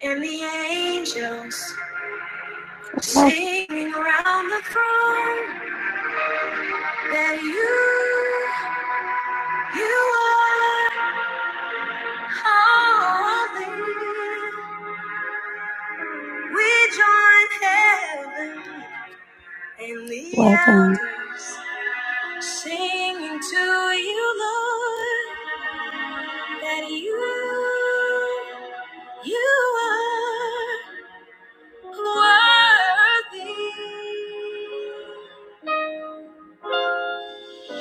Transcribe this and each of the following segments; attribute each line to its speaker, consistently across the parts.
Speaker 1: And the angels singing around the throne that you, you are holy. We join heaven and the Welcome. elders singing to you, Lord, that you, you are worthy.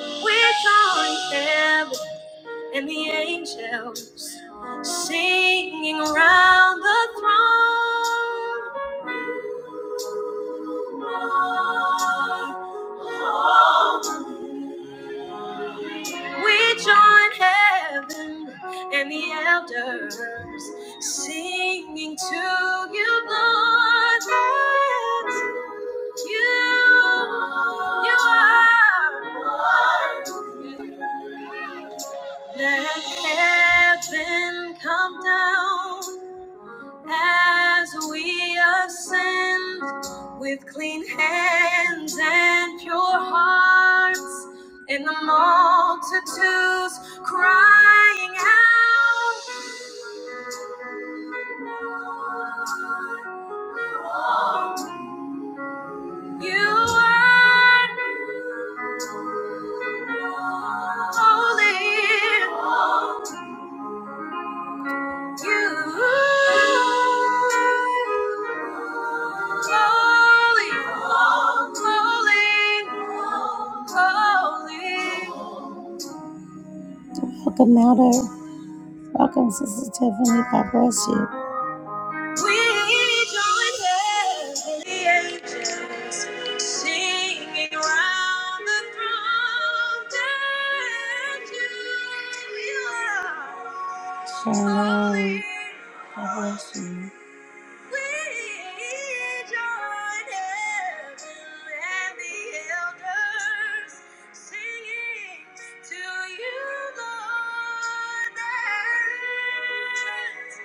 Speaker 1: We join heaven and the angels singing around the throne. We join heaven and the elders singing to you, Lord, that you, you are. Let heaven come down as we ascend with clean hands and pure hearts, and the multitudes crying out, You are holy. Welcome, Melder. Welcome, Sister Tiffany. God bless you. We join the angels singing round the throne that you are. Shalom. God bless you. We join heaven and the elders singing to you, Lord. That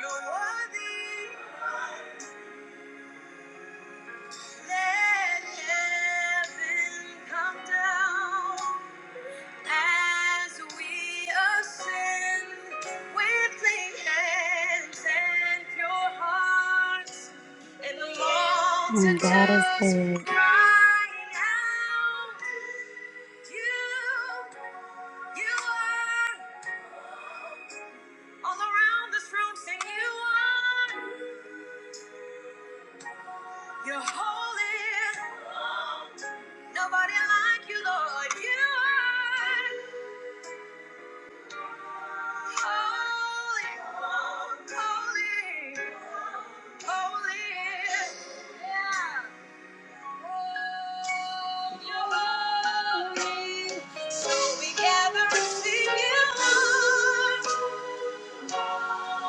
Speaker 1: you're worthy and Mm, God is multitudes good. You're holy. Nobody like you, Lord. You are holy, holy, holy. Yeah. Oh, You're holy. So we gather to see you.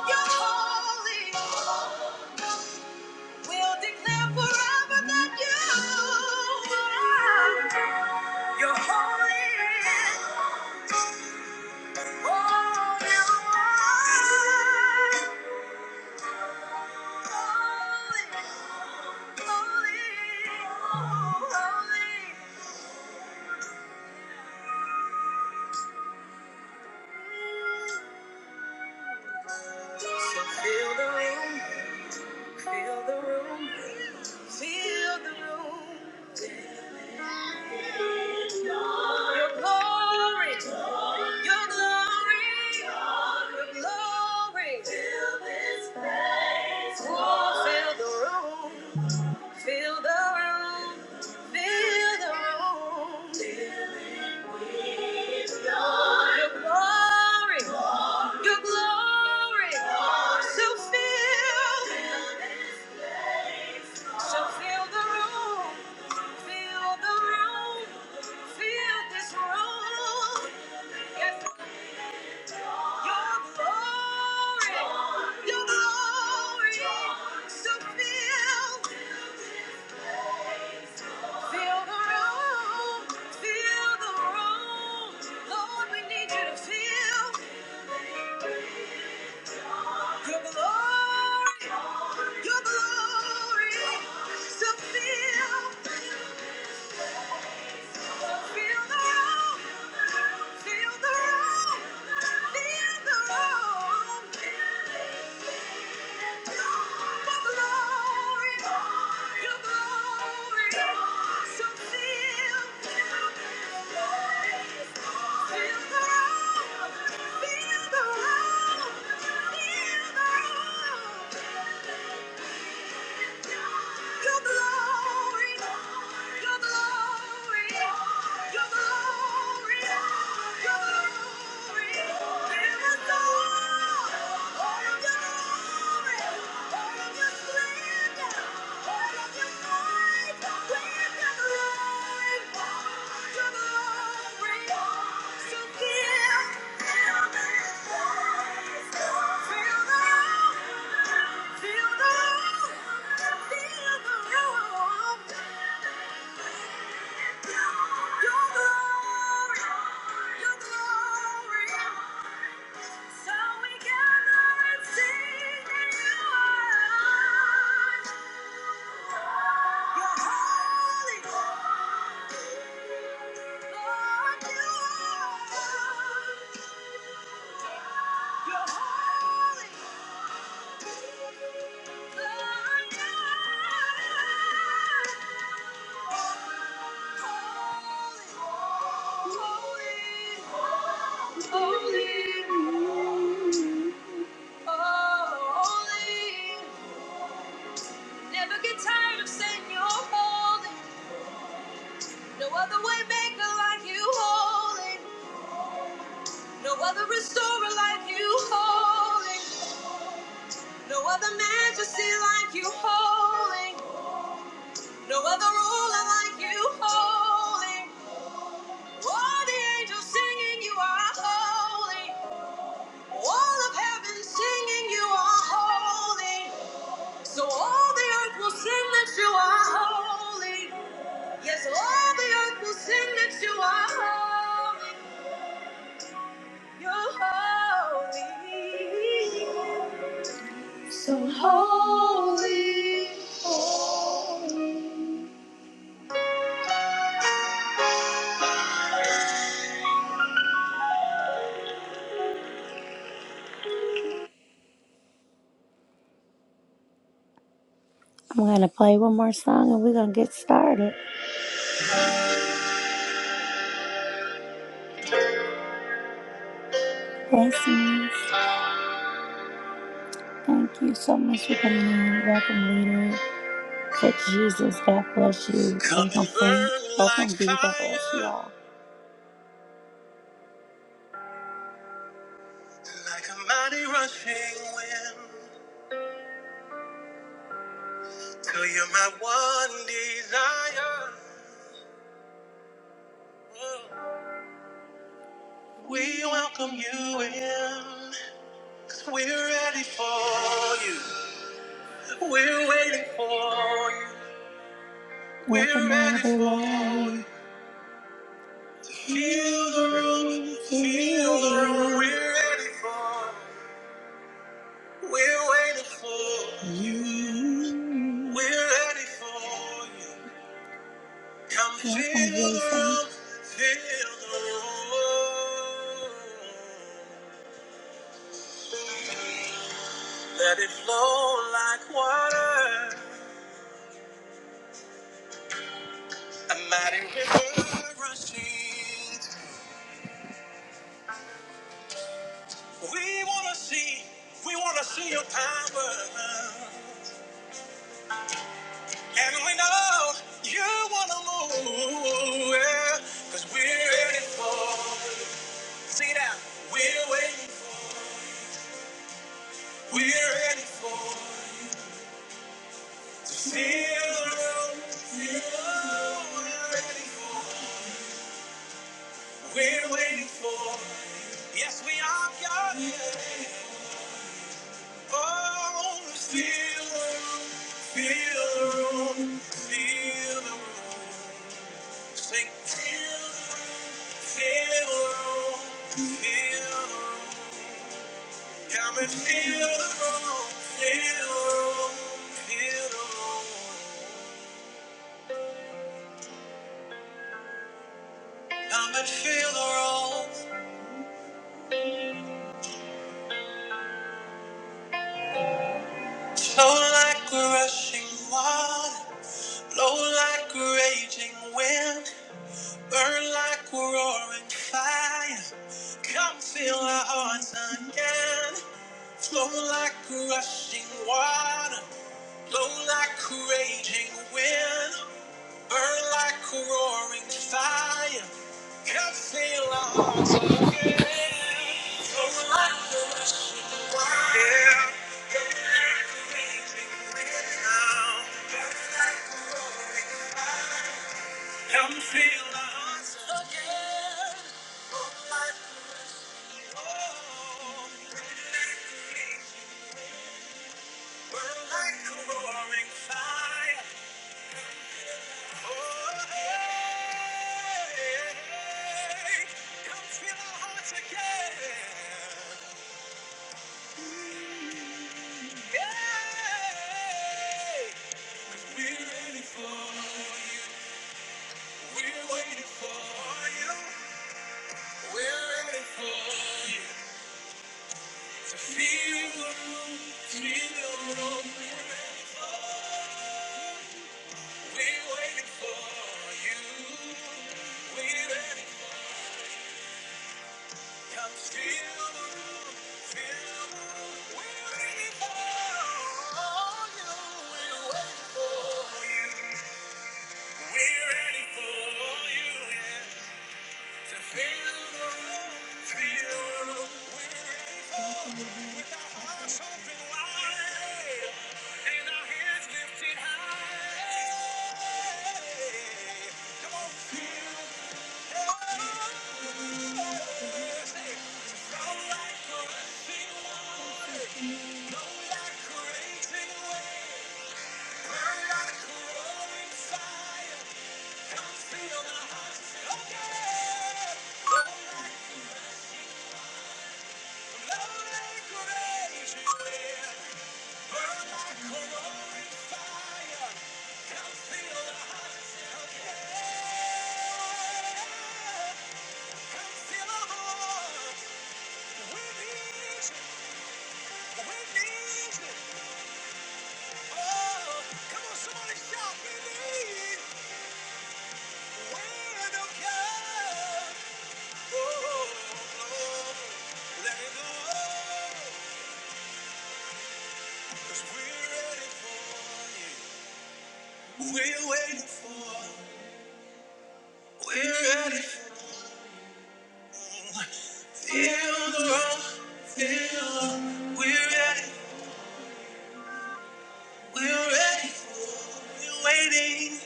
Speaker 1: You're holy. We'll declare forever that you, are. you're holy. Holy Lord. Holy, holy, holy. So feel the room, feel the room, feel the room. Your glory. Your glory, your glory, fill Oh, fill the room, fill the room, fill the room. Your glory, your glory, so fill, so fill the room, fill the room, fill this room. Yes, Your glory, so feel Feel the room. feel the room. Your glory, your glory, your glory, your glory. all, of your glory, all of your splendor, all of your might. With your glory, your glory. So give, fill you're holy other Restorer like you holy, no other majesty like you holy, no other ruler like you holy. All the angels singing, You are holy. All of heaven singing, You are holy. So all the earth will sing that You are holy. Yes, all the earth will sing that You are holy. You're holy. So holy, holy. I'm going to play one more song and we're going to get started. Blessings. Thank you so much for coming in. Welcome, leader. But Jesus, God bless you. Come Welcome, and Queen. burn like Welcome, D. God bless you fire, all. like a mighty rushing wind, till you're my one desire. Oh. We welcome you in, we we're ready for you. We're waiting for you. Welcome, We're ready for everyone. you. Feel the room, Feel the room. room. We're ready for you. We're waiting for you. We're ready for you. Come Yes, feel the room, feel the room. Let it flow like water. A mighty river rushing. We wanna see, we wanna see your power. And we know you wanna move. yeah. Cause we're ready for it. See that? We're waiting. We're ready for to feel the room. Feel the room. We're ready for. We're waiting for. Yes, we are God. Oh, feel the room. Feel the room. Feel the room. Sing. Feel the room. Feel the room. Feel the room. Come and feel the room. Feel the room. Feel the room. Come and feel the room. Flow like a rushing water, blow like a raging wind. Burn like a roaring fire. Come fill our hearts again. Flow like a rushing water. Blow like a raging wind. Burn like a roaring fire. Come fill our hearts again. Flow like a rushing water. Blow like a raging wind. Burn like a roaring fire. Come feel the hearts again. Burn like a roaring fire. Burn like a roaring fire. Oh, hey. Come feel our hearts again. Yeah. 'Cause we're ready for you. We're waiting for you. We're ready for you. To Feel the room, feel the room. We're ready for you. We're waiting for you. We're ready. for you. Come feel the room, feel the room. We're ready for you. We're waiting for you. We're ready for you. Yeah. To Fire! Come on, somebody Shout, we need wind of God. We're waiting for, we're ready. Feel the room, feel, we're ready, we're ready for. we're waiting,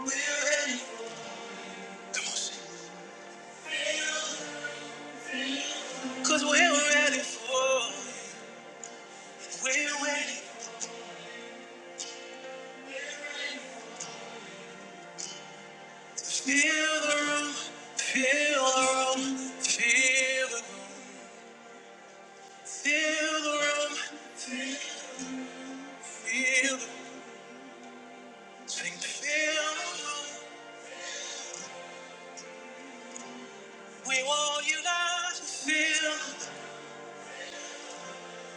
Speaker 1: we're ready. Come on, sing. Cause we're ready for We're waiting. Feel the room, feel the room, feel the Feel the room, feel feel the swing, feel the room. We want you now to feel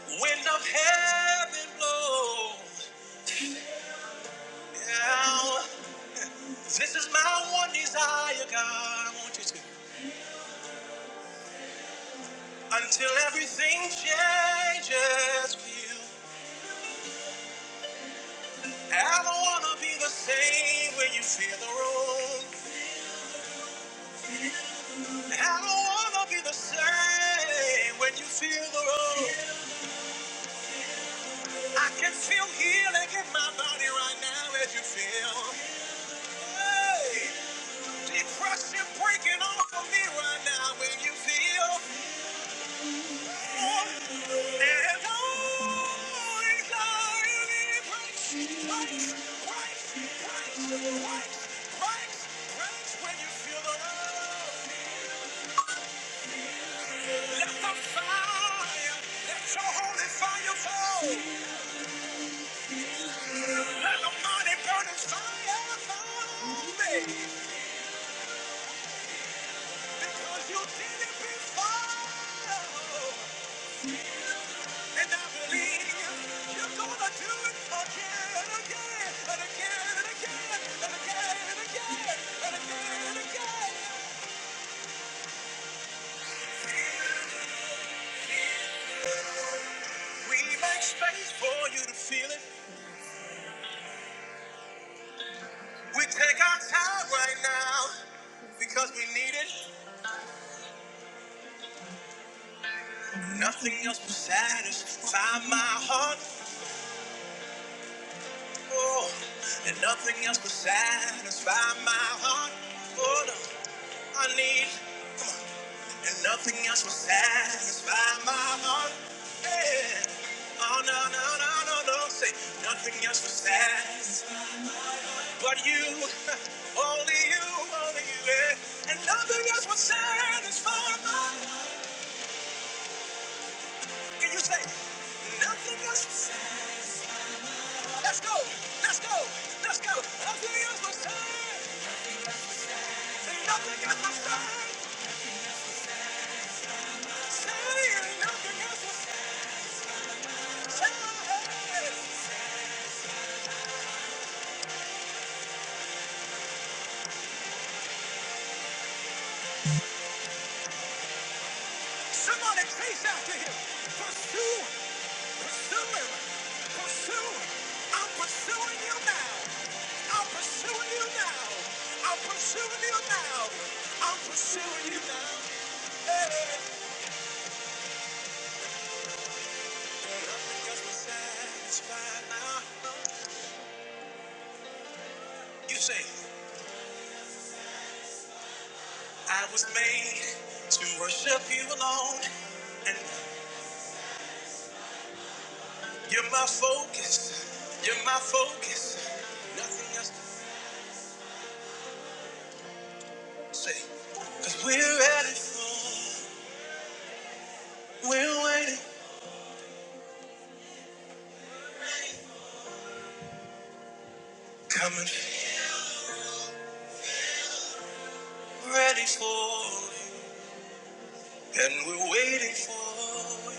Speaker 1: the wind of heaven blow. Now, this is my one desire, God. I want you to. Until everything changes, feel. I don't wanna be the same when you feel the room. I don't wanna be the same when you feel the room. I can feel healing in my body right now as you feel. Hey, depression breaking off of me right now when you feel. Oh, there's always a healing place, place, place, place, place, place when you feel the love. Let the fire, let your holy fire fall. Let the money burn burning fire for me. Because you did it before. And I believe you're gonna do it again and again and again and again and again and again and again and again. We make space for you to feel it. We take our time right now because we need it. Nothing else will satisfy my heart. Oh, and nothing else will satisfy my heart. Oh, no. I need, and nothing else will satisfy my heart. Yeah. Oh, no, no, no, no, no. Say, nothing else will satisfy but you. Only you, only you, yeah. And nothing else will satisfy my heart. Can you say, nothing else? will Let's go! Let's go! Let's go! Nothing else will stand! Nothing else will stand! Say nothing else will stand! Somebody chase after him! Pursue! Pursue him! Pursue! I'm pursuing you now! I'm pursuing you now! I'm pursuing you now! I'm pursuing you now! Hey! Nothing else will satisfy now! You say. I was made to worship you alone, and you're my focus. You're my focus. Nothing else to say. Cause we're ready for, we're waiting, coming, ready for, and we're waiting for,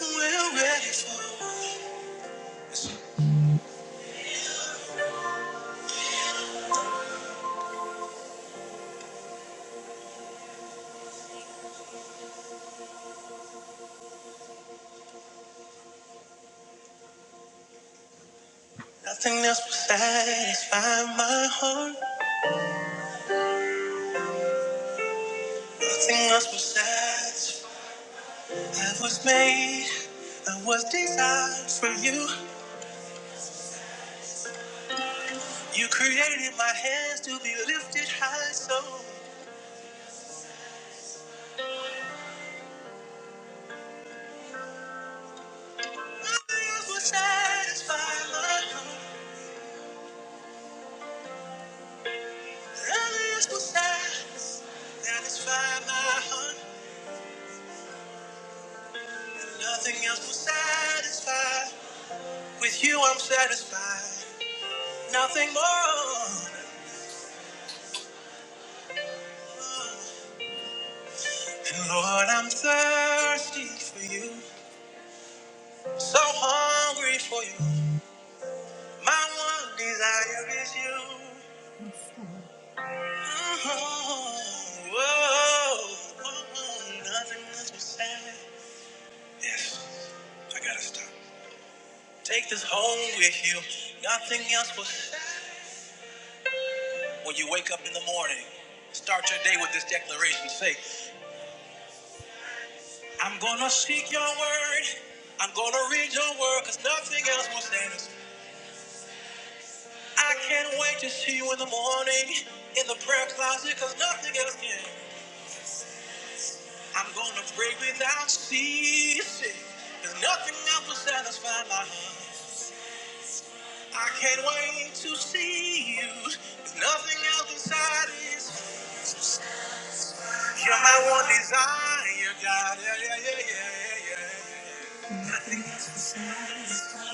Speaker 1: we're ready for. Nothing else will satisfy my heart. Nothing else will satisfy. I was made, I was designed for you. You created my hands to be lifted high, so nothing else will satisfy my heart. Nothing else will satis- satisfy my heart. Nothing else will satisfy. With you, I'm satisfied. Nothing more. And Lord, I'm thirsty for you. So hungry for you. My one desire is you. Yes, Take this home with you. Nothing else will. say. When you wake up in the morning, start your day with this declaration. Say, I'm gonna seek your word. I'm gonna read your word, cause nothing else will stand. us. I can't wait to see you in the morning in the prayer closet, cause nothing else can. I'm gonna pray without ceasing. Cause nothing else will satisfy my heart. I can't wait to see you. There's nothing else can satisfy. You're my one desire, God. Yeah, yeah, yeah, yeah, yeah.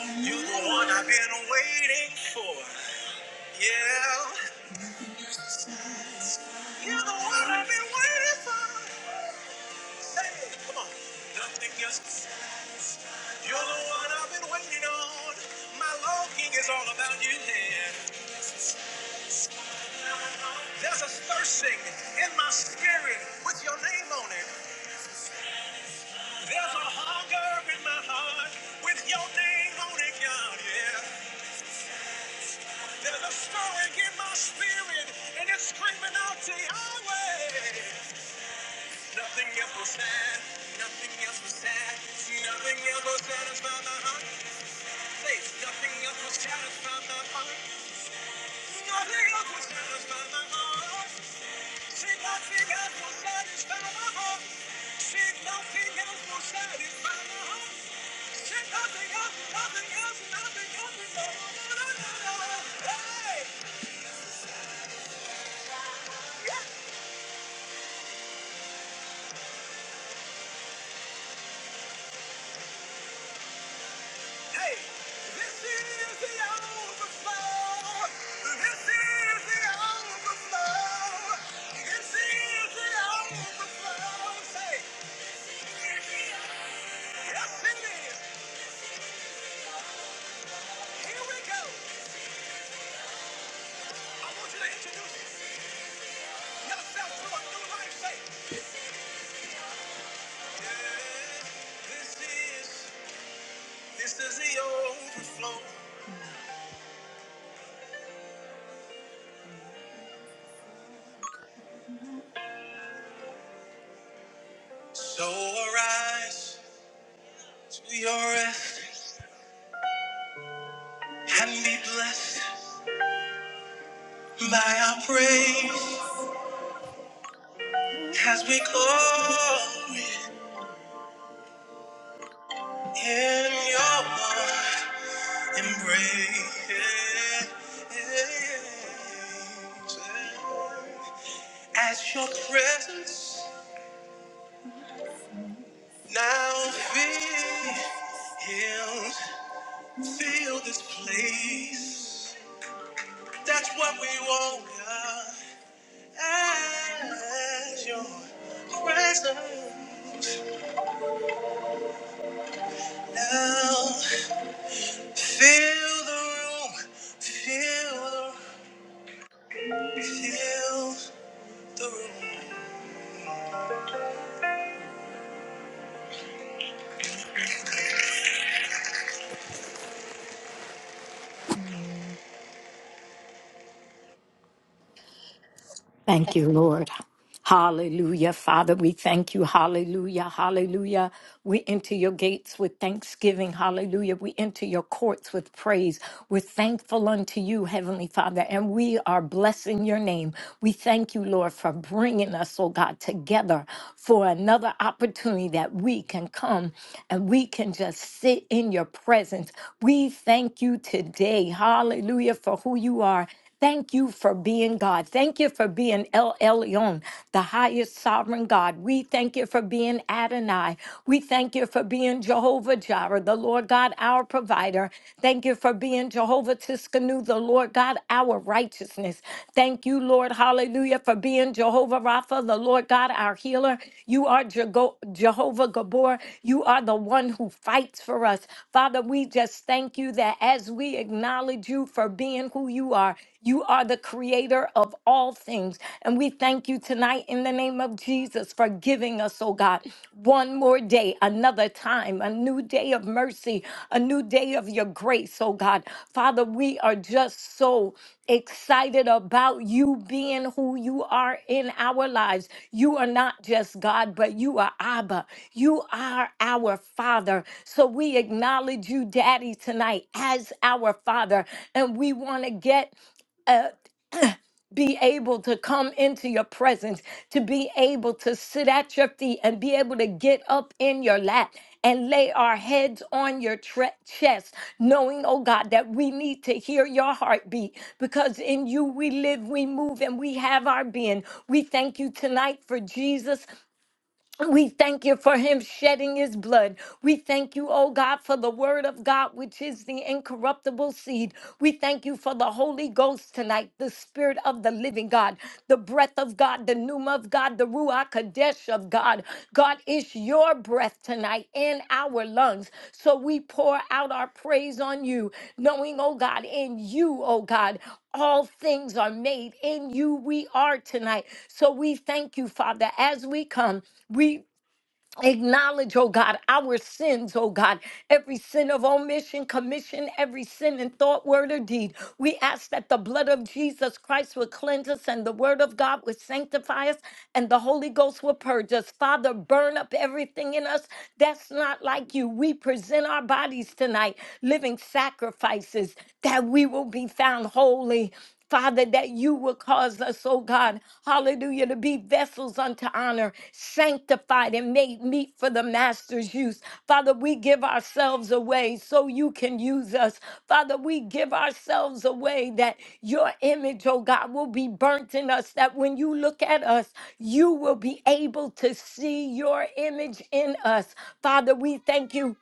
Speaker 1: yeah. You're the one I've been waiting for. Yeah. You're the one I've been waiting for. Say it. Come on. Nothing else. You're the one I've been waiting on. My longing is all about you, yeah. There's a thirsting in my spirit with your name on it. There's a hunger in my heart with your name on it, God. Yeah. There's a stirring in my spirit and it's screaming out to Yahweh. Nothing else will stand. Nothing else will stand. Nothing else will satisfy my heart. Faith. Nothing else will satisfy my heart. Nothing else will satisfy my heart. Yes, it is. Here we go. I want you to introduce yourself to a new life. Say, Yeah, This is this is the overflow. So arise to your rest and be blessed by our praise as we call in your embrace. As your presence now fills Feel this place. That's what we want, God. As your presence now. Feel the room. Feel the feel the room.
Speaker 2: Thank you, Lord. Hallelujah. Father, we thank you. Hallelujah. Hallelujah. We enter your gates with thanksgiving. Hallelujah. We enter your courts with praise. We're thankful unto you, Heavenly Father, and we are blessing your name. We thank you, Lord, for bringing us, oh God, together for another opportunity that we can come and we can just sit in your presence. We thank you today. Hallelujah for who you are Thank you for being God. Thank you for being El Elyon, the highest sovereign God. We thank you for being Adonai. We thank you for being Jehovah Jireh, the Lord God, our provider. Thank you for being Jehovah Tiskanu, the Lord God, our righteousness. Thank you, Lord, hallelujah, for being Jehovah Rapha, the Lord God, our healer. You are Jego- Jehovah Gabor. You are the one who fights for us. Father, we just thank you that as we acknowledge you for being who you are, you are the creator of all things. And we thank you tonight in the name of Jesus for giving us, oh God, one more day, another time, a new day of mercy, a new day of your grace, oh God. Father, we are just so excited about you being who you are in our lives. You are not just God, but you are Abba. You are our Father. So we acknowledge you, Daddy, tonight as our Father. And we want to get be able to come into your presence, to be able to sit at your feet and be able to get up in your lap and lay our heads on your tre- chest, knowing, oh God, that we need to hear your heartbeat because in you we live, we move, and we have our being. We thank you tonight for Jesus. We thank you for him shedding his blood. We thank you, oh God, for the word of God, which is the incorruptible seed. We thank you for the Holy Ghost tonight, the spirit of the living God, the breath of God, the pneuma of God, the Ruach Kadesh of God. God, it's your breath tonight in our lungs. So we pour out our praise on you, knowing, oh God, in you, oh God all things are made in you we are tonight so we thank you father as we come we acknowledge oh god our sins oh god every sin of omission commission every sin in thought word or deed we ask that the blood of jesus christ would cleanse us and the word of god would sanctify us and the holy ghost would purge us father burn up everything in us that's not like you we present our bodies tonight living sacrifices that we will be found holy Father, that you will cause us, oh God, hallelujah, to be vessels unto honor, sanctified and made meet for the Master's use. Father, we give ourselves away so you can use us. Father, we give ourselves away that your image, oh God, will be burnt in us, that when you look at us, you will be able to see your image in us. Father, we thank you.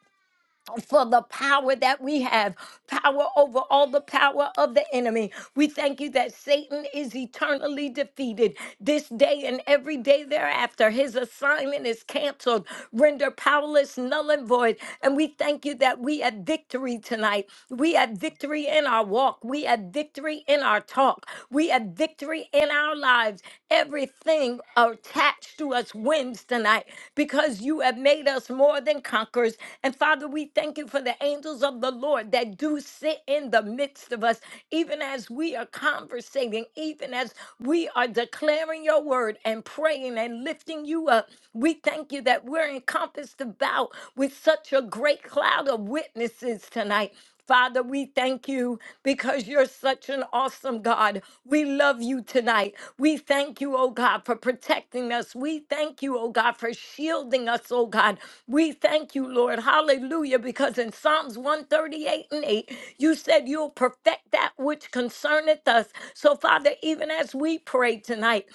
Speaker 2: God, for the power that we have power over all the power of the enemy. We thank you that Satan is eternally defeated this day and every day thereafter. His assignment is canceled, rendered powerless, null and void. And we thank you that we have victory tonight. We have victory in our walk, we have victory in our talk, we have victory in our lives lives. Everything attached to us wins tonight because you have made us more than conquerors. And Father, we thank you for the angels of the Lord that do sit in the midst of us, even as we are conversating, even as we are declaring your word and praying and lifting you up. We thank you that we're encompassed about with such a great cloud of witnesses tonight. Father, we thank you because you're such an awesome God. We love you tonight. We thank you, oh God, for protecting us. We thank you, oh God, for shielding us, oh God. We thank you, Lord. Hallelujah. Because in Psalms 138 and 8, you said you'll perfect that which concerneth us. So, Father, even as we pray tonight,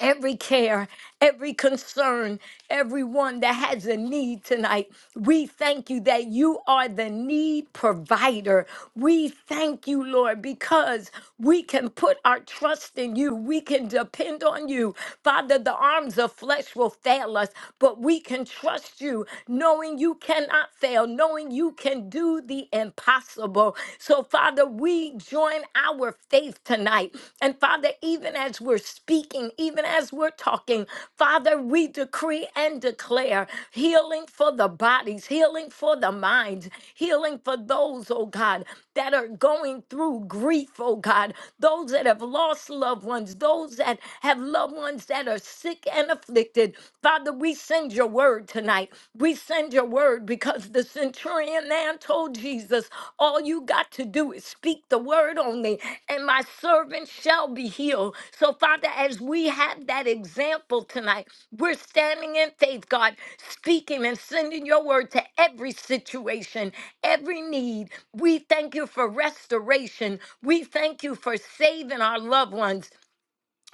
Speaker 2: every care, every concern, everyone that has a need tonight. We thank you that you are the need provider. We thank you, Lord, because we can put our trust in you. We can depend on you. Father, the arms of flesh will fail us, but we can trust you, knowing you cannot fail, knowing you can do the impossible. So, so, Father, we join our faith tonight. And, Father, even as we're speaking, even as we're talking, Father, we decree and declare healing for the bodies, healing for the minds, healing for those, oh God, that are going through grief, oh God, those that have lost loved ones, those that have loved ones that are sick and afflicted. Father, we send your word tonight tonight. We send your word because the centurion man told Jesus, All you got to do is speak the word only, and my servant shall be healed. So, Father, as we have that example tonight, we're standing in faith, God, speaking and sending your word to every situation, every need. We thank you for restoration. We thank you for saving our loved ones.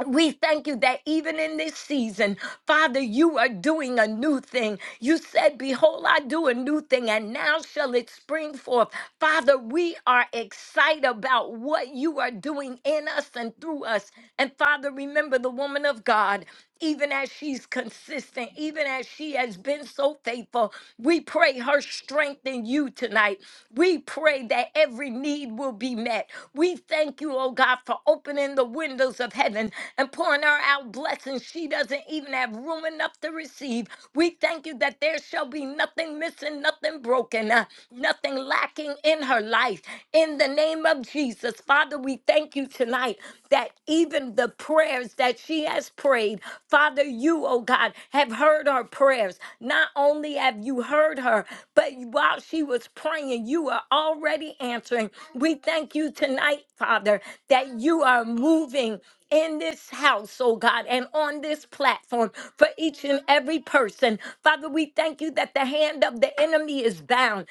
Speaker 2: We thank you that even in this season, Father, you are doing a new thing. You said, Behold, I do a new thing, and now shall it spring forth. Father, we are excited about what you are doing in us and through us. And Father, remember the woman of God even as she's consistent, even as she has been so faithful. We pray her strength in you tonight. We pray that every need will be met. We thank you, oh God, for opening the windows of heaven and pouring her out blessings she doesn't even have room enough to receive. We thank you that there shall be nothing missing, nothing broken, uh, nothing lacking in her life. In the name of Jesus, Father, we we thank you tonight that even the prayers that she has prayed, Father, you, oh God, have heard her prayers. Not only have you heard her, but while she was praying, you are already answering. We thank you tonight, Father, that you are moving in this house, oh God, and on this platform for each and every person. Father, we thank you that the hand of the enemy is bound.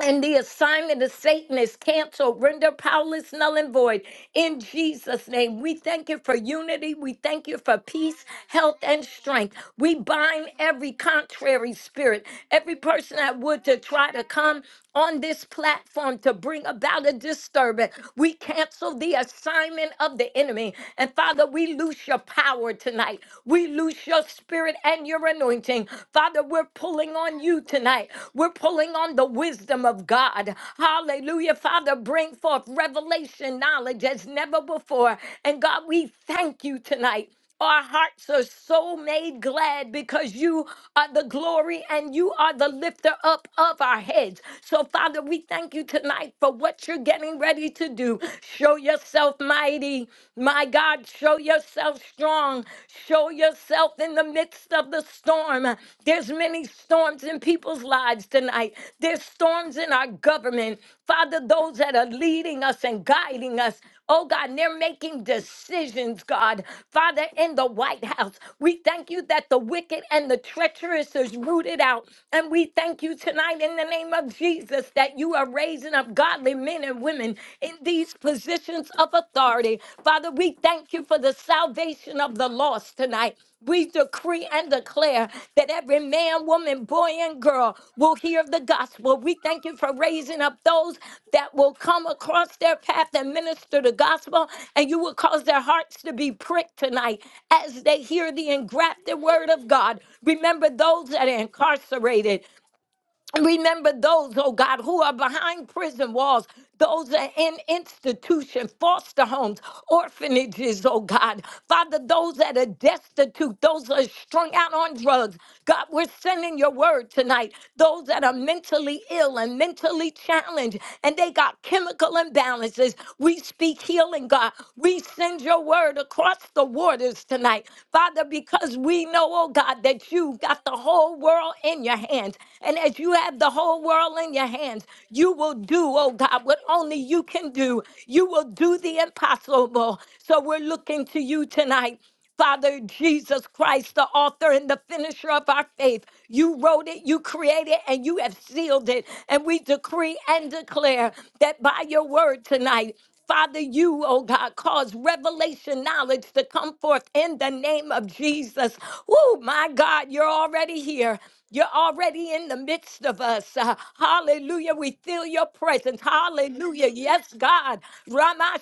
Speaker 2: And the assignment of Satan is canceled, render powerless, null, and void. In Jesus' name, we thank you for unity. We thank you for peace, health, and strength. We bind every contrary spirit, every person that would to try to come on this platform to bring about a disturbance. We cancel the assignment of the enemy. And Father, we lose your power tonight. We lose your spirit and your anointing anointing. Father, we're pulling on you tonight. We're pulling on the wisdom of God. Hallelujah. Father, bring forth revelation knowledge as never before. And God, we thank you tonight. Our hearts are so made glad because you are the glory and you are the lifter up of our heads. So, Father, we thank you tonight for what you're getting ready to do. Show yourself mighty. My God, Show yourself strong. Show yourself in the midst of the storm. There's many storms in people's lives tonight. There's storms in our government. Father, those that are leading us and guiding us. Oh God, and they're making decisions, God. Father, in the White House, we thank you that the wicked and the treacherous is rooted out. And we thank you tonight in the name of Jesus that you are raising up godly men and and women in these positions of authority. Father, we thank you for the salvation of the lost tonight. We decree and declare that every man, woman, boy, and girl will hear the gospel. We thank you for raising up those that will come across their path and minister the gospel, and you will cause their hearts to be pricked tonight as they hear the engrafted word of God. Remember those that are incarcerated. Remember those, oh God, who are behind prison walls, those that are in institutions, foster homes, orphanages, oh God. Father, those that are destitute, those that are strung out on drugs. God, we're sending your word tonight. Those that are mentally ill and mentally challenged, and they got chemical imbalances. We speak healing, God. We send your word across the waters tonight. Father, because we know, oh God, that you got the whole whole world in your hands. And as you have the whole world in your hands, you will do, oh God, what only you can do. You will do the impossible. So we're looking to you tonight. Father Jesus Christ, the author and the finisher of our faith, you wrote it, you created, and you have sealed it. And we decree and declare that by your word tonight, Father, you, oh God, cause revelation knowledge to come forth in the name of Jesus. Oh, my God, you're already here. You're already in the midst of us. Uh, hallelujah. We feel your presence. Hallelujah. Yes, God. Rama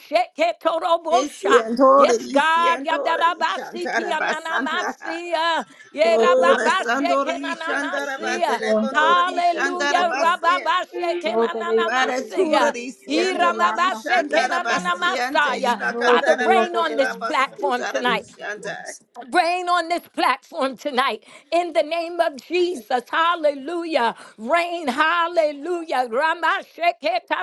Speaker 1: Isiantore
Speaker 2: Yes,
Speaker 1: di
Speaker 2: God.
Speaker 1: Siantore di
Speaker 2: Yandarabasiki
Speaker 1: Shantara Basantara.
Speaker 2: ananamasia.
Speaker 1: Oh, la Sandora di Shantara
Speaker 2: Yerababashekenanamasia.
Speaker 1: Batele Condora di Shantara
Speaker 2: Hallelujah.
Speaker 1: Maratura
Speaker 2: Rababashekenanamasia.
Speaker 1: di siandora di shandara bastiante
Speaker 3: Um,
Speaker 2: Iramabasekenanamasaya.
Speaker 1: ila
Speaker 3: um,
Speaker 2: Father,
Speaker 1: candara
Speaker 2: rain on
Speaker 1: batela
Speaker 2: this
Speaker 3: um,
Speaker 2: platform
Speaker 1: basutara di
Speaker 2: tonight.
Speaker 1: shandai.
Speaker 3: yes.
Speaker 2: Lord, Reign on this platform tonight in the name of Jesus. Hallelujah. Reign, Hallelujah.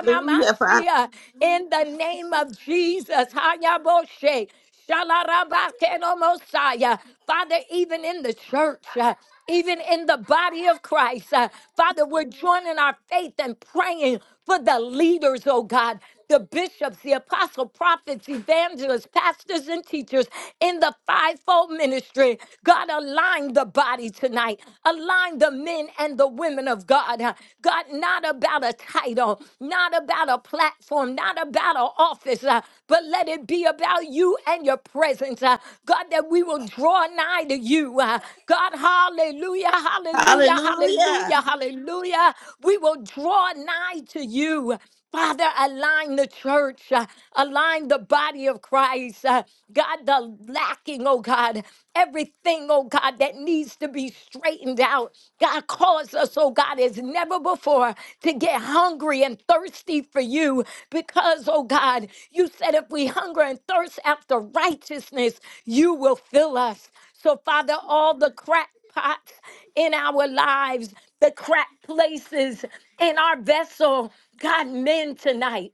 Speaker 1: Hallelujah, Father.
Speaker 2: In the name of Jesus. Hayaboshe. Shalarabakhenomosaya. Father, even in the church, uh, even in the body of Christ, uh, Father, we're joining our faith and praying for the leaders, oh God the bishops, the apostle, prophets, evangelists, pastors, and teachers in the fivefold ministry. God, align the body tonight. Align the men and the women of God. God, not about a title, not about a platform, not about an office, uh, but let it be about you and your presence. uh, God, that we will draw nigh to you. uh, God, hallelujah, hallelujah, hallelujah, hallelujah. We will draw nigh to you. Father, align the church, uh, align the body of Christ. uh, God, the lacking, oh God, everything, oh God, that needs to be straightened out. God, cause us, oh God, as never before to get hungry and thirsty for you because, oh God, you said if we hunger and thirst after righteousness, you will fill us. So, Father, all the cracks pots in our lives, the crack places in our vessel. God, men tonight,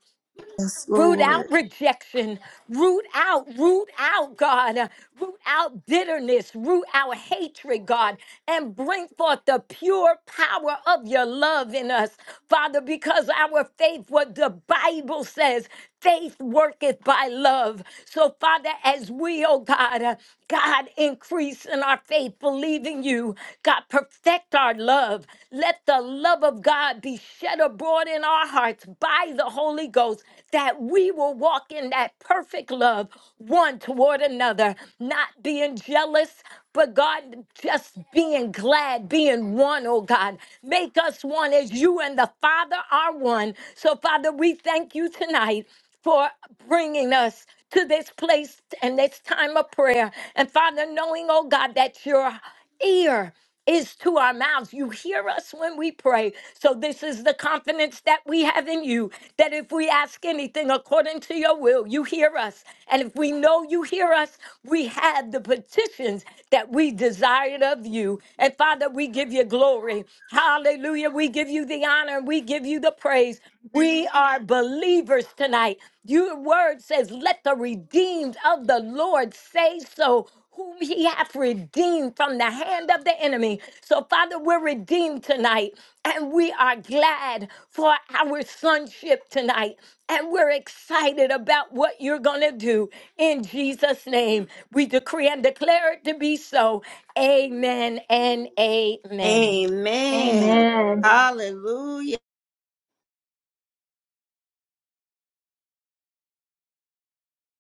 Speaker 2: root out rejection, root out, root out, God, uh, root out bitterness, root out hatred, God, and bring forth the pure power of your love in us, Father, because our faith, what the Bible says, Faith worketh by love. So, Father, as we, oh God, uh, God, increase in our faith, believing you, God, perfect our love. Let the love of God be shed abroad in our hearts by the Holy Ghost, that we will walk in that perfect love one toward another, not being jealous, but God, just being glad, being one, oh God. Make us one as you and the Father are one. So, Father, we thank you tonight for bringing us to this place and this time of prayer. And Father, knowing, oh God, that your ear is to our mouths. You hear us when we pray. So, this is the confidence that we have in you that if we ask anything according to your will, you hear us. And if we know you hear us, we have the petitions that we desired of you. And Father, we give you glory. Hallelujah. We give you the honor and we give you the praise. We are believers tonight. Your word says, Let the redeemed of the Lord say so. Whom he hath redeemed from the hand of the enemy. So, Father, we're redeemed tonight, and we are glad for our sonship tonight, and we're excited about what you're going to do in Jesus' name. We decree and declare it to be so. Amen and amen.
Speaker 1: Amen.
Speaker 4: Amen.
Speaker 1: Hallelujah,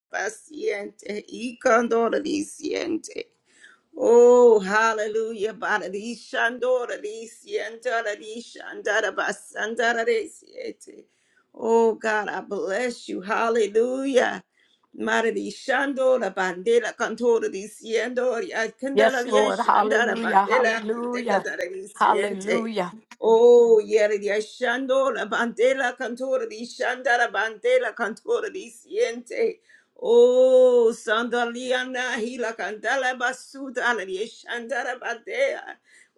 Speaker 1: paciente. Icandora di siente. Oh, hallelujah. Bararishando, rarisiento, rarishandara, basandara, risiete. Oh, God, I bless you. Hallelujah. Maradishando, la bandera, cantora, diciendo,
Speaker 2: Yes,
Speaker 1: candela,
Speaker 2: hallelujah.
Speaker 1: rieshandara, bandela, indicadara, risiente.
Speaker 2: Hallelujah.
Speaker 1: Oh, yere rieshandora, bandela, cantora, rishandara, bandela, cantora, risiente. Oh, Sandaliana Hila Candela Basuda Shandara Badea.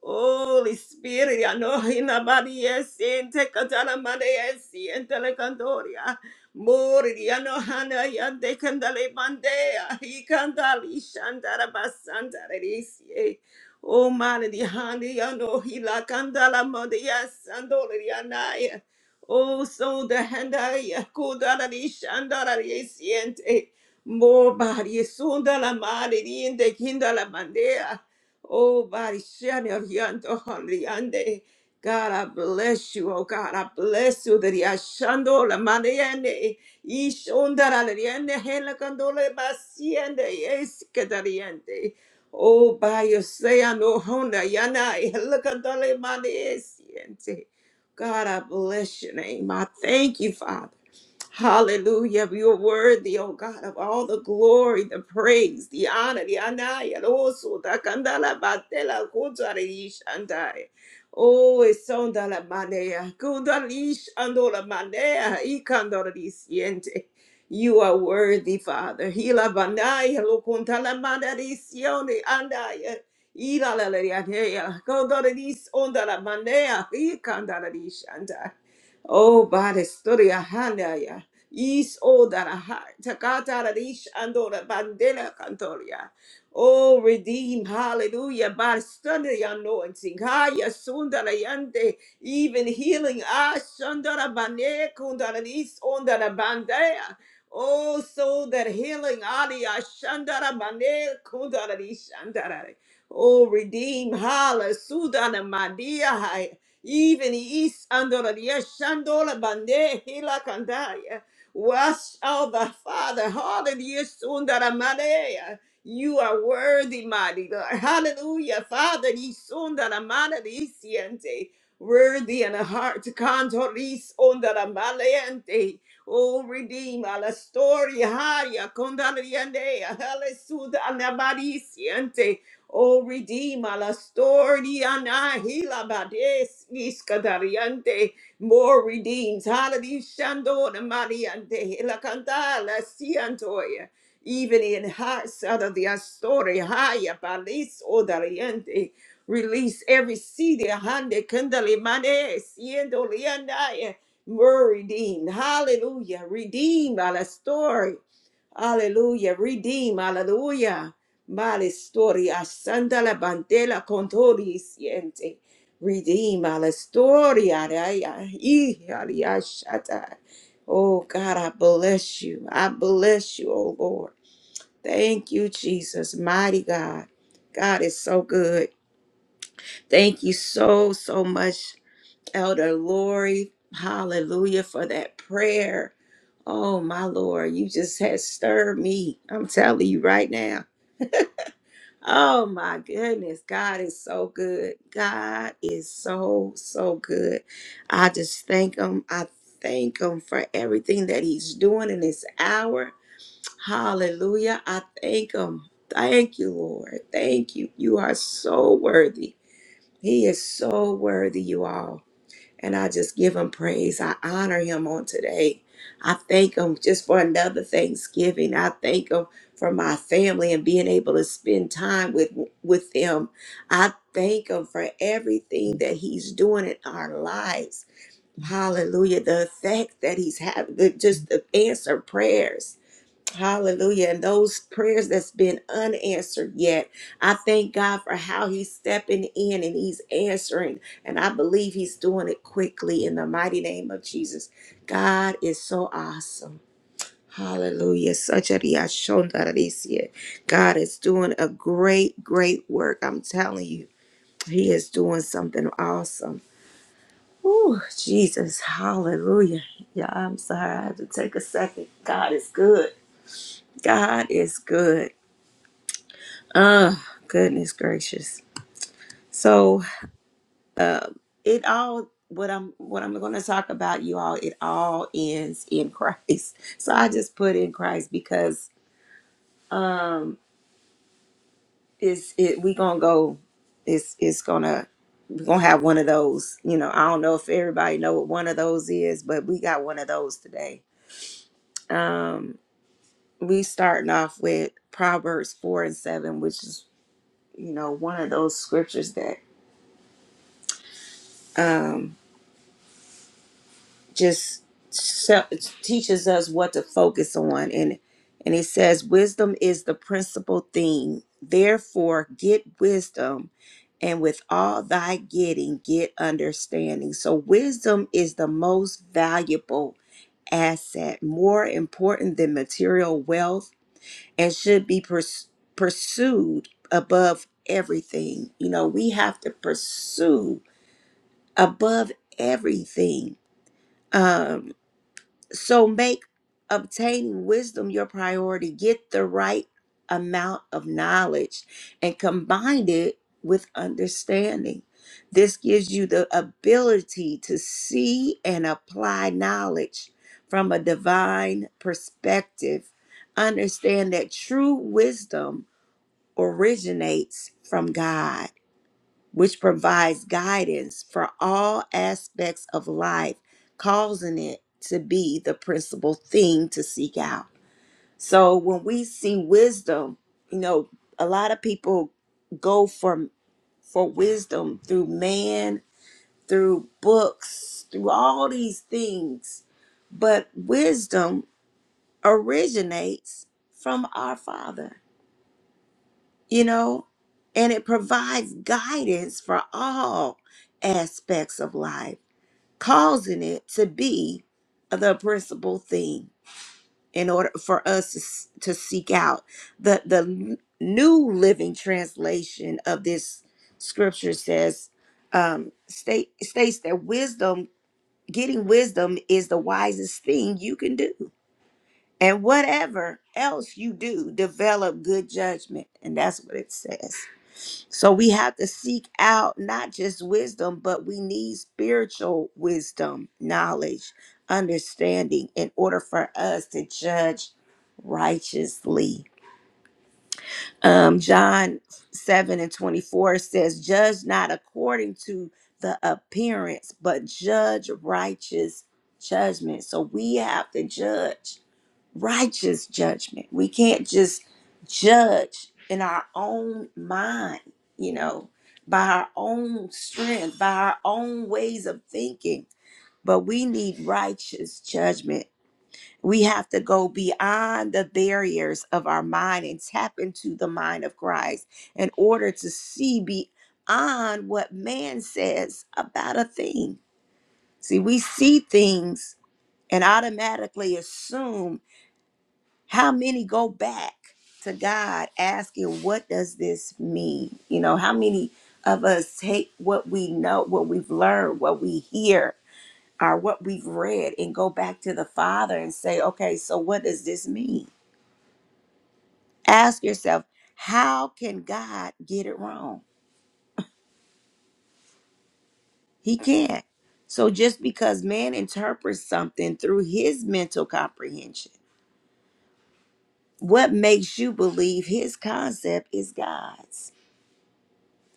Speaker 1: Holy Spirit, Anohina Badies in Tecatala Madeesi and Telecandoria. Mori Anohana Yande Candale Bandea. He Candali Shandara Basandarisi. Oh, Mani Hani Anohila Candala Madeas and Doriana. Oh, so the handaria, kodari, shandari, siente, more body, sunda la madre, diente, kinda la bandera. Oh, body, shani, orianto, oriande. God, I bless you. Oh, God, I bless you. That yashando la madre, ishonda la riende, hela candole, basiende, yes, catariente. Oh, by your say, I know, honda, yana, hela candole, madre, siente. God, I bless your name. I thank you, Father. Hallelujah. You are worthy, O God, of all the glory, the praise, the honor, the anaya, also the kandala batela kutari shandai. Oh, it's the la manea. Kundalish andola manea. Ikandori You are worthy, Father. Hila banaya lo kuntala manarisione andaya. Ila la la la la. Kundalish on the la manea. Ikandala Oh, Bada Sturia Hanaya. Is all that a heart. Takata Radish Andora Bandela Cantoria. Oh, redeem. Hallelujah. Bada Sturia anointing. Haya Sundara Yande. Even healing. Ah, Sundara Bane Kundara Is Ondara Bandea. Oh, so that healing. Ali Ashandara Bane Kundara Is Shandara. Oh, redeem. Hala Sudana Madia even east andola shandola bande hila kandaya. Wash all the Father, hallelujah, sundara maneya. You are worthy, mighty Lord. Hallelujah, Father, ye sundara maneya siente. Worthy in a heart, cantoris ondara maleante. Oh, redeem la storia, haya, condaliandea, halesuda, anamariciente. Oh, redeema la storia na hila bades iskadariante. More redeems. Hallelujah. Shandona mariante. La canta la siantoya. Even in hearts out of the astoria. Haya palis odariante. Release every seed. Hande kandali manes. Yendo liandaya. More redeemed. Hallelujah. Redeem la story. Hallelujah. Redeem. Hallelujah. Male storia sanda la bandela contori siente. Redeema la storia raya i aliashata. Oh God, I bless you. I bless you, oh Lord. Thank you, Jesus, mighty God. God is so good. Thank you so, so much, Elder Lori. Hallelujah for that prayer. Oh, my Lord, you just had stirred me. I'm telling you right now. Oh my goodness, God is so good. God is so, so good. I just thank Him. I thank Him for everything that He's doing in this hour. Hallelujah. I thank Him. Thank you, Lord. Thank you. You are so worthy. He is so worthy, you all. And I just give him praise. I honor him on today. I thank him just for another Thanksgiving. I thank him for my family and being able to spend time with with them. I thank him for everything that he's doing in our lives. Hallelujah. The effect that he's having, the, just the answer prayers. Hallelujah. And those prayers that's been unanswered yet, I thank God for how he's stepping in and he's answering. And I believe he's doing it quickly in the mighty name of Jesus. God is so awesome. Hallelujah. Such a riashondarisia. God is doing a great, great work. I'm telling you, he is doing something awesome. Oh, Jesus. Hallelujah. Yeah, I'm sorry. I had to take a second. God is good. God is good. Oh, goodness gracious. So, uh, it all what I'm what I'm going to talk about you all it all ends in Christ. So I just put in Christ because um it's it we going to go it's it's going to we're going to have one of those, you know, I don't know if everybody know what one of those is, but we got one of those today. We starting off with Proverbs 4 and 7, which is, you know, one of those scriptures that um just se- teaches us what to focus on and and it says wisdom is the principal thing therefore get wisdom and with all thy getting get understanding so wisdom is the most valuable asset more important than material wealth and should be purs- pursued above everything you know we have to pursue above everything Um, so make obtaining wisdom your priority. Get the right amount of knowledge and combine it with understanding. This gives you the ability to see and apply knowledge from a divine perspective. Understand that true wisdom originates from God which provides guidance for all aspects of life, causing it to be the principal thing to seek out. But when we see wisdom, you know, a lot of people go from um, through man, through books, through all these things, but um, originates from our Father, you know, and it provides guidance for all aspects of life causing it to be the principal thing in order for us to, s- to seek out the the n- new living translation of this scripture says um state states that wisdom getting wisdom is the wisest thing you can do and whatever else you do develop good judgment and that's what it says so we have to seek out not just wisdom, but we need spiritual wisdom, knowledge, understanding in order for us to judge righteously. Um, John 7 and 24 says, Judge not according to the appearance, but judge righteous judgment. So we have to judge righteous judgment. We can't just judge in our own mind, you know, by our own strength, by our own ways of thinking, but we need righteous judgment. We have to go beyond the barriers of our mind and tap into the mind of Christ in order to see beyond what man says about a thing. See, we see things and automatically assume how many go back to God asking, What does this mean? You know, how many of us take what we know, what we've learned, what we hear, or what we've read, and go back to the Father and say, Okay, so what does this mean? Ask yourself, How can God get it wrong? He can't. So just because man interprets something through his mental comprehension, what makes you believe his concept is God's?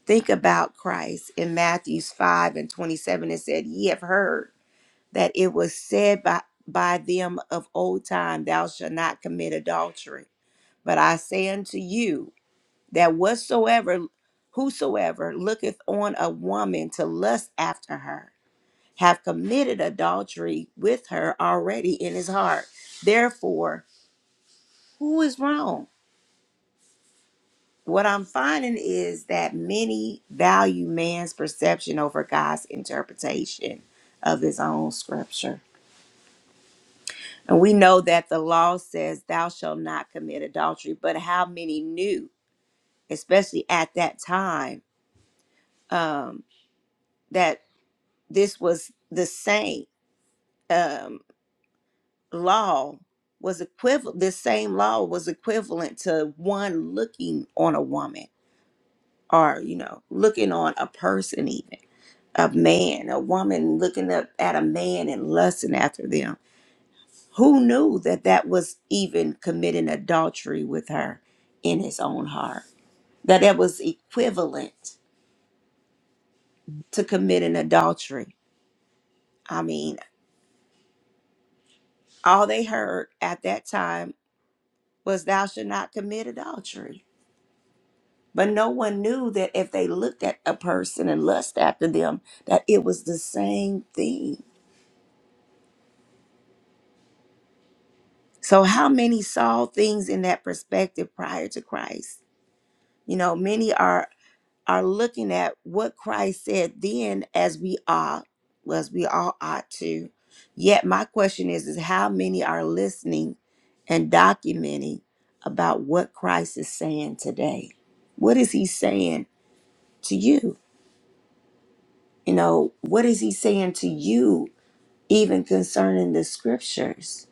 Speaker 1: Think about Christ in Matthews 5 and 27. It said, Ye have heard that it was said by, by them of old time, Thou shalt not commit adultery. But I say unto you that whatsoever, whosoever looketh on a woman to lust after her, have committed adultery with her already in his heart. Therefore, who is wrong? What I'm finding is that many value man's perception over God's interpretation of his own scripture. And we know that the law says, Thou shalt not commit adultery, but how many knew, especially at that time, um, that this was the same um, law was equivalent, this same law was equivalent to one looking on a woman or, you know, looking on a person, even. a man, a woman looking up at a man and lusting after them. Who knew that that was even committing adultery with her in his own heart? That that was equivalent to committing adultery. I mean, all they heard at that time was, Thou shalt not commit adultery. But no one knew that if they looked at a person and lust after them, that it was the same thing. So, how many saw things in that perspective prior to Christ? You know, many are are looking at what Christ said then as we are, as we all ought to. Yet my question is, is how many are listening and documenting about what Christ is saying today? What is he saying to you? You know, what is he saying to you even concerning the scriptures?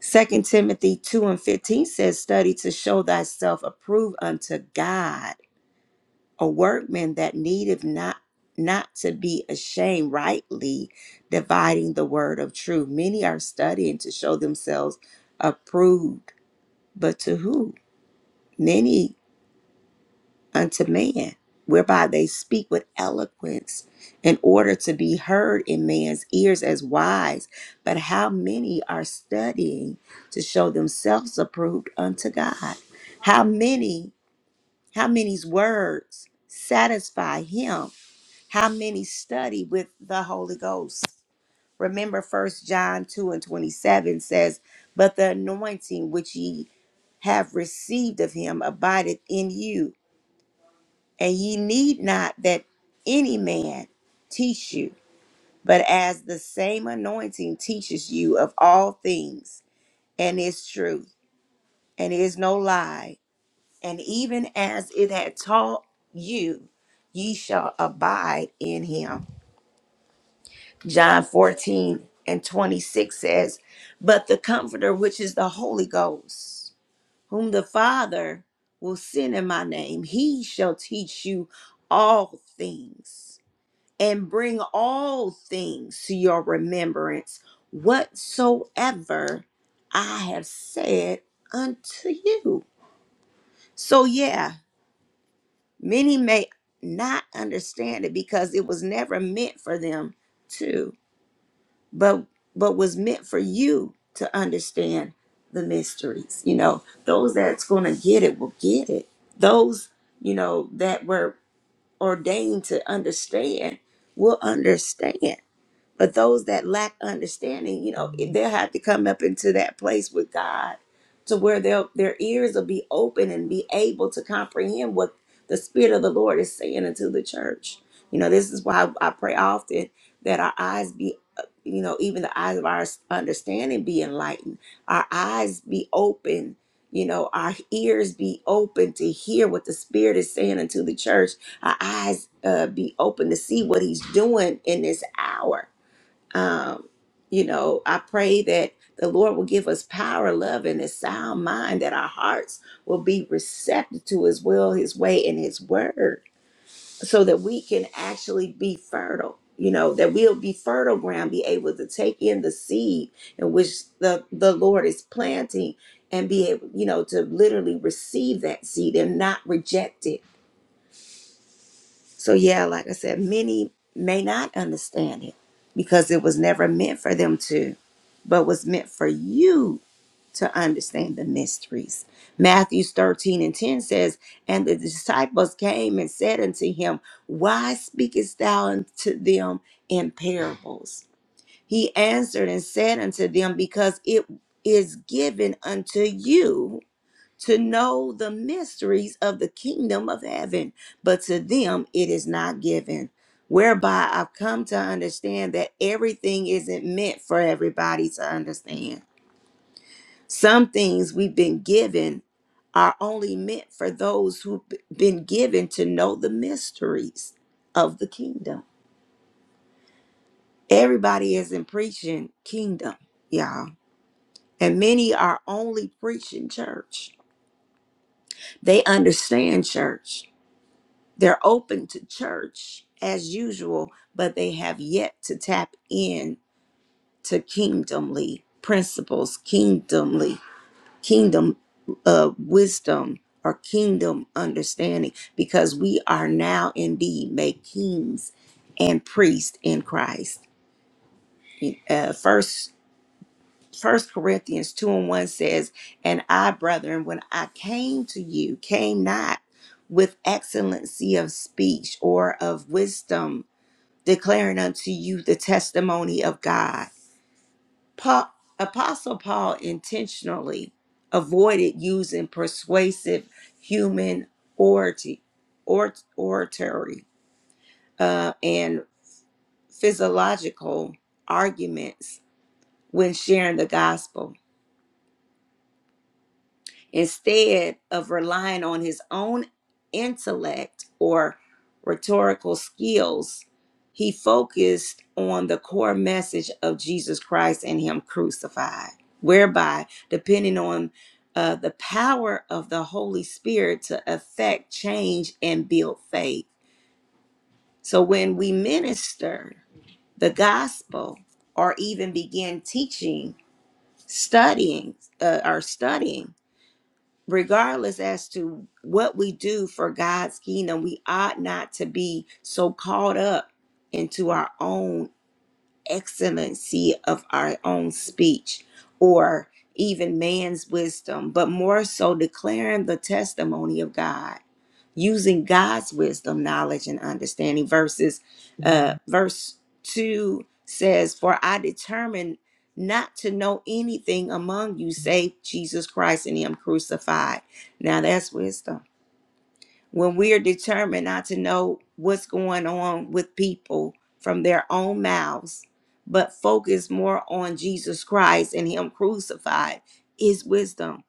Speaker 1: Second Timothy 2 and 15 says, study to show thyself approved unto God a workman that needeth not not to be ashamed rightly dividing the word of truth many are studying to show themselves approved but to who many unto man whereby they speak with eloquence in order to be heard in man's ears as wise but how many are studying to show themselves approved unto god how many how many's words satisfy him how many study with the Holy Ghost. Remember first John 2 and 27 says, But the anointing which ye have received of him abideth in you, and ye need not that any man teach you, but as the same anointing teaches you of all things, and is truth, and is no lie, and even as it had taught you, ye shall abide in him. John 14 and 26 says, But the Comforter, which is the Holy Ghost, whom the Father will send in my name, he shall teach you all things and bring all things to your remembrance, whatsoever I have said unto you. So, yeah, many may not understand it because it was never meant for them to. but but was meant for you to understand the mysteries you know those that's going to get it will get it those you know that were ordained to understand will understand but those that lack understanding, you know, they'll have to come up into that place with God to where their their ears will be open and be able to comprehend what the Spirit of the Lord is saying into the church. You know, this is why I pray often that our eyes be, uh, you know, even the eyes of our understanding be enlightened, our eyes be open, you know, our ears be open to hear what the Spirit is saying into the church, our eyes uh, be open to see what He's doing in this hour um, you know, I pray that the Lord will give us power, love, and a sound mind, that our hearts will be receptive to His will, His way, and His word, so that we can actually be fertile. You know, that we'll be fertile ground, be able to take in the seed in which the, the Lord is planting and be able, you know, to literally receive that seed and not reject it. So, yeah, like I said, many may not understand it because it was never meant for them to but was meant for you to understand the mysteries. Matthew 13 and 10 says, And the disciples came and said unto him, Why speakest thou unto them in parables? He answered and said unto them, Because it is given unto you to know the mysteries of the kingdom of heaven, but to them it is not given. Whereby I've come to understand that everything isn't meant for everybody to understand some things we've been given are only meant for those who've been given to know the mysteries of the kingdom. Everybody isn't preaching kingdom, y'all. And many are only preaching church. They understand church. They're open to church as usual, but they have yet to tap in to kingdomly principles, kingdomly kingdom uh, wisdom or kingdom understanding because we are now indeed made kings and priests in Christ. Uh, first, First Corinthians two and one says, "And I, brethren, when I came to you, came not with excellency of speech or of wisdom, declaring unto you the testimony of God." Pa- Apostle Paul intentionally avoided using persuasive human orati- or- oratory uh, and physiological arguments when sharing the gospel. instead of relying on his own intellect or rhetorical skills he focused on the core message of jesus christ and him crucified whereby depending on uh, the power of the holy spirit to affect change and build faith so when we minister the gospel or even begin teaching studying uh, or studying regardless as to what we do for God's kingdom, we ought not to be so caught up into our own excellency of our own speech or even man's wisdom, but more so declaring the testimony of God using God's wisdom, knowledge, and understanding. Verses, uh, verse two says, "For I determined not to know anything among you save Jesus Christ and Him crucified." Now that's wisdom. When we are determined not to know what's going on with people from their own mouths, but focus more on Jesus Christ and Him crucified, is wisdom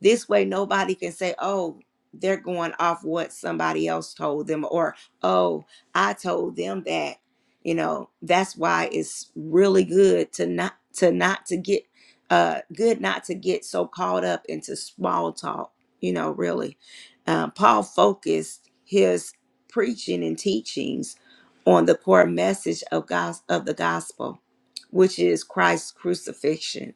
Speaker 1: this way, nobody can say, oh, they're going off what somebody else told them, or oh, I told them that. You know, that's why it's really good to not to not to get uh good not to get so caught up into small talk, you know, really. Um, Paul focused his preaching and teachings on the core message of God of the gospel, which is Christ's crucifixion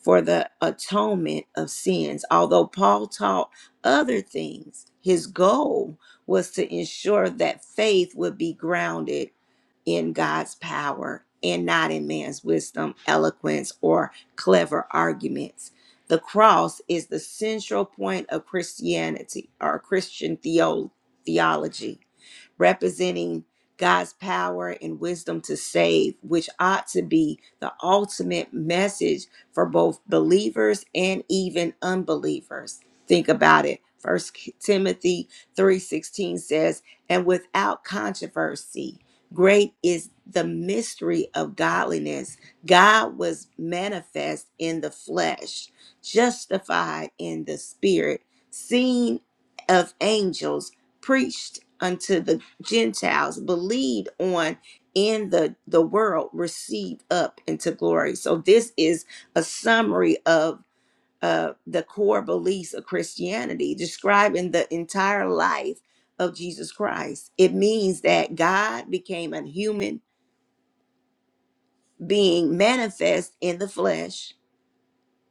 Speaker 1: for the atonement of sins. Although Paul taught other things, his goal was to ensure that faith would be grounded in God's power and not in man's wisdom, eloquence, or clever arguments. The cross is the central point of Christianity or Christian theo- theology representing God's power and wisdom to save, which ought to be the ultimate message for both believers and even unbelievers. Think about it. First Timothy 3:16 says, "And without controversy, great is the mystery of godliness. God was manifest in the flesh, justified in the spirit, seen of angels, preached unto the Gentiles, believed on in the, the world, received up into glory. So this is a summary of uh, the core beliefs of Christianity, describing the entire life of Jesus Christ. It means that God became a human being manifest in the flesh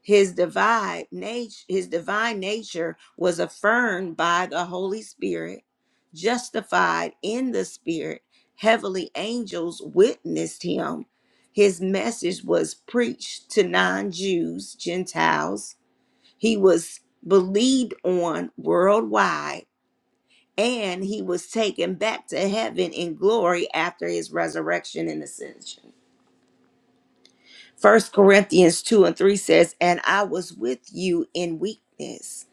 Speaker 1: his divine nature his divine nature was affirmed by the holy spirit justified in the spirit heavenly angels witnessed him his message was preached to non-jews gentiles he was believed on worldwide and he was taken back to heaven in glory after his resurrection and ascension First corinthians 2 and 3 says and i was with you in weakness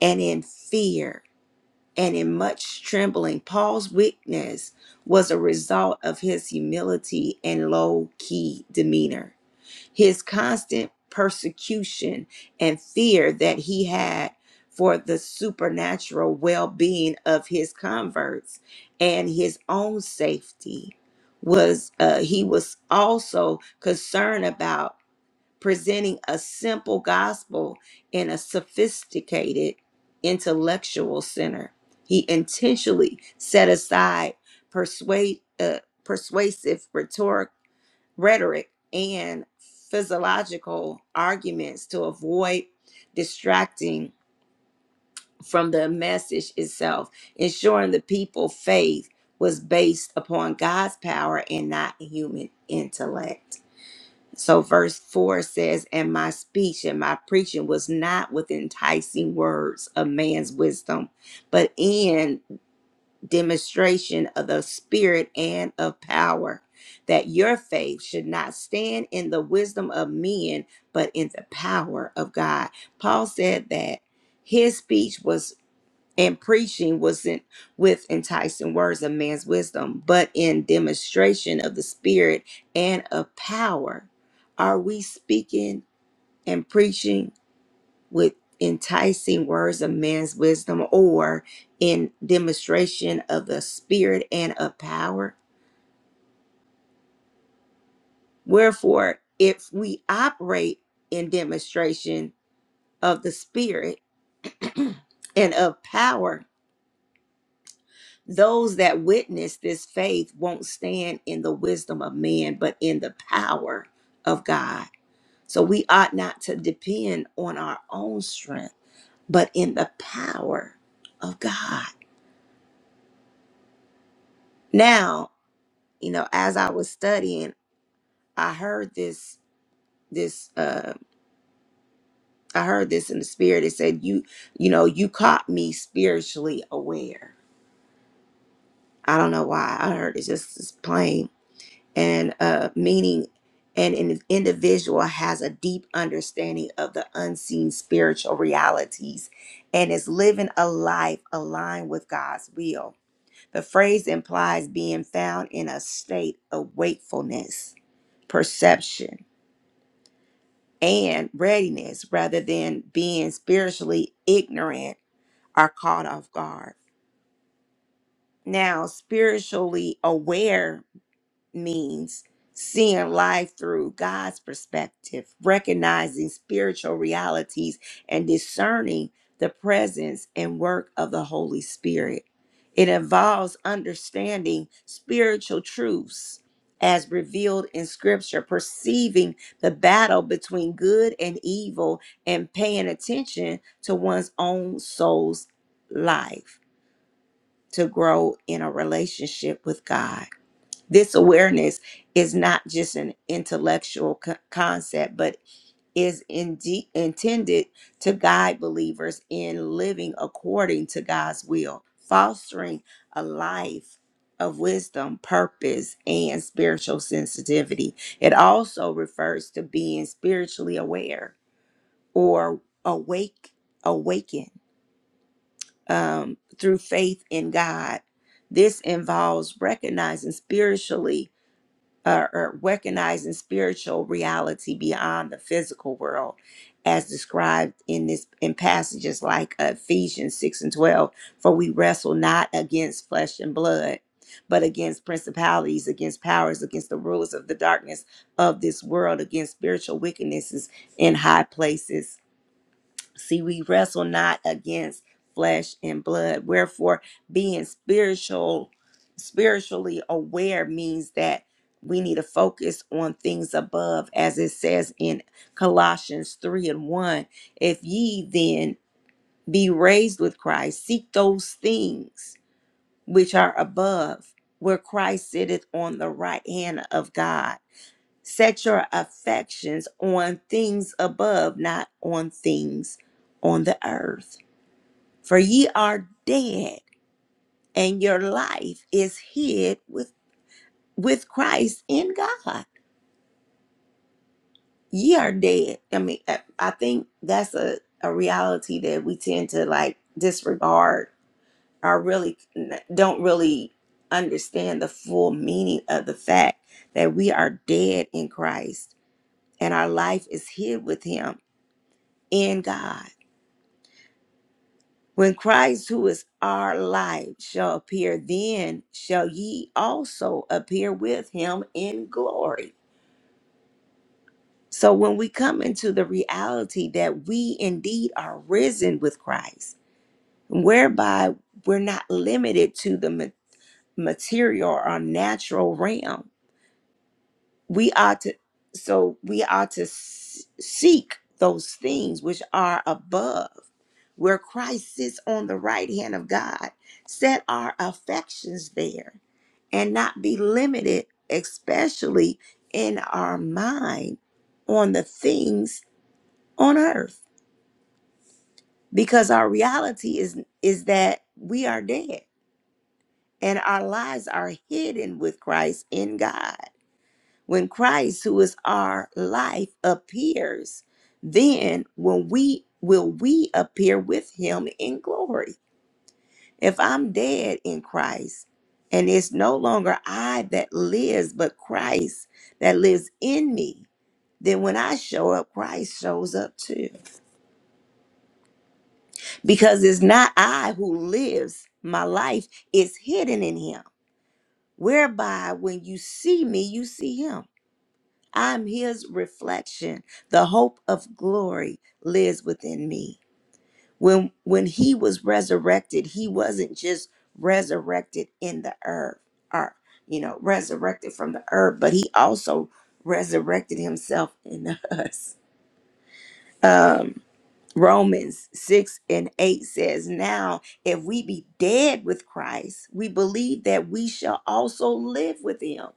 Speaker 1: and in fear and in much trembling. Paul's weakness was a result of his humility and low key demeanor. His constant persecution and fear that he had for the supernatural well being of his converts and his own safety was, uh, he was also concerned about presenting a simple gospel in a sophisticated intellectual center. He intentionally set aside persuade, uh, persuasive rhetoric, rhetoric and physiological arguments to avoid distracting from the message itself, ensuring the people's faith was based upon God's power and not human intellect. So, verse 4 says, And my speech and my preaching was not with enticing words of man's wisdom, but in demonstration of the Spirit and of power, that your faith should not stand in the wisdom of men, but in the power of God. Paul said that. His speech was and preaching wasn't with enticing words of man's wisdom, but in demonstration of the Spirit and of power. Are we speaking and preaching with enticing words of man's wisdom or in demonstration of the Spirit and of power? Wherefore, if we operate in demonstration of the Spirit and of power, Those that witness this faith won't stand in the wisdom of man, but in the power of God. So we ought not to depend on our own strength, but in the power of God. Now, you know, as I was studying, I heard this this uh I heard this in the spirit. It said, You you know, you caught me spiritually aware. I don't know why I heard it just as plain and uh, meaning and an individual has a deep understanding of the unseen spiritual realities and is living a life aligned with God's will. The phrase implies being found in a state of wakefulness, perception, and readiness rather than being spiritually ignorant or caught off guard. Now, spiritually aware means seeing life through God's perspective, recognizing spiritual realities, and discerning the presence and work of the Holy Spirit. It involves understanding spiritual truths as revealed in Scripture, perceiving the battle between good and evil, and paying attention to one's own soul's life to grow in a relationship with God. This awareness is not just an intellectual co- concept, but is indeed intended to guide believers in living according to God's will, fostering a life of wisdom, purpose, and spiritual sensitivity. It also refers to being spiritually aware or awake, awaken um, through faith in God. This involves recognizing spiritually or, or recognizing spiritual reality beyond the physical world as described in this in passages like Ephesians 6 and 12 for we wrestle not against flesh and blood but against principalities against powers against the rulers of the darkness of this world against spiritual wickednesses in high places See, we wrestle not against flesh and blood. Wherefore, being spiritual, spiritually aware means that we need to focus on things above, as it says in Colossians 3 and 1. If ye then be raised with Christ, seek those things which are above, where Christ sitteth on the right hand of God. Set your affections on things above, not on things on the earth. For ye are dead, and your life is hid with with Christ in God. Ye are dead. I mean, I I think that's a, a reality that we tend to like disregard or really don't really understand the full meaning of the fact that we are dead in Christ and our life is hid with him in God. When Christ, who is our life, shall appear, then shall ye also appear with him in glory. So when we come into the reality that we indeed are risen with Christ, whereby we're not limited to the ma- material or natural realm we are to so we are to s- seek those things which are above where christ sits on the right hand of god set our affections there and not be limited especially in our mind on the things on earth because our reality is is that we are dead and our lives are hidden with christ in god When Christ, who is our life, appears, then when we will we appear with him in glory. If I'm dead in Christ, and it's no longer I that lives, but Christ that lives in me, then when I show up, Christ shows up too. Because it's not I who lives, my life is hidden in him. Whereby when you see me, you see him. I'm his reflection. The hope of glory lives within me. When when he was resurrected, he wasn't just resurrected in the earth or you know, resurrected from the earth, but he also resurrected himself in us. Um Romans 6 and 8 says, Now if we be dead with Christ, we believe that we shall also live with him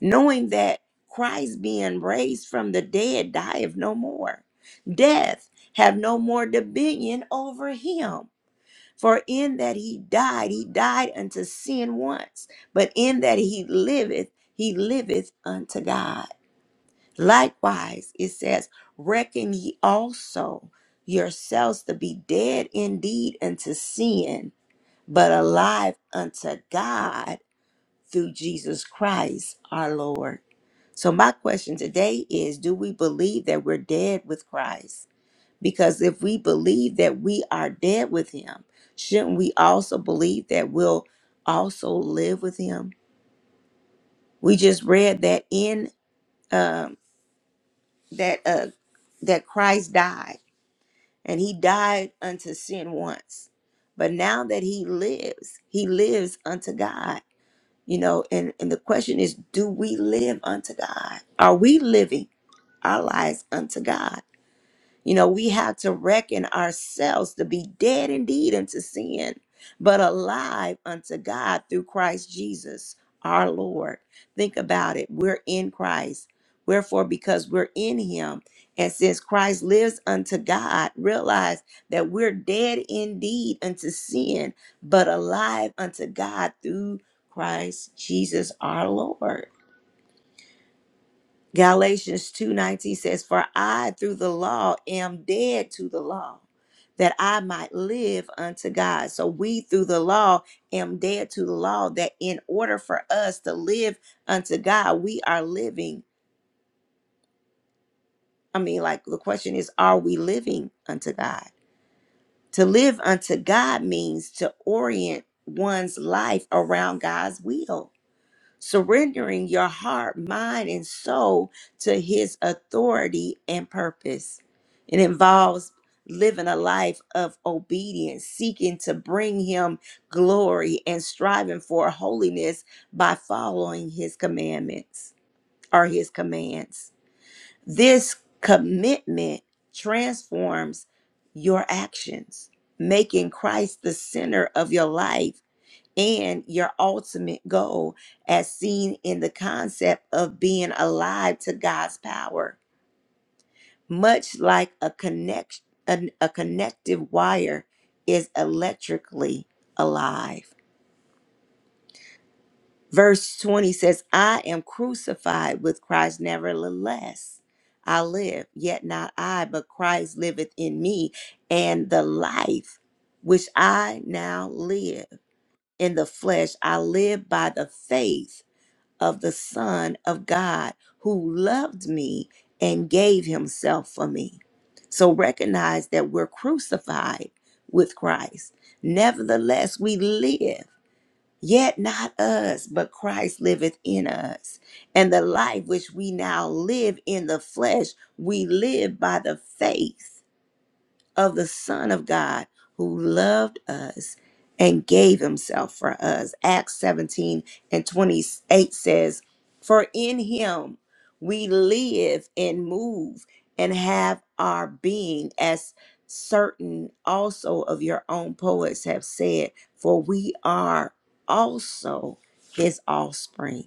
Speaker 1: knowing that Christ being raised from the dead dieth no more. Death have no more dominion over him. For in that he died, he died unto sin once, but in that he liveth, he liveth unto God. Likewise, it says, Reckon ye also yourselves to be dead indeed unto sin, but alive unto God through Jesus Christ our Lord. So, my question today is Do we believe that we're dead with Christ? Because if we believe that we are dead with Him, shouldn't we also believe that we'll also live with Him? We just read that in um that uh, that Christ died, and He died unto sin once, but now that He lives, He lives unto God. You know, and, and the question is, do we live unto God? Are we living our lives unto God? You know, we have to reckon ourselves to be dead indeed unto sin, but alive unto God through Christ Jesus, our Lord. Think about it. We're in Christ. Wherefore, because we're in him, and since Christ lives unto God, realize that we're dead indeed unto sin, but alive unto God through Christ Jesus our Lord. Galatians 2:19 says, "For I through the law am dead to the law, that I might live unto God." So we through the law am dead to the law that in order for us to live unto God, we are living. I mean, like the question is, are we living unto God? To live unto God means to orient one's life around God's will. surrendering your heart, mind, and soul to His authority and purpose. It involves living a life of obedience, seeking to bring Him glory, and striving for holiness by following His commandments or His commands. This commitment transforms your actions, making Christ the center of your life and your ultimate goal, as seen in the concept of being alive to God's power. Much like a connect an- a connective wire is electrically alive. Verse 20 says, I am crucified with Christ, nevertheless. I live, yet not I, but Christ liveth in me, and the life which I now live in the flesh, I live by the faith of the Son of God who loved me and gave himself for me. So recognize that we're crucified with Christ. Nevertheless, we live, yet not us, but Christ liveth in us. And the life which we now live in the flesh, we live by the faith of the Son of God who loved us and gave himself for us. Acts 17 and 28 says, For in him we live and move and have our being, as certain also of your own poets have said, for we are also his offspring.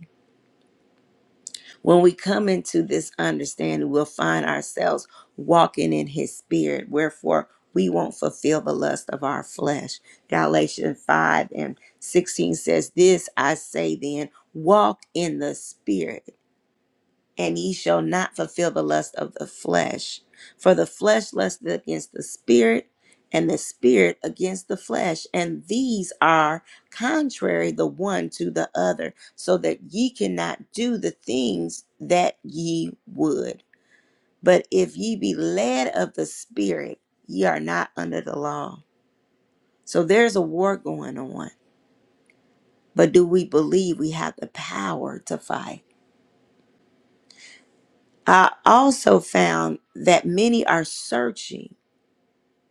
Speaker 1: When we come into this understanding, we'll find ourselves walking in his spirit. Wherefore, we won't fulfill the lust of our flesh. Galatians 5 and 16 says, This I say then, walk in the spirit and ye shall not fulfill the lust of the flesh. For the flesh lusteth against the spirit, and the spirit against the flesh, and these are contrary the one to the other, so that ye cannot do the things that ye would. But if ye be led of the spirit, ye are not under the law. So there's a war going on. But do we believe we have the power to fight? I also found that many are searching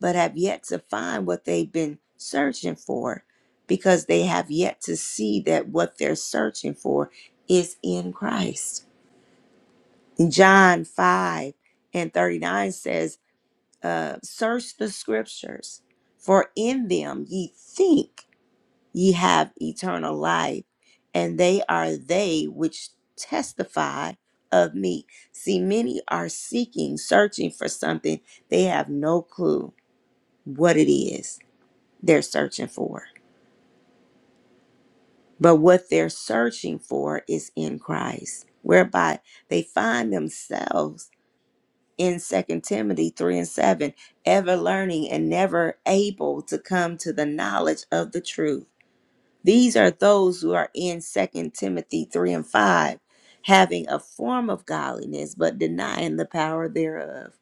Speaker 1: but have yet to find what they've been searching for because they have yet to see that what they're searching for is in Christ. John 5 and 39 says, uh, Search the scriptures, for in them ye think ye have eternal life, and they are they which testify of me. See, many are seeking, searching for something, they have no clue what it is they're searching for. But what they're searching for is in Christ, whereby they find themselves in Second Timothy 3 and 7, ever learning and never able to come to the knowledge of the truth. These are those who are in Second Timothy 3 and 5, having a form of godliness, but denying the power thereof.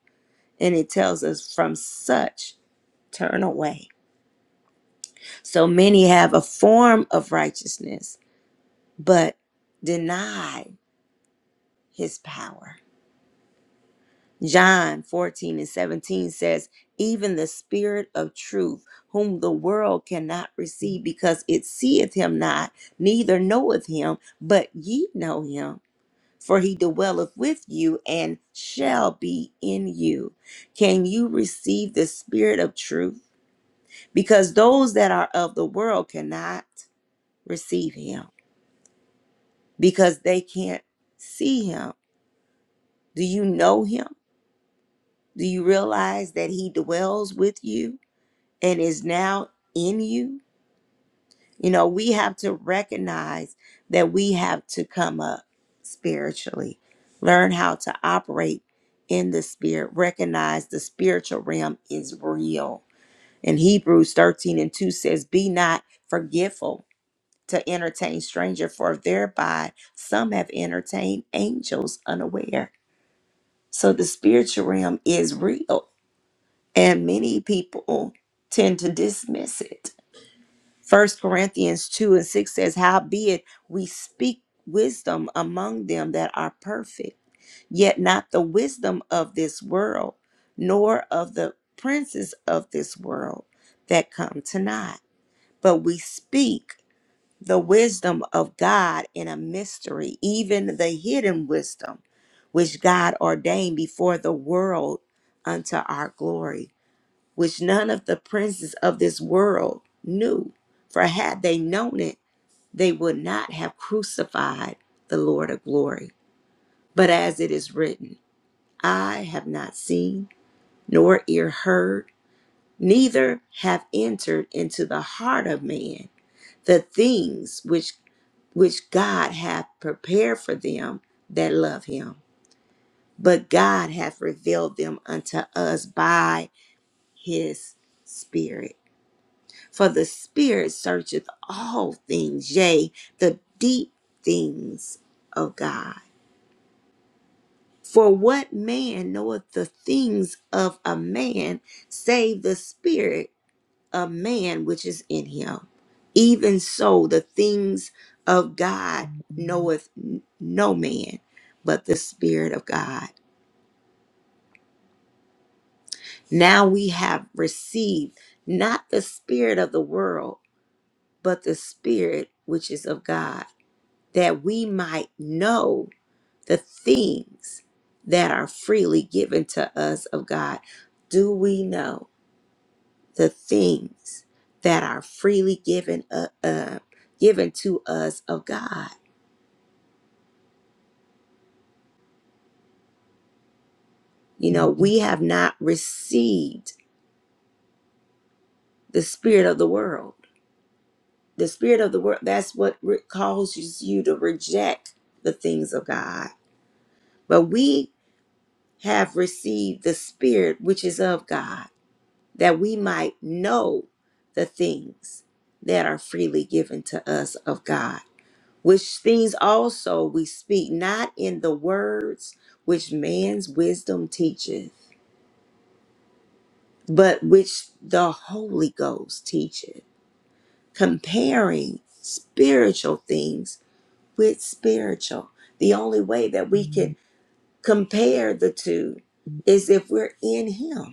Speaker 1: And it tells us, from such turn away. So many have a form of righteousness but deny his power. John 14 and 17 says, Even the Spirit of truth, whom the world cannot receive because it seeth him not, neither knoweth him, but ye know him. For he dwelleth with you and shall be in you. Can you receive the Spirit of truth? Because those that are of the world cannot receive him because they can't see him. Do you know him? Do you realize that He dwells with you and is now in you? You know, we have to recognize that we have to come up spiritually, learn how to operate in the spirit, recognize the spiritual realm is real. And Hebrews 13 and 2 says, Be not forgetful to entertain stranger, for thereby some have entertained angels unaware. So the spiritual realm is real and many people tend to dismiss it. First Corinthians 2 and 6 says, Howbeit we speak wisdom among them that are perfect, yet not the wisdom of this world, nor of the princes of this world that come to naught. But we speak the wisdom of God in a mystery, even the hidden wisdom which God ordained before the world unto our glory which none of the princes of this world knew. For had they known it, they would not have crucified the Lord of glory. But as it is written, I have not seen, nor ear heard, neither have entered into the heart of man the things which which God hath prepared for them that love him. But God hath revealed them unto us by his spirit. For the Spirit searcheth all things, yea, the deep things of God. For what man knoweth the things of a man, save the Spirit of man which is in him? Even so, the things of God knoweth n- no man but the Spirit of God. Now we have received not the Spirit of the world, but the Spirit which is of God that we might know the things that are freely given to us of God. Do we know the things that are freely given uh, uh, given to us of God? You know, we have not received the spirit of the world. The spirit of the world that's what re- causes you to reject the things of God. But we have received the spirit which is of God that we might know the things that are freely given to us of God, which things also we speak not in the words which man's wisdom teacheth, but which the Holy Ghost teacheth, comparing spiritual things with spiritual. The only way that we can compare the two is if we're in Him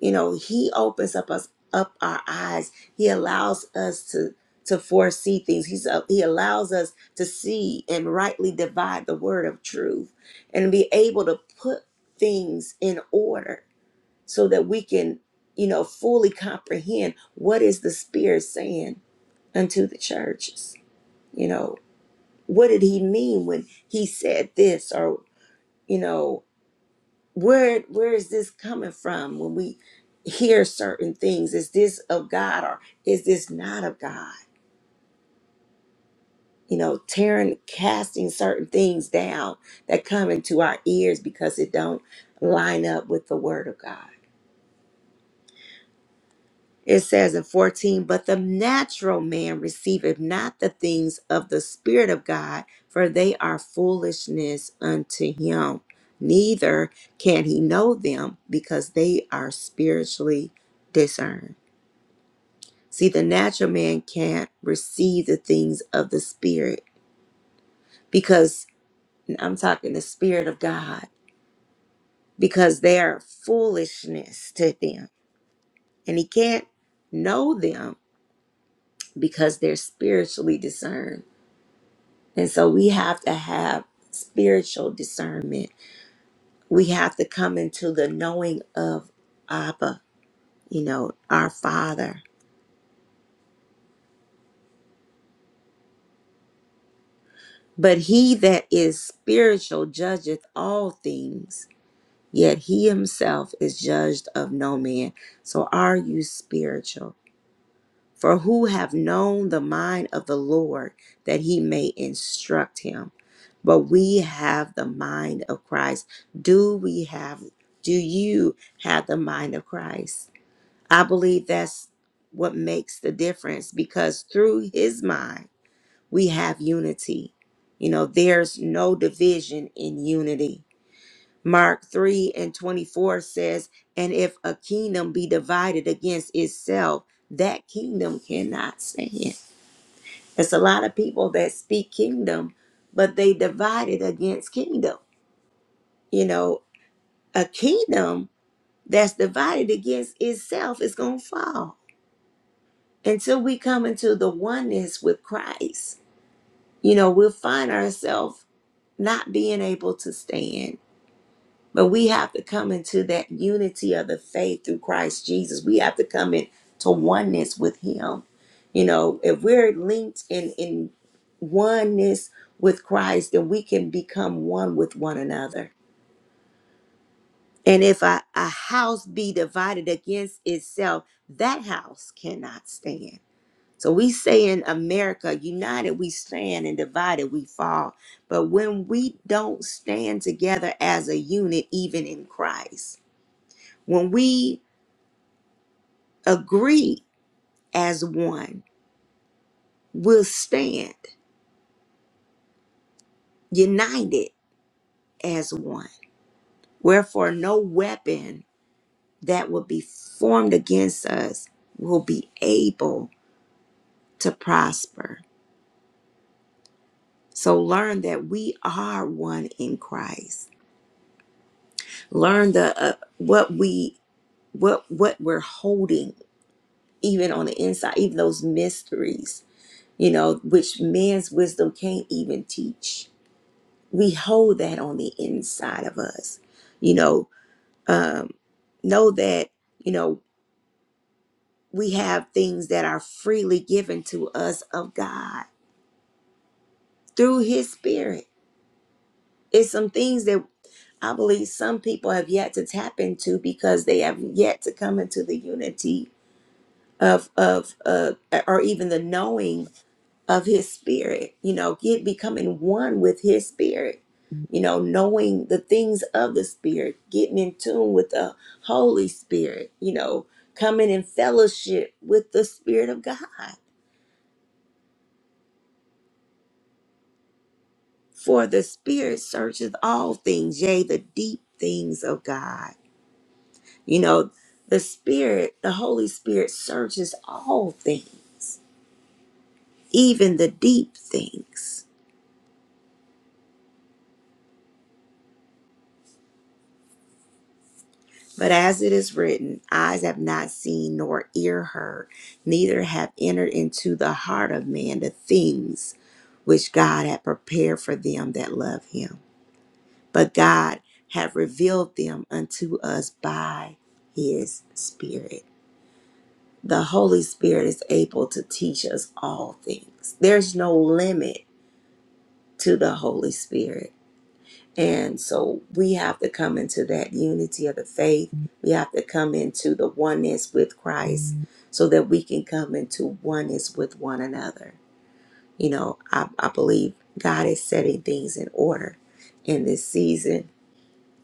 Speaker 1: You know, he opens up us up our eyes. He allows us to to foresee things. He's uh, he allows us to see and rightly divide the word of truth and be able to put things in order so that we can, you know, fully comprehend what is the spirit saying unto the churches. You know, what did he mean when he said this or you know where where is this coming from when we hear certain things is this of god or is this not of god you know tearing casting certain things down that come into our ears because it don't line up with the word of god it says in 14 but the natural man receiveth not the things of the spirit of god for they are foolishness unto him neither can he know them because they are spiritually discerned See, the natural man can't receive the things of the spirit because I'm talking the spirit of God because they are foolishness to them. And he can't know them because they're spiritually discerned. And so we have to have spiritual discernment. We have to come into the knowing of Abba, you know, our Father. But he that is spiritual judgeth all things yet he himself is judged of no man. So are you spiritual? For who have known the mind of the Lord that he may instruct him? But we have the mind of Christ. Do we have, do you have the mind of Christ? I believe that's what makes the difference because through his mind, we have unity. You know, there's no division in unity Mark 3 and 24 says, And if a kingdom be divided against itself, that kingdom cannot stand. It's a lot of people that speak kingdom, but they divided against kingdom. You know, a kingdom that's divided against itself is going to fall. Until we come into the oneness with Christ, you know, we'll find ourselves not being able to stand But we have to come into that unity of the faith through Christ Jesus. We have to come into oneness with Him. You know, if we're linked in, in oneness with Christ, then we can become one with one another. And if a, a house be divided against itself, that house cannot stand. So we say in America, united we stand and divided we fall. But when we don't stand together as a unit, even in Christ, when we agree as one, we'll stand united as one. Wherefore, no weapon that will be formed against us will be able to prosper. So learn that we are one in Christ. Learn the uh, what we what what we're holding even on the inside, even those mysteries, you know, which man's wisdom can't even teach we hold that on the inside of us you know um know that you know we have things that are freely given to us of god through his spirit it's some things that i believe some people have yet to tap into because they have yet to come into the unity of of uh, or even the knowing of his spirit you know get becoming one with his spirit you know knowing the things of the spirit getting in tune with the holy spirit you know coming in fellowship with the spirit of god for the spirit searches all things yea the deep things of god you know the spirit the holy spirit searches all things even the deep things But as it is written, eyes have not seen nor ear heard, neither have entered into the heart of man the things which God had prepared for them that love him. But God hath revealed them unto us by his Spirit. The Holy Spirit is able to teach us all things. There's no limit to the Holy Spirit. And so we have to come into that unity of the faith. We have to come into the oneness with Christ so that we can come into oneness with one another. You know, I, I believe God is setting things in order in this season,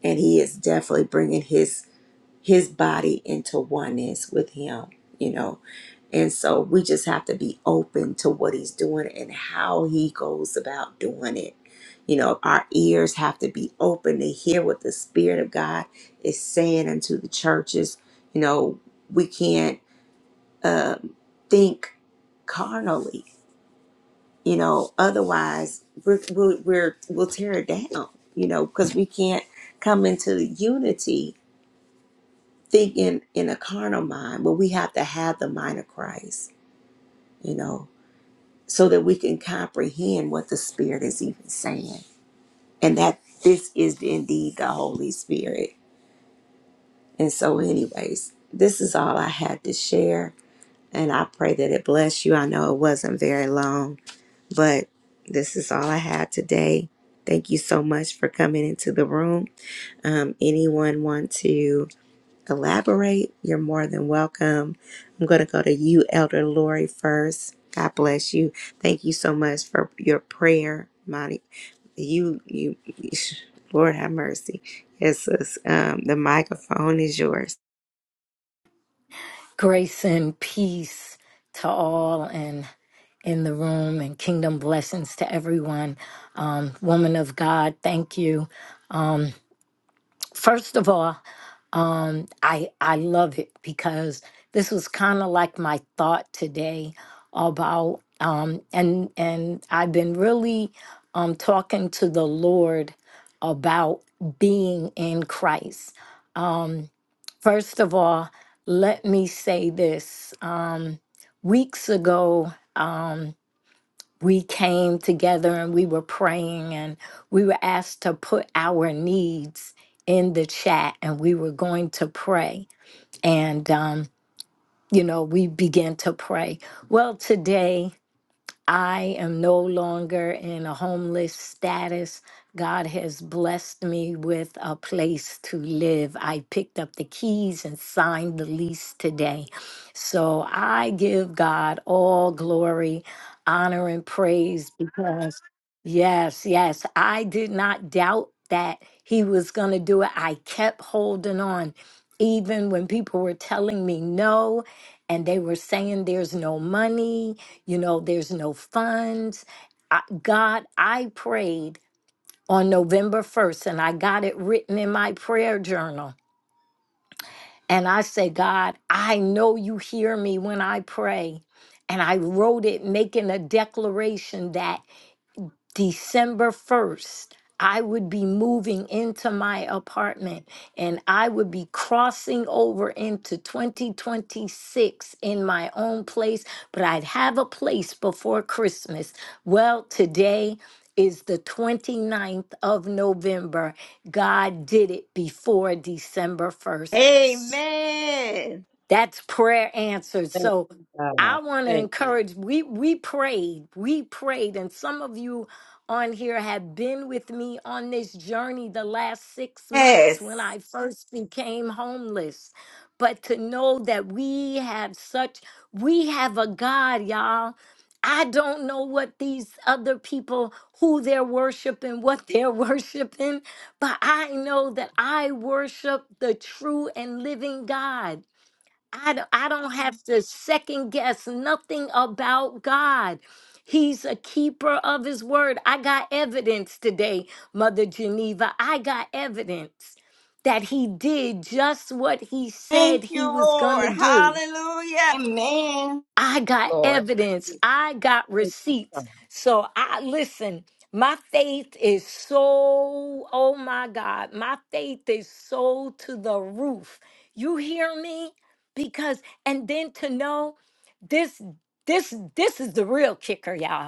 Speaker 1: and He is definitely bringing His his body into oneness with him, you know. And so we just have to be open to what he's doing and how he goes about doing it. You know, our ears have to be open to hear what the Spirit of God is saying unto the churches. You know, we can't um, think carnally. You know, otherwise we're, we're, we're we'll tear it down. You know, because we can't come into unity thinking in a carnal mind, but we have to have the mind of Christ, you know, so that we can comprehend what the Spirit is even saying. And that this is indeed the Holy Spirit. And so, anyways, this is all I had to share. And I pray that it bless you. I know it wasn't very long, but this is all I had today. Thank you so much for coming into the room. Um, anyone want to? elaborate, you're more than welcome. I'm going to go to you, Elder Lori, first. God bless you. Thank you so much for your prayer, Monty. You, you, Lord have mercy. Yes, sis, um, the microphone is yours.
Speaker 2: Grace and peace to all and in the room and kingdom blessings to everyone. Um, woman of God, thank you. Um, first of all, um, I I love it because this was kind of like my thought today about um, and and I've been really um, talking to the Lord about being in Christ. Um, First of all, let me say this. Um, weeks ago, um, we came together and we were praying and we were asked to put our needs in the chat and we were going to pray. And, um, you know, we began to pray. Well, today, I am no longer in a homeless status. God has blessed me with a place to live. I picked up the keys and signed the lease today. So I give God all glory, honor, and praise because, yes, yes, I did not doubt that He was going to do it. I kept holding on, even when people were telling me no and they were saying there's no money you know, there's no funds. I, God, I prayed on November 1st and I got it written in my prayer journal. And I say, God, I know you hear me when I pray. And I wrote it making a declaration that December 1st, I would be moving into my apartment and I would be crossing over into 2026 in my own place, but I'd have a place before Christmas. Well, today is the 29th of November. God did it before December 1st.
Speaker 1: Amen.
Speaker 2: That's prayer answered.
Speaker 5: Thank
Speaker 2: So
Speaker 5: you, God.
Speaker 2: I want to
Speaker 5: Thank you,
Speaker 2: encourage we we prayed. We prayed and some of you on here have been with me on this journey the last 6 months when
Speaker 1: Yes.
Speaker 2: I first became homeless. But to know that we have such we have a God, y'all. I don't know what these other people who they're worshiping, what they're worshiping, but I know that I worship the true and living God. I, d- I don't have to second guess nothing about God. He's a keeper of his word. I got evidence today, Mother Geneva. I got evidence that he did just what he
Speaker 1: Thank
Speaker 2: said
Speaker 1: you,
Speaker 2: he was going to
Speaker 1: Lord.
Speaker 2: do.
Speaker 1: Hallelujah. Amen.
Speaker 2: I got
Speaker 5: Lord. Thank
Speaker 2: evidence.
Speaker 5: you,
Speaker 2: I got
Speaker 5: thank you,
Speaker 2: receipts.
Speaker 5: God.
Speaker 2: So I listen, my faith is so, oh my God, my faith is so to the roof. You hear me? Because and then to know this this this is the real kicker, y'all.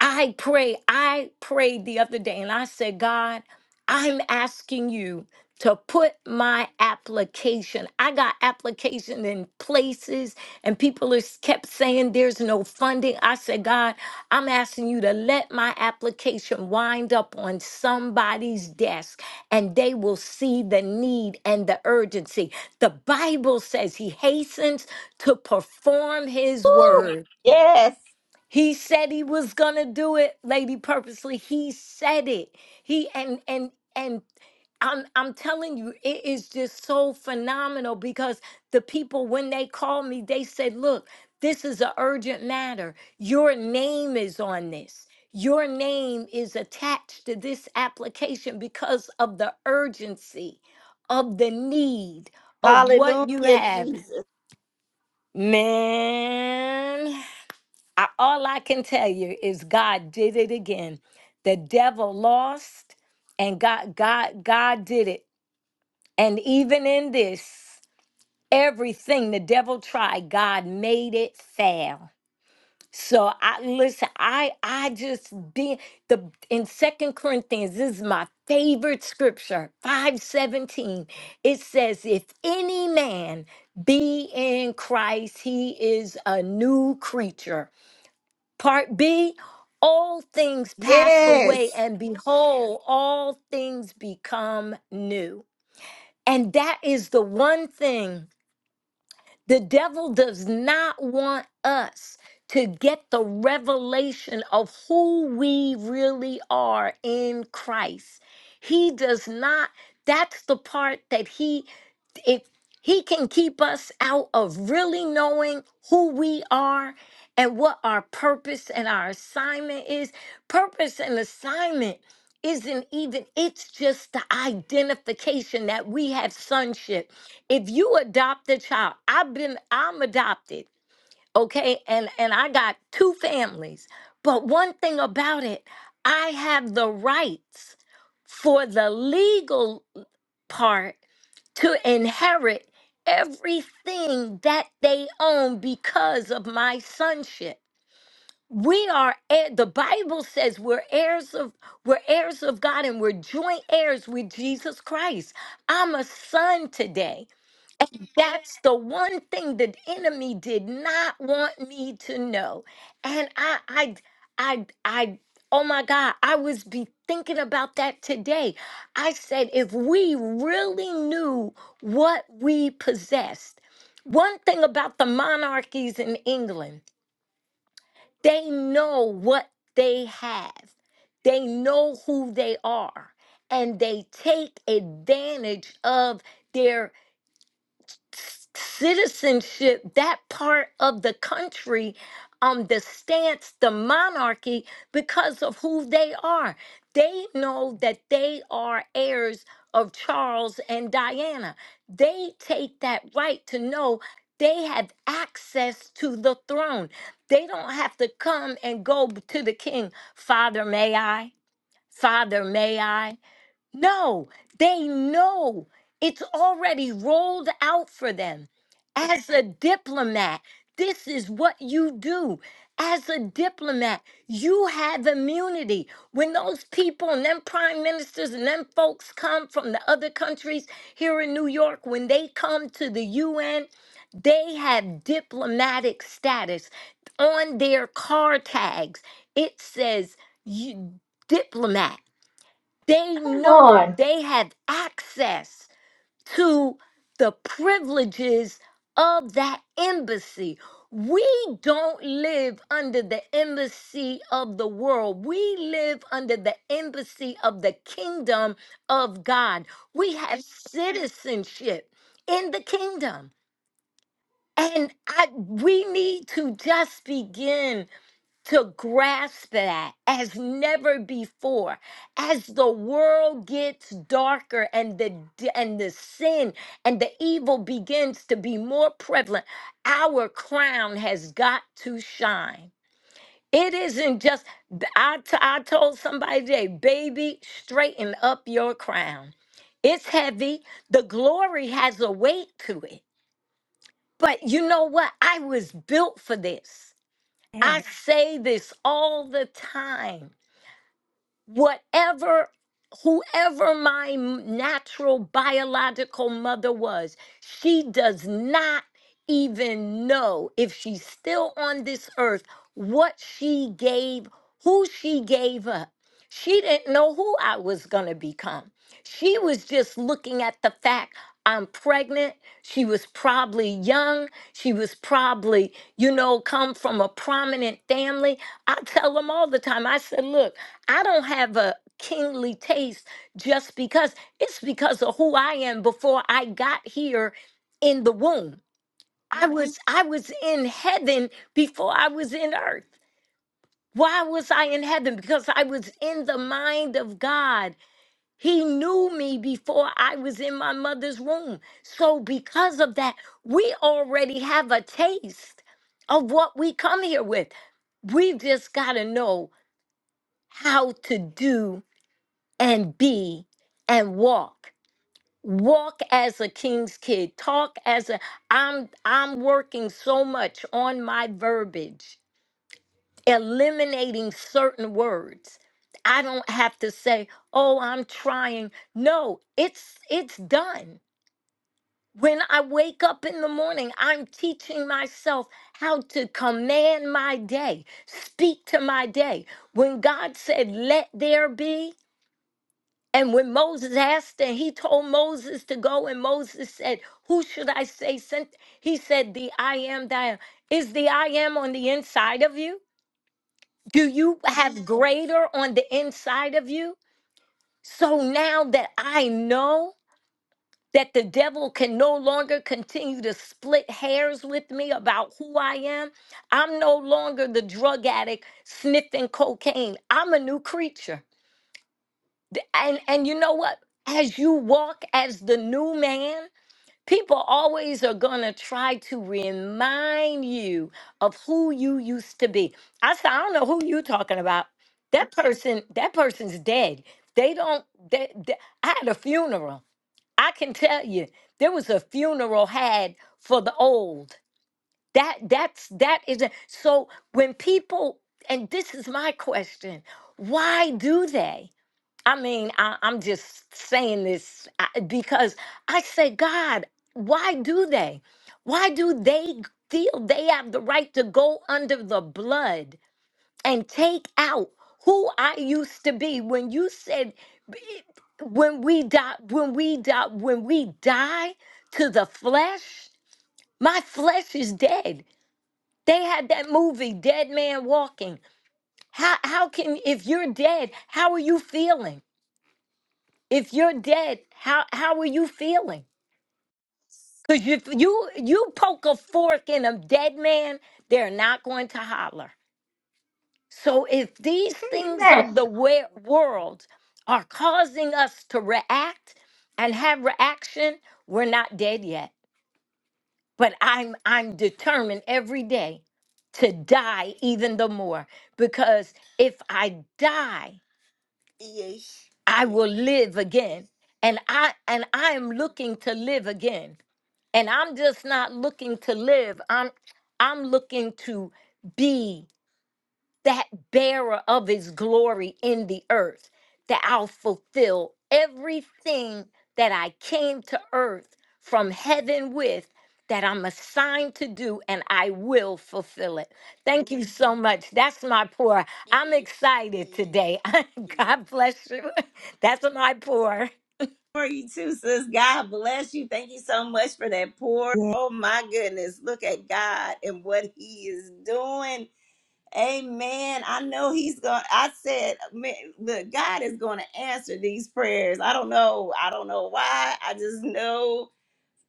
Speaker 2: I pray, I prayed the other day and I said, God, I'm asking you to put my application. I got application in places and people has kept saying there's no funding. I said, God, I'm asking you to let my application wind up on somebody's desk and they will see the need and the urgency. The Bible says he hastens to perform his word.
Speaker 1: Yes.
Speaker 2: He said he was gonna do it, Lady Purposely. He said it. He and and and I'm I'm telling you, it is just so phenomenal because the people when they called me, they said, look, this is an urgent matter. Your name is on this. Your name is attached to this application because of the urgency of the need of what you
Speaker 1: Hallelujah,
Speaker 2: have.
Speaker 1: Jesus.
Speaker 2: Man, I, all I can tell you is God did it again. The devil lost, and God, God, God did it. And even in this, everything the devil tried, God made it fail. So I listen, I I just be the in Second Corinthians, this is my favorite scripture, 517. It says, if any man be in Christ, he is a new creature Part B, all things pass away,
Speaker 1: Yes.
Speaker 2: and behold, all things become new. And that is the one thing the devil does not want us to get the revelation of who we really are in Christ. He does not, that's the part that he if he can keep us out of really knowing who we are and what our purpose and our assignment is purpose and assignment isn't even it's just the identification that we have sonship if you adopt a child i've been i'm adopted okay and and i got two families but one thing about it i have the rights for the legal part to inherit everything that they own because of my sonship. We are heir- the Bible says we're heirs of we're heirs of God and we're joint heirs with Jesus Christ. I'm a son today. That's the one thing the enemy did not want me to know. And I I I I oh my God, I was be thinking about that today. I said if we really knew what we possessed. One thing about the monarchies in England, they know what they have. They know who they are and they take advantage of their citizenship, that part of the country, um, the stance, the monarchy, because of who they are. They know that they are heirs of Charles and Diana. They take that right to know they have access to the throne. They don't have to come and go to the king, Father, may I? Father, may I? No, they know it's already rolled out for them. As a diplomat, this is what you do. As a diplomat, you have immunity. When those people and them prime ministers and them folks come from the other countries here in New York, when they come to the UN, they have diplomatic status. On their car tags, it says you, diplomat. They
Speaker 4: Come
Speaker 2: know
Speaker 4: on.
Speaker 2: they have access to the privileges of that embassy. We don't live under the embassy of the world. We live under the embassy of the kingdom of God. We have citizenship in the kingdom. And I, we need to just begin to grasp that as never before as the world gets darker and the d- and the sin and the evil begins to be more prevalent our crown has got to shine it isn't just b- i, t- I told somebody today baby straighten up your crown it's heavy the glory has a weight to it but you know what i was built for this I say this all the time whatever whoever my m- natural biological mother was she does not even know if she's still on this earth what she gave who she gave up she didn't know who i was going to become she was just looking at the fact i'm pregnant she was probably young she was probably you know come from a prominent family i tell them all the time i said look I don't have a kingly taste just because it's because of who I am before I got here in the womb. I Mhm. was I was in heaven before I was in earth. Why was I in heaven? Because I was in the mind of God. He knew me before I was in my mother's womb. So because of that, we already have a taste of what we come here with. we just got to know how to do and be and walk walk as a king's kid talk as a i'm i'm working so much on my verbiage eliminating certain words i don't have to say oh i'm trying no it's it's done when i wake up in the morning i'm teaching myself how to command my day speak to my day when god said let there be And when Moses asked, and he told Moses to go, and Moses said, Who should I say sent? He said, The I am that I am. Is the I am on the inside of you? Do you have Mhm. greater on the inside of you? So now that I know that the devil can no longer continue to split hairs with me about who I am, I'm no longer the drug addict sniffing cocaine. I'm a new creature. Th- and and you know what as you walk as the new man people always are going to try to remind you of who you used to be i said i don't know who you talking about that person that person's dead they don't they, they- i had a funeral i can tell you there was a funeral had for the old that that's that is a, so when people and this is my question why do they I mean, I, I'm just saying this I- because I say, God, why do they? Why do they feel they have the right to go under the blood and take out who I used to be? When you said, "B- when we die, when we die, when we die to the flesh, my flesh is dead. They had that movie, Dead Man Walking. How, how can, if you're dead, how are you feeling? If you're dead, how how are you feeling? Because if you you poke a fork in a dead man, they're not going to holler. So if these
Speaker 4: Say
Speaker 2: things
Speaker 4: less.
Speaker 2: of the we- world are causing us to react and have reaction, we're not dead yet. But I'm I'm determined every day to die even the more because if I die, I will live again. And I and I am looking to live again. and i'm just not looking to live i'm i'm looking to be that bearer of his glory in the earth that i'll fulfill everything that i came to earth from heaven with that i'm assigned to do and i will fulfill it thank you so much that's my pour i'm excited today god bless you that's my pour
Speaker 1: for you too, sis. God bless you. Thank you so much for that pour. Yeah. Oh my goodness. Look at God and what he is doing. Amen. I know he's going to I said, man, look, God is going to answer these prayers. I don't know. I don't know why. I just know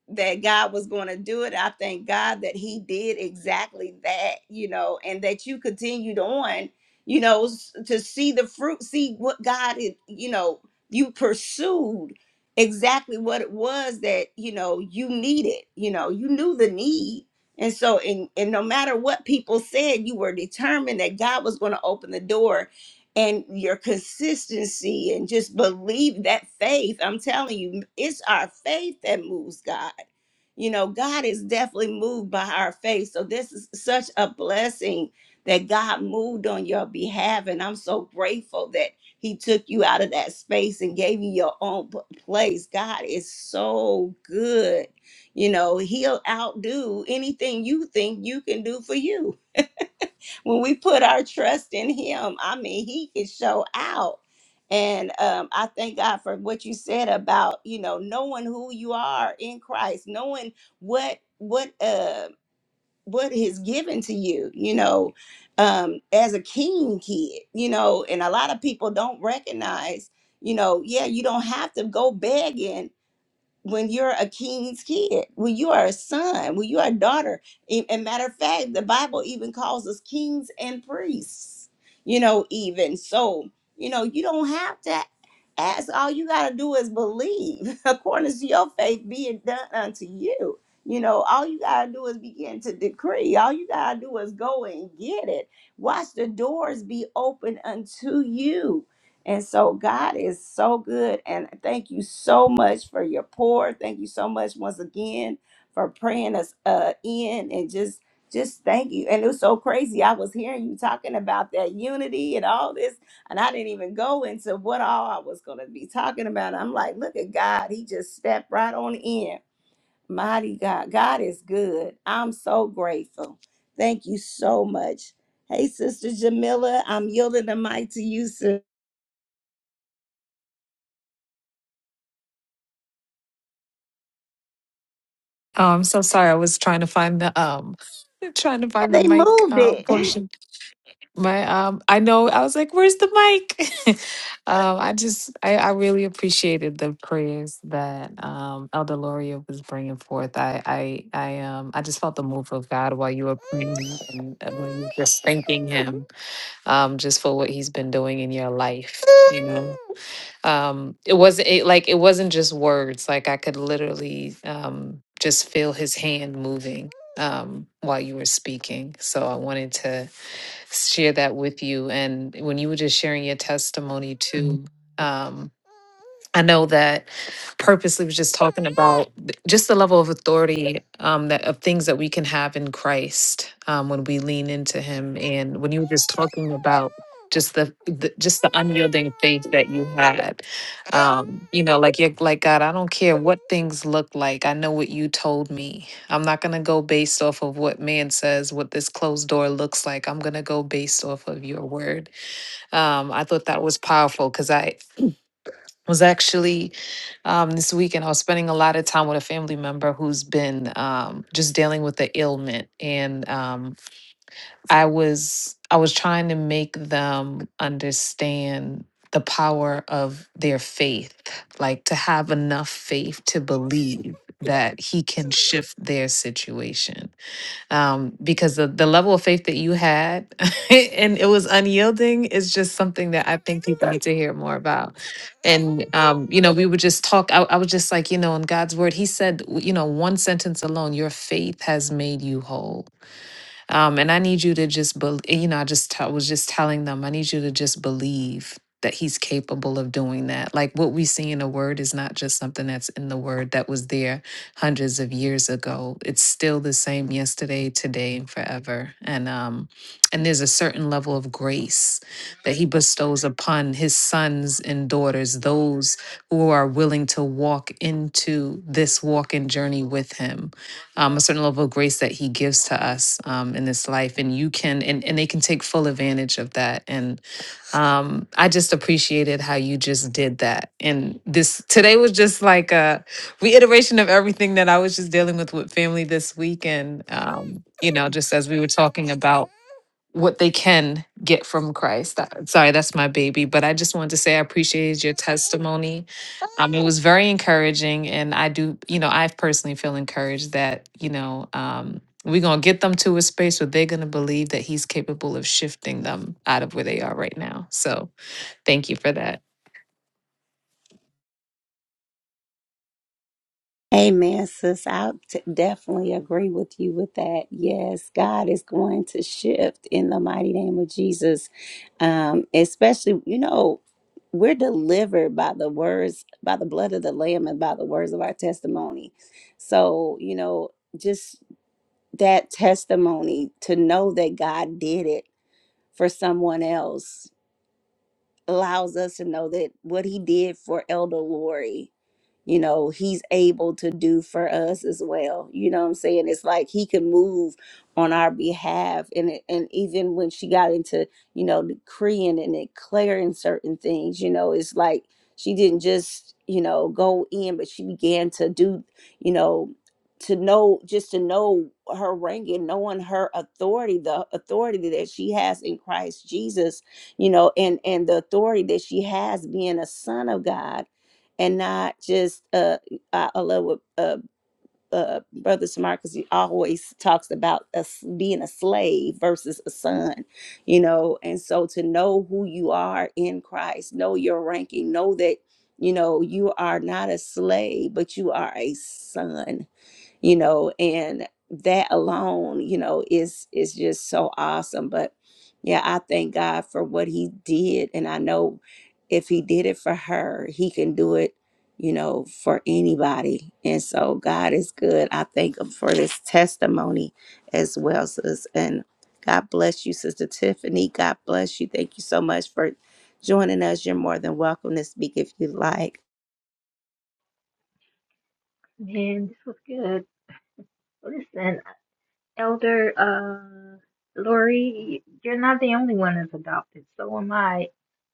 Speaker 1: that God was going to do it. I thank God that He did exactly that, you know, and that you continued on, you know, s- to see the fruit, see what God, is, you know, you pursued exactly what it was that, you know, you needed, you know, you knew the need. And so, and, and no matter what people said, you were determined that God was going to open the door and your consistency and just believe that faith. I'm telling you, it's our faith that moves God. You know, God is definitely moved by our faith. So this is such a blessing that God moved on your behalf. And I'm so grateful that He took you out of that space and gave you your own p- place. God is so good. You know, He'll outdo anything you think you can do for you when we put our trust in him i mean he can show out and um, i thank god for what you said about you know knowing who you are in christ knowing what what uh what is given to you you know um as a king kid you know and a lot of people don't recognize you know yeah you don't have to go begging when you're a king's kid, when you are a son, when you are a daughter. A a matter of fact, the Bible even calls us kings and priests, you know, even. So, you know, you don't have to ask. All you got to do is believe according to your faith being done unto you. You know, all you got to do is begin to decree. All you got to do is go and get it. Watch the doors be open unto you and so God is so good. And thank you so much for your pour. Thank you so much once again for praying us uh, in and just just thank you. And it was so crazy. I was hearing you talking about that unity and all this, and I didn't even go into what all I was gonna be talking about. I'm like, look at God. He just stepped right on in. Mighty God. God is good. I'm so grateful. Thank you so much. Hey, Sister Jamila, I'm yielding the mic to you, sis.
Speaker 3: Oh, I'm so sorry. I was trying to find the um, trying to find the
Speaker 1: They
Speaker 3: mic
Speaker 1: moved
Speaker 3: um,
Speaker 1: it.
Speaker 3: portion. My um, I know. I was like, "Where's the mic?" um, I just, I, I really appreciated the prayers that um, Elder Loria was bringing forth. I, I, I um, I just felt the move of God while you were praying and uh, when you were just thanking Him, um, just for what He's been doing in your life. You know. um it wasn't it, like it wasn't just words like i could literally um just feel his hand moving um while you were speaking so i wanted to share that with you and when you were just sharing your testimony too um I know that purposely was just talking about th- just the level of authority um, that of things that we can have in Christ um, when we lean into Him, and when you were just talking about just the, the just the unyielding faith that you had, um, you know, like you're like God, I don't care what things look like. I know what you told me. I'm not gonna go based off of what man says, what this closed door looks like. I'm gonna go based off of your word um, I thought that was powerful because I was actually um, this weekend. I was spending a lot of time with a family member who's been um, just dealing with the ailment, and um, I was I was trying to make them understand the power of their faith, like to have enough faith to believe that he can shift their situation um, because the, the level of faith that you had and it was unyielding is just something that I think people need to hear more about. And, um, you know, we would just talk. I, I was just like, you know, in God's word, He said, w- you know, one sentence alone, your faith has made you whole um, and I need you to just believe, you know, I just t- was just telling them, I need you to just believe that he's capable of doing that. Like what we see in the word is not just something that's in the word that was there hundreds of years ago. It's still the same yesterday, today, and forever. And um, and there's a certain level of grace that he bestows upon his sons and daughters, those who are willing to walk into this walking journey with him um, a certain level of grace that he gives to us um, in this life and you can and, and they can take full advantage of that and um, i just appreciated how you just did that and this today was just like a reiteration of everything that i was just dealing with with family this week and um, you know just as we were talking about what they can get from Christ. That- sorry, that's my baby, but I just wanted to say I appreciated your testimony. Um, it was very encouraging, and I do, you know, I personally feel encouraged that you know um, we're gonna get them to a space where they're gonna believe that He's capable of shifting them out of where they are right now. So, thank you for that.
Speaker 1: Amen, sis. I t- definitely agree with you with that. Yes, God is going to shift in the mighty name of Jesus. Um, especially, you know, we're delivered by the words, by the blood of the Lamb, and by the words of our testimony. So, you know, just that testimony to know that God did it for someone else allows us to know that what He did for Elder Lori you know, he's able to do for us as well. You know what I'm saying? It's like he can move on our behalf. And it, and even when she got into, you know, decreeing and declaring certain things, you know, it's like she didn't just, you know, go in, but she began to do, you know, to know just to know her rank and knowing her authority, the authority that she has in Christ Jesus, you know, and and the authority that she has being a son of God and not just uh I, I love what uh uh brother Samar because he always talks about us being a slave versus a son, you know, and so to know who you are in Christ, know your ranking, know that you know you are not a slave, but you are a son you know and that alone you know is is just so awesome but yeah i thank god for what he did and i know if he did it for her he can do it you know for anybody and so god is good i thank him for this testimony as well sis and god bless you sister tiffany god bless you thank you so much for joining us you're more than welcome to speak if you like
Speaker 4: Man, this was good. Listen, Elder uh Lori, you're not the only one that's adopted. So am I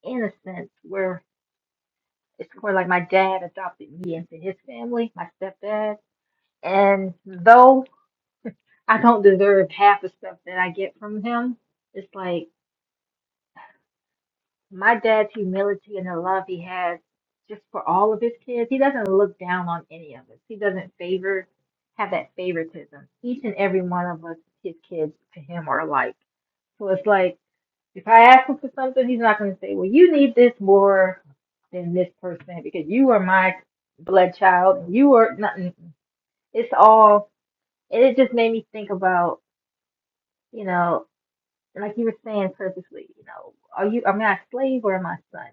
Speaker 4: in a sense where it's more like my dad adopted me into his family, my stepdad. And though I don't deserve half the stuff that I get from him. It's like my dad's humility and the love he has just for all of his kids. He doesn't look down on any of us. He doesn't favor have that favoritism. Each and every one of us, his kids to him are alike. So it's like if I ask him for something, he's not going to say, "Well, you need this more than this person because you are my blood child and you are nothing." It's all, and it just made me think about you know And like you were saying purposely, you know, are you am I a slave or am I a son?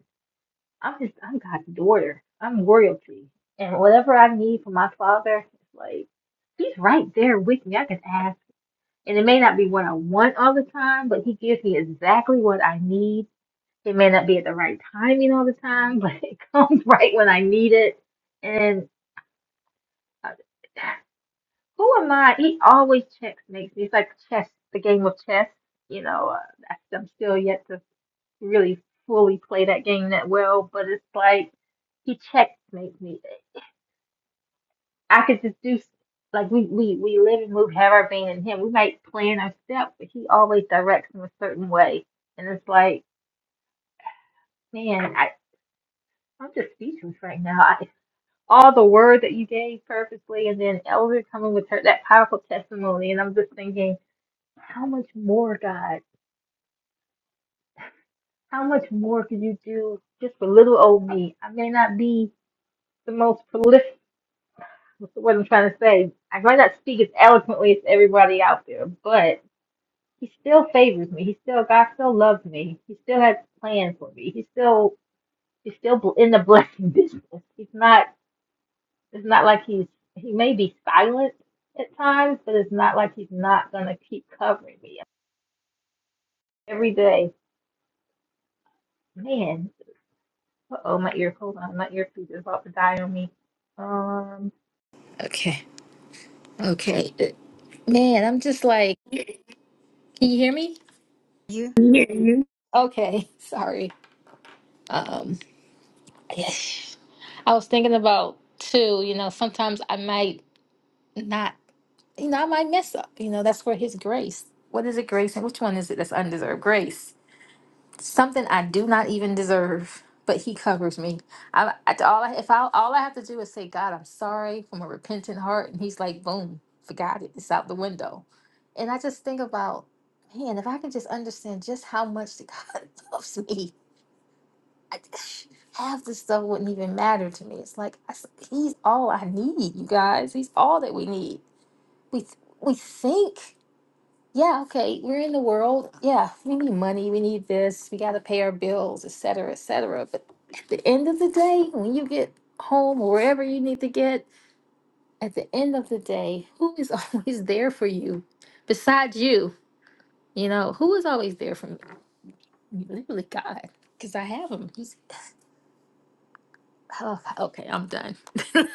Speaker 4: I'm just I'm God's daughter. I'm royalty. And whatever I need from my father, it's like he's right there with me. I can ask. And it may not be what I want all the time, but he gives me exactly what I need. It may not be at the right timing all the time, but it comes right when I need it. And uh, who am I? He always checks makes me. It's like chess, the game of chess. You know, uh, that's- I'm still yet to really fully play that game that well, but it's like he checkmates me. I could just do like we we we live and move, have our being in him. We might plan our step, but he always directs in a certain way, and it's like, man, I I'm just speechless right now. I, all the word that you gave purposely, and then Elder coming with her that powerful testimony, and I'm just thinking, how much more, God? How much more could you do just for little old me? I may not be the most prolific. what I'm trying to say. I might not speak as eloquently as everybody out there, but he still favors me. He still God still loves me. He still has plans for me. He's still he's still bl- in the blessing business. He's not. It's not like he's he may be silent at times, but it's not like he's not gonna keep covering me every day. Man, oh my ear. Hold on, my earpiece is about to die on me. Um, Okay. Okay. Man, I'm just like, can you hear me?
Speaker 1: you
Speaker 4: Okay. Sorry. Um, I was thinking about too, you know, sometimes I might not, you know, I might mess up. You know, that's where his grace. What is it, grace? And which one is it that's undeserved? Grace. Something I do not even deserve, but he covers me. I, I all I, if I all I have to do is say, God, I'm sorry from a repentant heart, and he's like, boom, forgot it. It's out the window. And I just think about, man, if I can just understand just how much God loves me I, half the stuff wouldn't even matter to me. It's like I s he's all I need, you guys. He's all that we need. We th- we think, yeah, okay, we're in the world. Yeah, we need money. We need this. We got to pay our bills, et cetera, et cetera. But at the end of the day, when you get home or wherever you need to get, at the end of the day, who is always there for you besides you? You know, who is always there for me? Literally God, because I have him. He's Oh, okay, I'm done. I'm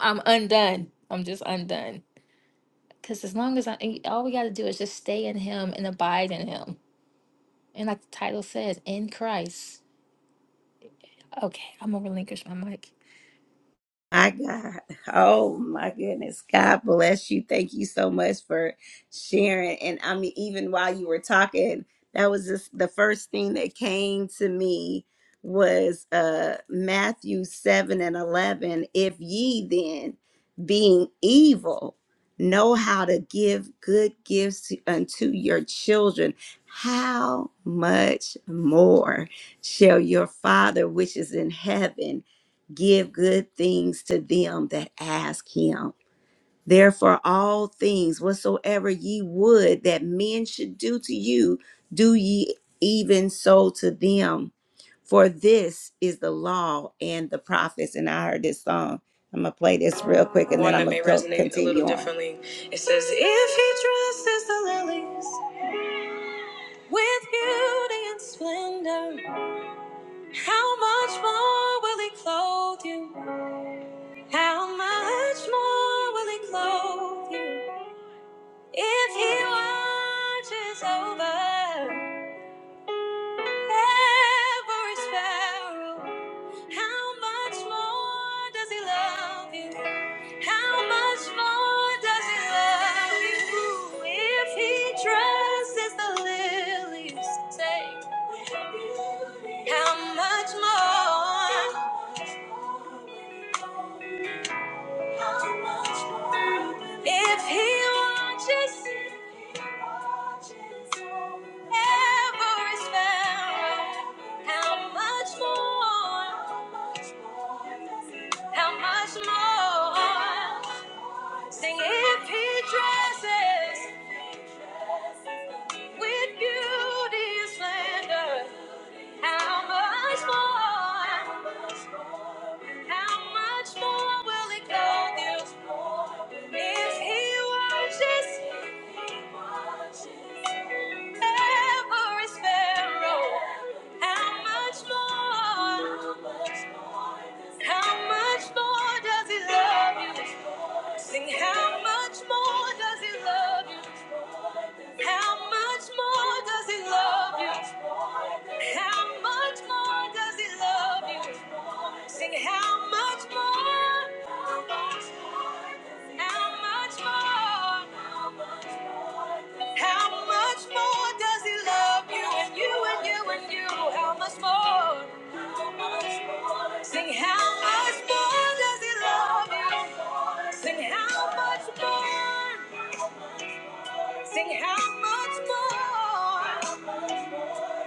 Speaker 4: I'm undone. I'm just undone. Cause as long as I, and all we got to do is just stay in Him and abide in Him, and like the title says, in Christ. Okay, I'm gonna relinquish my mic.
Speaker 1: My God. Oh my goodness. God bless you. Thank you so much for sharing. And I mean, even while you were talking, that was just the first thing that came to me was uh Matthew 7 and 11. If ye then, being evil, know how to give good gifts to- unto your children, how much more shall your Father which is in heaven? give good things to them that ask him. Therefore, all things whatsoever ye would that men should do to you, do ye even so to them. For this is the law and the prophets. And I heard this song. I'm gonna play this real quick, and One then One I'm gonna may a little continue on. differently. It says, If he dresses the lilies with beauty and splendor, how much more will he clothe you? How much more will he clothe you if he watches over every sparrow? How much more does he love you? How much more does he love you if he dresses the lilies? Say, how much more? How much more if he watches if he watches every sparrow? How much more? How much more? Sing if he dresses with beauty and splendor. How much more? How much more will it go? If he watches every sparrow, how much more? How much more does he love you? Sing, how much more does he love you? How much more does he love you? How much more does he love you? Sing how much more? How much more? How much more does he love you and you and you and you? How much more? Sing how much more does he love you? Sing how much more? Sing how much more?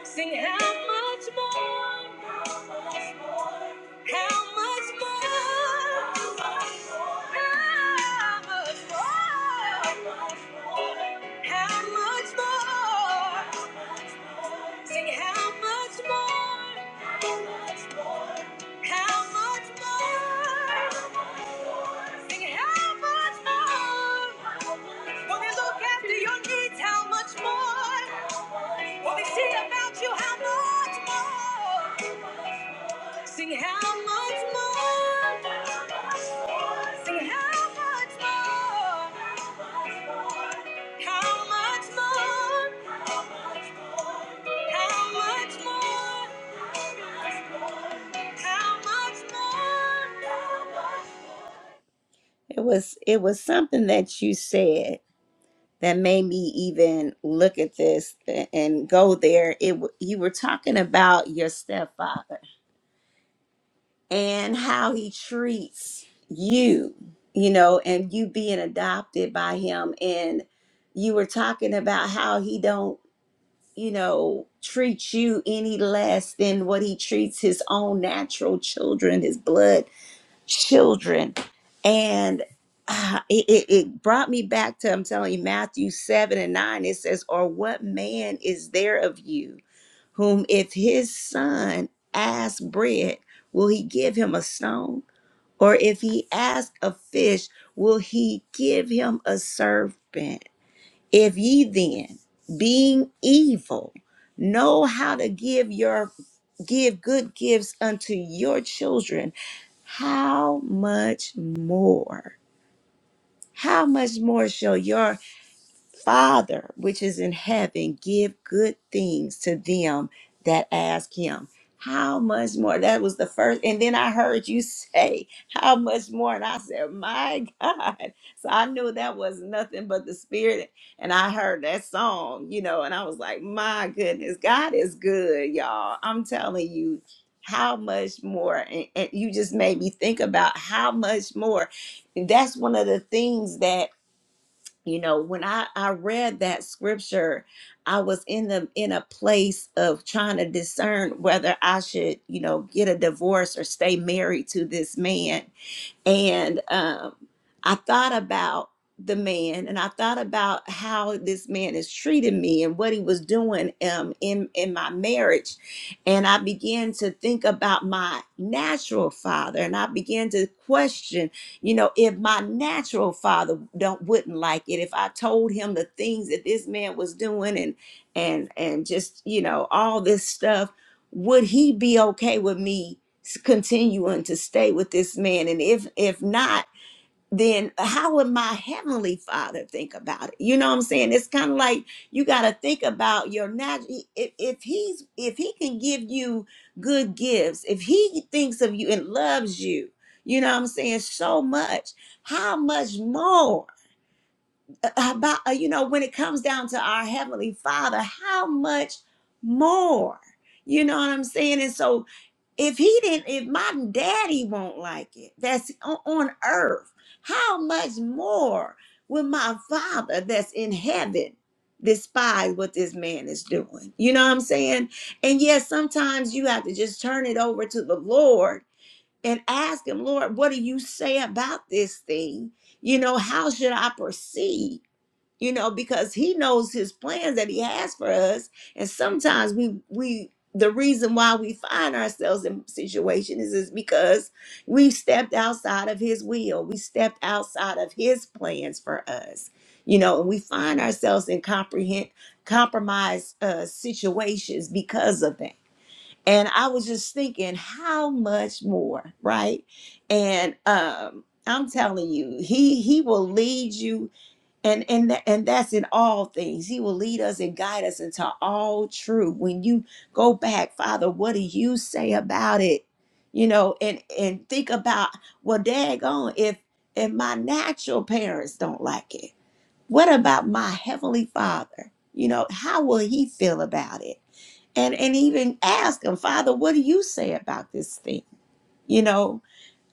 Speaker 1: Sing how much more, how much more, how much more, how much more. how much more. Sing how much more, how much more. Sing how much more. When they look after your needs, how much more? When they see about you, how much more? Sing how much more? Sing how much more? How much more? How much more? How much more? It was it was something that you said that made me even look at this a- and go there. It w- you were talking about your stepfather and how he treats you, you know, and you being adopted by him and you were talking about how he don't, you know, treat you any less than what he treats his own natural children, his blood children. And uh, it, it, it brought me back to, I'm telling you, Matthew 7 and 9, it says, Or what man is there of you whom if his son asks bread, will he give him a stone? Or if he ask a fish, will he give him a serpent? If ye then, being evil, know how to give your give good gifts unto your children, how much more? How much more shall your Father, which is in heaven, give good things to them that ask him. How much more? That was the first. And then I heard you say, How much more? And I said, My God. So I knew that was nothing but the Spirit. And I heard that song, you know, and I was like, My goodness, God is good, y'all. I'm telling you, how much more? And, and you just made me think about how much more. And that's one of the things that you know when i i read that scripture i was in the in a place of trying to discern whether i should you know get a divorce or stay married to this man and um, I thought about the man and I thought about how this man is treating me and what he was doing um, in, in my marriage. And I began to think about my natural father and I began to question, you know, if my natural father don't wouldn't like it, if I told him the things that this man was doing and and and just, you know, all this stuff, would he be okay with me s- continuing to stay with this man and if if not then how would my heavenly father think about it you know what i'm saying it's kind of like you got to think about your natural if, if he's if he can give you good gifts if he thinks of you and loves you you know what i'm saying so much how much more Uh, about uh, you know when it comes down to our heavenly father how much more you know what i'm saying and so if he didn't if my daddy won't like it that's on, on earth how much more will my father that's in heaven despise what this man is doing you know what i'm saying and yes sometimes you have to just turn it over to the lord and ask him lord what do you say about this thing you know how should i proceed you know because he knows his plans that he has for us and sometimes we we the reason why we find ourselves in situations is, is because we stepped outside of his will we stepped outside of his plans for us you know and we find ourselves in comprehend compromised uh, situations because of that and i was just thinking how much more right and um i'm telling you he he will lead you and and tha- and that's in all things he will lead us and guide us into all truth when you go back father what do you say about it you know and and think about well daggone if if my natural parents don't like it what about my heavenly father you know how will he feel about it and and even ask him father what do you say about this thing you know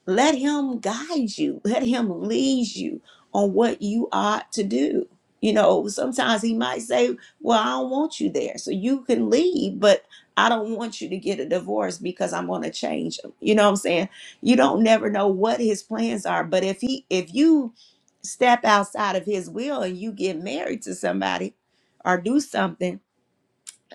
Speaker 1: let him guide you. Let him lead you on what you ought to do. You know, sometimes he might say, Well, I don't want you there. So you can leave, but I don't want you to get a divorce because I'm going to change him. You know what I'm saying? You don't never know what his plans are. But if he if you step outside of his will and you get married to somebody or do something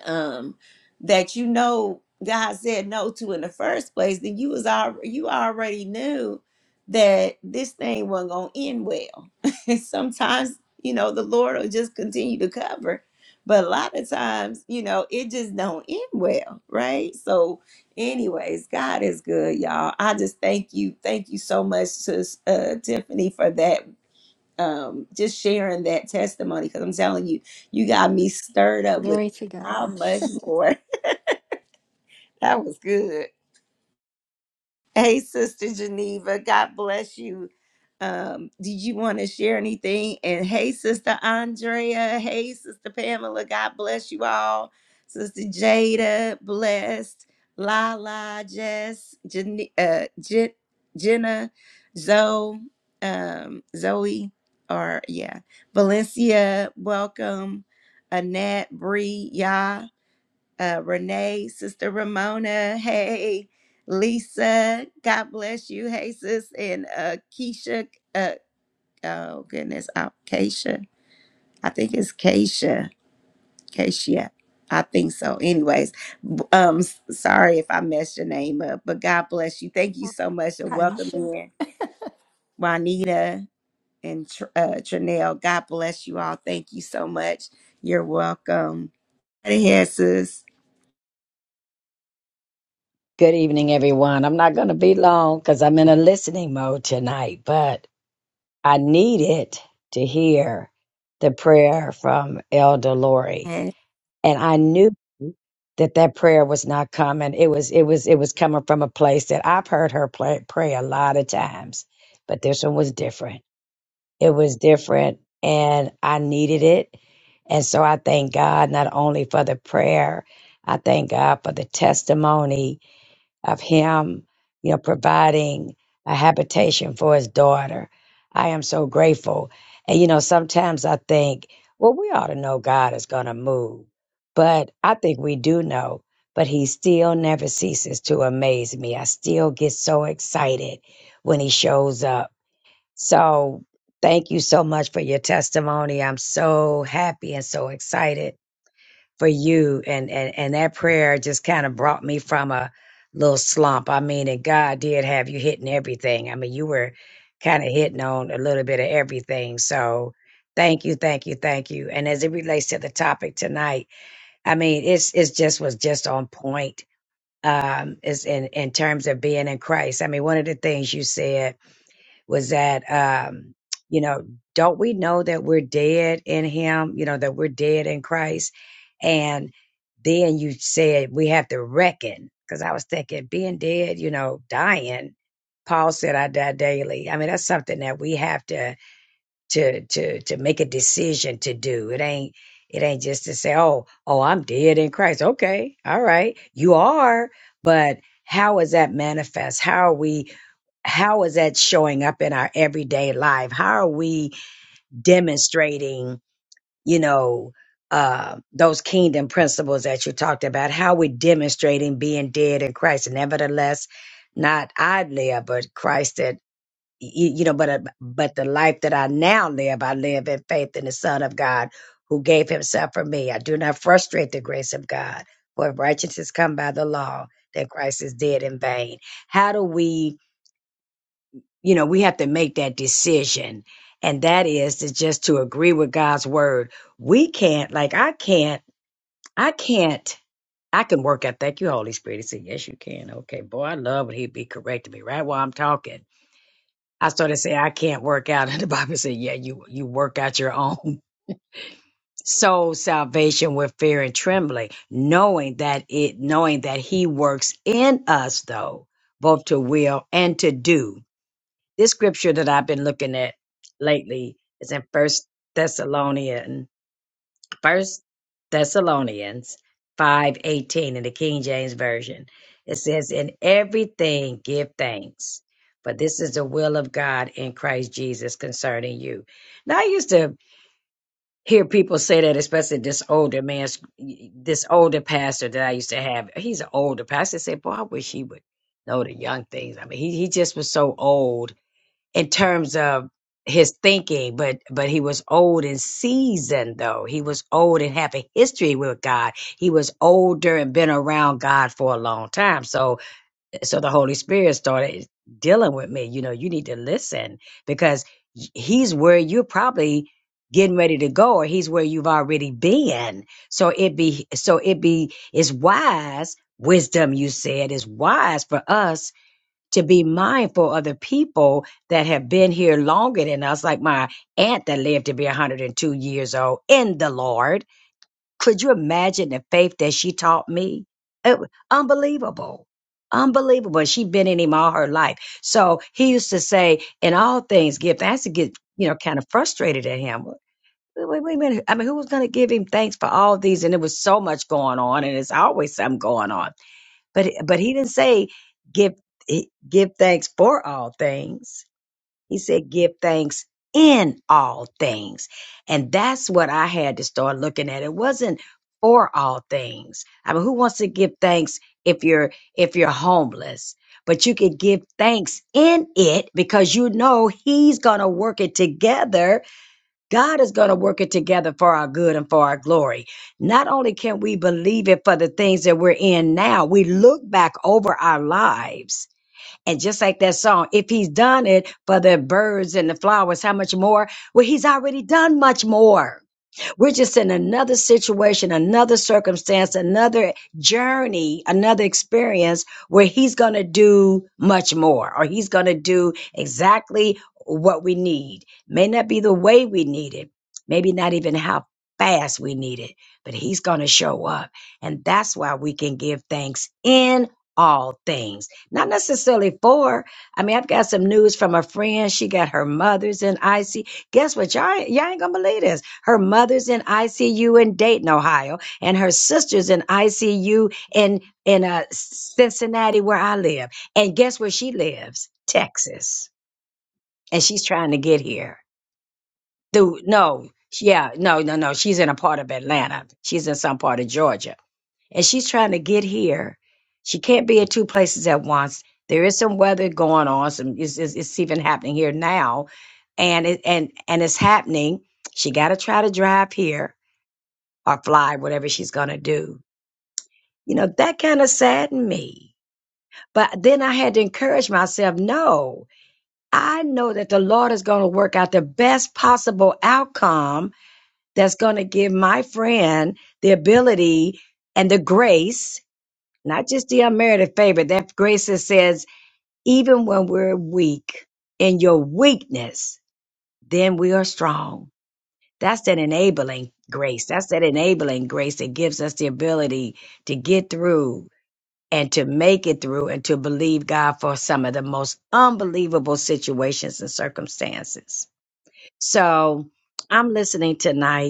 Speaker 1: um, that you know God said no to in the first place, then you was al- you already knew that this thing wasn't gonna end well. And Sometimes you know the Lord will just continue to cover, but a lot of times you know it just don't end well, right? So, anyways, God is good, y'all. I just thank you, thank you so much to uh, Tiffany for that um, just sharing that testimony because I'm telling you, you got me stirred up with
Speaker 4: Glory to
Speaker 1: how
Speaker 4: God.
Speaker 1: much more. That was good. Hey, Sister Geneva, God bless you. Um, did you want to share anything? And hey, Sister Andrea, hey, Sister Pamela, God bless you all. Sister Jada, blessed. Lala, Jess, Jen, uh, Jen, Jenna, Zoe, um, Zoe, or yeah, Valencia, welcome. Annette, Bree, Yah uh, Renee, Sister Ramona, hey, Lisa, God bless you, hey, sis, and uh, Keisha, uh, oh goodness, uh, Keisha, I think it's Keisha, Keisha, I think so. Anyways, b- um, s- sorry if I messed your name up, but God bless you. Thank you so much and welcome
Speaker 4: Kaisha,
Speaker 1: in, Juanita and Tr- uh, Trinell. God bless you all. Thank you so much. You're welcome. Right ahead, sis.
Speaker 5: Good evening, everyone. I'm not going to be long because I'm in a listening mode tonight, but I needed to hear the prayer from Elder Lori, and I knew that that prayer was not coming. It was it was it was coming from a place that I've heard her play, pray a lot of times, but this one was different. It was different and I needed it. And so I thank God not only for the prayer, I thank God for the testimony of Him, you know, providing a habitation for His daughter. I am so grateful. And, you know, sometimes I think, well, we ought to know God is going to move. But I think we do know, but He still never ceases to amaze me. I still get so excited when He shows up so thank you so much for your testimony. I'm so happy and so excited for you. And and, and that prayer just kind of brought me from a little slump. I mean, and God did have you hitting everything. I mean, you were kind of hitting on a little bit of everything. So thank you, thank you, thank you. And as it relates to the topic tonight, I mean, it's it's just was just on point. Um, is in in terms of being in Christ. I mean, one of the things you said was that um you know don't we know that we're dead in him you know that we're dead in christ and then you said we have to reckon because i was thinking being dead you know dying paul said i die daily i mean that's something that we have to to to to make a decision to do. It ain't it ain't just to say, "Oh, oh, I'm dead in Christ." Okay. All right. You are, but how is that manifest? How are we how is that showing up in our everyday life? How are we demonstrating, you know, uh, those kingdom principles that you talked about? How are we demonstrating being dead in Christ? Nevertheless, not I live, but Christ you, you know, but uh, but the life that I now live, I live in faith in the Son of God who gave Himself for me. I do not frustrate the grace of God, for if righteousness come by the law, then Christ is dead in vain. How do we, you know, we have to make that decision, and that is to just to agree with God's word. We can't, like I can't, I can't. I can work out. Thank you, Holy Spirit. He said, Yes, you can. Okay, boy, I love when he be correcting me right while I'm talking I started saying, I can't work out. And the Bible said, Yeah, you, you work out your own soul salvation with fear and trembling, knowing that it knowing that he works in us though, both to will and to do. This scripture that I've been looking at lately is in First Thessalonians First Thessalonians five eighteen in the King James Version. It says, In everything give thanks, for this is the will of God in Christ Jesus concerning you. Now I used to hear people say that, especially this older man, this older pastor that I used to have. He's an older pastor. I said, Boy, I wish he would know the young things. I mean, he, he just was so old in terms of his thinking, but but he was old and seasoned though. He was old and have a history with God. He was older and been around God for a long time. So so the Holy Spirit started dealing with me. You know, you need to listen because he's where you're probably getting ready to go or he's where you've already been. So it be so it be is wise wisdom you said is wise for us to be mindful of the people that have been here longer than us, like my aunt that lived to be 102 years old in the Lord. Could you imagine the faith that she taught me? It, wa- unbelievable. Unbelievable. She'd been in him all her life. So he used to say, in all things, give thanks I used to get, you know, kind of frustrated at him. Wait, wait, wait a minute. I mean, who was going to give him thanks for all these? And there was so much going on, and there's always something going on. But but he didn't say give give thanks for all things. He said give thanks in all things. And that's what I had to start looking at. It wasn't for all things. I mean, who wants to give thanks if you're if you're homeless? But you could give thanks in it because you know he's going to work it together God is going to work it together for our good and for our glory. Not only can we believe it for the things that we're in now, we look back over our lives. And just like that song, if he's done it for the birds and the flowers, how much more? Well, he's already done much more. We're just in another situation, another circumstance, another journey, another experience where he's going to do much more or he's going to do exactly what we need. May not be the way we need it, maybe not even how fast we need it, but he's going to show up. And that's why we can give thanks in all things, not necessarily for. I mean, I've got some news from a friend. She got her mother's in IC. Guess what? Y'all, ain't- y'all ain't going to believe this her mother's in ICU in Dayton, Ohio, and her sister's in ICU in in uh, Cincinnati, where I live. And guess where she lives? Texas. And she's trying to get here. Dude, no, yeah, no, no, no. She's in a part of Atlanta. She's in some part of Georgia, and she's trying to get here. She can't be at two places at once. There is some weather going on. Some it's, it's, it's even happening here now, and it and and it's happening. She got to try to drive here or fly, whatever she's going to do. You know, that kind of saddened me. But then I had to encourage myself no, I know that the Lord is going to work out the best possible outcome that's going to give my friend the ability and the grace, not just the unmerited favor, that grace that says, even when we're weak, in your weakness, then we are strong. That's that enabling grace. That's that enabling grace that gives us the ability to get through and to make it through and to believe God for some of the most unbelievable situations and circumstances. So I'm listening tonight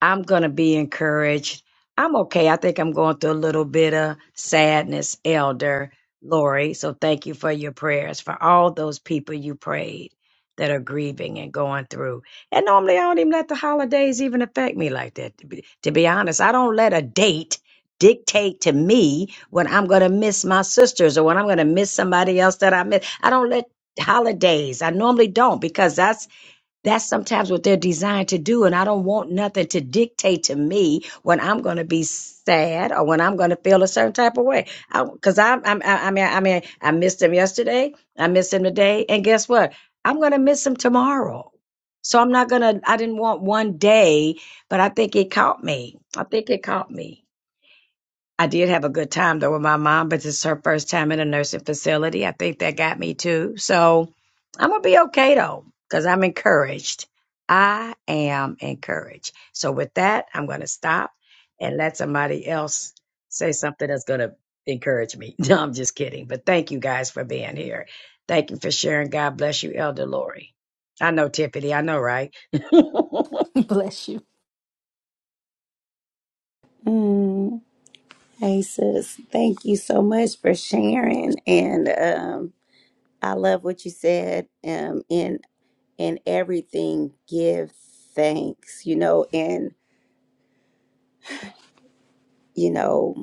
Speaker 5: I'm going to be encouraged. I'm okay. I think I'm going through a little bit of sadness, Elder Lori. So thank you for your prayers for all those people you prayed that are grieving and going through. And normally I don't even let the holidays even affect me like that. To be, to be honest, I don't let a date dictate to me when I'm going to miss my sisters or when I'm going to miss somebody else that I miss. I don't let holidays. I normally don't because that's that's sometimes what they're designed to do. And I don't want nothing to dictate to me when I'm going to be sad or when I'm going to feel a certain type of way. Because I, 'cause I'm, I'm, I I mean, I mean, I missed him yesterday. I missed him today. And guess what? I'm going to miss him tomorrow. So I'm not going to, I didn't want one day, but I think it caught me. I think it caught me. I did have a good time though with my mom, but this is her first time in a nursing facility. I think that got me too. So I'm gonna be okay though, because I'm encouraged. I am encouraged. So with that, I'm gonna stop and let somebody else say something that's gonna encourage me. No, I'm just kidding. But thank you guys for being here. Thank you for sharing. God bless you, Elder Lori. I know Tiffany, I know, right? Birthday.
Speaker 4: Bless you.
Speaker 1: Hey sis, thank you so much for sharing. And um, I love what you said. Um, in in everything, give thanks. You know, and you know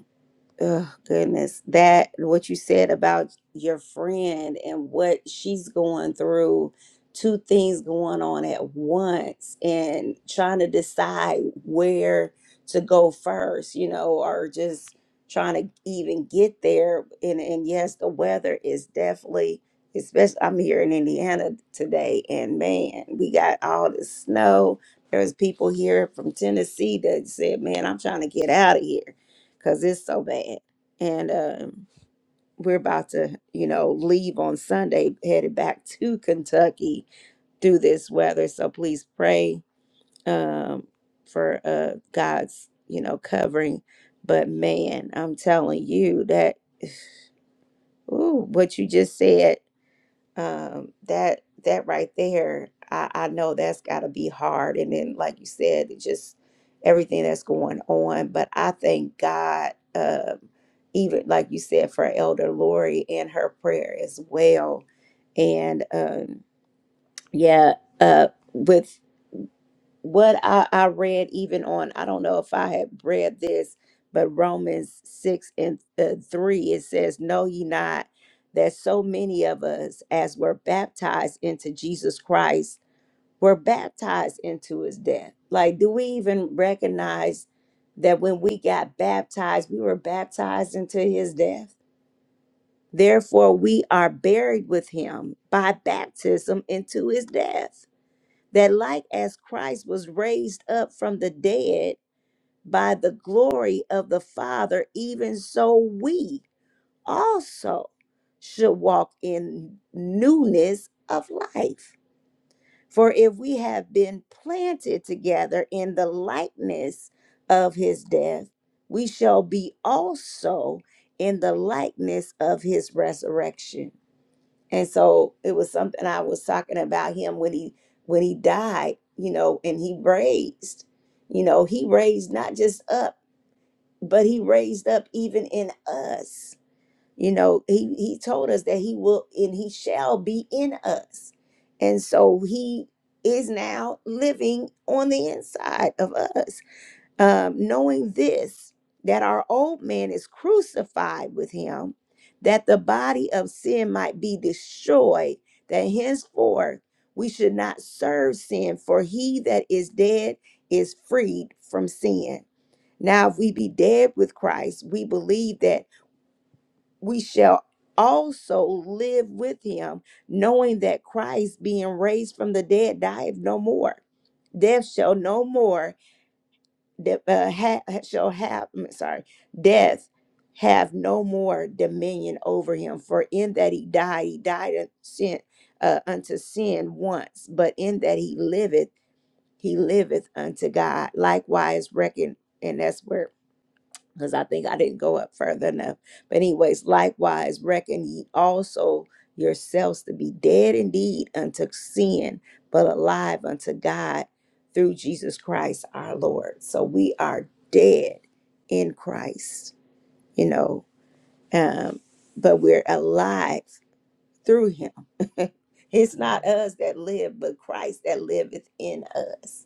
Speaker 1: oh goodness that what you said about your friend and what she's going through two things going on at once and trying to decide where to go first you know or just trying to even get there and and yes the weather is definitely especially I'm here in Indiana today and man we got all the snow there's people here from Tennessee that said man I'm trying to get out of here because it's so bad. And um, we're about to, you know, leave on Sunday, headed back to Kentucky through this weather. So please pray um, for uh, God's, you know, covering. But man, I'm telling you that ooh, what you just said um that that right there i i know that's got to be hard and then like you said it just everything that's going on but i thank god um even like you said for elder lori and her prayer as well and um yeah uh with what I, I read even on i don't know if i had read this but romans 6 and uh, 3 it says know ye not that so many of us as were baptized into jesus christ were baptized into his death like do we even recognize that when we got baptized we were baptized into his death therefore we are buried with him by baptism into his death that like as Christ was raised up from the dead by the glory of the Father, even so we also should walk in newness of life. For if we have been planted together in the likeness of his death, we shall be also in the likeness of his resurrection and so it was something I was talking about him when he when he died, you know, and he raised, you know, he raised not just up, but he raised up even in us. You know, he he told us that he will and he shall be in us. And so he is now living on the inside of us um, knowing this, that our old man is crucified with him, that the body of sin might be destroyed, that henceforth we should not serve sin, for he that is dead is freed from sin. Now, if we be dead with Christ, we believe that we shall also live with him, knowing that Christ, being raised from the dead, dieth no more. Death shall no more de- uh, ha- shall have I'm sorry death have no more dominion over him for in that he died he died un- sin, uh, unto sin once but in that he liveth he liveth unto god likewise reckon and that's where because I think I didn't go up further enough. But, anyways, likewise, reckon ye also yourselves to be dead indeed unto sin, but alive unto God through Jesus Christ our Lord. So we are dead in Christ, you know, um, but we're alive through him. it's not us that live, but Christ that liveth in us.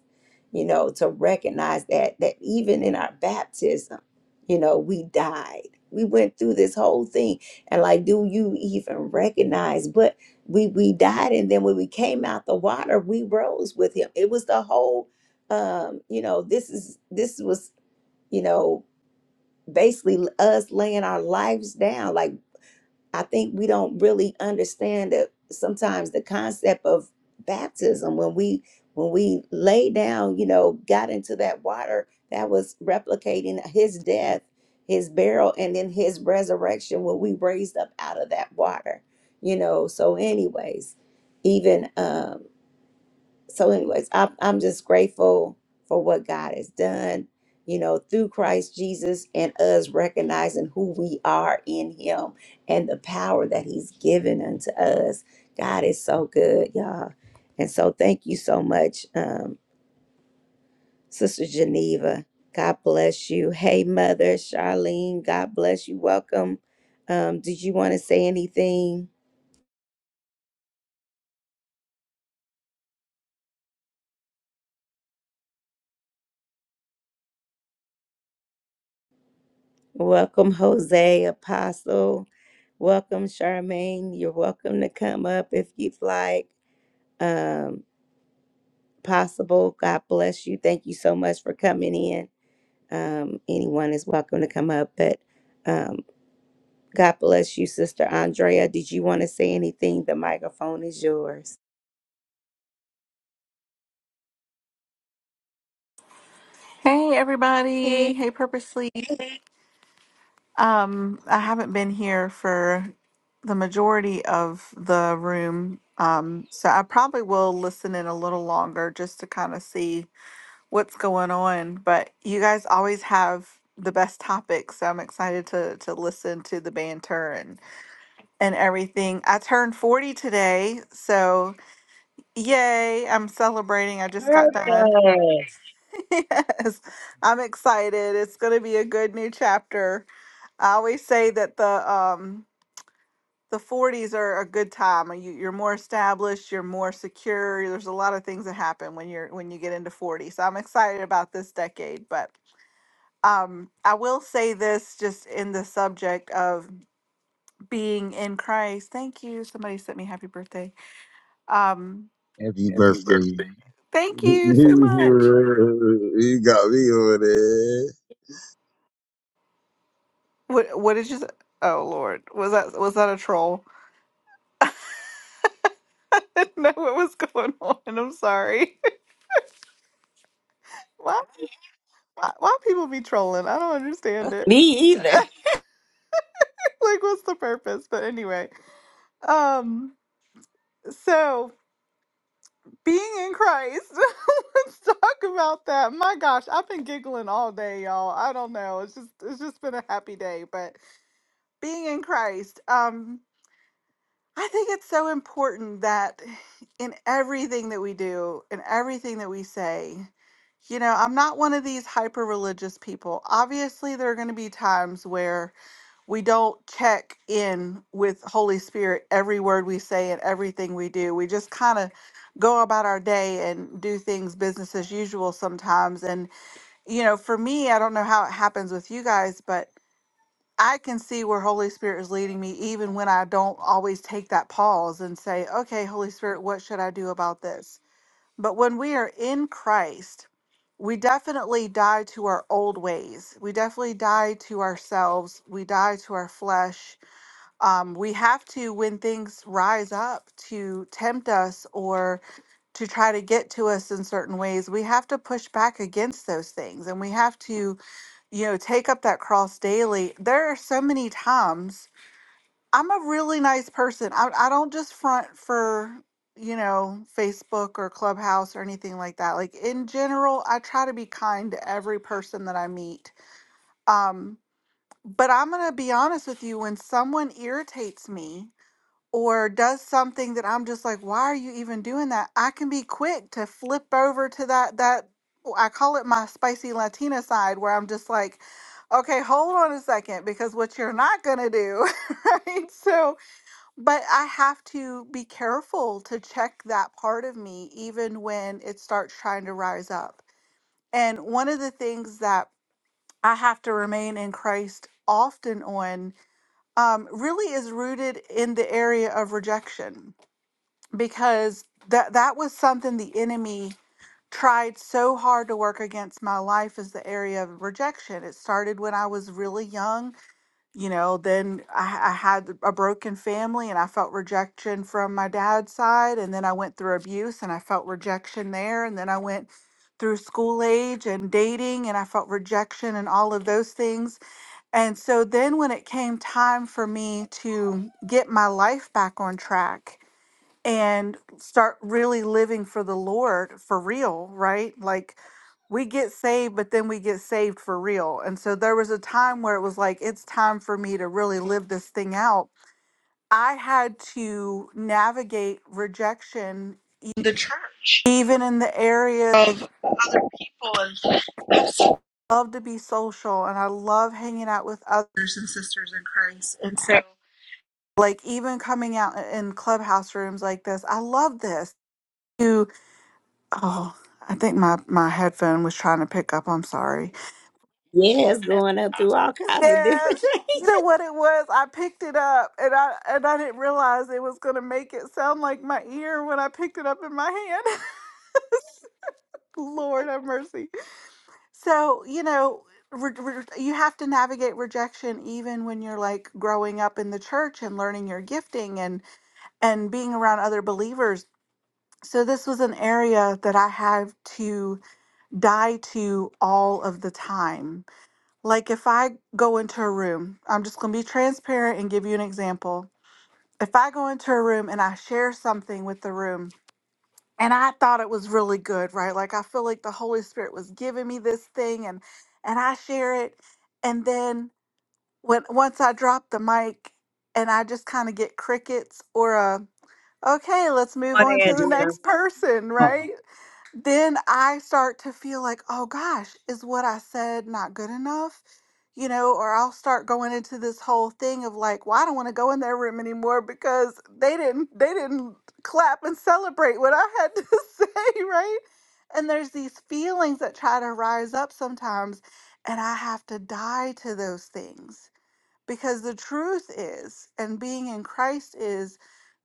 Speaker 1: You know, to recognize that that even in our baptism, you know, we died. We went through this whole thing. And like, do you even recognize? But we we died and then when we came out the water, we rose with him. It was the whole um, you know, this is this was, you know, basically us laying our lives down. Like I think we don't really understand that sometimes the concept of baptism when we when we lay down, you know, got into that water that was replicating his death, his burial, and then his resurrection when we raised up out of that water, you know. So, anyways, even um so anyways I, i'm just grateful for what god has done you know through christ jesus and us recognizing who we are in him and the power that he's given unto us god is so good y'all and so thank you so much um, sister geneva god bless you hey mother charlene god bless you welcome um, did you want to say anything Welcome, Jose, Apostle. Welcome, Charmaine. You're welcome to come up if you'd like. Um, possible. God bless you. Thank you so much for coming in. Um, anyone is welcome to come up, but um, God bless you, Sister Andrea. Did you want to say anything? The microphone is yours.
Speaker 6: Hey everybody. Hey Purposely. Um I haven't been here for the majority of the room. Um so I probably will listen in a little longer just to kind of see what's going on, but you guys always have the best topics. So I'm excited to to listen to the banter and and everything. I turned 40 today, so yay, I'm celebrating. I just
Speaker 5: Come
Speaker 6: got Congrats. done. yes. I'm excited. It's going to be a good new chapter I always say that the um the 40s are a good time. uh, You, you're more established, you're more secure. There's a lot of things that happen when you're when you get into 40. So I'm excited about this decade, but um I will say this just in the subject of being in Christ. Thank you. Somebody sent me happy birthday. Um
Speaker 7: Happy
Speaker 6: Happy
Speaker 7: birthday.
Speaker 6: birthday. thank you so much.
Speaker 7: You got me on there.
Speaker 6: What what did you say? Oh Lord. Was that was that a troll? I didn't know what was going on. I'm sorry. What? Why, why people be trolling? I don't understand it.
Speaker 1: Me either.
Speaker 6: like, what's the purpose? But anyway, um, so being in Christ, let's talk about that. My gosh, I've been giggling all day, y'all. I don't know. It's just, it's just been a happy day. But being in Christ, um, I think it's so important that in everything that we do, in everything that we say, you know, I'm not one of these hyper religious people. Obviously, there are going to be times where we don't check in with holy spirit every word we say and everything we do we just kind of go about our day and do things business as usual sometimes and you know for me i don't know how it happens with you guys but i can see where holy spirit is leading me even when i don't always take that pause and say okay holy spirit what should i do about this but when we are in christ we definitely die to our old ways. We definitely die to ourselves. We die to our flesh um, we have to when things rise up to tempt us or to try to get to us in certain ways we have to push back against those things and we have to you know take up that cross daily there are so many times i'm a really nice person i, I don't just front for you know facebook or clubhouse or anything like that like in general i try to be kind to every person that i meet um but i'm gonna be honest with you when someone irritates me or does something that I'm just like, why are you even doing that? I can be quick to flip over to that that well, I call it my spicy Latina side where I'm just like, okay, hold on a second because what you're not going to do, right? So, but I have to be careful to check that part of me even when it starts trying to rise up. And one of the things that I have to remain in Christ often on um, really is rooted in the area of rejection because that that was something the enemy tried so hard to work against my life is the area of rejection it started when i was really young you know then I, I had a broken family and i felt rejection from my dad's side and then i went through abuse and i felt rejection there and then i went through school age and dating and i felt rejection and all of those things and so then when it came time for me to get my life back on track and start really living for the Lord for real, right? Like we get saved, but then we get saved for real. And so there was a time where it was like, it's time for me to really live this thing out. I had to navigate rejection, even in the area of I love to be social and I love hanging out with others and sisters in Christ. And so, like, even coming out in clubhouse rooms like this, I love this Oh, I think my my headphone was trying to pick up. I'm sorry.
Speaker 1: Yes, going up through all kinds of
Speaker 6: Yeah,
Speaker 1: different
Speaker 6: you
Speaker 1: things.
Speaker 6: know what it was? I picked it up and I and I didn't realize it was gonna make it sound like my ear when I picked it up in my hand. Lord have mercy. So you know, re- re- you have to navigate rejection even when you're like growing up in the church and learning your gifting and and being around other believers. So this was an area that I had to die to all of the time Like if I go into a room, I'm just going to be transparent and give you an example. If I go into a room and I share something with the room and I thought it was really good, right? Like I feel like the Holy Spirit was giving me this thing and and I share it and then when once I drop the mic and I just kind of get crickets or a okay, let's move
Speaker 5: on,
Speaker 6: on to the
Speaker 5: Andrea.
Speaker 6: next person,
Speaker 5: Come on.
Speaker 6: right? then I start to feel like, oh gosh, is what I said not good enough? You know, or I'll start going into this whole thing of like, well, I don't want to go in their room anymore because they didn't they didn't clap and celebrate what I had to say, right? And there's these feelings that try to rise up sometimes, and I have to die to those things because the truth is, and being in Christ is,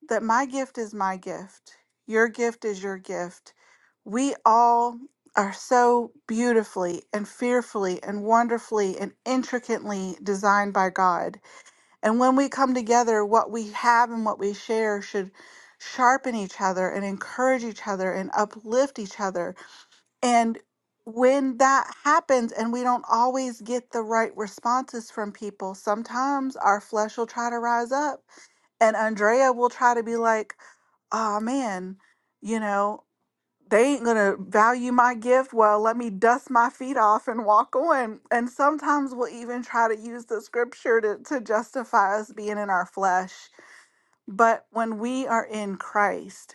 Speaker 6: that my gift is my gift. Your gift is your gift. We all are so beautifully and fearfully and wonderfully and intricately designed by God. And when we come together, what we have and what we share should sharpen each other and encourage each other and uplift each other and when that happens, and we don't always get the right responses from people, sometimes our flesh will try to rise up, and Andrea will try to be like, oh man, you know, they ain't gonna value my gift. Well, let me dust my feet off and walk on. And sometimes we'll even try to use the scripture to, to justify us being in our flesh. But when we are in Christ,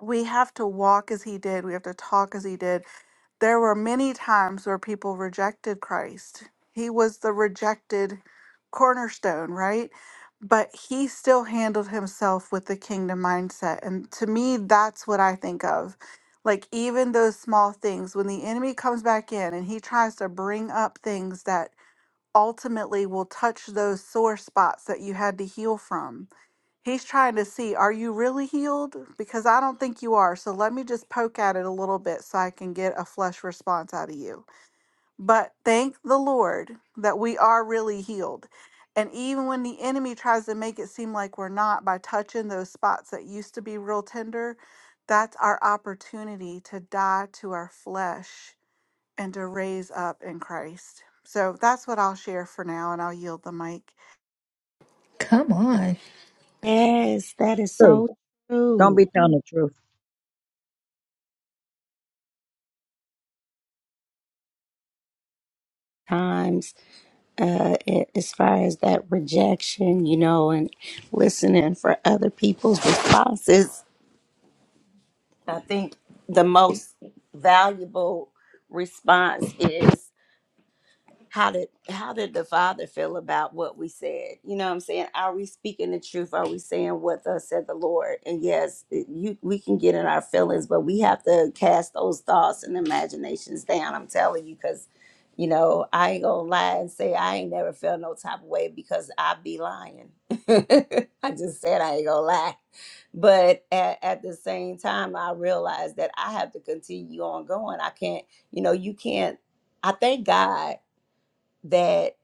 Speaker 6: we have to walk as he did. We have to talk as he did. There were many times where people rejected Christ. He was the rejected cornerstone, right? But he still handled himself with the kingdom mindset. And to me, that's what I think of. Like, even those small things, when the enemy comes back in and he tries to bring up things that ultimately will touch those sore spots that you had to heal from He's trying to see, are you really healed? Because I don't think you are. So let me just poke at it a little bit so I can get a flesh response out of you. But thank the Lord that we are really healed. And even when the enemy tries to make it seem like we're not by touching those spots that used to be real tender, that's our opportunity to die to our flesh and to raise up in Christ. So that's what I'll share for now, and I'll yield the mic.
Speaker 4: Come on,
Speaker 1: Yes, that is
Speaker 5: True.
Speaker 1: so
Speaker 5: Don't
Speaker 1: true.
Speaker 5: be telling the truth.
Speaker 1: uh, a- as far as that rejection, you know, and listening for other people's responses, I think the most valuable response is how did how did the father feel about what we said you know what i'm saying are we speaking the truth are we saying what thus said the lord and yes it- you we can get in our feelings but we have to cast those thoughts and imaginations down i'm telling you because you know i ain't gonna lie and say i ain't never felt no type of way because i be lying i just said i ain't gonna lie but at, at the same time i realized that i have to continue on going i can't you know you can't i thank god that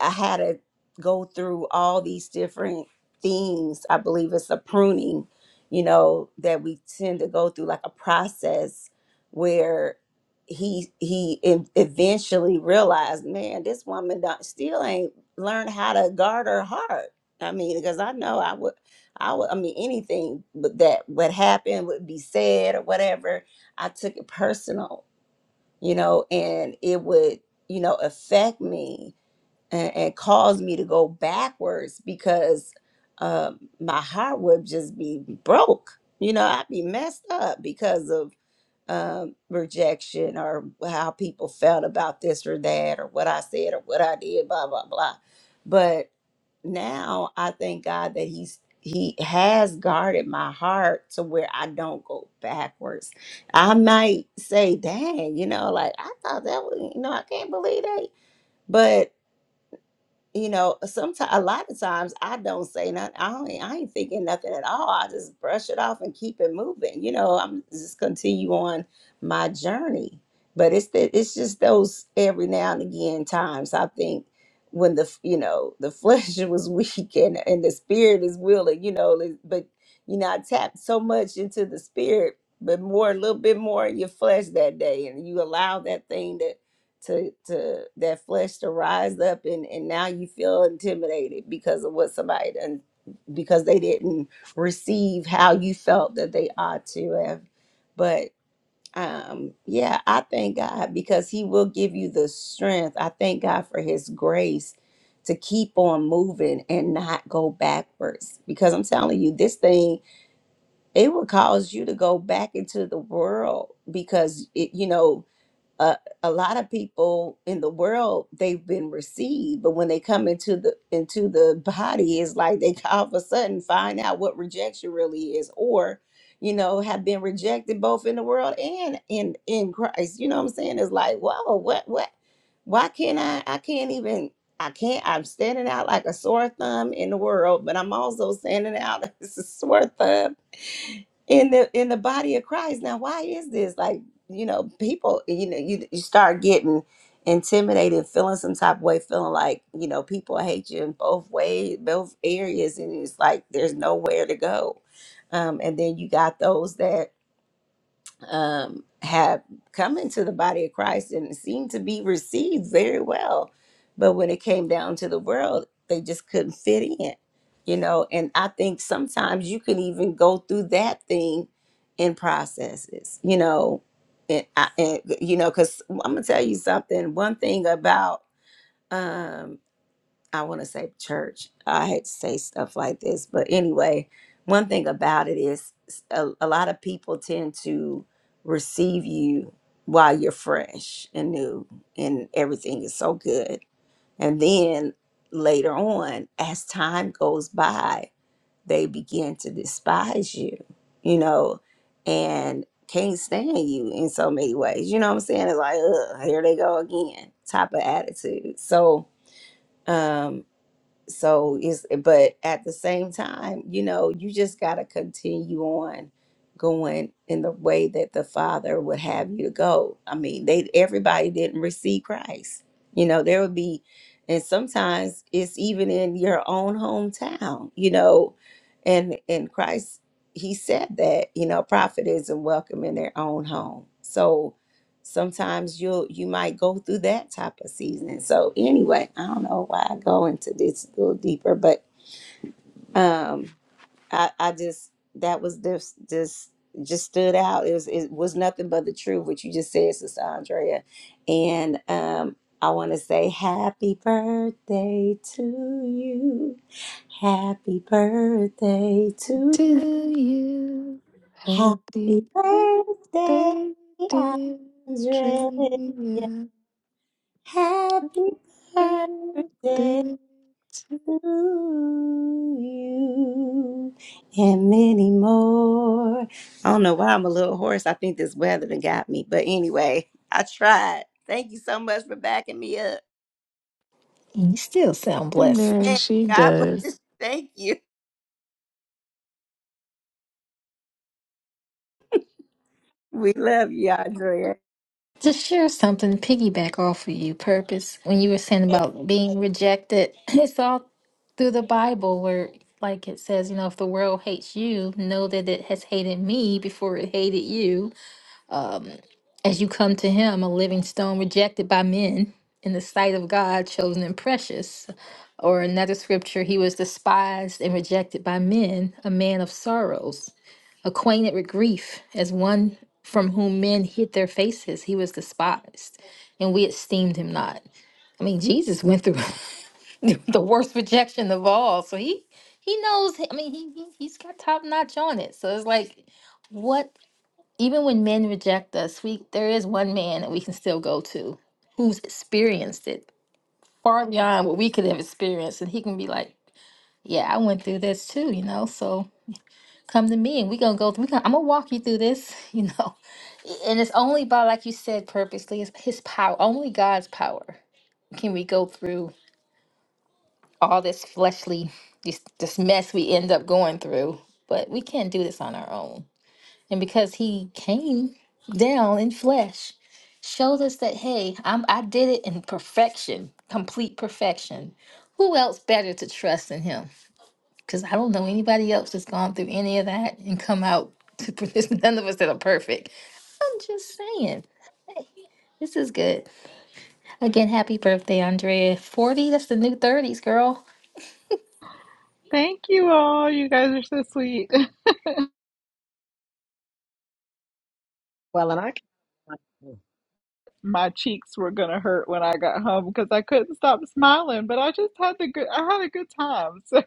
Speaker 1: I had to go through all these different things. I believe it's a pruning, you know, that we tend to go through like a process where he he ev- eventually realized, man, this woman don't, still ain't learned how to guard her heart. I mean, because I know I would, I would, I mean, anything but that would happen would be said or whatever. I took it personal, you know, and it would, you know, affect me and, and caused me to go backwards because um my heart would just be broke. You know, I'd be messed up because of um, rejection or how people felt about this or that or what I said or what I did, blah blah blah. But now I thank God that He's He has guarded my heart to where I don't go backwards. I might say, "Dang," you know, like I thought that was, you know, I can't believe that, but you know, sometimes a lot of times I don't say nothing. I don't, e, I ain't thinking nothing at all. I just brush it off and keep it moving. You know, I'm just continue on my journey. But it's the, it's just those every now and again times I think when the you know the flesh was weak and and the spirit is willing. You know, li- but you know I tapped so much into the spirit, but more a little bit more in your flesh that day, and you allow that thing to to that flesh to rise up and and now you feel intimidated because of what somebody done because they didn't receive how you felt that they ought to have but um yeah i thank god because he will give you the strength i thank god for his grace to keep on moving and not go backwards because i'm telling you this thing it will cause you to go back into the world because it you know uh, a lot of people in the world they've been received but when they come into the into the body it's like they all of a sudden find out what rejection really is or you know have been rejected both in the world and in in christ you know what i'm saying it's like whoa what what why can't i i can't even i can't i'm standing out like a sore thumb in the world but i'm also standing out as a sore thumb in the in the body of christ now why is this like you know, people, you know, you, you start getting intimidated, feeling some type of way, feeling like, you know, people hate you in both ways, both areas. And it's like, there's nowhere to go. Um, and then you got those that um, have come into the body of Christ and seemed to be received very well. But when it came down to the world, they just couldn't fit in, you know. And I think sometimes you can even go through that thing in processes, you know. And, I, and you know, because I'm gonna tell you something. One thing about um, I want to say church. I hate to say stuff like this, but anyway, one thing about it is a a lot of people tend to receive you while you're fresh and new and everything is so good. And then later on, as time goes by, they begin to despise you, you know, and can't stand you in so many ways. You know what I'm saying? It's like, ugh, here they go again type of attitude. So, um so it's but at the same time you know you just got to continue on going in the way that the father would have you to go i mean they everybody didn't receive christ you know there would be and sometimes it's even in your own hometown you know and and christ he said that you know a prophet isn't welcome in their own home so sometimes you'll you might go through that type of season so anyway i don't know why i go into this a little deeper but um i i just that was this this just stood out it was it was nothing but the truth what you just said sister andrea and um i want to say happy birthday to you happy birthday to
Speaker 3: To you,
Speaker 1: happy
Speaker 3: happy
Speaker 1: birthday
Speaker 3: birthday, dear
Speaker 1: andrea
Speaker 3: Drea.
Speaker 1: Happy
Speaker 3: Happy
Speaker 1: birthday
Speaker 3: Birthday
Speaker 1: to you and many more. I don't know why I'm a little hoarse. I think this weather done got me. But anyway, I tried. Thank you so much for backing me up.
Speaker 4: you still sound blessed.
Speaker 3: Amen.
Speaker 1: Man,
Speaker 3: She
Speaker 1: God bless you.
Speaker 3: does.
Speaker 1: Thank you. We love you, Andrea.
Speaker 4: To share something, piggyback off of you, purpose when you were saying about being rejected. It's all through the Bible where like it says, you know, if the world hates you, know that it has hated me before it hated you. Um, as you come to him, a living stone rejected by men in the sight of God, chosen and precious. Or another scripture, he was despised and rejected by men, a man of sorrows, acquainted with grief, as one from whom men hid their faces, he was despised, and we esteemed him not. I mean, Jesus went through the worst rejection of all. So he he knows. I mean, he, he he's got top notch on it. So it's like, what? Even when men reject us, we there is one man that we can still go to who's experienced it far beyond what we could have experienced, and he can be like, yeah, I went through this too, you know. So come to me, and we gonna go. through. We gonna, I'm gonna walk you through this, you know. And it's only by, like you said, purposely, it's his power. Only God's power can we go through all this fleshly this this mess we end up going through but we can't do this on our own and because he came down in flesh showed us that hey I'm, i did it in perfection complete perfection who else better to trust than him because i don't know anybody else that's gone through any of that and come out there's none of us that are perfect i'm just saying this is good again happy birthday andrea 40 that's the new 30s girl
Speaker 6: Thank you all. You guys are so sweet.
Speaker 5: Well, and I kinda I
Speaker 6: my cheeks were gonna hurt when I got home because I couldn't stop smiling. But I just had the good. I had a good time. So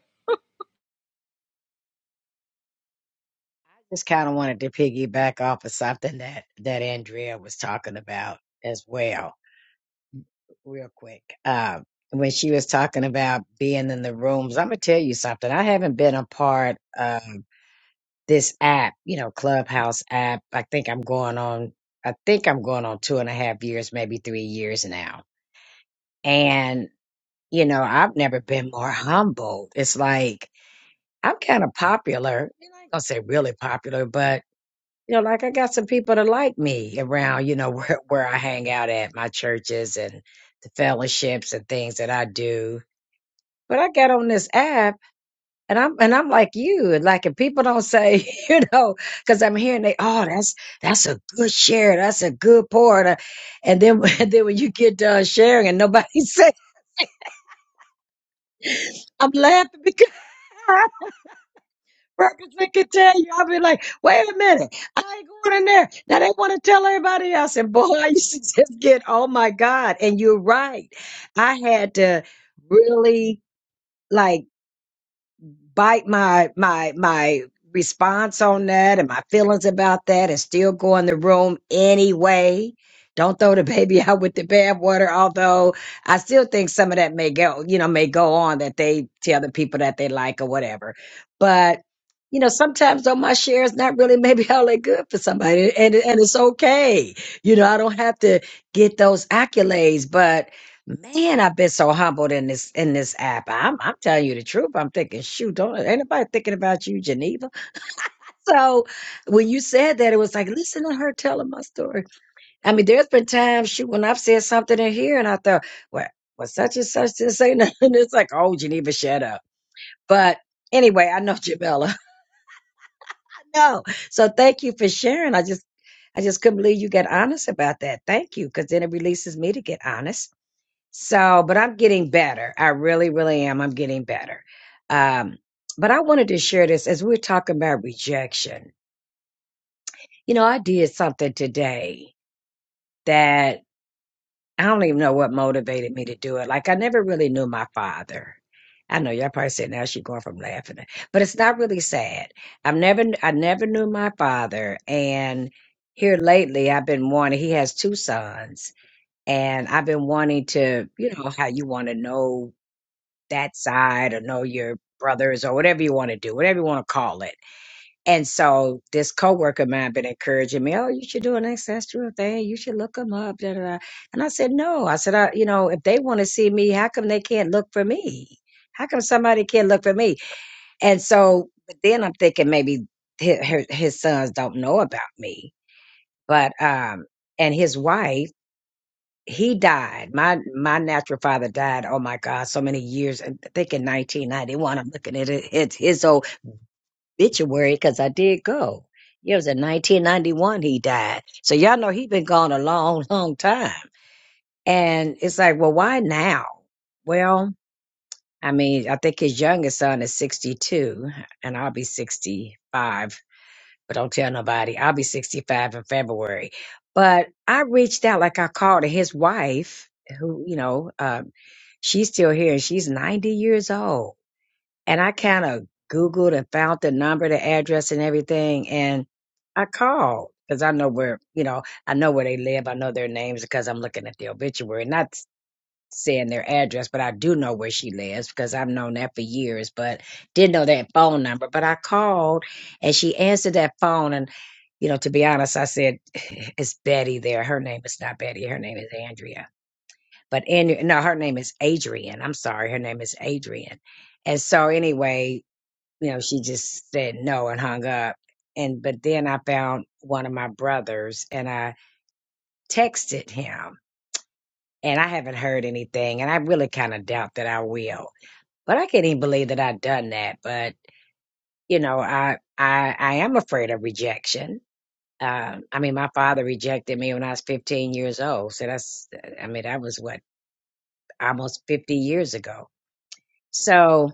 Speaker 5: just kind of wanted to piggyback off of something that that Andrea was talking about as well, real quick. Um, when she was talking about being in the rooms, I'm gonna tell you something. I haven't been a part of this app, you know, Clubhouse app. I think I'm going on. I think I'm going on two and a half years, maybe three years now. and. you know, I've never been more humble. It's like I'm kind of popular. You know, I ain't gonna say really popular, but you know, like I got some people that like me around. You know, where where I hang out at my churches and the fellowships and things that I do. But I got on this app and I'm and I'm like you. And like if people don't say, you know, because I'm hearing they, oh, that's that's a good share, that's a good pour. And then and then when you get done sharing and nobody say, I'm laughing because. workers we can tell you. I'll be like, wait a minute, I ain't going in there. Now they want to tell everybody else. And boy, I used to just get, oh my God. And you're right. I had to really like bite my my my response on that and my feelings about that and still go in the room anyway. Don't throw the baby out with the bathwater, although I still think some of that may go, you know, may go on that they tell the people that they like or whatever. But you know, sometimes though my share is not really maybe all that good for somebody, and and it's okay. You know, I don't have to get those accolades, but Man, I've been so humbled in this in this app. I'm I'm telling you the truth. I'm thinking, shoot, don't ain't nobody thinking about you, Geneva. So when you said that, it was like, listen to her telling my story. I mean, there's been times, shoot, when I've said something in here and I thought, well, well, such and such didn't say nothing. It's like, oh, Geneva, shut up. But anyway, I know Jamela. No. So thank you for sharing. I just I just couldn't believe you got honest about that. Thank you, because then it releases me to get honest So, but I'm getting better. I really, really am. I'm getting better. Um, but I wanted to share this as we're talking about rejection. You know, I did something today that I don't even know what motivated me to do it. Like I never really knew my father. I know y'all probably saying now she's going from laughing, but it's not really sad. I've never, I never knew my father, and here lately I've been wanting. He has two sons, and I've been wanting to, you know, how you want to know that side or know your brothers or whatever you want to do, whatever you want to call it. And so this coworker of mine been encouraging me, oh, you should do an ancestral thing. You should look them up. Da, da, da. And I said, no. I said, I, you know, if they want to see me, how come they can't look for me? How come somebody can't look for me? And so, but then I'm thinking maybe his, his sons don't know about me. But um, and his wife he died. My my natural father died. Oh my God, so many years. I think in 1991. I'm looking at it, it's his obituary because I did go. Yeah, It was in 1991 he died. So y'all know he been gone a long, long time. And it's like, well, why now? Well, I mean, I think his youngest son is 62, and I'll be 65 but don't tell nobody. I'll be 65 in February. But I reached out, like I called his wife, who, you know, um, she's still here and she's 90 years old. And I kind of Googled and found the number, the address and everything. And I called because I know where, you know, I know where they live. I know their names because I'm looking at the obituary. Not saying their address, but I do know where she lives because I've known that for years, but didn't know that phone number. But I called and she answered that phone. And, you know, to be honest, I said, it's Betty there. Her name is not Betty. Her name is Andrea. But Andrea, no, her name is Adrian. I'm sorry. Her name is Adrian. And so anyway, you know, she just said no and hung up. And, but then I found one of my brothers and I texted him and I haven't heard anything. And I really kind of doubt that I will but I can't even believe that I've done that. But you know, I I I am afraid of rejection. Uh, I mean, my father rejected me when I was 15 years old. So that's, I mean, that was what almost 50 years ago. So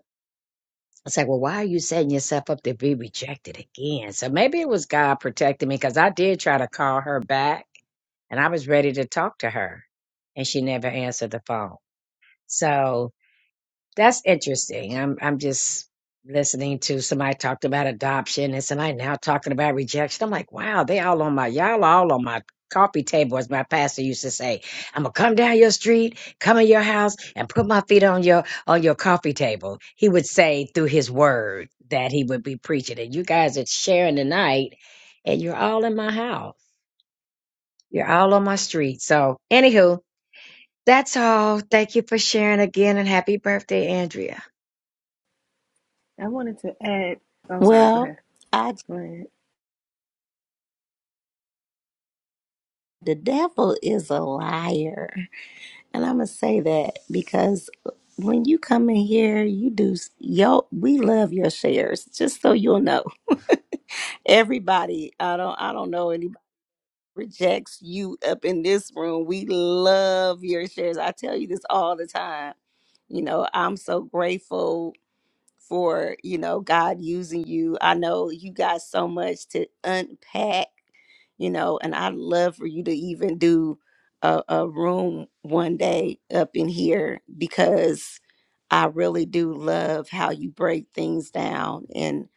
Speaker 5: it's like, well, why are you setting yourself up to be rejected again? So maybe it was God protecting me because I did try to call her back and I was ready to talk to her and she never answered the phone. So That's interesting. I'm I'm just listening to somebody talked about adoption and somebody now talking about rejection. I'm like, wow, they all on my y'all all on my coffee table, as my pastor used to say. I'm gonna come down your street, come in your house, and put my feet on your on your coffee table. He would say through his word that he would be preaching. And you guys are sharing tonight, and you're all in my house. You're all on my street. So anywho, that's all. Thank you for sharing again and happy birthday, Andrea.
Speaker 8: I wanted to add. Oh, sorry. Go
Speaker 1: Well,
Speaker 8: ahead.
Speaker 1: I
Speaker 8: Go ahead.
Speaker 1: the devil is a liar. And I'm gonna say that because when you come in here, you do s- yo. We love your shares, just so you'll know. Everybody, I don't, I don't know anybody rejects you up in this room. We love your shares. I tell you this all the time. You know, I'm so grateful for you know God using you. I know you got so much to unpack, you know, and I'd love for you to even do a, a room one day up in here because I really do love how you break things down, and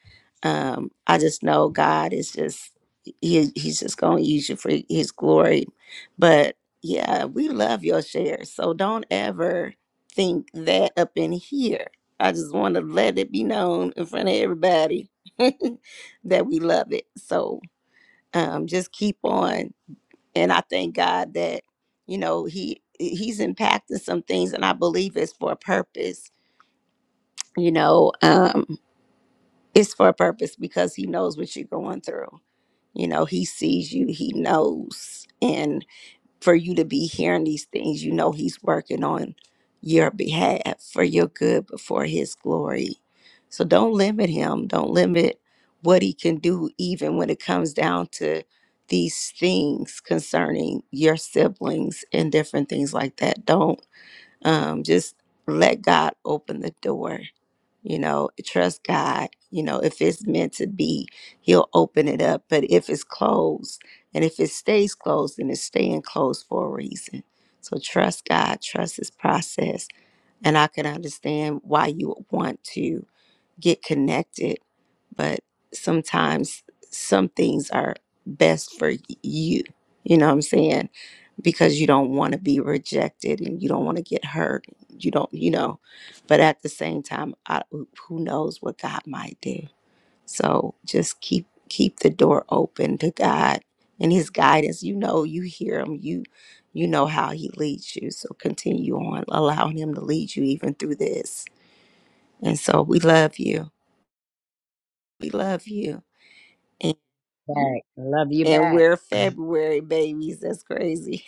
Speaker 1: um, I just know God is just he, he's just going to use you for His glory. But yeah, we love your shares, so don't ever think that up in here. I just want to let it be known in front of everybody that we love it. So um, just keep on, and I thank God that you know he he's impacting some things, and I believe it's for a purpose you know um it's for a purpose because he knows what you're going through you know he sees you he knows and for you to be hearing these things you know he's working on your behalf for your good but for his glory so don't limit him don't limit what he can do even when it comes down to these things concerning your siblings and different things like that don't um just let god open the door you know trust god you know if it's meant to be he'll open it up but if it's closed and if it stays closed then it's staying closed for a reason so trust god trust his process and i can understand why you would want to get connected, but sometimes some things are best for you. You know what I'm saying? Because you don't want to be rejected and you don't want to get hurt. You don't, you know. But at the same time, I, who knows what God might do? So just keep keep the door open to God and His guidance. You know, you hear Him. You you know how He leads you. So continue on allowing Him to lead you even through this. And so we love you. We love you. And,
Speaker 5: Back. Love you
Speaker 1: and
Speaker 5: back.
Speaker 1: we're February babies. That's crazy.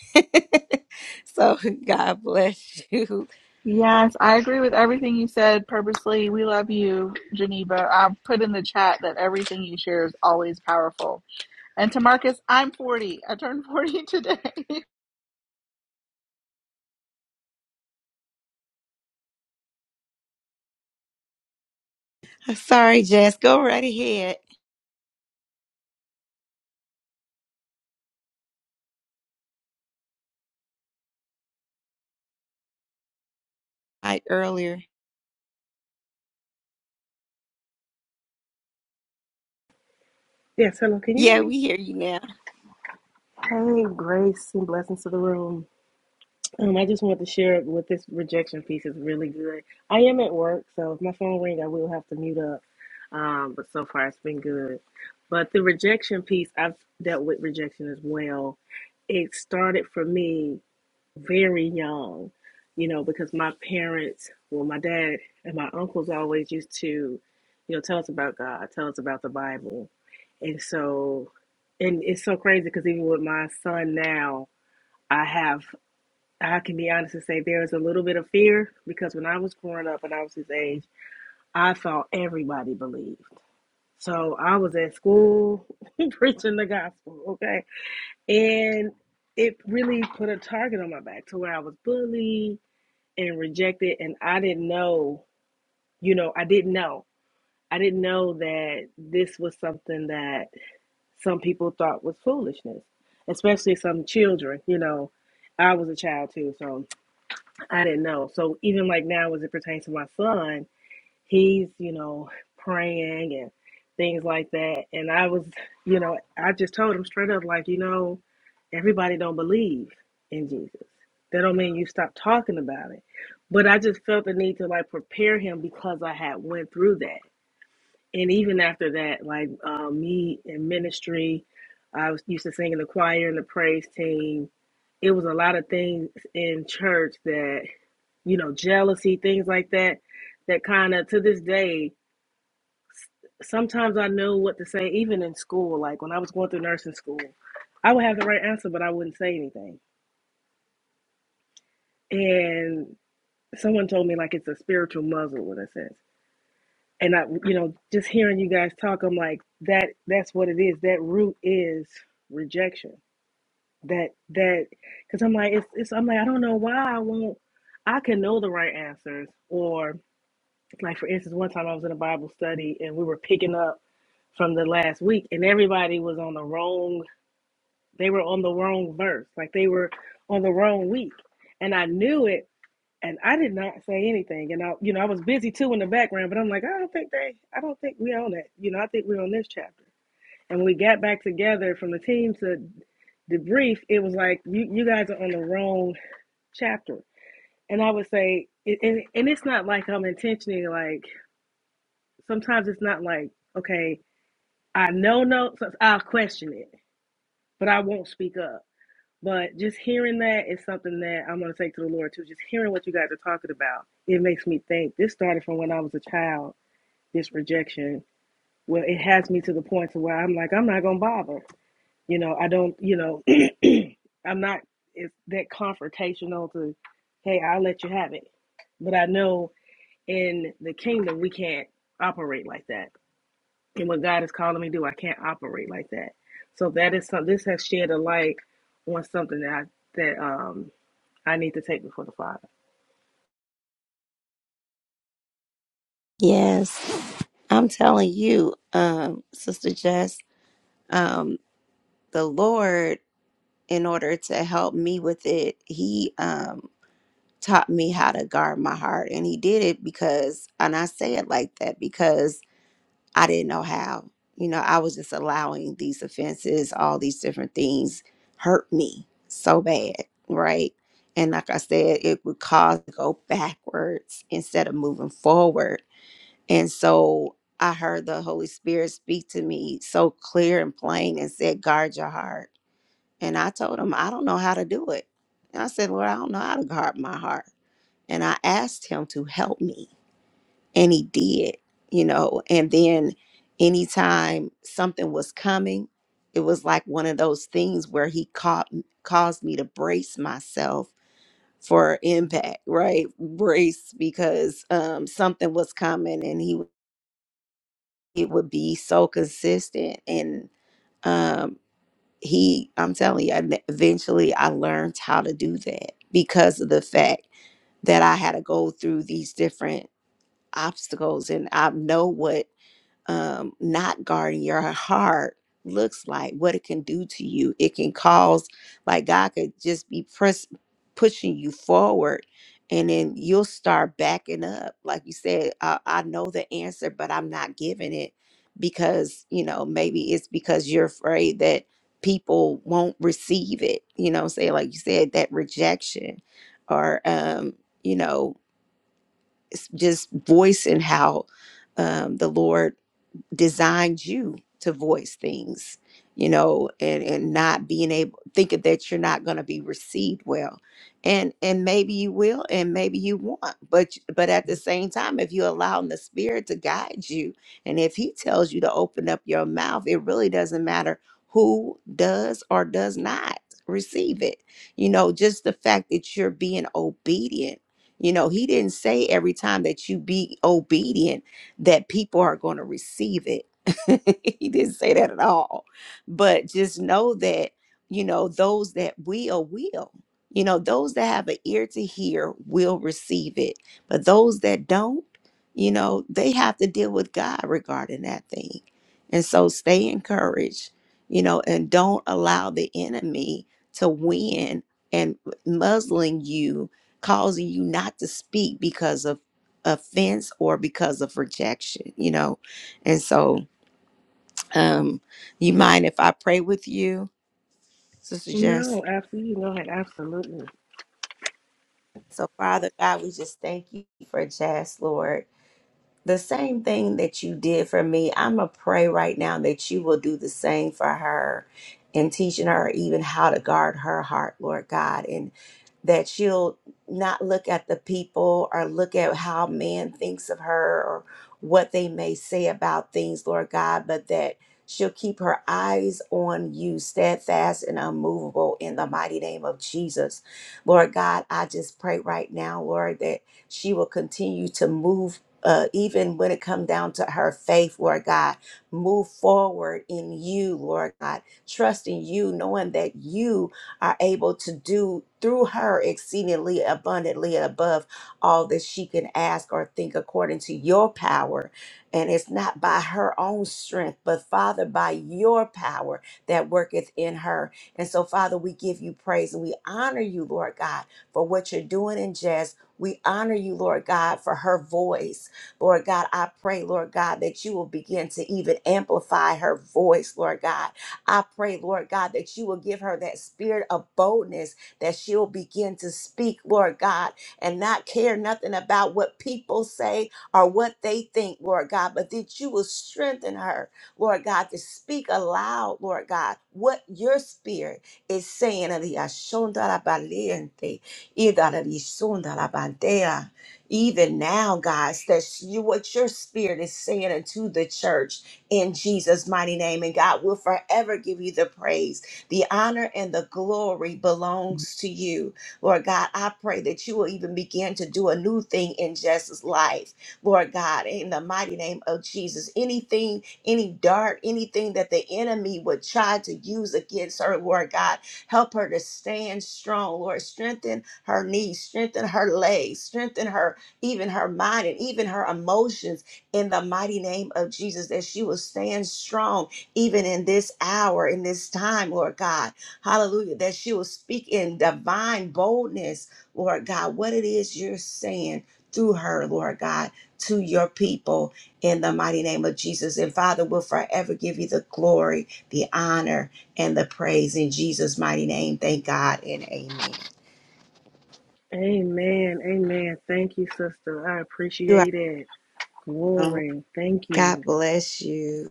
Speaker 1: so God bless you.
Speaker 6: yes, I agree with everything you said. Purposely, we love you, Geneva. I put in the chat that everything you share is always powerful. And to Marcus, I'm 40. I turned 40 today.
Speaker 1: I'm sorry, Jess. Go right ahead. I earlier.
Speaker 8: Yes. Hello. Can you hear
Speaker 1: Yeah,
Speaker 8: me?
Speaker 1: we hear you now.
Speaker 8: Hey, grace and blessings to the room. Um, I just wanted to share it with this rejection piece is really good. I am at work, so if my phone ring, I will have to mute up. Um, but so far it's been good. But the rejection piece, I've dealt with rejection as well. It started for me. very young, you know, because my parents, well, my dad and my uncles always used to, you know, tell us about God, tell us about the Bible. And so, and it's so crazy because even with my son now, I have, I can be honest and say there is a little bit of fear because when I was growing up and I was his age, I thought everybody believed. So I was at school preaching the gospel, okay? And it really put a target on my back to where I was bullied and rejected and I didn't know, you know, I didn't know. I didn't know that this was something that some people thought was foolishness, especially some children, you know. I was a child too, so I didn't know. So even like now as it pertains to my son, he's you know praying and things like that and i was you know i just told him straight up like you know everybody don't believe in jesus that don't mean you stop talking about it but i just felt the need to like prepare him because i had went through that and even after that like uh, me in ministry i was used to sing in the choir and the praise team it was a lot of things in church that you know jealousy things like that that kind of to this day sometimes I know what to say, even in school. Like when I was going through nursing school, I would have the right answer, but I wouldn't say anything. And someone told me like it's a spiritual muzzle in a sense. And I, you know, just hearing you guys talk, I'm like that. That's what it is. That root is rejection. That that because I'm like it's, it's I'm like I don't know why I won't. I can know the right answers, or like for instance, one time I was in a Bible study and we were picking up from the last week, and everybody was on the wrong They were on the wrong verse, like they were on the wrong week. And I knew it and I did not say anything. And I you know, I was busy too in the background, but I'm like, I don't think they I don't think we on that. You know, I think we're on this chapter. And when we got back together from the team to debrief, it was like you you guys are on the wrong chapter. And I would say, and and it's not like I'm intentionally like. Sometimes it's not like okay, I know no, so I'll question it, but I won't speak up. But just hearing that is something that I'm going to take to the Lord too. Just hearing what you guys are talking about, it makes me think. This started from when I was a child. This rejection, well, it has me to the point to where I'm like, I'm not going to bother. You know, I don't. You know, I'm not it's that confrontational to, hey, I'll let you have it. But I know in the kingdom we can't operate like that. And what God is calling me to do, I can't operate like that. So that is some. This has shed a light on something that I, that um I need to take before the Father.
Speaker 1: Yes. I'm telling you, um, Sister Jess, um, the Lord, in order to help me with it, He um taught me how to guard my heart. And He did it because and I say it like that because I didn't know how. You know, I was just allowing these offenses, all these different things hurt me so bad, right? And like I said, it would cause to go backwards instead of moving forward. And so I heard the Holy Spirit speak to me so clear and plain and said, guard your heart. And I told him, I don't know how to do it. And I said, Lord, I don't know how to guard my heart. And I asked him to help me and he did you know and then anytime something was coming it was like one of those things where he caught caused me to brace myself for impact right brace because um something was coming and he it would be so consistent and um he i'm telling you I ne- eventually i learned how to do that because of the fact that i had to go through these different obstacles and i know what um, not guarding your heart looks like, what it can do to you. It can cause, like, God could just be press, pushing you forward, and then you'll start backing up. Like you said, I, I know the answer, but I'm not giving it because, you know, maybe it's because you're afraid that people won't receive it. You know, say, like you said, that rejection or, um, you know, it's just voicing how um, the Lord designed you to voice things you know and and not being able thinking that you're not going to be received well and and maybe you will and maybe you won't but but at the same time if you're allowing the spirit to guide you and if he tells you to open up your mouth it really doesn't matter who does or does not receive it you know just the fact that you're being obedient you know he didn't say every time that you be obedient that people are going to receive it. he didn't say that at all. But just know that, you know, those that will, will. You know, those that have an ear to hear will receive it. But those that don't, you know, they have to deal with God regarding that thing. And so stay encouraged, you know, and don't allow the enemy to win and uh, muzzling you, causing you not to speak because of offense or because of rejection, you know. And so, um, you mind if I pray with you, Sister Jess?
Speaker 8: No, absolutely. You can go ahead. Absolutely.
Speaker 1: So, Father God, we just thank you for Jess, Lord. the same thing that you did for me, I'm going to pray right now that you will do the same for her and teaching her even how to guard her heart, Lord God, and that she'll not look at the people or look at how man thinks of her or what they may say about things, Lord God, but that she'll keep her eyes on you, steadfast and unmovable in the mighty name of Jesus. Lord God, I just pray right now, Lord, that she will continue to move uh, even when it come down to her faith, Lord God, move forward in you, Lord God, trusting you, knowing that you are able to do through her exceedingly abundantly above all that she can ask or think according to your power. And it's not by her own strength, but Father, by your power that worketh in her. And so, Father, we give you praise and we honor you, Lord God, for what you're doing in Jazz. We honor you, Lord God, for her voice. Lord God, I pray, Lord God, that you will begin to even amplify her voice, Lord God. I pray, Lord God, that you will give her that spirit of boldness that she'll begin to speak, Lord God, and not care nothing about what people say or what they think, Lord God, but that you will strengthen her, Lord God, to speak aloud, Lord God, what your spirit is saying even now, guys, that's you what your spirit is saying unto the church in Jesus' mighty name. And God will forever give you the praise. The honor and the glory belongs to you. Lord God, I pray that you will even begin to do a new thing in Jess's life. Lord God, in the mighty name of Jesus. Anything, any dart, anything that the enemy would try to use against her, Lord God, help her to stand strong. Lord, strengthen her knees, strengthen her legs, strengthen her even her mind and even her emotions in the mighty name of Jesus, that she will stand strong even in this hour, in this time, Lord God. Hallelujah. That she will speak in divine boldness, Lord God, what it is you're saying through her, Lord God, to your people in the mighty name of Jesus. And Father, will forever give you the glory, the honor, and the praise in Jesus' mighty name. Thank God and amen.
Speaker 8: Amen. Amen. Thank you, sister. I
Speaker 1: You are.
Speaker 8: appreciate it.
Speaker 1: welcome.
Speaker 8: Glory. Thank
Speaker 1: God
Speaker 8: you.
Speaker 1: bless you.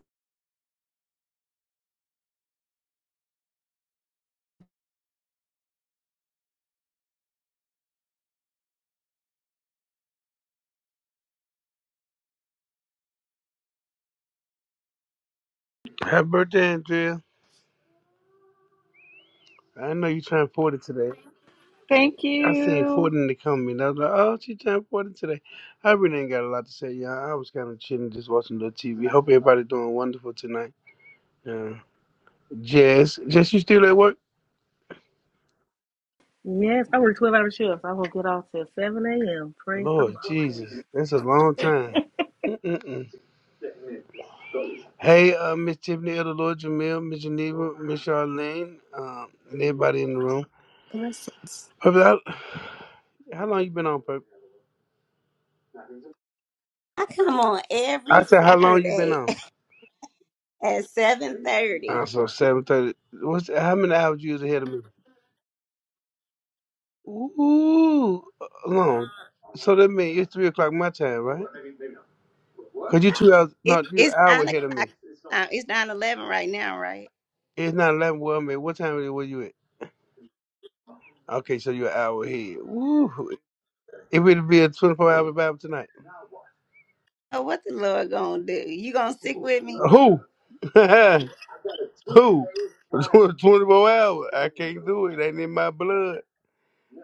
Speaker 9: Happy birthday, Andrea. I know you turned 40 today.
Speaker 6: Thank
Speaker 9: I seen
Speaker 6: you.
Speaker 9: 40 in the comment. I was like, oh, she turned 40 today. I really ain't got a lot to say, y'all. I was kind of chilling, just watching a little TV. Hope everybody doing wonderful tonight. Yeah. Jess, Jess, you still at work?
Speaker 8: Yes, I work 12 hour shifts. I will get off till 7 a.m. Praise the Lord.
Speaker 9: Lord Jesus, that's a long time. Mm-mm-mm. Hey, uh, Miss Tiffany, Elder Lord Jamil, Miss Geneva, Miss Charlene, um, and everybody in the room.
Speaker 4: blessings
Speaker 9: Purple, how, how long you been on, Purple?
Speaker 1: I come on
Speaker 9: I
Speaker 1: every
Speaker 9: said, how long you been
Speaker 1: Saturday
Speaker 9: on?
Speaker 1: at seven thirty.
Speaker 9: Uh, so seven thirty. What's how many hours you usually ahead of me? Ooh, long. So that means it's three o'clock my time, right? Cause you two hours,
Speaker 1: It,
Speaker 9: no, you an
Speaker 1: it's
Speaker 9: hour
Speaker 1: nine
Speaker 9: ahead of me.
Speaker 1: o'clock. Now it's nine eleven right now, right?
Speaker 9: It's not eleven. Well, I mean, what time were you at? Okay, so you're an hour ahead. Ooh, it will be a twenty-four hour Bible tonight.
Speaker 1: Oh, what the Lord gonna do? You gonna stick with me?
Speaker 9: Who? Who? Tw- Twenty-four hours. I can't do it. Ain't in my blood.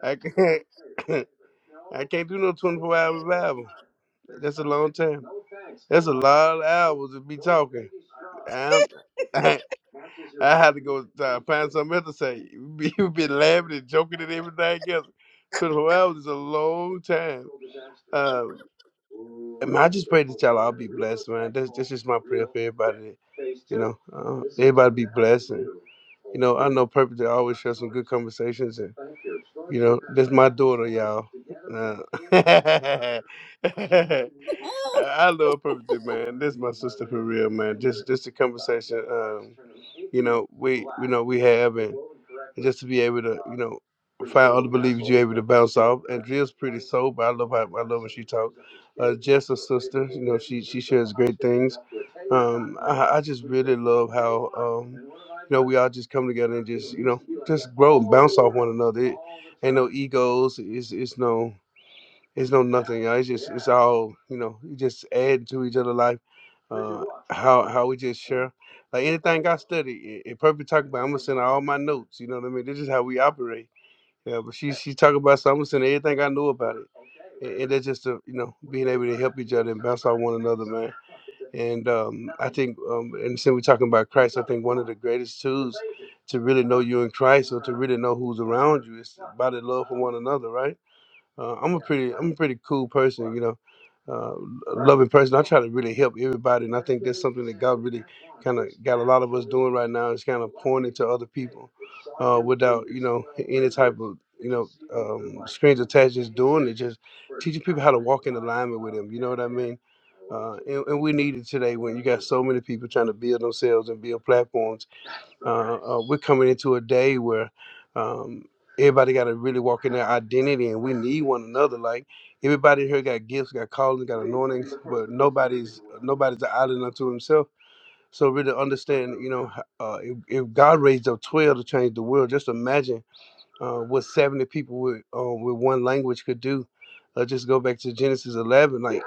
Speaker 9: I can't. I can't do no twenty-four hour Bible. That's a long time. That's a lot of hours to be talking. I I had to go try find something else to say. You've been laughing and joking and everything else. 24 hours is a long time. Uh, and I just pray that y'all all be blessed, man. That's, that's just my prayer for everybody. You know, uh, everybody be blessed. And, you know, I know purpose to always share some good conversations. And you know, this my daughter, y'all. Uh, I love her perfectly, man. This is my sister for real, man. Just, just the conversation. Um, you know, we, you know, we have, and just to be able to, you know, find other believers you're able to bounce off. Andrea's pretty sober. I love how I love when she talks. Uh, Jess, her sister, you know, she she shares great things. Um, I, I just really love how um, you know we all just come together and just you know just grow and bounce off one another. It, ain't no egos. It's it's no it's no nothing. y'all. It's just it's all you know. You just add to each other' life. Uh, how how we just share like anything I study. If Purple talk about, I'm gonna send her all my notes. You know what I mean? This is how we operate. Yeah, but she she talk about something, I'm gonna send her everything I know about it, and, and that's just a, you know being able to help each other and bounce off one another, man. And um, I think um, and since we're talking about Christ, I think one of the greatest tools to really know you in Christ or to really know who's around you is by the love for one another, right? Uh, I'm a pretty, I'm a pretty cool person, you know, uh, a loving person. I try to really help everybody, and I think that's something that God really kind of got a lot of us doing right now. Is kind of pointing to other people uh, without, you know, any type of, you know, um, strings attached. Just doing it, just teaching people how to walk in alignment with Him. You know what I mean? Uh, and, and we need it today when you got so many people trying to build themselves and build platforms uh, uh, we're coming into a day where um, everybody got to really walk in their identity, and we need one another. Like everybody here got gifts, got callings, got anointings, but nobody's nobody's an island unto himself. So really understand, you know, h- uh, if, if God raised up twelve to change the world, just imagine uh, what 70 people with um, with one language could do. Uh, just go back to Genesis 11. Like,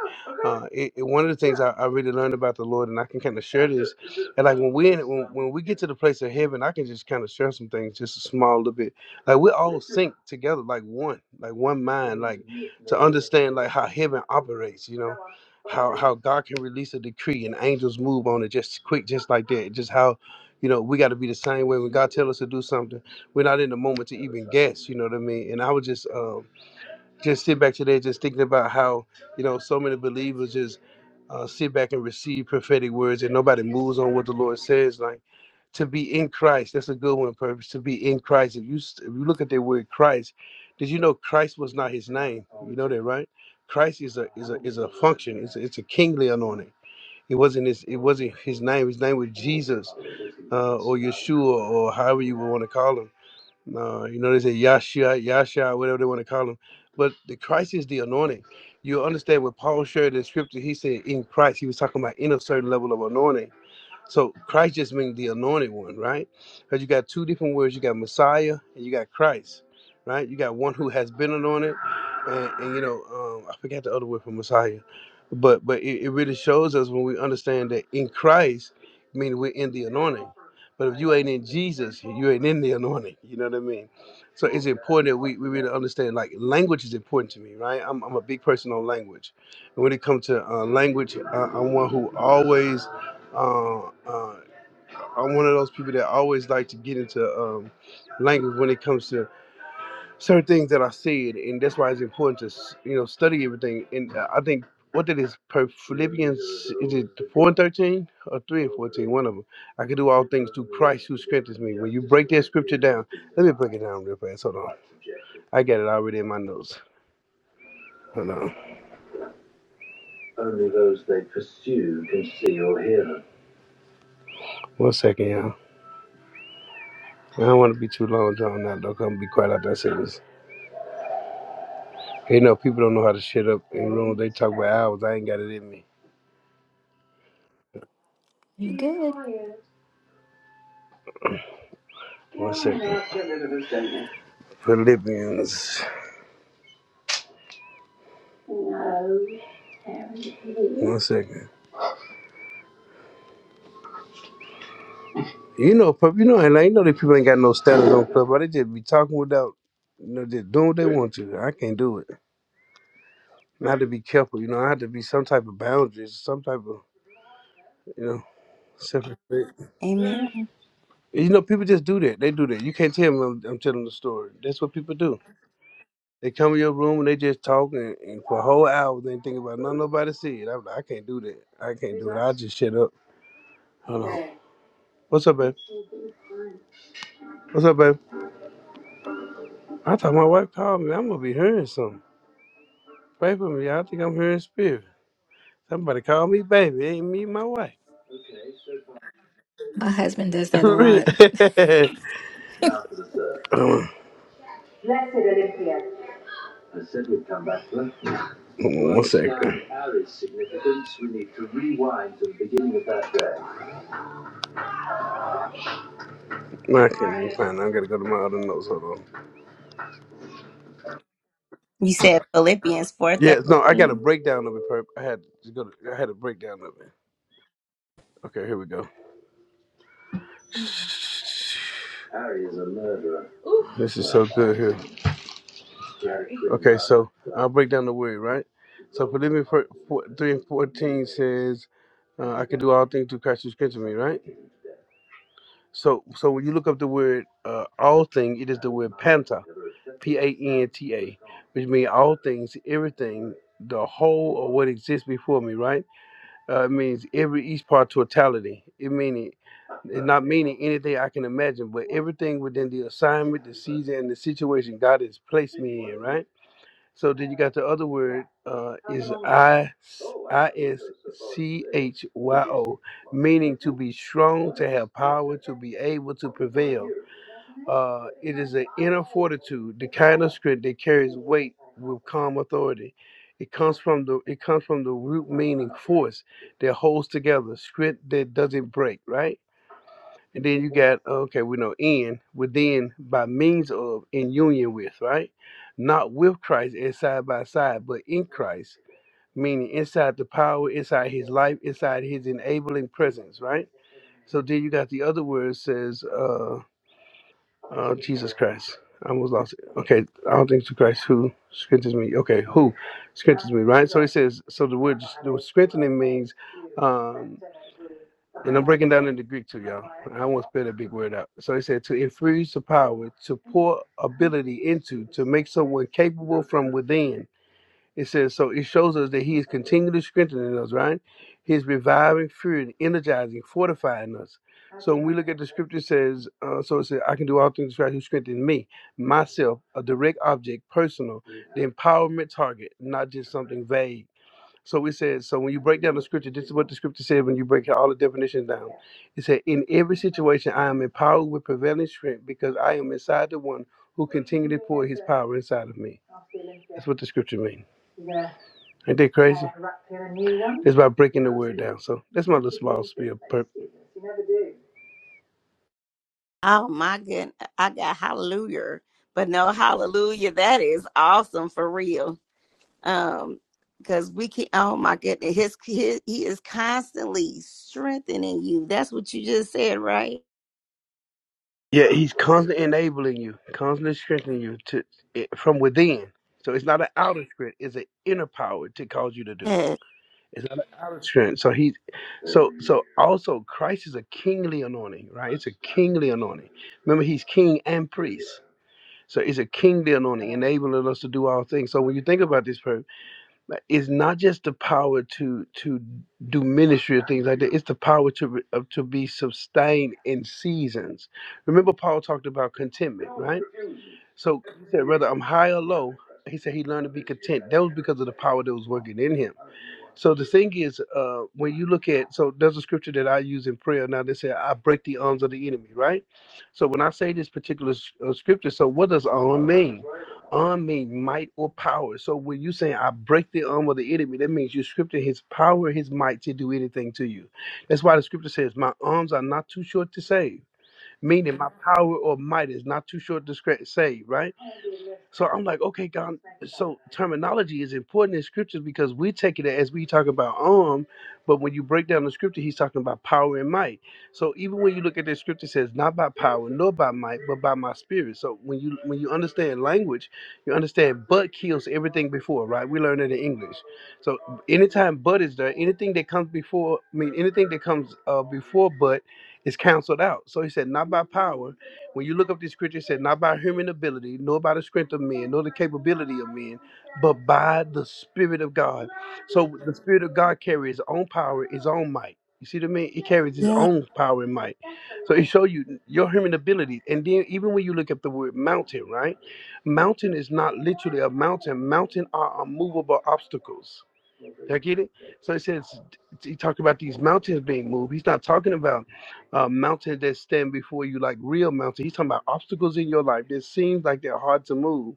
Speaker 9: uh, it, it- one of the things I, I really learned about the Lord, and I can kind of share this. And like when we in, when, when we get to the place of heaven, I can just kind of share some things, just a small little bit. Like we all sync together, like one, like one mind, like to understand like how heaven operates. You know, how how God can release a decree and angels move on it just quick, just like that. Just how, you know, we got to be the same way when God tells us to do something we're not in the moment to even guess, you know what I mean? And I was just um just sit back today just thinking about how, you know, so many believers just uh, sit back and receive prophetic words and nobody moves on what the Lord says. Like to be in Christ, that's a good one, purpose. To be in Christ. If you if you look at the word Christ, did you know Christ was not his name? You know that, right? Christ is a is a is a function. It's a, it's a kingly anointing. It wasn't his it wasn't his name. His name was Jesus uh, or Yeshua or however you would want to call him no, you know they say Yahshua, Yahshua, whatever they want to call him. But the Christ is the anointing. You understand what Paul shared in scripture, he said in Christ, he was talking about in a certain level of anointing. So Christ just means the anointed one, right? Because you got two different words. You got Messiah and you got Christ, right? You got one who has been anointed, and, and you know, um, I forgot the other word for Messiah, but but it, it really shows us when we understand that in Christ, meaning we're in the anointing. But if you ain't in Jesus, you ain't in the anointing. You know what I mean? So it's important that we, we really understand. Like language is important to me, right? I'm, I'm a big person on language, and when it comes to uh, language, I, I'm one who always uh, uh, I'm one of those people that always like to get into um, language when it comes to certain things that I said, and that's why it's important to s- you know study everything. And uh, I think what that is per Philippians is it four and thirteen or three and fourteen? One of them. I can do all things through Christ who strengthens me. When you break that scripture down, let me break it down real fast. Hold on, I got it already in my notes. Hold on. Only those they pursue can see or hear. One second, y'all. I don't want to be too long drawn out. though, 'cause I'm gonna be quiet after I say this. You know, people don't know how to shit up in rooms. They talk about hours. I ain't got it in me.
Speaker 4: you good
Speaker 9: Are you tired? One second. Philippians. No. One second. You know, pup, you know, and I know that people ain't got no standards on club, but they just be talking without, you know, just doing what they want to. I can't do it. And I have to be careful. You know, I have to be some type of boundaries, some type of, you know, self respect.
Speaker 1: Amen.
Speaker 9: You know, people just do that. They do that. You can't tell them I'm, I'm telling the story. That's what people do. They come in your room and they just talk and, and for a whole hour they ain't thinking about nothing nobody see it. I'm like, I can't do that. I can't do it. I'll just shut up. Hold on. What's up, babe? What's up, babe? I thought my wife called me. I'm gonna be hearing something. Pray for me. I think I'm hearing spirit. Somebody call me baby. It ain't me, my wife.
Speaker 4: My husband does that a
Speaker 9: For real.
Speaker 4: lot.
Speaker 9: Um, One second. No, I can't even find. it. I gotta go to my other notes. Hold on.
Speaker 1: You said Philippians four
Speaker 9: Yeah, no, I got a
Speaker 1: thirteen.
Speaker 9: breakdown of it. Perp. I had to go. To, I had a breakdown of it. Okay, here we go. Harry is a murderer. Ooh. This is so good here. Jerry. Okay, so I'll break down the word right. So Philippians four- four- three and fourteen says, uh, "I can do all things through Christ who strengthens me." Right. So, so when you look up the word uh, "all thing," it is the word "panta," P-A-N-T-A, which means all things, everything, the whole of what exists before me. Right Uh, it means every each part totality. It meaning it's not meaning anything I can imagine, but everything within the assignment, the season, and the situation God has placed me in. Right. So then you got the other word uh, is I I S C H Y O, meaning to be strong, to have power, to be able to prevail. Uh, it is an inner fortitude, the kind of script that carries weight with calm authority. It comes from the it comes from the root meaning force that holds together, script that doesn't break, right? And then you got okay, we know in within by means of in union with, right? Not with Christ as side by side, but in Christ, meaning inside the power, inside his life, inside his enabling presence, right? So then you got the other word says Uh, Oh, Jesus Christ. I almost lost it. Okay, I don't think it's Christ who strengthens me. Okay, who strengthens me, right? So he says, so the word, the word strengthening means, um, and I'm breaking down into Greek too, y'all. I won't spell that big word out. So he said, to infuse the power, to pour ability into, to make someone capable from within. It says, so it shows us that he is continually strengthening us, right? He's reviving, fueling, energizing, fortifying us. So when we look at the scripture, it says, uh, so it says, I can do all things through Christ who strengthens me, myself, a direct object, personal, the empowerment target, not just something vague. So we said, so when you break down the scripture, this is what the scripture said when you break all the definitions down. It said, In every situation, I am empowered with prevailing strength because I am inside the one who continually pour his power inside of me. That's what the scripture means. Ain't that crazy? It's about breaking the word down. So that's my little small spiel. per-
Speaker 1: Oh my goodness, I got hallelujah, but no hallelujah. That is awesome for real. um because we can oh my goodness his, his he is constantly strengthening you that's what you just said right
Speaker 9: Yeah, he's constantly enabling you, constantly strengthening you to it, from within. So it's not an outer strength; it's an inner power to cause you to do.
Speaker 1: yes
Speaker 9: It's not an outer strength. So he, so so also Christ is a kingly anointing, right? It's a kingly anointing. Remember, he's king and priest. So it's a kingly anointing, enabling us to do all things. So when you think about this, per- it's not just the power to to do ministry or things like that. It's the power to re- of- to be sustained in seasons. Remember, Paul talked about contentment, right? So he said, whether I'm high or low, he said he learned to be content. That was because of the power that was working in him so the thing is, uh, when you look at, so there's a scripture that I use in prayer. Now they say, I break the arms of the enemy, right? So when I say this particular s- uh, scripture, so what does arm mean? Arm means might or power. So when you say, I break the arm of the enemy, that means you're scripting his power, his might to do anything to you. That's why the scripture says, My arms are not too short to save meaning my power or might is not too short to scra- save, right? So I'm like, okay, God. So terminology is important in scriptures because we take it as we talk about arm, but when you break down the scripture, he's talking about power and might. So even when you look at the scripture, it says not by power nor by might, but by my spirit. So when you when you understand language, you understand but kills everything before, right? We learn it in English. So anytime but is there, anything that comes before, I mean anything that comes uh, before but is canceled out. So he said, not by power. When you look up these scriptures, it said, not by human ability, nor by the strength of men, nor the capability of men, but by the Spirit of God. So the Spirit of God carries his own power, his own might. You see what I mean? It carries his own power and might. So it shows you your human ability. And then even when you look at the word mountain, right? Mountain is not literally a mountain. Mountain are unmovable obstacles I get it. So it says he talked about these mountains being moved. He's not talking about uh, mountains that stand before you like real mountains. He's talking about obstacles in your life that seems like they're hard to move.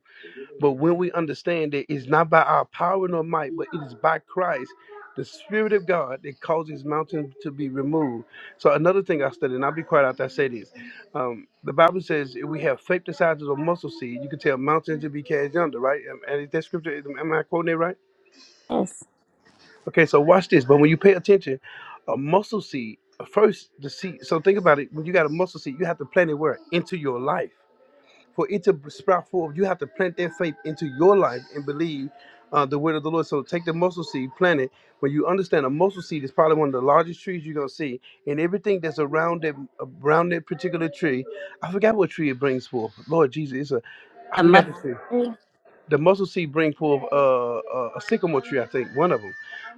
Speaker 9: But when we understand that it's not by our power nor might, but it is by Christ, the Spirit of God that causes mountains to be removed. So another thing I studied, and I'll be quiet after I say this. Um, the Bible says if we have faith the size of a mustard seed, you can tell mountains to be cast under, right? Am- And is that scripture, am am I quoting it right?
Speaker 1: Yes.
Speaker 9: Okay, so watch this. But when you pay attention, a muscle seed, uh, first the seed. So think about it. When you got a muscle seed, you have to plant it where? Into your life. For it to sprout forward, you have to plant that faith into your life and believe uh, the word of the Lord. So take the muscle seed, plant it. When you understand a muscle seed is probably one of the largest trees you're gonna see, and everything that's around that around that particular tree, I forgot what tree it brings forth. Lord Jesus, it's a I
Speaker 1: Am I-
Speaker 9: forgot the tree the muscle seed bring forth uh, a, a sycamore tree, I think, one of them.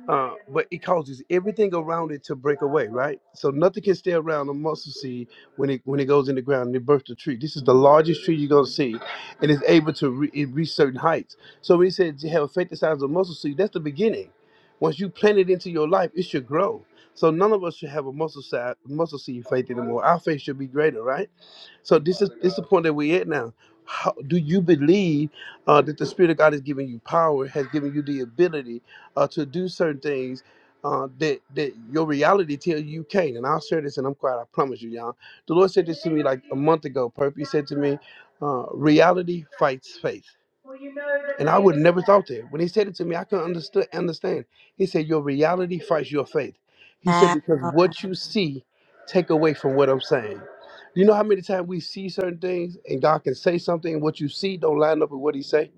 Speaker 9: Uh, but it causes everything around it to break away, right? So nothing can stay around a muscle seed when it when it goes in the ground and it births a tree. This is the largest tree you're gonna see, and it's able to re- it reach certain heights. So when he said to have faith the size of a mustard seed, that's the beginning. Once you plant it into your life, it should grow. So none of us should have a muscle seed, muscle seed faith anymore. Our faith should be greater, right? So this is this is the point that we're at now. How, do you believe uh, that the Spirit of God has given you power, has given you the ability uh, to do certain things uh, that that your reality tells you you can't? And I'll share this, and I'm quiet. I promise you, y'all. The Lord said this to me like a month ago. Perp, He said to me, uh, "Reality fights faith." And I would never thought that. When he said it to me, I couldn't understand. understand. He said, Your reality fights your faith. He said, Because what you see, take away from what I'm saying. You know how many times we see certain things and God can say something and what you see don't line up with what he say?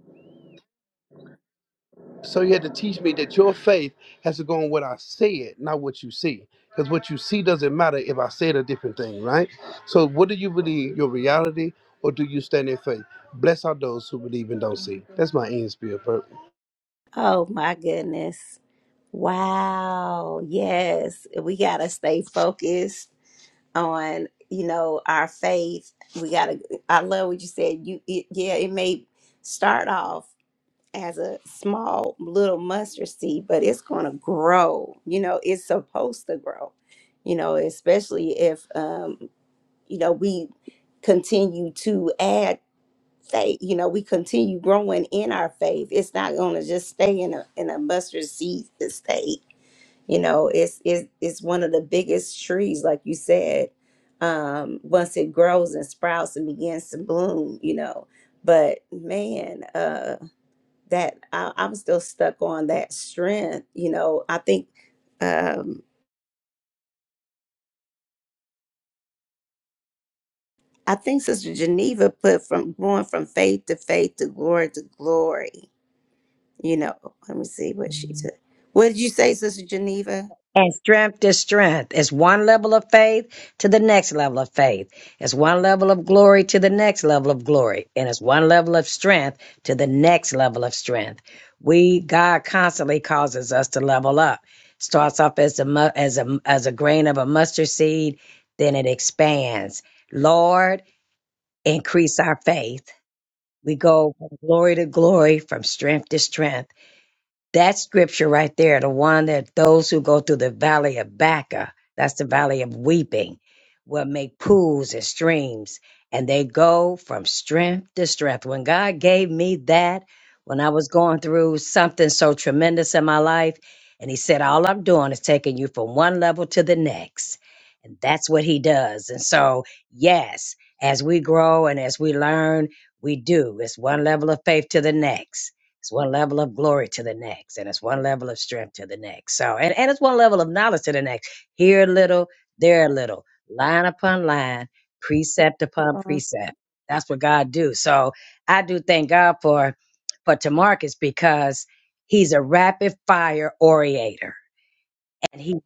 Speaker 9: So you had to teach me that your faith has to go on what I said, not what you see. Because what you see doesn't matter if I said a different thing, right? So what do you believe, your reality, or do you stand in faith? Bless are those who believe and don't see. That's my end spirit purpose.
Speaker 1: oh my goodness wow yes we gotta stay focused on you know our faith we gotta i love what you said you it, yeah it may start off as a small little mustard seed, but it's going to grow. You know, it's supposed to grow. You know, especially if um, you know we continue to add faith. You know, we continue growing in our faith. It's not going to just stay in a in a mustard seed state. You know, it's it's it's one of the biggest trees, like you said. Um, once it grows and sprouts and begins to bloom, you know. But man, uh, that I, I'm still stuck on that strength. You know, I think um, I think Sister Geneva put from going from faith to faith to glory to glory. You know, let me see what she took. What did you say, Sister Geneva?
Speaker 5: And strength to strength. It's one level of faith to the next level of faith. It's one level of glory to the next level of glory. And it's one level of strength to the next level of strength. We, God constantly causes us to level up. Starts off as a, mu- as a, as a grain of a mustard seed, then it expands. Lord, increase our faith. We go from glory to glory, from strength to strength. That scripture right there, the one that those who go through the valley of Baca, that's the valley of weeping, will make pools and streams, and they go from strength to strength. When God gave me that, when I was going through something so tremendous in my life, and He said, All I'm doing is taking you from one level to the next. And that's what He does. And so, yes, as we grow and as we learn, we do. It's one level of faith to the next it's one level of glory to the next, and it's one level of strength to the next. So, and, and it's one level of knowledge to the next. Here a little, there a little, line upon line, precept upon
Speaker 1: Um,
Speaker 5: precept. That's what God do. So I do thank God for for Tamarcus because he's a rapid fire orator and he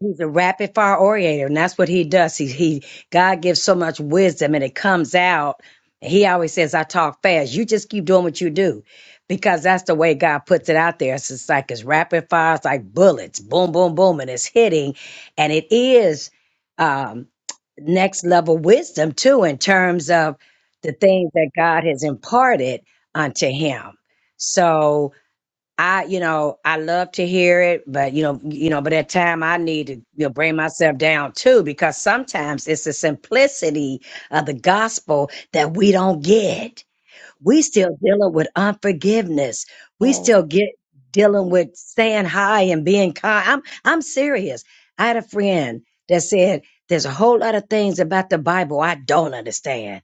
Speaker 5: he's a rapid fire orator and that's what he does he he god gives so much wisdom and it comes out and he always says i talk fast you just keep doing what you do because that's the way god puts it out there it's just like it's rapid fire it's like bullets boom boom boom and it's hitting and it is um next level wisdom too in terms of the things that god has imparted unto him so I, you know, I love to hear it, but you know, you know, but at time I need to you know, bring myself down too, because sometimes it's the simplicity of the gospel that we don't get. We still dealing with unforgiveness. We
Speaker 1: Yes.
Speaker 5: still get dealing with staying high and being kind. I'm I'm serious. I had a friend that said there's a whole lot of things about the Bible I don't understand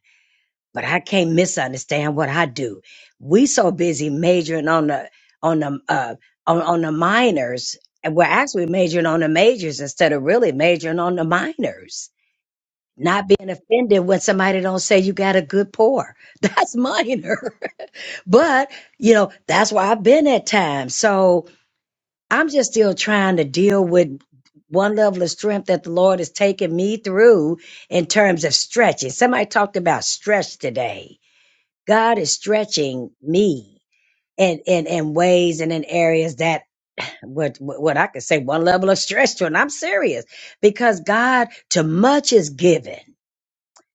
Speaker 5: but I can't misunderstand what I do. We so busy majoring on the on the uh, on, on the minors, and we're actually majoring on the majors instead of really majoring on the minors. Not being offended when somebody don't say you got a good pour. That's minor. but, you know, that's where I've been at times. So I'm just still trying to deal with one level of strength that the Lord has taken me through in terms of stretching. Somebody talked about stretch today God is stretching me in, in, in ways and in areas that what, what I could say one level of stretch to. And I'm serious because God, to much is given,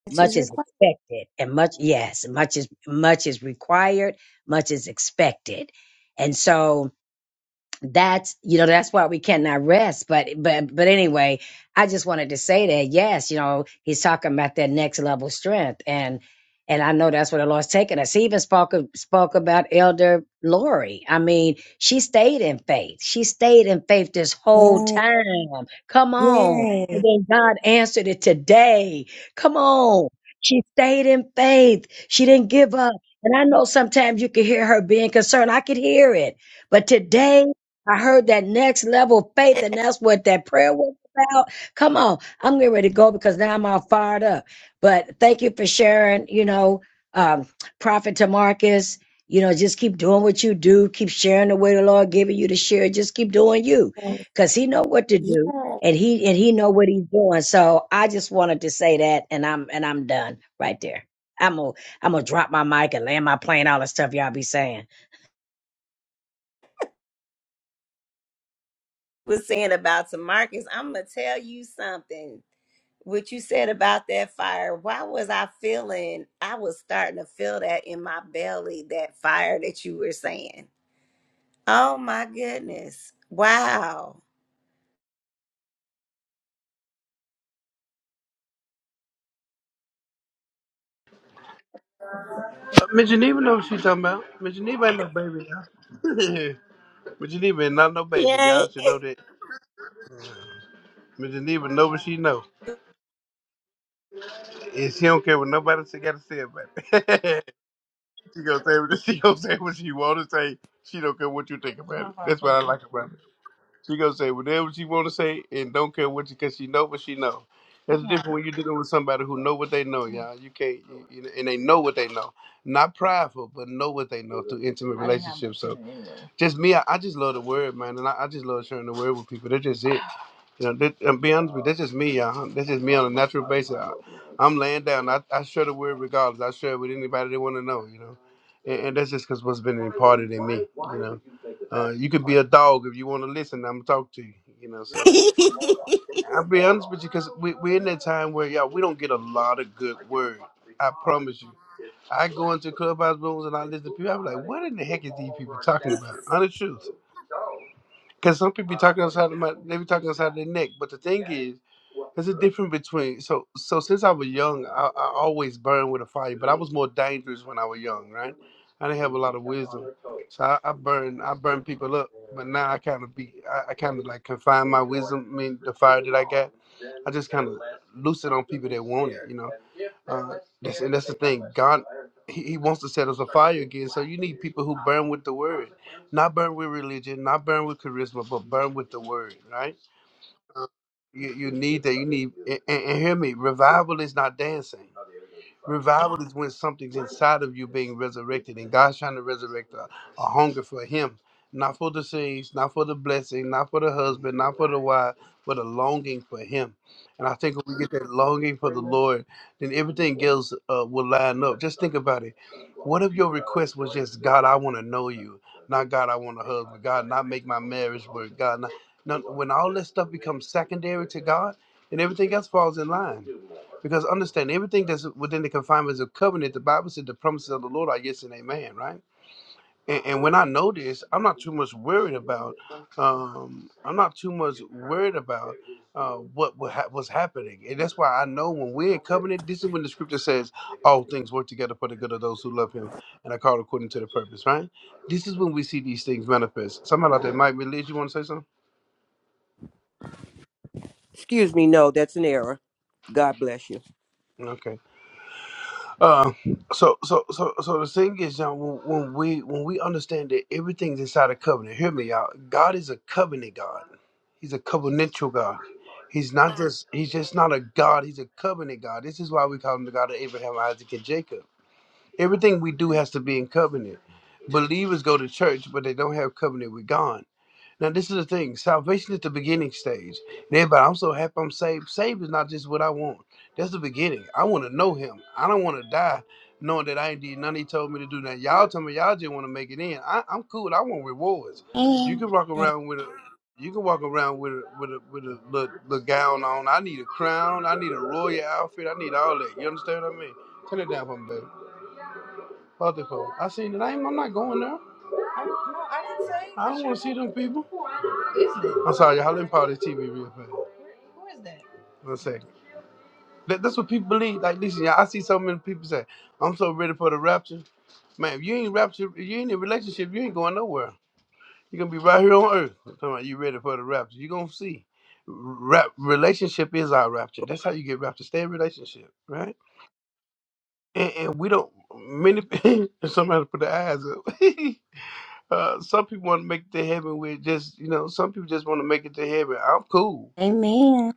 Speaker 5: much is expected and much, yes, much is, much is required, much is expected. And so, that's you know that's why we cannot rest but but but anyway i just wanted to say that yes you know he's talking about that next level strength and and i know that's where the lord's taking us he even spoke spoke about elder lori i mean she stayed in faith she stayed in faith this whole time come on and then god answered it today come on she stayed in faith she didn't give up and i know sometimes you can hear her being concerned i could hear it but today I heard that next level of faith, and that's what that prayer was about. Come on, I'm getting ready to go because now I'm all fired up. But thank you for sharing, you know, um, Prophet Tamarcus. You know, just keep doing what you do. Keep sharing the way the Lord giving you to share. Just keep doing you, because He know what to
Speaker 1: You
Speaker 5: do, and He and He know what He's doing. So I just wanted to say that, and I'm and I'm done right there. I'm gonna I'm gonna drop my mic and land my plane. All the stuff y'all be saying.
Speaker 1: was saying about Tamarcus. I'm gonna tell you something. What you said about that fire, why was I feeling? I was starting to feel that in my belly, that fire that you were saying. Oh my goodness. Wow.
Speaker 9: Uh, Miss Geneva know what she's talking about. Miss Geneva ain't no baby, y'all. Miss Geneva ain't not no baby.
Speaker 1: Yay.
Speaker 9: Y'all should know that. Miss Geneva know what she know. And she don't care what nobody else got to say about it. She gonna say what she gonna say what she wanna say. She don't care what you think about it. That's what I like about it. She gonna say whatever she wanna say and don't care what you cause she know what she know. That's different when you're dealing with somebody who know what they know, y'all. You can't you, you- and they know what they know. Not prideful, but know what they know through intimate relationships. So just me. I, I just love the word, man, and I, I just love sharing the word with people. That's just it. You know, that, and be honest with you, that's just me, y'all. Huh? That's just me on a natural basis. I, I'm laying down. I, I share the word regardless. I share it with anybody they want to know, you know. And, and that's just because what's been imparted in me, you know. Uh, you could be a dog if you want to listen. I'm going to talk to you, you know. So I'll be honest with you because we, we're in that time where, y'all, we don't get a lot of good word. I promise you. I go into clubhouse rooms and I listen to people. I'm like, what in the heck is these people talking about? Honest truth because some people be talking outside of my, they be talking outside of their neck. But the thing is, there's a difference between. So, so since I was young, I, I always burned with a fire. But I was more dangerous when I was young, right? I didn't have a lot of wisdom, so I, I burn, I burn people up. But now I kind of be, I, I kind of like confine my wisdom. I mean, the fire that I got, I just kind of loose it on people that want it, you know. Uh, that's, and that's the thing. God, he, he wants to set us afire again. So you need people who burn with the word. Not burn with religion, not burn with charisma, but burn with the word, right? You you need that. You need and, and hear me. Revival is not dancing. Revival is when something's inside of you being resurrected, and God's trying to resurrect a, a hunger for Him, not for the things, not for the blessing, not for the husband, not for the wife, but a longing for Him. And I think when we get that longing for the Lord, then everything else uh, will line up. Just think about it. What if your request was just, God, I want to know you, not God, I want a husband, God, not make my marriage work, God, not. No, when all this stuff becomes secondary to God, and everything else falls in line. Because understand everything that's within the confinements of covenant, the Bible said the promises of the Lord are yes and amen, right? And, and when I know this, I'm not too much worried about. Um, I'm not too much worried about uh, what what ha- was happening, and that's why I know when we're in covenant. This is when the Scripture says all things work together for the good of those who love Him and are called according to the purpose. Right? This is when we see these things manifest. Somebody out there Mike. be you want to say something?
Speaker 10: Excuse me, no, that's an error. God bless you.
Speaker 9: Okay. Uh, so so so so the thing is, John, when, when we when we understand that everything's inside a covenant, hear me out. God is a covenant God. He's a covenantal God. He's not just he's just not a God. He's a covenant God. This is why we call him the God of Abraham, Isaac, and Jacob. Everything we do has to be in covenant. Believers go to church, but they don't have covenant with God. Now, this is the thing. Salvation is the beginning stage. And everybody, I'm so happy I'm saved. Saved is not just what I want. That's the beginning. I want to know him. I don't want to die knowing that I ain't did nothing he told me to do. Now, y'all tell me y'all just want to make it in. I, I'm cool. I want rewards. You can walk around with a... You can walk around with a with a with a little, little gown on. I need a crown. I need a royal outfit. I need all that. You understand what I mean? Turn it down for me, baby. About the phone. I seen it. I ain't, I'm not going there. I don't want to see them people. Is it? I'm sorry, y'all. Let me power this TV real fast. Who is that? One second. That, that's what people believe. Like, listen, y'all. I see so many people say, "I'm so ready for the rapture." Man, if you ain't rapture, if you ain't in a relationship, you ain't going nowhere. You're gonna be right here on earth. I'm talking about you ready for the rapture. You're gonna see. Rap, relationship is our rapture. That's how you get rapture. Stay in relationship, right? And, and we don't many somebody put their eyes up. uh, some people want to make it to heaven with just you know, some people just want to make it to heaven. I'm cool.
Speaker 1: Amen.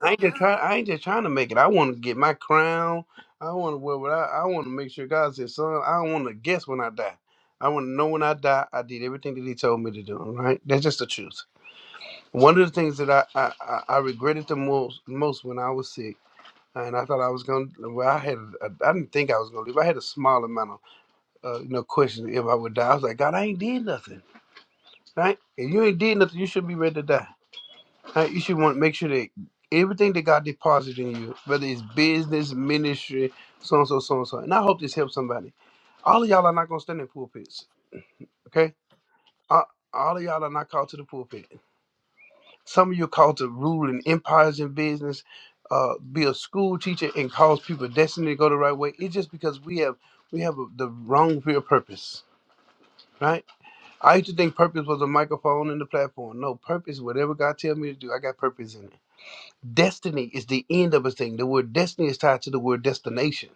Speaker 9: I ain't just try. I ain't just trying to make it. I want to get my crown. I want to wear what I. I want to make sure God says, "Son, I don't want to guess when I die. I want to know when I die. I did everything that He told me to do. All right, that's just the truth. One of the things that I I, I, I regretted the most most when I was sick, and I thought I was gonna. Well, I had. A, I didn't think I was gonna live. I had a small amount of uh, you know questions if I would die. I was like, God, I ain't did nothing. Right? If you ain't did nothing, you should be ready to die. Uh, you should want make sure that everything that God deposited in you, whether it's business, ministry, so and so, so and so. And I hope this helps somebody. All of y'all are not gonna stand in pulpits, okay? Uh, all of y'all are not called to the pulpit. Some of you are called to rule in empires and business, uh, be a school teacher and cause people destiny to go the right way. It's just because we have we have a, the wrong real purpose, right? I used to think purpose was a microphone and the platform. No, purpose, whatever God tells me to do, I got purpose in it. Destiny is the end of a thing. The word destiny is tied to the word destination.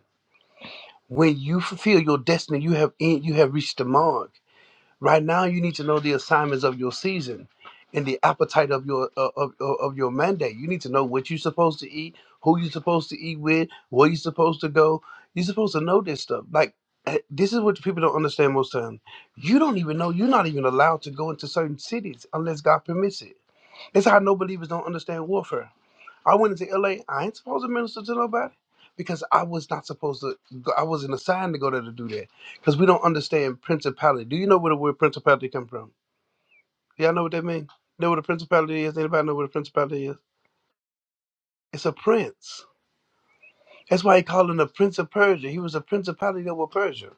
Speaker 9: When you fulfill your destiny, you have en- you have reached the mark. Right now, you need to know the assignments of your season and the appetite of your uh, of, of of your mandate. You need to know what you're supposed to eat, who you're supposed to eat with, where you're supposed to go. You're supposed to know this stuff. Like eh, this is what people don't understand most time. You don't even know. You're not even allowed to go into certain cities unless God permits it. That's how no believers don't understand warfare I went into LA. I ain't supposed to minister to nobody because I was not supposed to. Go, I wasn't assigned to go there to do that because we don't understand principality. Do you know where the word principality come from? Y'all know what that means? Know what a principality is? Anybody know what a principality is? It's a prince. That's why he called him the Prince of Persia. He was a principality over Persia.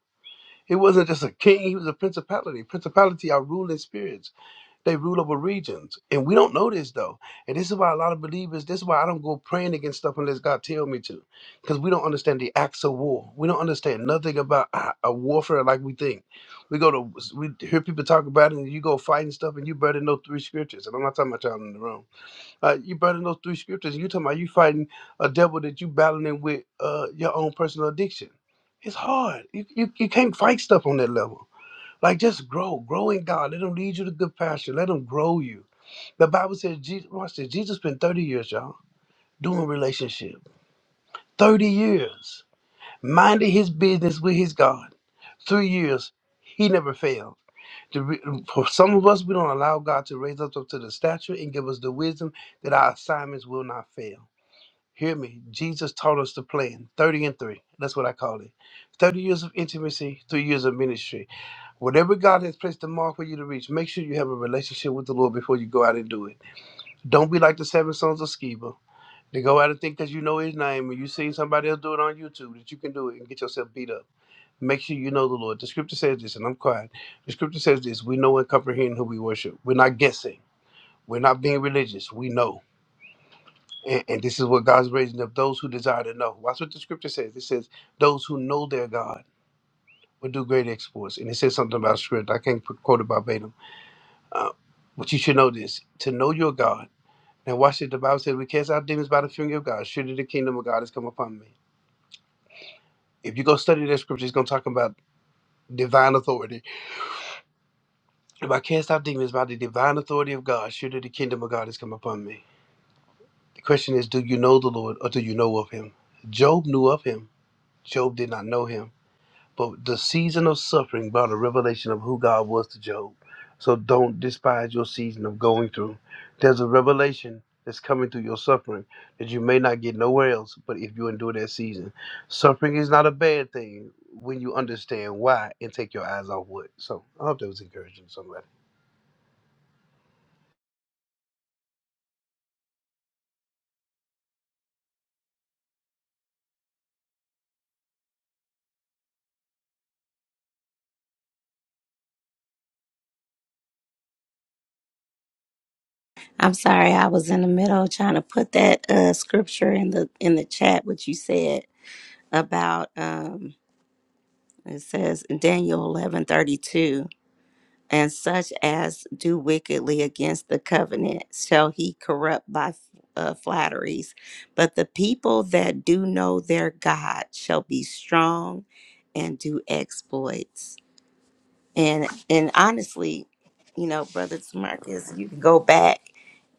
Speaker 9: He wasn't just a king. He was a principality. Principality are ruling spirits. They rule over regions. And we don't know this though. And this is why a lot of believers, this is why I don't go praying against stuff unless God tell me to. Because we don't understand the acts of war. We don't understand nothing about a a warfare like we think. We go to we hear people talk about it and you go fighting stuff and you burden those three scriptures. And I'm not talking about y'all in the room. Uh, you burden those three scriptures. You talking about you fighting a devil that you battling with uh, your own personal addiction. It's hard. You, you you can't fight stuff on that level. Like just grow, grow in God. Let Him lead you to good pasture. Let Him grow you. The Bible says, Jesus, watch this. Jesus spent thirty years, y'all, doing relationship. Thirty years, minding his business with his God. Three years, he never failed. The re- For some of us, we don't allow God to raise us up to the stature and give us the wisdom that our assignments will not fail. Hear me. Jesus taught us the plan 30 and 3. That's what I call it 30 years of intimacy, three years of ministry. Whatever God has placed a mark for you to reach, make sure you have a relationship with the Lord before you go out and do it. Don't be like the seven sons of Sceva. They go out and think that you know his name and you see somebody else do it on YouTube that you can do it and get yourself beat up. Make sure you know the Lord. The scripture says this, and I'm quiet. The scripture says this we know and comprehend who we worship. We're not guessing, we're not being religious. We know. And, and this is what God's raising up those who desire to know. Watch what the scripture says. It says, Those who know their God will do great exploits. And it says something about script. I can't put- quote it verbatim. Uh, but you should know this to know your God. Now, watch it. The Bible says, We cast out demons by the finger of God. Surely the kingdom of God has come upon me. If you go study that scripture, it's going to talk about divine authority. If I cast out demons by the divine authority of God, surely the kingdom of God has come upon me. The question is, do you know the Lord or do you know of him? Job knew of him. Job did not know him. but the season of suffering brought a revelation of who God was to Job. So don't despise your season of going through. There's a revelation that's coming through your suffering that you may not get nowhere else, but if you endure that season, suffering is not a bad thing when you understand why and take your eyes off what. So I hope that was encouraging to somebody.
Speaker 1: I'm sorry I was in the middle trying to put that uh scripture in the in the chat what you said about um it says in Daniel 11:32 and such as do wickedly against the covenant shall he corrupt by uh, flatteries but the people that do know their God shall be strong and do exploits. and and honestly you know brother Marcus, you can go back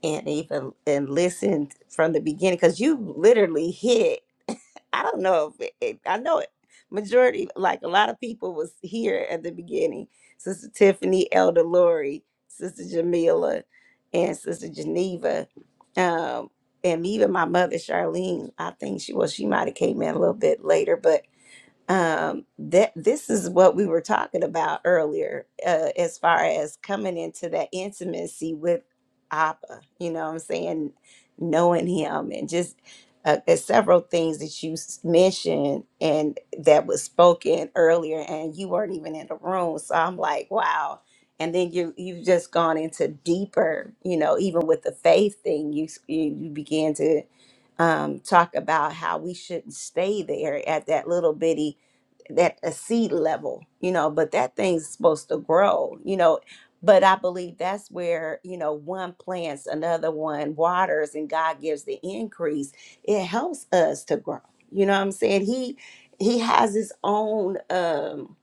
Speaker 1: and even and listen from the beginning because you literally hit i don't know if it, it- i know it majority like a lot of people was here at the beginning sister tiffany elder lori sister jamila and sister geneva um and even my mother charlene i think she well she might have came in a little bit later but um that this is what we were talking about earlier uh, as far as coming into that intimacy with Abba you know what I'm saying knowing him and just uh, there's several things that you s- mentioned and that was spoken earlier and you weren't even in the room so I'm like wow and then you you've just gone into deeper you know even with the faith thing you s- you you began to um, talk about how we shouldn't stay there at that little bitty at a seed level, you know, but that thing's supposed to grow, you know. But I believe that's where, you know, one plants, another one waters, and God gives the increase. It helps us to grow. You know what I'm saying? He he has his own um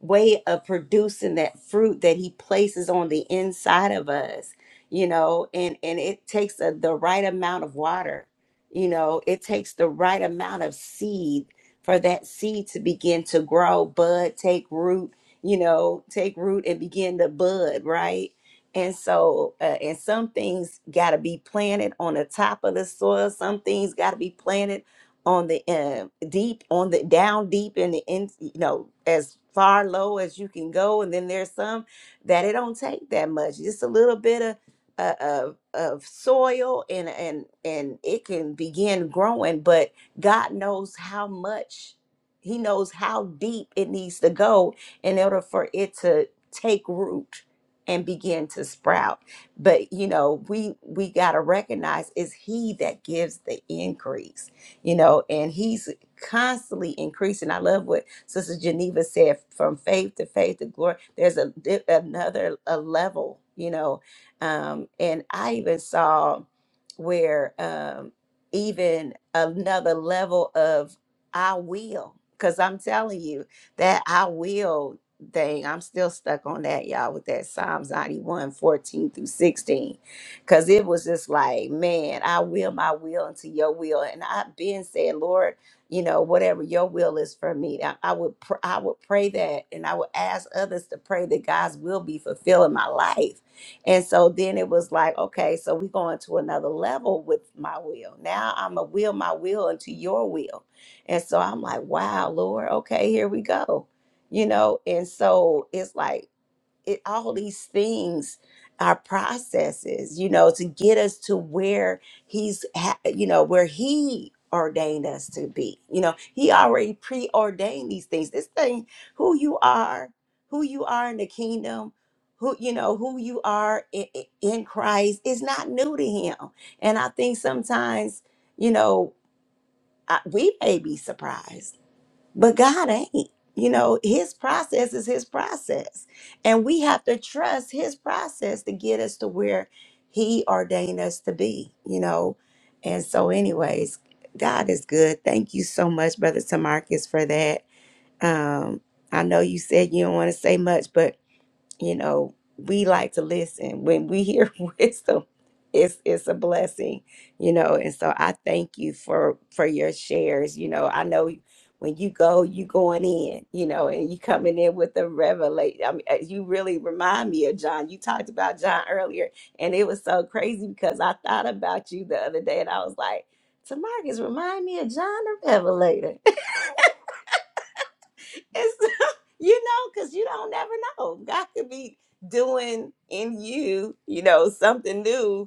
Speaker 1: way of producing that fruit that he places on the inside of us you know and and it takes a, the right amount of water you know it takes the right amount of seed for that seed to begin to grow bud take root you know take root and begin to bud right and so uh, and some things got to be planted on the top of the soil some things got to be planted on the uh, deep on the down deep in the in you know as far low as you can go and then there's some that it don't take that much just a little bit of uh, of of soil and and and it can begin growing but god knows how much he knows how deep it needs to go in order for it to take root and begin to sprout but you know we we got to recognize it's he that gives the increase you know, and he's constantly increasing. I love what Sister Geneva said from faith to faith to glory. There's a di- another a level, you know. Um, and I even saw where um even another level of I will. Cause I'm telling you that I will thing. I'm still stuck on that, y'all, with that Psalms 91 14 through 16 Cause it was just like, man, I will my will into your will. And I've been saying, Lord, you know, whatever your will is for me. I, I would pr- I would pray that and I would ask others to pray that God's will be fulfilled in my life. And so then it was like, okay, so we're going to another level with my will. Now I'm a will my will into your will. And so I'm like, wow, Lord, okay, here we go. You know, and so it's like it all these things are processes you know to get us to where he's ha- you know where he ordained us to be you know he already preordained these things this thing who you are who you are in the kingdom who you know who you are in, in christ is not new to him and i think sometimes you know I, we may be surprised but God ain't. You know, his process is his process. And we have to trust his process to get us to where he ordained us to be, you know. And so, anyways, God is good. Thank you so much, Brother Tamarcus, for that. Um, I know you said you don't want to say much, but you know, we like to listen. When we hear wisdom, it's it's a blessing, you know. And so I thank you for for your shares. You know, I know when you go, you going in, you know, and you coming in with the revelation. I mean, uh, you really remind me of John. You talked about John earlier, and it was so crazy because I thought about you the other day, and I was like, Tamarcus, remind me of John the Revelator. It's, you know, because you don't never know. God could be doing in you, you know, something new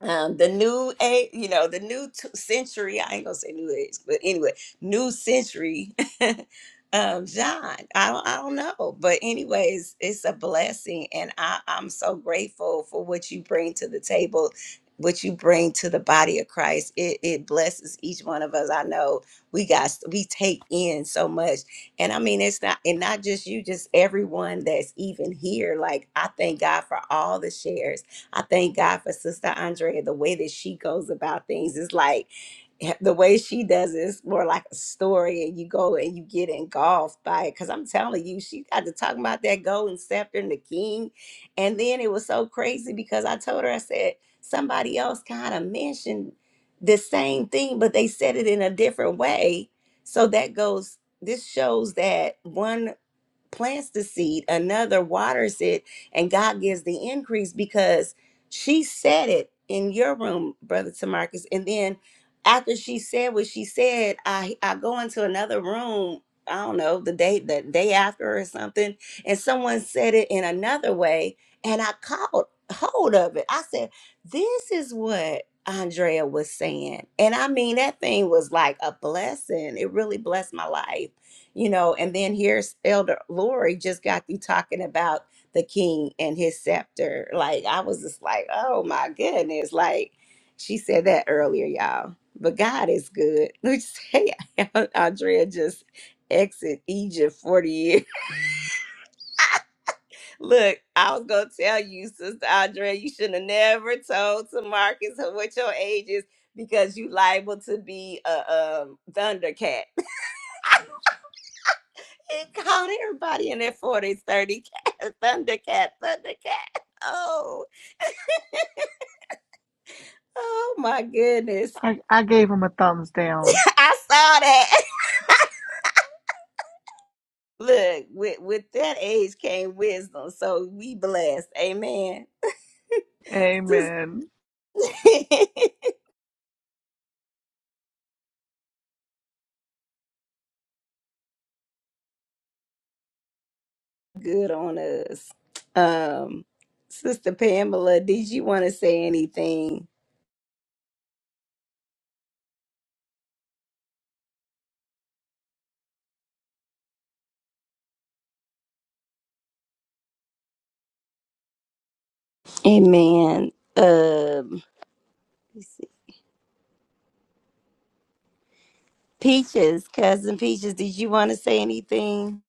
Speaker 1: um, the new age, you know, the new t- century. I ain't gonna say new age, but anyway, new century. um, John, I don't, I don't know, but anyways, it's a blessing, and I, I'm so grateful for what you bring to the table, what you bring to the body of Christ. It, it blesses each one of us. I know we got we take in so much, and I mean it's not and not just you, just everyone that's even here. Like I thank God for all the shares. I thank God for Sister Andrea, the way that she goes about things is like the way she does it, it's more like a story, and you go and you get engulfed by it. Because I'm telling you, she got to talking about that golden scepter and the king, and then it was so crazy because I told her I said somebody else kind of mentioned the same thing, but they said it in a different way. So that goes. This shows that one plants the seed, another waters it, and God gives the increase because she said it in your room, Brother Tamarcus. And then after she said what she said, I I go into another room. I don't know the day the day after or something, and someone said it in another way, and I caught hold of it. I said, "This is what Andrea was saying," and I mean that thing was like a blessing. It really blessed my life, you know. And then here's Elder Lori just got through talking about the King and his scepter. Like I was just like, "Oh my goodness!" Like she said that earlier, y'all but God is good. Look, say Andrea just exit Egypt 40 years. Look, I was gonna tell you, Sister Andrea, you shouldn't have never told to Marcus what your age is because you liable to be a um, Thundercat. He called everybody in their 40s, 30 cat, Thundercat, Thundercat. Oh, oh my goodness.
Speaker 6: I, I gave him a thumbs down.
Speaker 1: I saw that. Look, with, with that age came wisdom. So we blessed. Amen. Sis-
Speaker 6: Amen.
Speaker 1: Good on us. Um, Sister Pamela, did you want to say anything? Amen. Um, let's see. Peaches, cousin Peaches, did you want to say anything?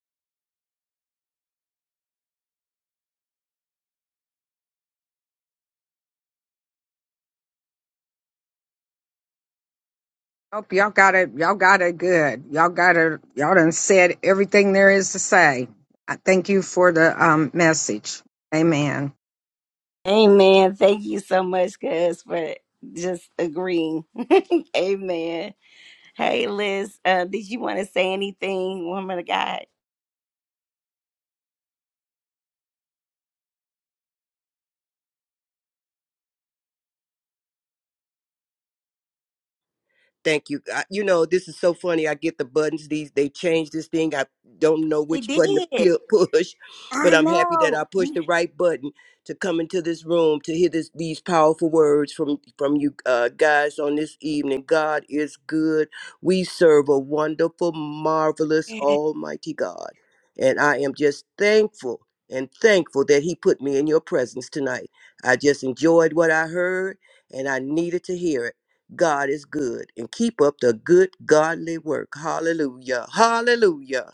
Speaker 11: Hope y'all got it. Y'all got it good. Y'all got it. Y'all done said everything there is to say. I thank you for the um, message. Amen.
Speaker 1: Amen. Thank you so much, cuz, for just agreeing. Amen. Hey, Liz, uh, did you want to say anything, woman of God?
Speaker 10: Thank you. I, you know, this is so funny. I get the buttons. These they changed this thing. I don't know
Speaker 1: They
Speaker 10: which button to
Speaker 1: did.
Speaker 10: pu- push,
Speaker 1: I
Speaker 10: but I'm happy that
Speaker 1: know.
Speaker 10: I pushed the right button to come into this room to hear this these powerful words from from you uh, guys on this evening. God is good. We serve a wonderful, marvelous, Almighty God, and I am just thankful and thankful that He put me in your presence tonight. I just enjoyed what I heard, and I needed to hear it. God is good and keep up the good godly work. Hallelujah. Hallelujah.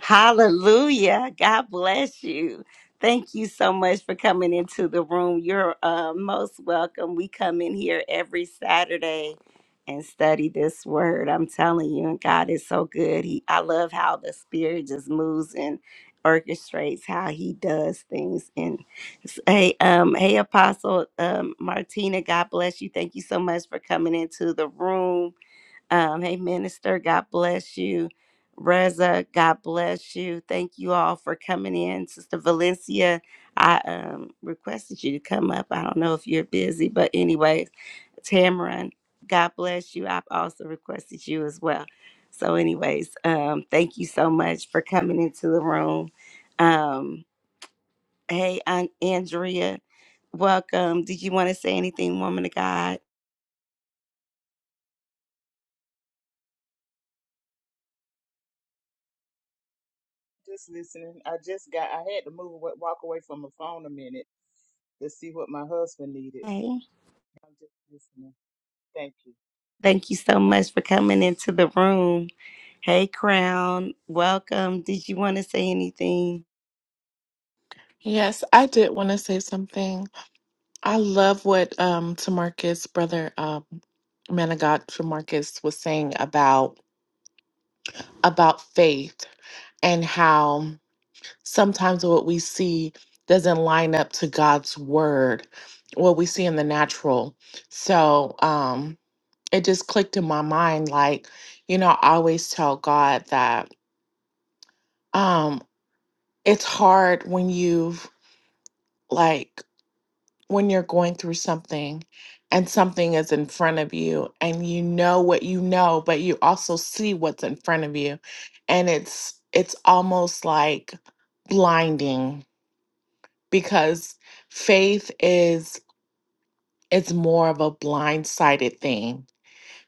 Speaker 1: Hallelujah. God bless you. Thank you so much for coming into the room. You're uh, most welcome. We come in here every Saturday and study this word. I'm telling you, and God is so good. He, I love how the Spirit just moves and orchestrates how He does things. And s- hey, um, hey, Apostle um, Martina, God bless you. Thank you so much for coming into the room. Um, hey, Minister, God bless you. Reza, God bless you. Thank you all for coming in. Sister Valencia, I um, requested you to come up. I don't know if you're busy, but anyways, Tamron, God bless you. I've also requested you as well. So, anyways, um, thank you so much for coming into the room. Um, hey, Aunt Andrea, welcome. Did you want to say anything, woman of God?
Speaker 12: Just listening. I just got. I had to move away, walk away from my phone a minute to see what my husband needed.
Speaker 1: Hey,
Speaker 12: I'm just listening. Thank you.
Speaker 1: thank you so much for coming into the room. Hey, Crown. Welcome. Did you want to say anything?
Speaker 13: Yes, I did want to say something. I love what um Tamarcus, brother um man of God Tamarcus was saying about about faith and how sometimes what we see doesn't line up to God's word, what we see in the natural. So um it just clicked in my mind like, you know, I always tell God that um it's hard when you've like when you're going through something and something is in front of you and you know what you know but you also see what's in front of you and it's it's almost like blinding because faith is it's more of a blindsided thing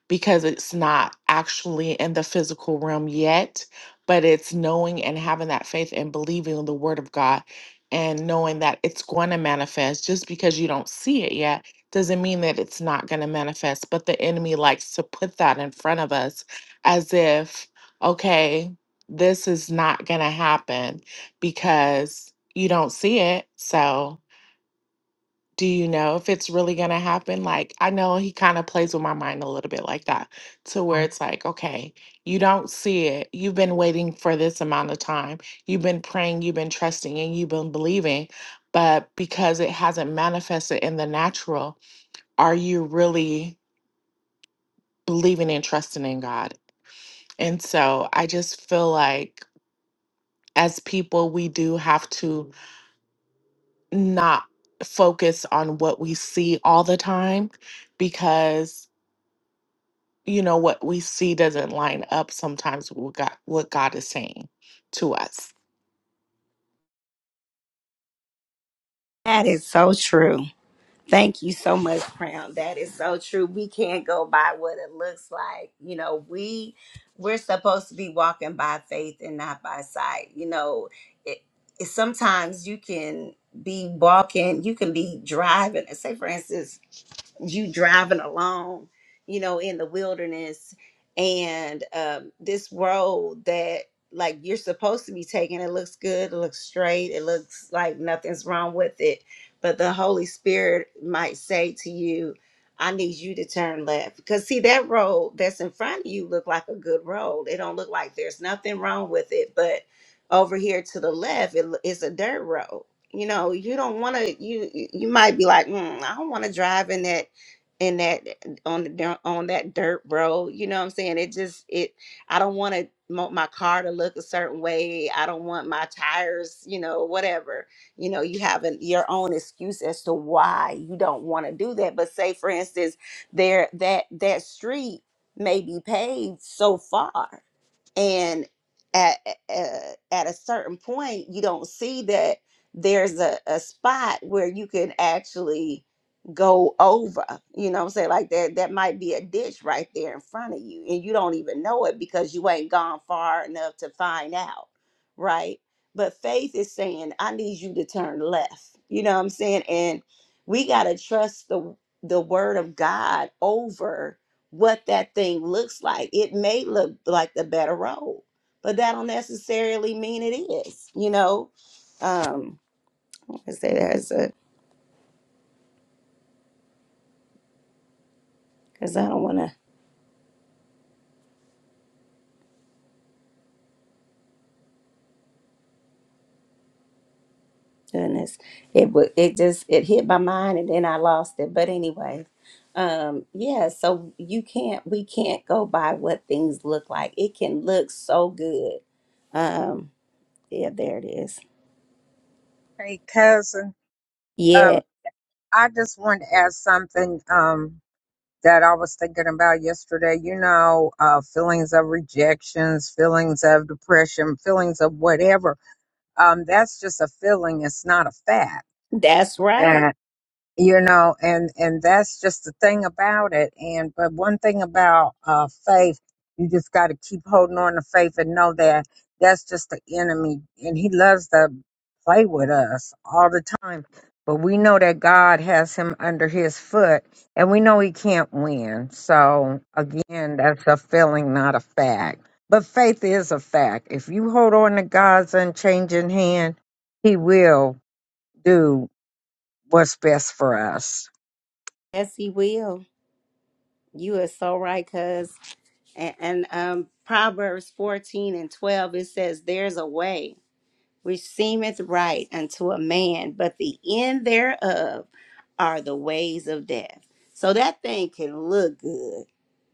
Speaker 13: because it's not actually in the physical realm yet, but it's knowing and having that faith and believing in the word of God and knowing that it's going to manifest. Just because you don't see it yet doesn't mean that it's not going to manifest. But the enemy likes to put that in front of us as if, okay, this is not going to happen because you don't see it. So. Do you know if it's really going to happen? Like, I know he kind of plays with my mind a little bit like that, to where it's like, okay, you don't see it. You've been waiting for this amount of time. You've been praying, you've been trusting, and you've been believing. But because it hasn't manifested in the natural, are you really believing and trusting in God? And so I just feel like as people, we do have to not focus on what we see all the time because you know what we see doesn't line up sometimes with what God, what God is saying to us.
Speaker 1: That is so true. Thank you so much, Crown. That is so true. We can't go by what it looks like. You know, we we're supposed to be walking by faith and not by sight. You know, it, it sometimes you can be walking, you can be driving. Say, for instance, you driving along, you know, in the wilderness and um, this road that like you're supposed to be taking. It looks good, it looks straight, it looks like nothing's wrong with it. But the Holy Spirit might say to you, I need you to turn left. Because see that road that's in front of you look like a good road. It don't look like there's nothing wrong with it, but over here to the left, it, it's a dirt road you know you don't want to you you might be like mm, i don't want to drive in that in that eh, on the dir- on that dirt road you know what i'm saying it just it i don't want to my car to look a certain way i don't want my tires you know whatever you know you have an, your own excuse as to why you don't want to do that but say for instance there that that street may be paved so far and at uh, at a certain point you don't see that there's a, a spot where you can actually go over you know what i'm saying like that that might be a ditch right there in front of you and you don't even know it because you ain't gone far enough to find out right but faith is saying i need you to turn left you know what i'm saying and we got to trust the the word of god over what that thing looks like. It may look like the better road, but that don't necessarily mean it is. You know, um, I say there's a because I don't want to goodness. It would it just it hit my mind and then I lost it. But anyway, um, yeah. So you can't we can't go by what things look like. It can look so good. Um, yeah, there it is.
Speaker 11: Hey, cousin.
Speaker 1: Yeah,
Speaker 11: Um, I just wanted to ask something um that I was thinking about yesterday. You know, uh, feelings of rejections, feelings of depression, feelings of whatever. Um, that's just a feeling. It's not a fact.
Speaker 1: that's right.
Speaker 11: you know and and that's just the thing about it and but one thing about uh faith you just got to keep holding on to faith and know that that's just the enemy and he loves to play with us all the time but we know that god has him under his foot and we know he can't win so again that's a feeling not a fact but faith is a fact if you hold on to god's unchanging hand he will do what's best for us
Speaker 1: Yes, he will. You are so right, cuz. And, and um, Proverbs 14 and 12, it says, There's a way which seemeth right unto a man, but the end thereof are the ways of death. So that thing can look good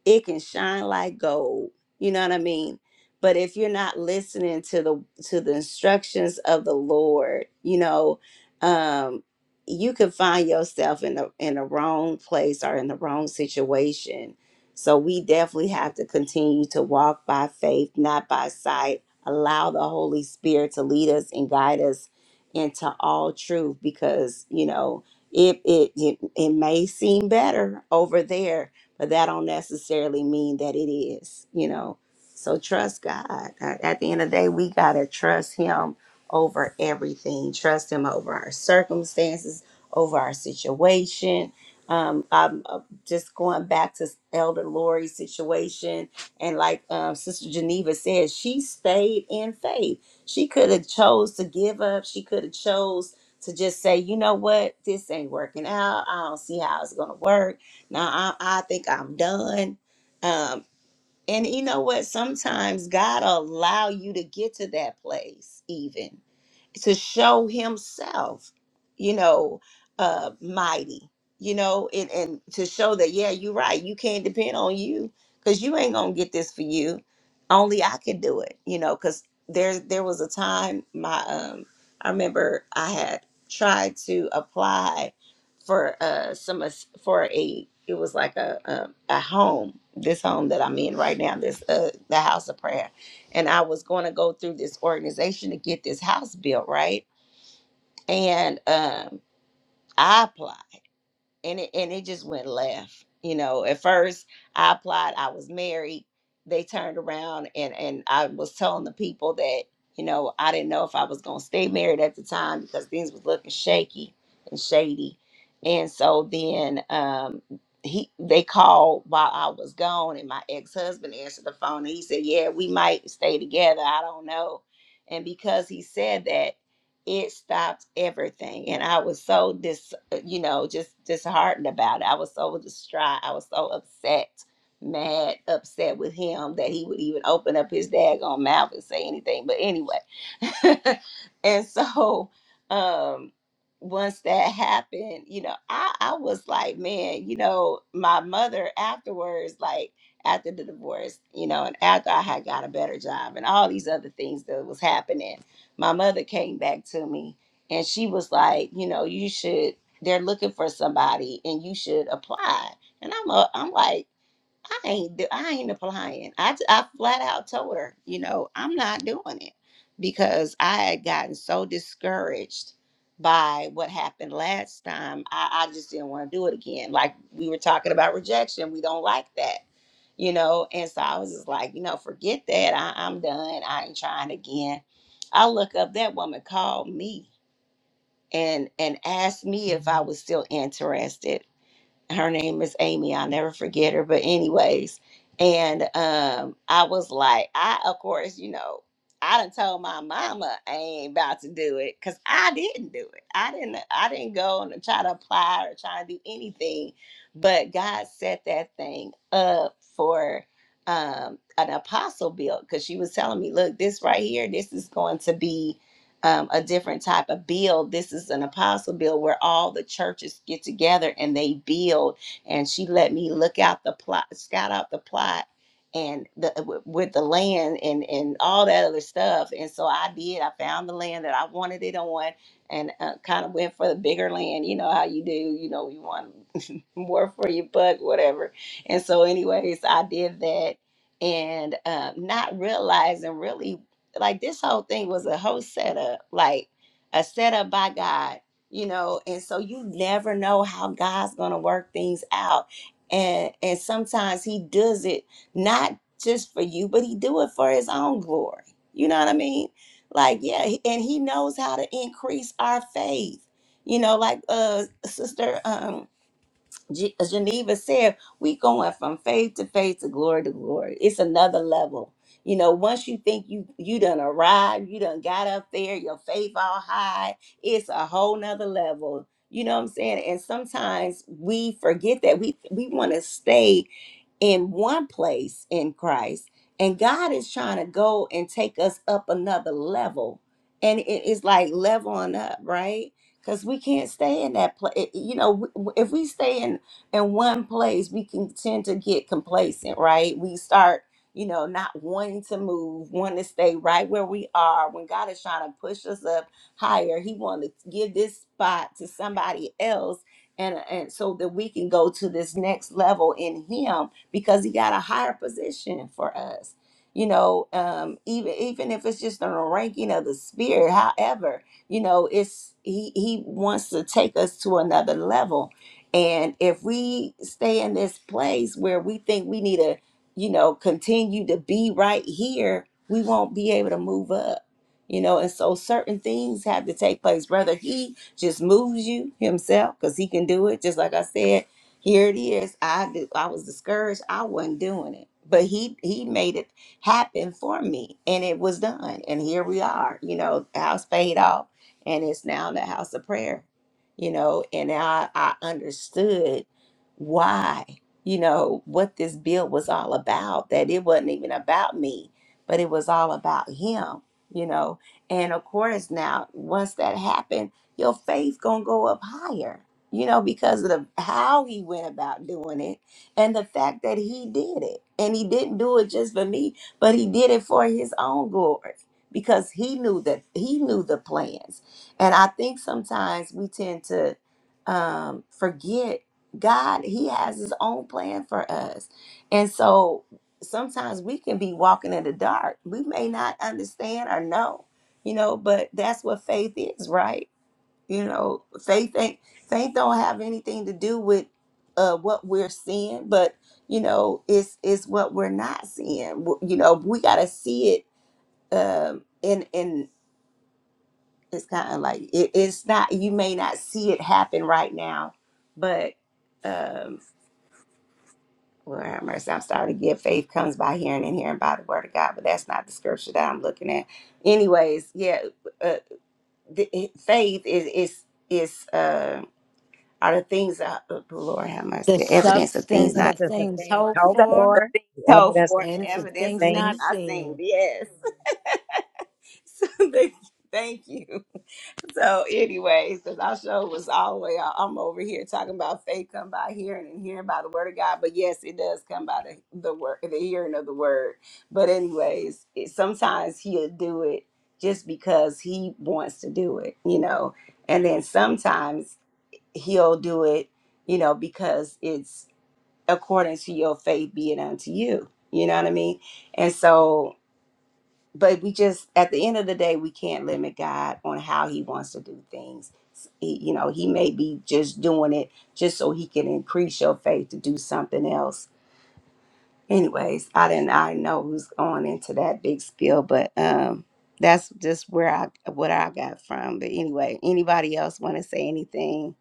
Speaker 1: it can shine like gold you know what i mean but if you're not listening to the to the instructions of the lord you know um you could find yourself in the in the wrong place or in the wrong situation so we definitely have to continue to walk by faith not by sight allow the holy spirit to lead us and guide us into all truth because you know it it it, it may seem better over there but that don't necessarily mean that it is, you know. So trust God. At at the end of the day, we gotta trust Him over everything. Trust Him over our circumstances, over our situation. Um, I'm uh, just going back to Elder Lori's situation, and like um, Sister Geneva said, she stayed in faith. She could have chose to give up. She could have chose to just say, you know what, this ain't working out. I don't see how it's gonna work now I, I think I'm done. Um, and you know what? Sometimes God will allow you to get to that place, even to show himself, you know, uh mighty, you know, and, and to show that, yeah, you're right, you can't depend on you because you ain't gonna get this for you. Only I can do it, you know, because there there was a time my um I remember I had tried to apply for uh some ass- for a it was like a a, a home, this home that I'm in right now, this uh the house of prayer and I was going to go through this organization to get this house built, right? And um, I applied and it and it just went left. You know, at first I applied, I was married. They turned around and and I was telling the people that you know I didn't know if I was gonna stay married at the time because things was looking shaky and shady, and so then um he they called while I was gone and my ex husband answered the phone and he said yeah we might stay together I don't know, and because he said that it stopped everything and i was so dis uh, you know just disheartened about it i was so distraught i was so upset mad upset with him that he would even open up his daggone mouth and say anything but anyway and so um once that happened you know i i was like man you know my mother afterwards like after the divorce you know and after i had got a better job and all these other things that was happening my mother came back to me and she was like, you know, you should they're looking for somebody and you should apply. And I'm a, I'm like I ain't do, I ain't applying. I, t- I flat out told her, you know, I'm not doing it because I had gotten so discouraged by what happened last time. I, I just didn't want to do it again. Like we were talking about rejection, we don't like that, you know. And so I was just like, you know, forget that. I, I'm done. I ain't trying again. I look up that woman called me and and asked me if I was still interested her name is Amy. I'll never forget her. But anyways, and um, I was like, I of course, you know, I done told my mama I ain't about to do it because I didn't do it. I didn't. I didn't go and try to apply or try to do anything. But God set that thing up for um an apostle build because she was telling me look this right here this is going to be um, a different type of build. This is an apostle build where all the churches get together and they build. And she let me look out the plot, scout out the plot, and the w- with the land and and all that other stuff. And so I did. I found the land that I wanted it on, and uh, kind of went for the bigger land. You know how you do. You know you want more for your buck, whatever. And so, anyways, I did that and um, not realizing really like this whole thing was a whole setup, like a setup by God, you know, and so you never know how God's gonna work things out. And and sometimes he does it not just for you, but he do it for his own glory. You know what I mean? Like, yeah, he- and he knows how to increase our faith. You know, like uh sister um. G- as Geneva said, we going from faith to faith to glory to glory. It's another level. You know, once you think you you done arrived, you done got up there, your faith all high, it's a whole nother level. You know what I'm saying? And sometimes we forget that we we want to stay in one place in Christ, and God is trying to go and take us up another level. And it is like leveling up, right? Because we can't stay in that place. You know, w- w- if we stay in in one place, we can tend to get complacent, right? We start, you know, not wanting to move, wanting to stay right where we are. When God is trying to push us up higher, He wanted to give this spot to somebody else, and and so that we can go to this next level in Him because he got a higher position for us. You know, um, even even if it's just on a ranking of the spirit, however, you know, it's he he wants to take us to another level. And if we stay in this place where we think we need to, you know, continue to be right here, we won't be able to move up. You know, and so certain things have to take place. Whether he just moves you himself, because he can do it, just like I said, here it is. I do, I was discouraged. I wasn't doing it, but he he made it happen for me, and it was done. And here we are. You know, the house paid off, and it's now the house of prayer. You know, and I I understood why. You know what this bill was all about. That it wasn't even about me, but it was all about him. You know, and of course now once that happened, your faith gonna go up higher you know, because of the, how he went about doing it and the fact that he did it. And he didn't do it just for me, but he did it for his own glory because he knew that he knew the plans. And I think sometimes we tend to um, forget God, he has his own plan for us. And so sometimes we can be walking in the dark. We may not understand or know, you know, but that's what faith is, right? You know, faith ain't faith don't have anything to do with uh what we're seeing, but you know, it's it's what we're not seeing. W- You know, we gotta see it. Um, and and it's kind of like it, it's not. You may not see it happen right now, but um, Lord have mercy. I'm starting to get faith comes by hearing and hearing by the word of God, but that's not the scripture that I'm looking at. Anyways, yeah, uh, the, faith is is is. um. are the things that oh, the Lord have
Speaker 2: the
Speaker 1: mercy, the evidence of things
Speaker 2: substance
Speaker 1: not
Speaker 2: of
Speaker 5: Substance of
Speaker 2: things
Speaker 5: things
Speaker 2: hoped
Speaker 5: hoped
Speaker 1: the
Speaker 2: for
Speaker 1: the
Speaker 5: for,
Speaker 1: things
Speaker 5: the
Speaker 1: told
Speaker 5: evidence of
Speaker 1: for the
Speaker 2: and
Speaker 5: things
Speaker 2: to
Speaker 5: not
Speaker 1: evidence of
Speaker 2: things
Speaker 1: things
Speaker 2: not
Speaker 5: seen.
Speaker 1: not seen.
Speaker 2: seen
Speaker 1: Yes. so thank thank you. So, anyways, because our show was all the way out. I'm over here talking about faith come by hearing and hearing by the word of God. But yes, it does come by the, the word, the hearing of the word. But anyways, it, sometimes he'll do it just because he wants to do it, you know. And then sometimes he'll do it, you know, because it's according to your faith be it unto you. You know what I mean? And so, but we just at the end of the day, we can't limit God on how He wants to do things. He, you know, He may be just doing it just so He can increase your faith to do something else. Anyways, I didn't I know who's going into that big spiel, but um that's just where I what I got from. But anyway, anybody else want to say anything?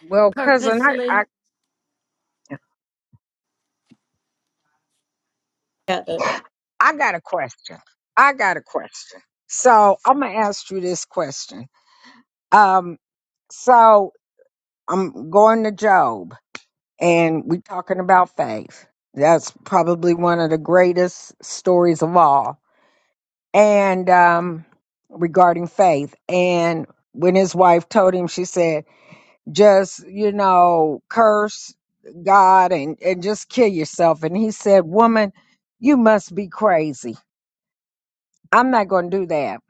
Speaker 11: Well, cousin, I, I
Speaker 1: Yeah.
Speaker 11: I got a question. I got a question. So I'm gonna ask you this question. Um, so I'm going to Job, and we're talking about faith. That's probably one of the greatest stories of all, and um, regarding faith. And when his wife told him, she said, "Just you know, curse God and and just kill yourself." And he said, "Woman, you must be crazy." I'm not going to do that.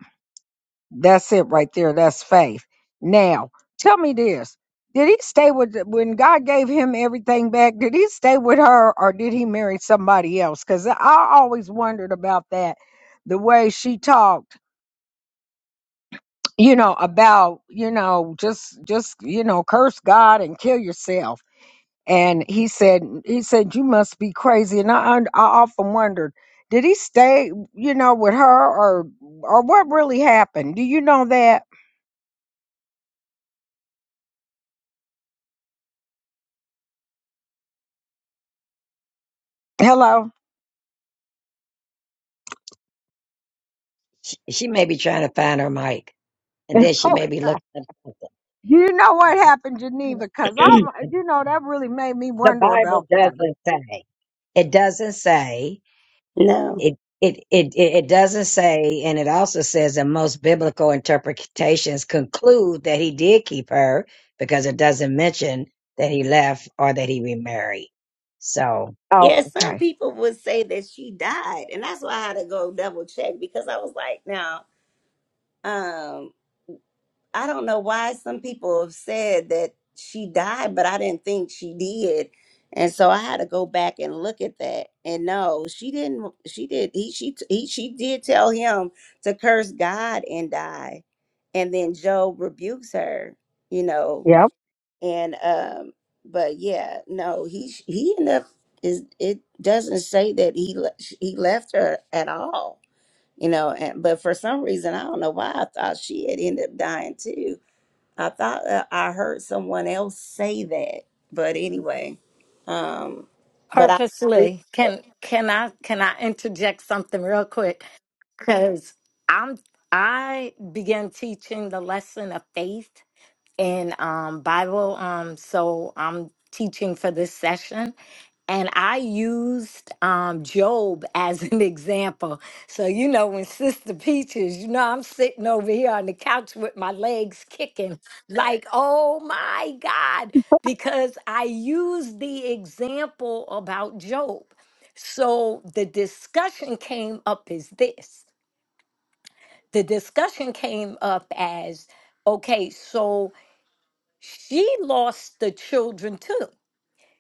Speaker 11: That's it right there. That's faith. Now, tell me this. Did he stay with, when God gave him everything back, did he stay with her or did he marry somebody else? Because I always wondered about that, the way she talked, you know, about, you know, just, just, you know, curse God and kill yourself. and he said he said you must be crazy and i i often wondered did he stay you know with her or or what really happened do you know that hello
Speaker 5: She, she may be trying to find her mic, and
Speaker 11: okay
Speaker 5: then she may be looking at
Speaker 11: do you know what happened geneva because i
Speaker 5: something.
Speaker 11: you know that really made me
Speaker 5: the
Speaker 11: wonder
Speaker 5: Bible
Speaker 11: about that
Speaker 5: doesn't say. It doesn't say.
Speaker 1: No.
Speaker 5: It, it it it it doesn't say, and it also says that most biblical interpretations conclude that he did keep her because it doesn't mention that he left or that he remarried. So
Speaker 11: oh
Speaker 1: Yeah, some
Speaker 11: okay
Speaker 1: people would say that she died, and that's why I had to go double check because I was like, now, um, I don't know why some people have said that she died, but I didn't think she did, and so I had to go back and look at that. And no, she didn't. She did. He she t- he she did tell him to curse God and die, and then Job rebukes her. You know,
Speaker 11: yep
Speaker 1: and um but yeah no he he ended up is it doesn't say that he le- he left her at all you know and but for some reason i don't know why i thought she had ended up dying too i thought uh, i heard someone else say that but anyway um but i agree
Speaker 2: purposely
Speaker 1: with
Speaker 2: can can i can i interject something real quick because i'm i began teaching the lesson of faith in um, Bible. Um, so I'm teaching for this session. And I used um, Job as an example. So, you know, when Sister Peaches, you know, I'm sitting over here on the couch with my legs kicking, like, oh my God, because I used the example about Job. So the discussion came up as this the discussion came up as okay, so she lost the children too.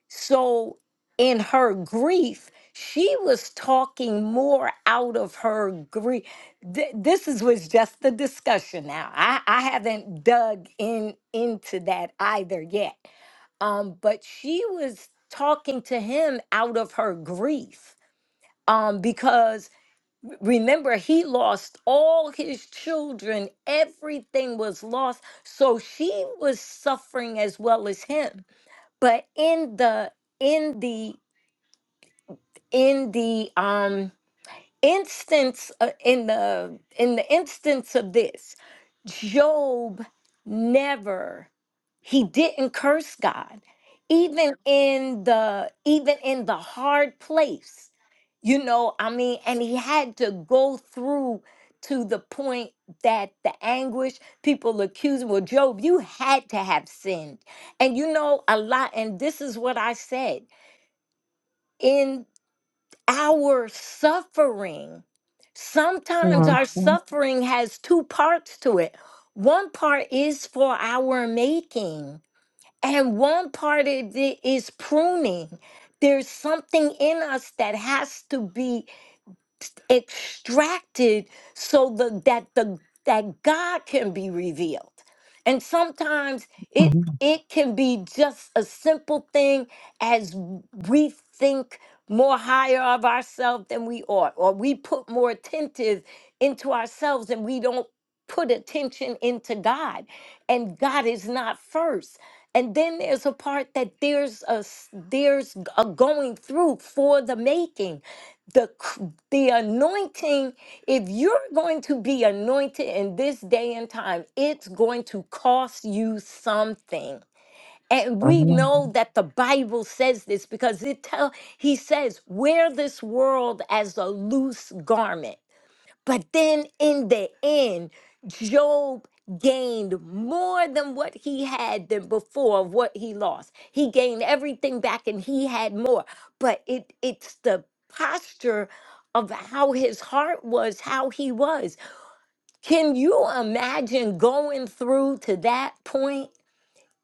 Speaker 2: So, in her grief, she was talking more out of her grief. this is was just the discussion now. I, I haven't dug in into that either yet. Um, but she was talking to him out of her grief. Um, because Remember, he lost all his children. Everything was lost. So she was suffering as well as him. But in the, in the, in the, um, instance uh, in the in the instance of this job never he didn't curse god even in the even in the hard place you know i mean and he had to go through to the point that the anguish people accuse him well job you had to have sinned and you know a lot and this is what i said our suffering. Sometimes our suffering has two parts to it. One part is for our making, and one part of it is pruning. There's something in us that has to be extracted so the, that the that God can be revealed. And sometimes it it can be just a simple thing as we think more higher of ourselves than we ought, or we put more attentive into ourselves and we don't put attention into God. And God is not first. And then there's a part that there's a s- there's a going through for the making the c- the anointing if you're going to be anointed in this day and time it's going to cost you something and we Mhm. know that the bible says this because it tell he says wear this world as a loose garment but then in the end, Job gained more than what he had than before of what he lost. He gained everything back and he had more. But it it's the posture of how his heart was, how he was. Can you imagine going through to that point?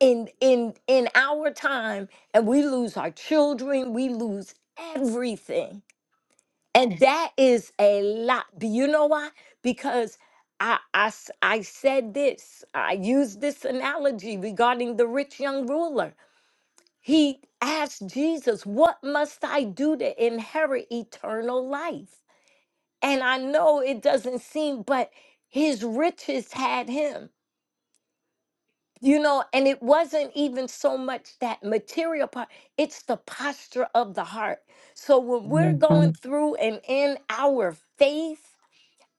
Speaker 2: In, in in our time and we lose our children we lose everything and that is a lot. Do you know why? Because I, I s- I said this, I used this analogy regarding the rich young ruler. He asked Jesus, What must I do to inherit eternal life? And I know it doesn't seem, but his riches had him, you know, and it wasn't even so much that material part, it's the posture of the heart. So when we're Mhm. going through and in our faith,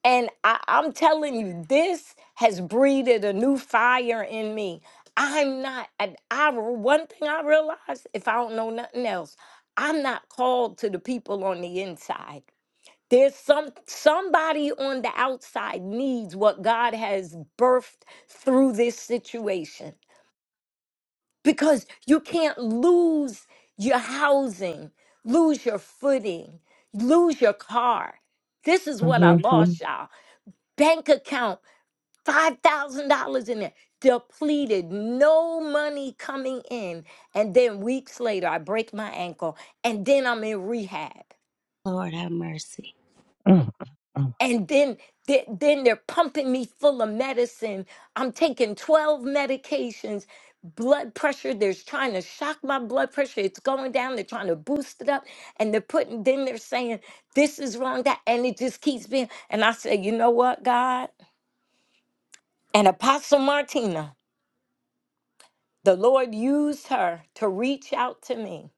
Speaker 2: And I, I'm telling you, this has breeded a new fire in me. I'm not, and I, re- one thing I realized, if I don't know nothing else, I'm not called to the people on the inside. There's some somebody on the outside needs what God has birthed through this situation. Because you can't lose your housing, lose your footing, lose your car. This is what I Mhm. lost, y'all bank account. $5,000 in there, depleted, no money coming in. And then weeks later, I break my ankle, and then I'm in rehab.
Speaker 1: Lord have mercy.
Speaker 2: And then, th- then they're pumping me full of medicine. I'm taking 12 medications, blood pressure. They're trying to shock my blood pressure. It's going down. They're trying to boost it up. And they're putting, then they're saying, this is wrong, that. And it just keeps being. And I say, you know what, God? And Apostle Martina. The Lord used her to reach out to me.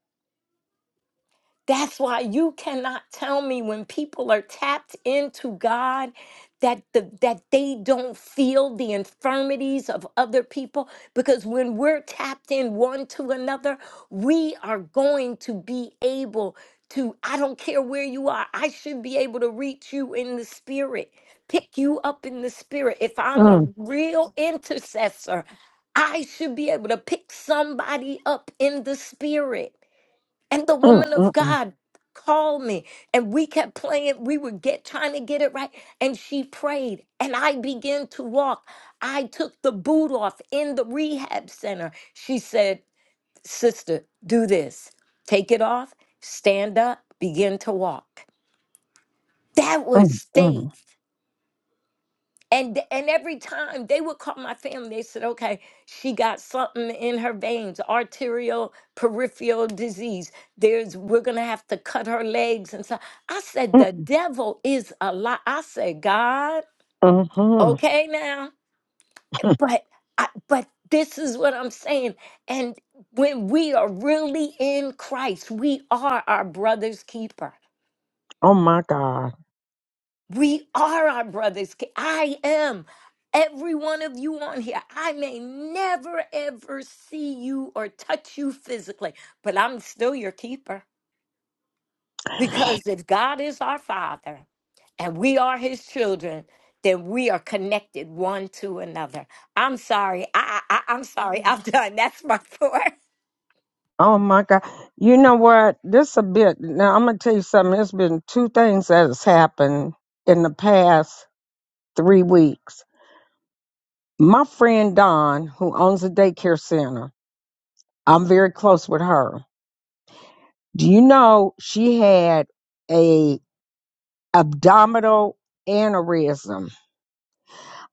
Speaker 2: That's why you cannot tell me when people are tapped into God that the, that they don't feel the infirmities of other people because when we're tapped in one to another, we are going to be able to I don't care where you are. I should be able to reach you in the spirit. Pick you up in the spirit. If I'm a real intercessor, I should be able to pick somebody up in the spirit. And the woman of God called me, and we kept playing. We were get trying to get it right, and she prayed, and I began to walk. I took the boot off in the rehab center. She said, "Sister, do this. Take it off. Stand up. Begin to walk." That was faith. And th- and every time they would call my family, they said, "Okay, she got something in her veins, arterial peripheral disease. There's we're gonna have to cut her legs." And so I said, "The devil is a lie." I said, "God, okay now, but I, but this is what I'm saying." And when we are really in Christ, we are our brother's keeper.
Speaker 11: oh my god
Speaker 2: We are our brother's keeper. I am. Every one of you on here, I may never ever see you or touch you physically, but I'm still your keeper. Because if God is our Father and we are His children, then we are connected one to another. I'm sorry. I, I, I- I'm sorry. I'm done. That's my pour.
Speaker 11: Oh my God. You know what? This a bit now I'm gonna tell you something. It's been two things that has happened in the past three weeks. My friend Dawn, who owns a daycare center, I'm very close with her. Do you know she had a abdominal aneurysm?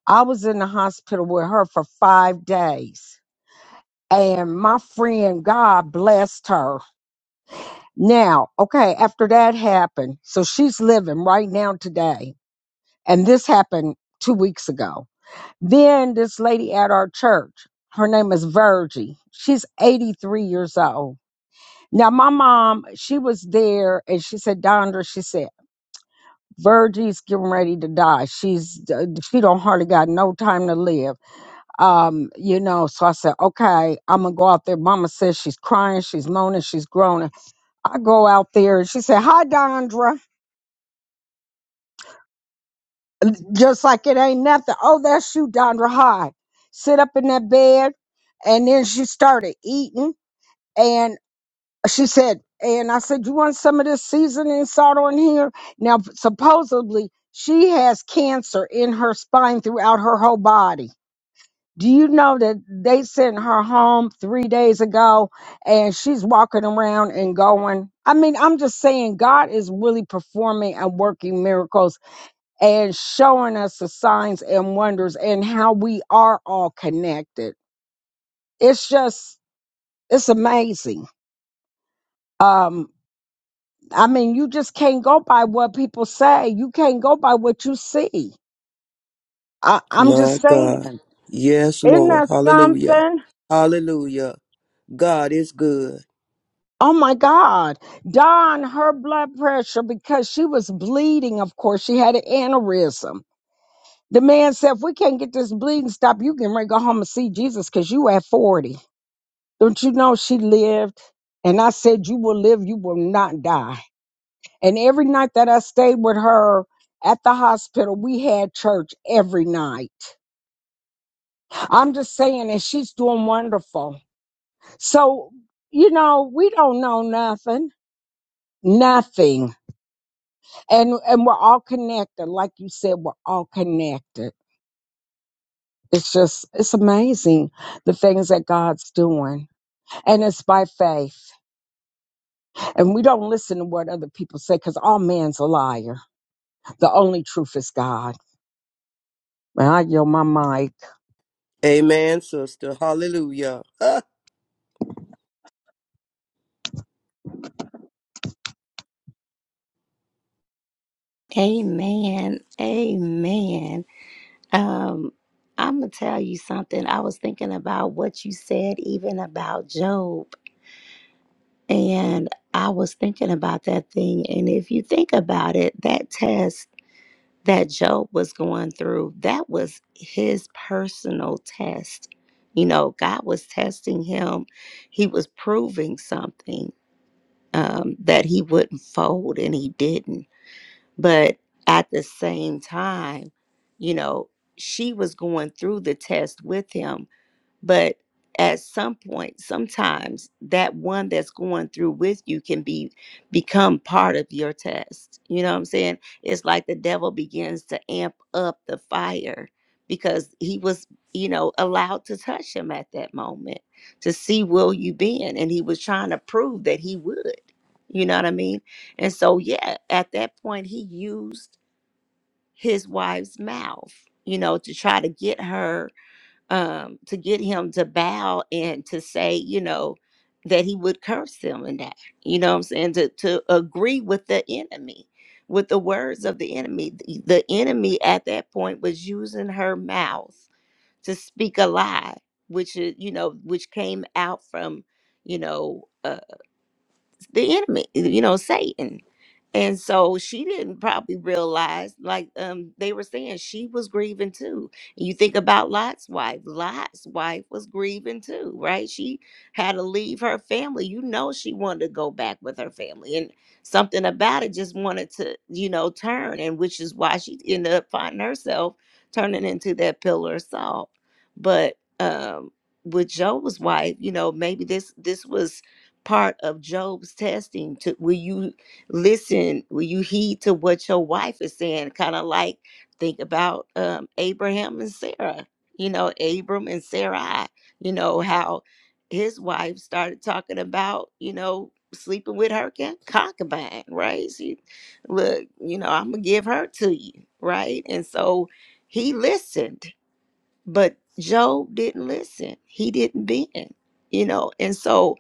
Speaker 11: I was in the hospital with her for five days. And my friend, God blessed her. Now, okay, after that happened, so she's living right now today And this happened two weeks ago. Then this lady at our church, her name is Virgie. She's 83 years old. Now, my mom, she was there and she said, Dondra, she said, Virgie's getting ready to die. She's uh, she don't hardly got no time to live. Um, you know, so I said, okay, I'm gonna go out there. Mama says she's crying, she's moaning, she's groaning. I go out there and she said, hi, Dondra. just like it ain't nothing. Oh, that's you, Dondra High. Sit up in that bed. And then she started eating. And she said, and I said, You want some of this seasoning salt on here? Now, supposedly, she has cancer in her spine throughout her whole body. Do you know that they sent her home three days ago and she's walking around and going? I mean, I'm just saying, God is really performing and working miracles and showing us the signs and wonders and how we are all connected. It's just, it's amazing. Um, I mean, you just can't go by what people say. You can't go by what you see. I, I'm
Speaker 10: My
Speaker 11: just saying,
Speaker 10: God. Yes,
Speaker 11: isn't
Speaker 10: Lord.
Speaker 11: that
Speaker 10: Hallelujah.
Speaker 11: something?
Speaker 10: Hallelujah. God is good.
Speaker 11: Oh my God. Don, her blood pressure, because she was bleeding, of course, she had an aneurysm. The man said, if we can't get this bleeding stopped, you can ready to go home and see Jesus because you at 40. Don't you know she lived? And I said, You will live, you will not die. And every night that I stayed with her at the hospital, we had church every night. I'm just saying, and she's doing wonderful. So, you know, we don't know nothing. Nothing. And and we're all connected. Like you said, we're all connected. It's just it's amazing the things that God's doing. And it's by faith. And we don't listen to what other people say because all man's a liar The only truth is God. Well, I yield my mic.
Speaker 10: Amen, sister. Hallelujah. Huh.
Speaker 1: Amen. Amen. Um, I'm gonna tell you something. I was thinking about what you said, even about Job. And I was thinking about that thing. And if you think about it, that test that Job was going through, that was his personal test. You know, God was testing him, he was proving something um, that he wouldn't fold, and he didn't. But at the same time, you know, she was going through the test with him but at some point, sometimes that one that's going through with you can be become part of your test. You know what I'm saying? It's like the devil begins to amp up the fire because he was, you know, allowed to touch him at that moment to see will you bend. And he was trying to prove that he would. You know what I mean? And so yeah, at that point he used his wife's mouth, you know, to try to get her um, to get him to bow and to say, you know, that he would curse them and that, you know what I'm saying, to, to agree with the enemy, with the words of the enemy. The the enemy at that point was using her mouth to speak a lie, which, is, you know, which came out from, you know, uh, the enemy, you know, Satan. And so she didn't probably realize, like um, they were saying, she was grieving too. You think about Lot's wife. Lot's wife was grieving too, right? She had to leave her family. You know, she wanted to go back with her family, and something about it just wanted to, you know, turn, and which is why she ended up finding herself turning into that pillar of salt. But um, with Joe's wife, you know, maybe this this was part of Job's testing to will you listen, will you heed to what your wife is saying? Kind of like think about um Abraham and Sarah, you know, Abram and Sarai, you know, how his wife started talking about, you know, sleeping with her con- concubine, right? She look, you know, I'm gonna give her to you, right? And so he listened but Job didn't listen. He didn't bend, you know. And so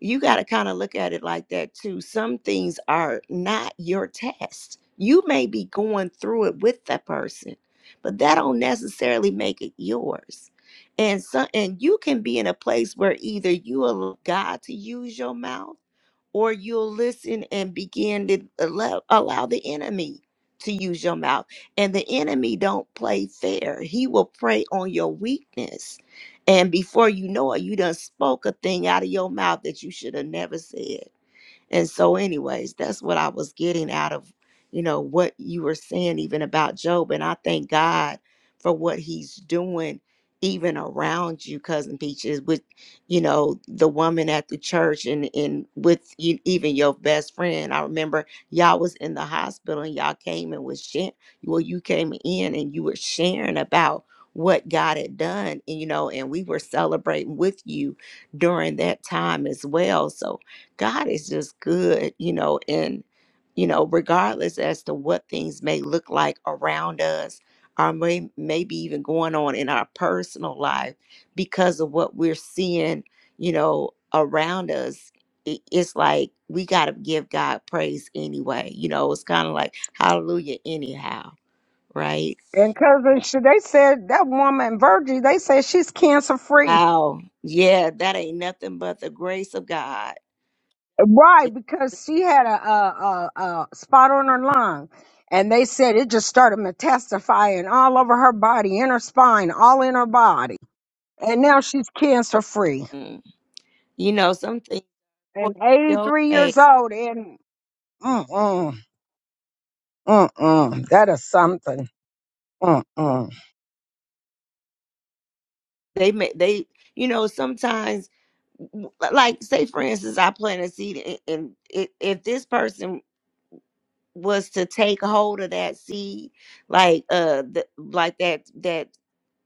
Speaker 1: you got to kind of look at it like that too. Some things are not your test. You may be going through it with that person, but that don't necessarily make it yours. And so and you can be in a place where either you allow God to use your mouth or you'll listen and begin to allow, allow the enemy to use your mouth and the enemy don't play fair he will prey on your weakness and before you know it you done spoke a thing out of your mouth that you should have never said and so, anyways, that's what I was getting out of, you know, what you were saying even about Job. And I thank God for what he's doing even around you, cousin Peaches, with, you know, the woman at the church and, and with you, even your best friend. I remember y'all was in the hospital and y'all came and was sharing, well, you came in and you were sharing about what God had done, and you know, and we were celebrating with you during that time as well. So, God is just good, you know, and you know, regardless as to what things may look like around us or may, maybe even going on in our personal life because of what we're seeing, you know, around us, i- it's like we got to give God praise anyway. You know, it's kind of like hallelujah anyhow, right?
Speaker 11: And cousin, Sh- they said that woman Virgie. They said she's cancer free.
Speaker 1: Wow. Yeah, that ain't nothing but the grace of God.
Speaker 11: Why?
Speaker 1: It-
Speaker 11: Because she had a, a, a, a spot on her lung, and they said it just started metastasizing all over her body, in her spine, all in her body, and now she's cancer free
Speaker 1: mm. You know, some things point
Speaker 11: and
Speaker 1: your
Speaker 11: 83
Speaker 1: way
Speaker 11: years old. And mm mm mm mm, that is something. Mm mm.
Speaker 1: They may they you know sometimes w- like say for instance I plant a seed and, and if, if this person was to take hold of that seed like uh the, like that that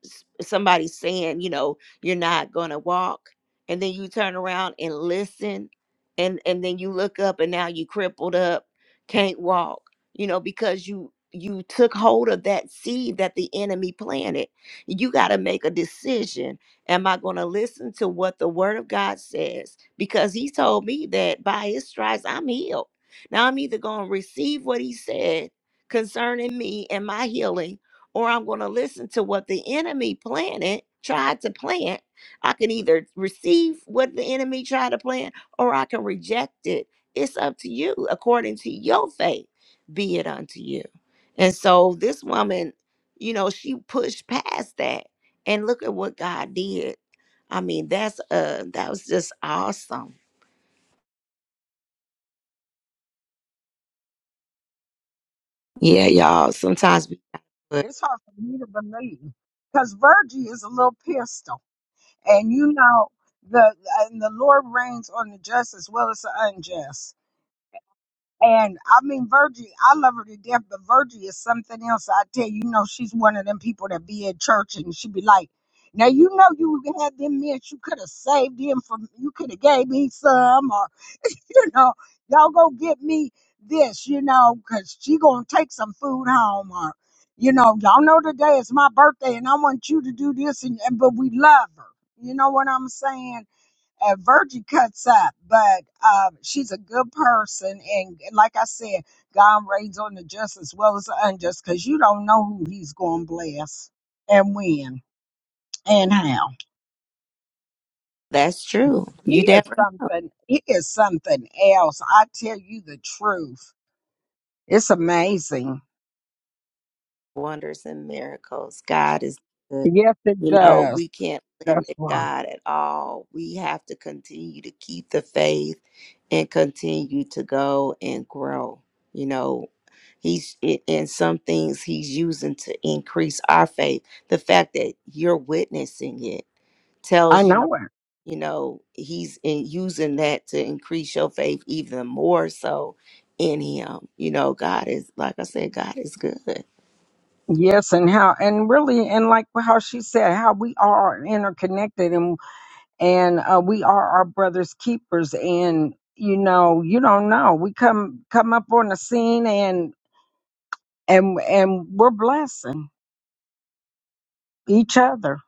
Speaker 1: s- somebody saying, you know, you're not going to walk, and then you turn around and listen, and and then you look up and now you crippled up, can't walk, you know, because you you took hold of that seed that the enemy planted. You got to make a decision. Am I going to listen to what the word of God says? Because he told me that by his stripes I'm healed. Now I'm either going to receive what he said concerning me and my healing or I'm going to listen to what the enemy planted, tried to plant. I can either receive what the enemy tried to plant or I can reject it. It's up to you according to your faith, be it unto you. And so this woman, you know, she pushed past that and look at what God did. I mean, that's uh that was just awesome. Yeah, y'all. Sometimes we but
Speaker 11: It's hard for me to believe because Virgie is a little pistol, and you know the and the Lord reigns on the just as well as the unjust. And I mean, Virgie, I love her to death, but Virgie is something else. I tell you, you know, she's one of them people that be in church and she be like, "Now you know you had them mints, you could have saved him from, you could have gave me some." you know, y'all go get me this, you know, because she going to take some food home or, you know, y'all know today is my birthday and I want you to do this. And, and but we love her. You know what I'm saying? And Virgie cuts up, but uh, she's a good person. And, and like I said, God reigns on the just as well as the unjust because you don't know who he's going to bless and when and how.
Speaker 1: that's true.
Speaker 11: He
Speaker 1: You
Speaker 11: is
Speaker 1: never know.
Speaker 11: something. He is something else. I tell you the truth. It's amazing.
Speaker 1: Wonders and miracles. God is good.
Speaker 11: Yes, it
Speaker 1: You know,
Speaker 11: does.
Speaker 1: we can't
Speaker 11: That's
Speaker 1: limit
Speaker 11: why
Speaker 1: God at all. We have to continue to keep the faith and continue to go and grow. You know, He's i- in some things He's using to increase our faith. The fact that you're witnessing it
Speaker 11: I
Speaker 1: tells you,
Speaker 11: know it.
Speaker 1: you know, He's in using that to increase your faith even more so in Him. You know, God is, like I said, God is good.
Speaker 11: Yes, and how, and really, and like how she said, how we are interconnected, and and uh, we are our brothers' keepers. And you know, you don't know. We come come up on the scene, and and and we're blessing each other.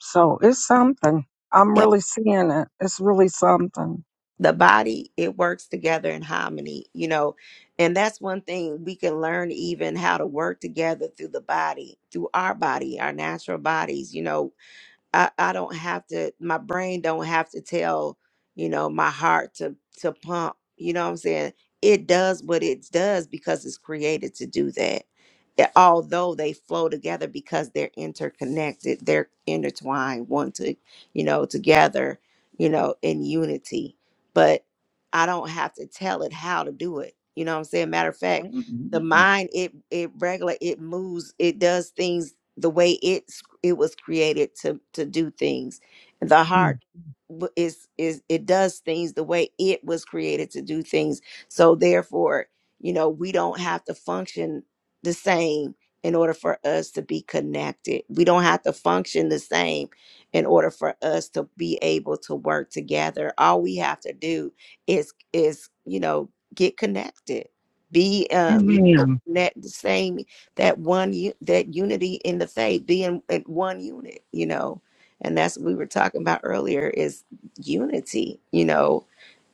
Speaker 11: So it's something. I'm
Speaker 1: Yep.
Speaker 11: really seeing it. It's really something.
Speaker 1: The body, it works together in harmony, you know. And that's one thing we can learn even how to work together through the body, through our body, our natural bodies. You know, I, I don't have to my brain don't have to tell you know my heart to to pump you know what i'm saying it does what it does because it's created to do that Yeah, although they flow together because they're interconnected they're intertwined one to you know together you know in unity but i don't have to tell it how to do it you know what i'm saying matter of fact the
Speaker 11: Amen.
Speaker 1: mind it it regular it moves it does things the way it's it was created to to do things the heart w- is is it does things the way it was created to do things so therefore you know we don't have to function the same in order for us to be connected we don't have to function the same in order for us to be able to work together all we have to do is is you know get connected be um you know
Speaker 11: Amen.
Speaker 1: net the same that one that unity in the faith, being at one unit, you know. And that's what we were talking about earlier is unity, you know,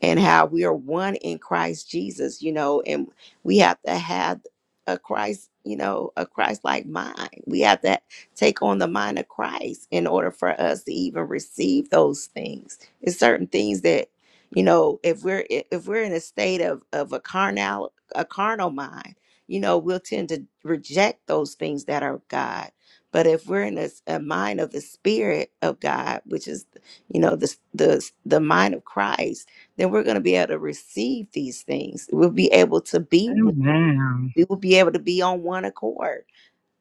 Speaker 1: and how we are one in Christ Jesus, you know, and we have to have a Christ, you know, a Christ like mind. We have to take on the mind of Christ in order for us to even receive those things. It's certain things that, you know, if we're if we're in a state of of a carnal a carnal mind you know, we'll tend to reject those things that are of God. But if we're in a, s- a mind of the Spirit of God, which is, you know, the s- the s- the mind of Christ, then we're going to be able to receive these things. We'll be able to be one.
Speaker 11: Amen.
Speaker 1: We will be able to be on one accord,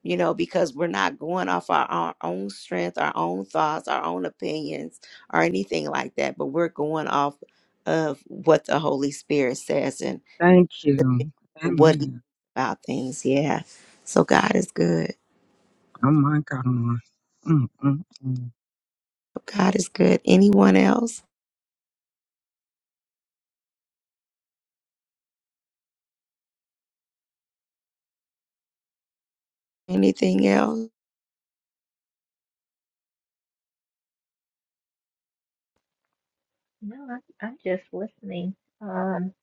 Speaker 1: you know, because we're not going off our, our own strength, our own thoughts, our own opinions, or anything like that. But we're going off of what the Holy Spirit says and
Speaker 11: Thank you.
Speaker 1: what
Speaker 11: Amen.
Speaker 1: about things. Yeah. So God is good.
Speaker 11: Oh my God. Mm, mm, mm.
Speaker 1: God is good. Anyone else? Anything else?
Speaker 4: No, I, I'm just listening. Um,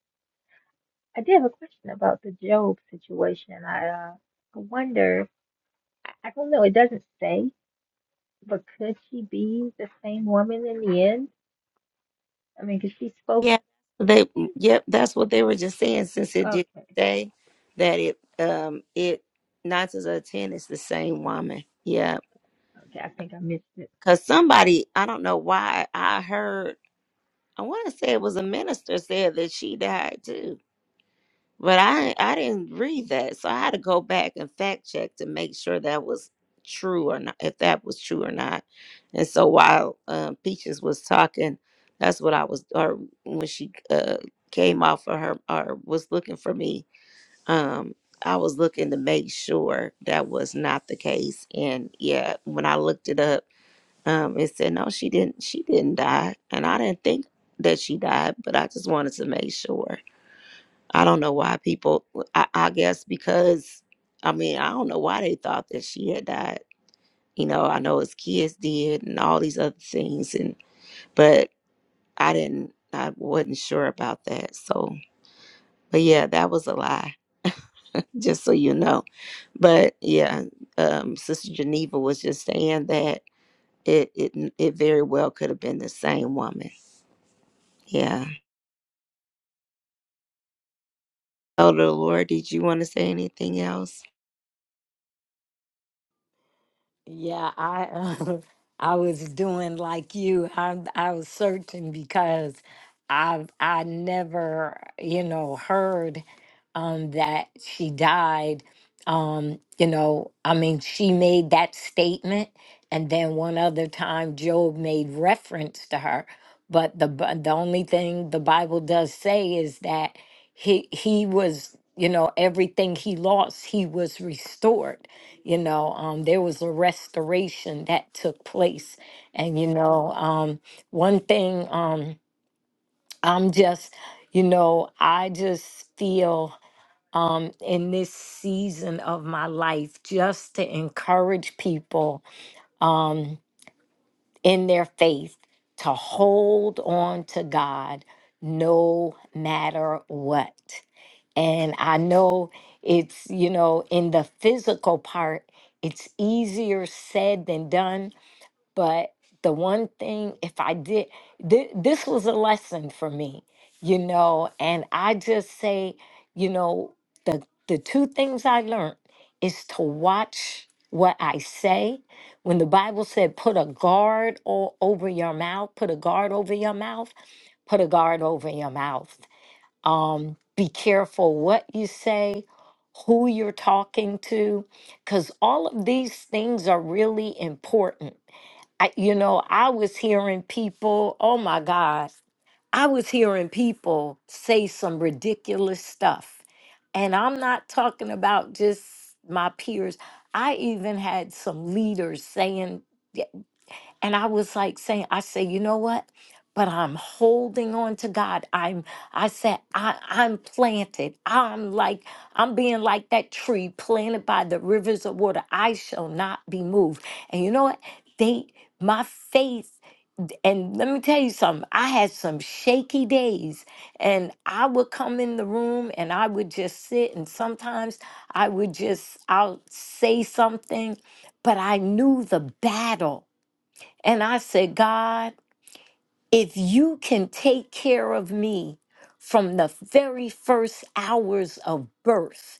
Speaker 4: I did have a question about the Job situation. I uh, I wonder. I don't know. It doesn't say, but could she be the same woman in the end? I mean, because she spoke.
Speaker 1: Yeah. They yep, that's what they were just saying since it
Speaker 4: Okay,
Speaker 1: did say that it um it nine to the ten is the same woman. Yeah.
Speaker 4: okay. I think I missed it.
Speaker 1: Cause somebody, I don't know why I heard I wanna say it was a minister said that she died too But I I didn't read that, so I had to go back and fact check to make sure that was true or not, if that was true or not. And so while um, Peaches was talking, that's what I was, or when she uh, came off of her or was looking for me, um, I was looking to make sure that was not the case. And yeah, when I looked it up, um, it said no, she didn't. She didn't die, and I didn't think that she died, but I just wanted to make sure. I don't know why people, I, I guess because, I mean, I don't know why they thought that she had died. You know, I know his kids did and all these other things, and but I didn't, I wasn't sure about that. So, but yeah, that was a lie, just so you know. But yeah, um, Sister Geneva was just saying that it, it, it very well could have been the same woman. Yeah. Elder Lord, did you want to say anything else?
Speaker 2: Yeah, I uh, I was doing like you. I I was searching because I I never, you know, heard um that she died. Um, you know, I mean, she made that statement and then one other time Job made reference to her, but the Bi- the only thing the Bible does say is that he he was, you know, everything he lost, he was restored you know um, there was a restoration that took place and you know um, one thing um, i'm just you know i just feel um, in this season of my life just to encourage people um, in their faith to hold on to god no matter what and I know it's, you know, in the physical part, it's easier said than done. But the one thing, if I did, thi- this was a lesson for me, you know, and I just say, you know, the, the two things I learned is to watch what I say. When the Bible said, put a guard all over your mouth, put a guard over your mouth, put a guard over your mouth um, be careful what you say, who you're talking to, because all of these things are really important. I, you know, I was hearing people, oh my God, I was hearing people say some ridiculous stuff. And I'm not talking about just my peers. I even had some leaders saying, and I was like saying, I say, you know what? But I'm holding on to God. I'm I said, I, I'm planted. I'm like, I'm being like that tree planted by the rivers of water. I shall not be moved. And you know what? They my faith, and let me tell you something, I had some shaky days. And I would come in the room and I would just sit, and sometimes I would just I'll say something, but I knew the battle. And I said, God, if you can take care of me from the very first hours of birth,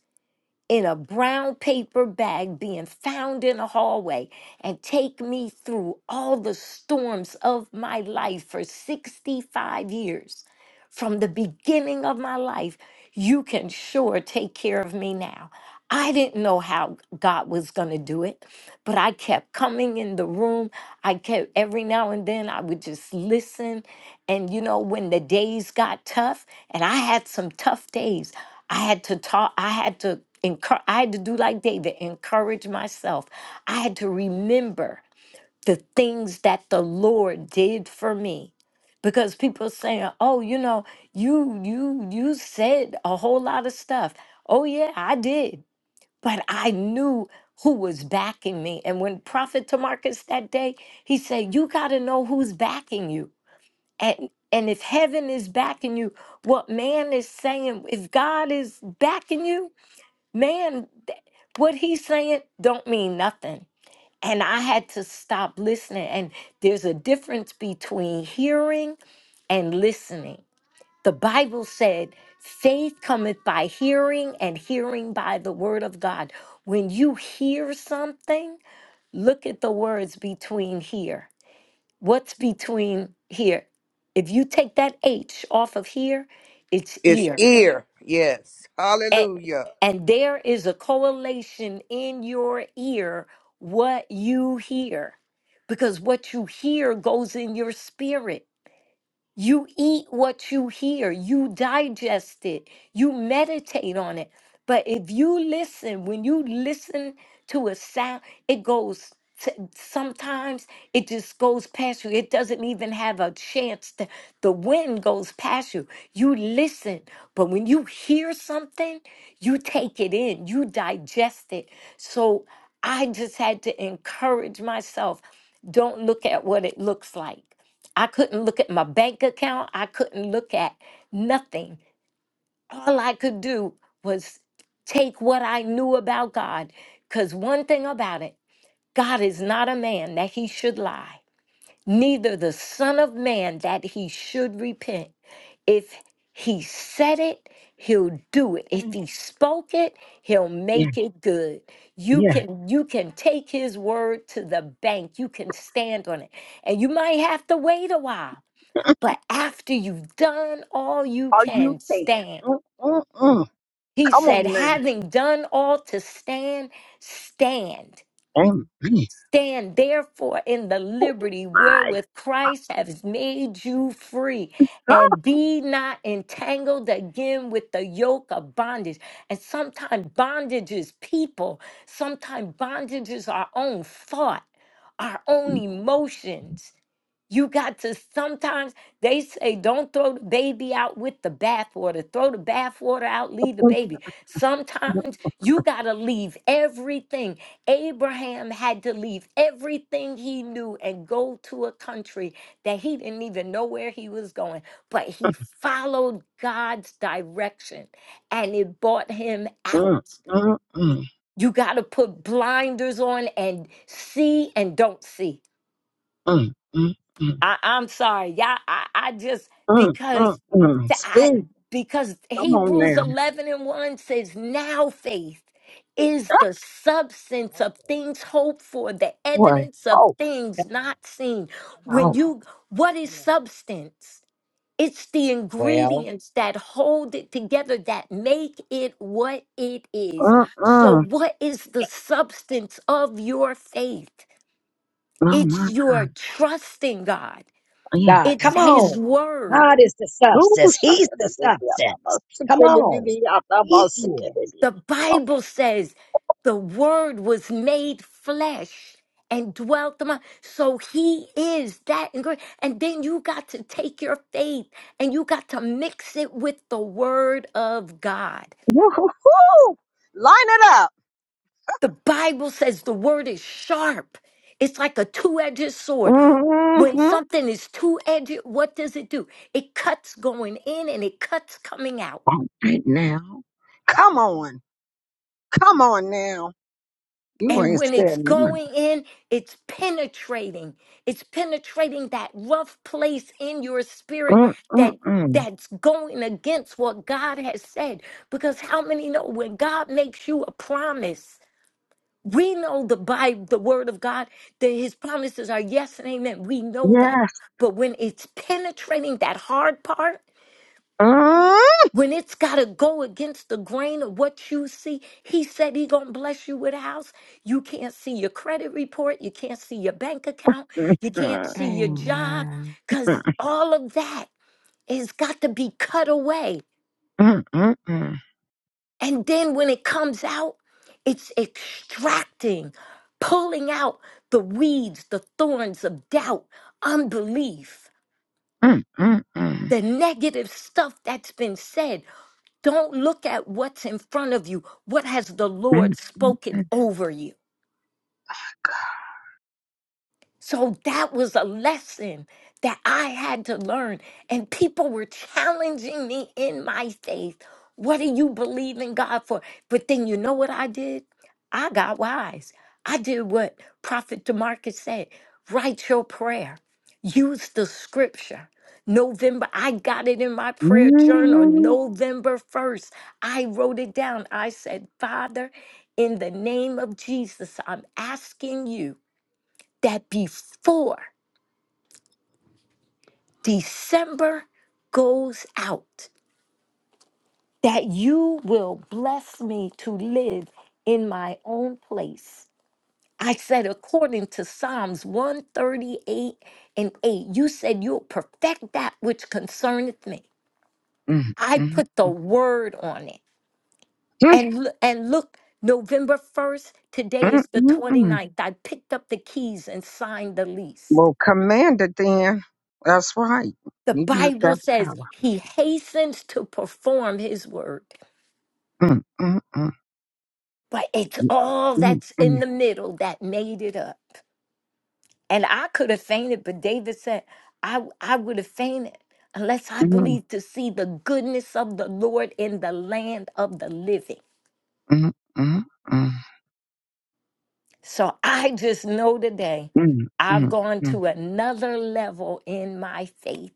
Speaker 2: in a brown paper bag being found in a hallway and take me through all the storms of my life for 65 years. From the beginning of my life, you can sure take care of me now. I didn't know how God was going to do it, but I kept coming in the room. I kept every now and then I would just listen. And you know, when the days got tough, and I had some tough days, I had to talk, I had to encourage, I had to do like David, encourage myself. I had to remember the things that the Lord did for me. Because people saying, Oh, you know, you you you said a whole lot of stuff. Oh yeah, I did. But I knew who was backing me. And when Prophet Tamarcus that day, he said, You gotta know who's backing you. And and if heaven is backing you, what man is saying, if God is backing you, man, th- what he's saying don't mean nothing. And I had to stop listening. And there's a difference between hearing and listening. The Bible said, faith cometh by hearing, and hearing by the word of God. When you hear something, look at the words between here. What's between here? If you take that H off of here, it's
Speaker 10: It's
Speaker 2: ear.
Speaker 10: ear. Yes.
Speaker 2: And,
Speaker 10: Hallelujah.
Speaker 2: and there is a correlation in your ear what you hear, because what you hear goes in your spirit. You eat what you hear, you digest it, you meditate on it. But if you listen, when you listen to a sound, it goes. To, sometimes it just goes past you. It doesn't even have a chance. To, the wind goes past you. You listen. But when you hear something, you take it in, you digest it. So I just had to encourage myself don't look at what it looks like I couldn't look at my bank account. I couldn't look at nothing. All I could do was take what I knew about God. Because one thing about it, God is not a man that he should lie, neither the Son of Man that he should repent. If he said it, he'll do it. If he spoke it, he'll
Speaker 11: Yeah,
Speaker 2: make it good. You
Speaker 11: yeah.
Speaker 2: can you can take his word to the bank. You can stand on it. And you might have to wait a while but after you've done all you
Speaker 11: Are you
Speaker 2: can,
Speaker 11: saying?
Speaker 2: stand.
Speaker 11: Come
Speaker 2: He said,
Speaker 11: on, man.
Speaker 2: having done all to stand, stand.
Speaker 11: Oh
Speaker 2: Stand therefore in the liberty
Speaker 11: my
Speaker 2: wherewith Christ has made you free,
Speaker 11: God.
Speaker 2: and be not entangled again with the yoke of bondage. And sometimes bondage is people, sometimes bondage is our own thought, our own emotions you got to sometimes they say don't throw the baby out with the bathwater. Throw the bathwater out, leave the baby. Sometimes you got to leave everything. Abraham had to leave everything he knew and go to a country that he didn't even know where he was going, but he followed God's direction and it brought him out.
Speaker 11: Mm, mm, mm,
Speaker 2: You got to put blinders on and see and don't see.
Speaker 11: mm, mm, mm,
Speaker 2: I, I'm sorry, y'all. I, I just
Speaker 11: mm, mm,
Speaker 2: because
Speaker 11: mm.
Speaker 2: th- I
Speaker 11: Speak.
Speaker 2: because
Speaker 11: Come on
Speaker 2: Hebrews
Speaker 11: now,
Speaker 2: 11 and 1 says now faith is the substance
Speaker 5: come
Speaker 2: of things hoped for, the
Speaker 11: boy.
Speaker 2: evidence of
Speaker 11: Oh,
Speaker 5: on,
Speaker 2: things not seen.
Speaker 5: come on,
Speaker 2: When
Speaker 11: oh.
Speaker 2: you what is
Speaker 5: come on.
Speaker 2: substance? It's the
Speaker 5: Well.
Speaker 2: ingredients that hold it together that make it what it is.
Speaker 11: Mm,
Speaker 2: So
Speaker 11: mm.
Speaker 2: what is the substance of your faith?
Speaker 11: Oh
Speaker 2: It's
Speaker 11: my
Speaker 2: your
Speaker 11: God.
Speaker 2: trusting God.
Speaker 11: Yeah.
Speaker 5: God.
Speaker 2: It's
Speaker 11: Lord.
Speaker 5: Come
Speaker 2: his
Speaker 5: on.
Speaker 2: word.
Speaker 5: God is the
Speaker 11: Oh,
Speaker 5: substance. He's the
Speaker 11: shakadadidiyata,
Speaker 5: substance. Come on.
Speaker 11: basikadadidiyata,
Speaker 5: He is.
Speaker 2: The
Speaker 11: basikadadidiyata.
Speaker 2: Bible says the word was made flesh and dwelt among. So he is that and great. And then you got to take your faith and you got to mix it with the word of God.
Speaker 11: Woo-hoo-hoo. Line it up.
Speaker 2: The Bible says the word is sharp. It's like a two edged sword. When
Speaker 11: Mm-hmm.
Speaker 2: something is two edged, what does it do? It cuts going in and it cuts coming out.
Speaker 11: All right now. Come on. Come on now. You
Speaker 2: And
Speaker 11: ain't
Speaker 2: when it's
Speaker 11: said one.
Speaker 2: going in, it's penetrating. It's penetrating that rough place in your spirit that
Speaker 11: Mm-mm-mm.
Speaker 2: that's going against what God has said. Because how many know when God makes you a promise? We know the Bible, the word of God, that his promises are yes and amen. We know that.
Speaker 11: Yes.
Speaker 2: But when it's penetrating that hard part,
Speaker 11: Mm-mm.
Speaker 2: when it's got to go against the grain of what you see, he said he going to bless you with a house. You can't see your credit report, you can't see your bank account, you can't see your
Speaker 3: Amen.
Speaker 2: job cuz all of that has got to be cut away.
Speaker 11: Mm-mm-mm.
Speaker 2: And then when it comes out, it's extracting, pulling out the weeds, the thorns of doubt, unbelief,
Speaker 11: Mm-mm-mm.
Speaker 2: the negative stuff that's been said, Don't look at what's in front of you. What has the Lord spoken over you? So that was a lesson that I had to learn. And people were challenging me in my faith. What do you believe in God for? But then you know what I did? I got wise. I did what Prophet Demarcus said write your prayer, use the scripture. November, I got it in my prayer journal. November 1st, I wrote it down. I said, Father, in the name of Jesus, I'm asking you that before December goes out, that you will bless me to live in my own place. I said, according to Psalms 138 and 8, you said you'll perfect that which concerneth me. I put the word on it. And, l- and look, November 1st, today is the
Speaker 11: Mm-mm-mm.
Speaker 2: 29th. I picked up the keys and signed the lease.
Speaker 11: Well, command it then. That's right.
Speaker 2: The
Speaker 11: You use
Speaker 2: Bible
Speaker 11: that
Speaker 2: says
Speaker 11: power.
Speaker 2: he hastens to perform his word, but it's all that's in the
Speaker 11: Mm-mm-mm.
Speaker 2: middle that made it up. And I could have fainted, but David said, I, I would have fainted unless I believed to see the goodness of the Lord in the land of the living.
Speaker 11: mm, mm, mm,
Speaker 2: So I just know today
Speaker 11: mm,
Speaker 2: I've
Speaker 11: mm,
Speaker 2: gone
Speaker 11: mm,
Speaker 2: to another level in my faith.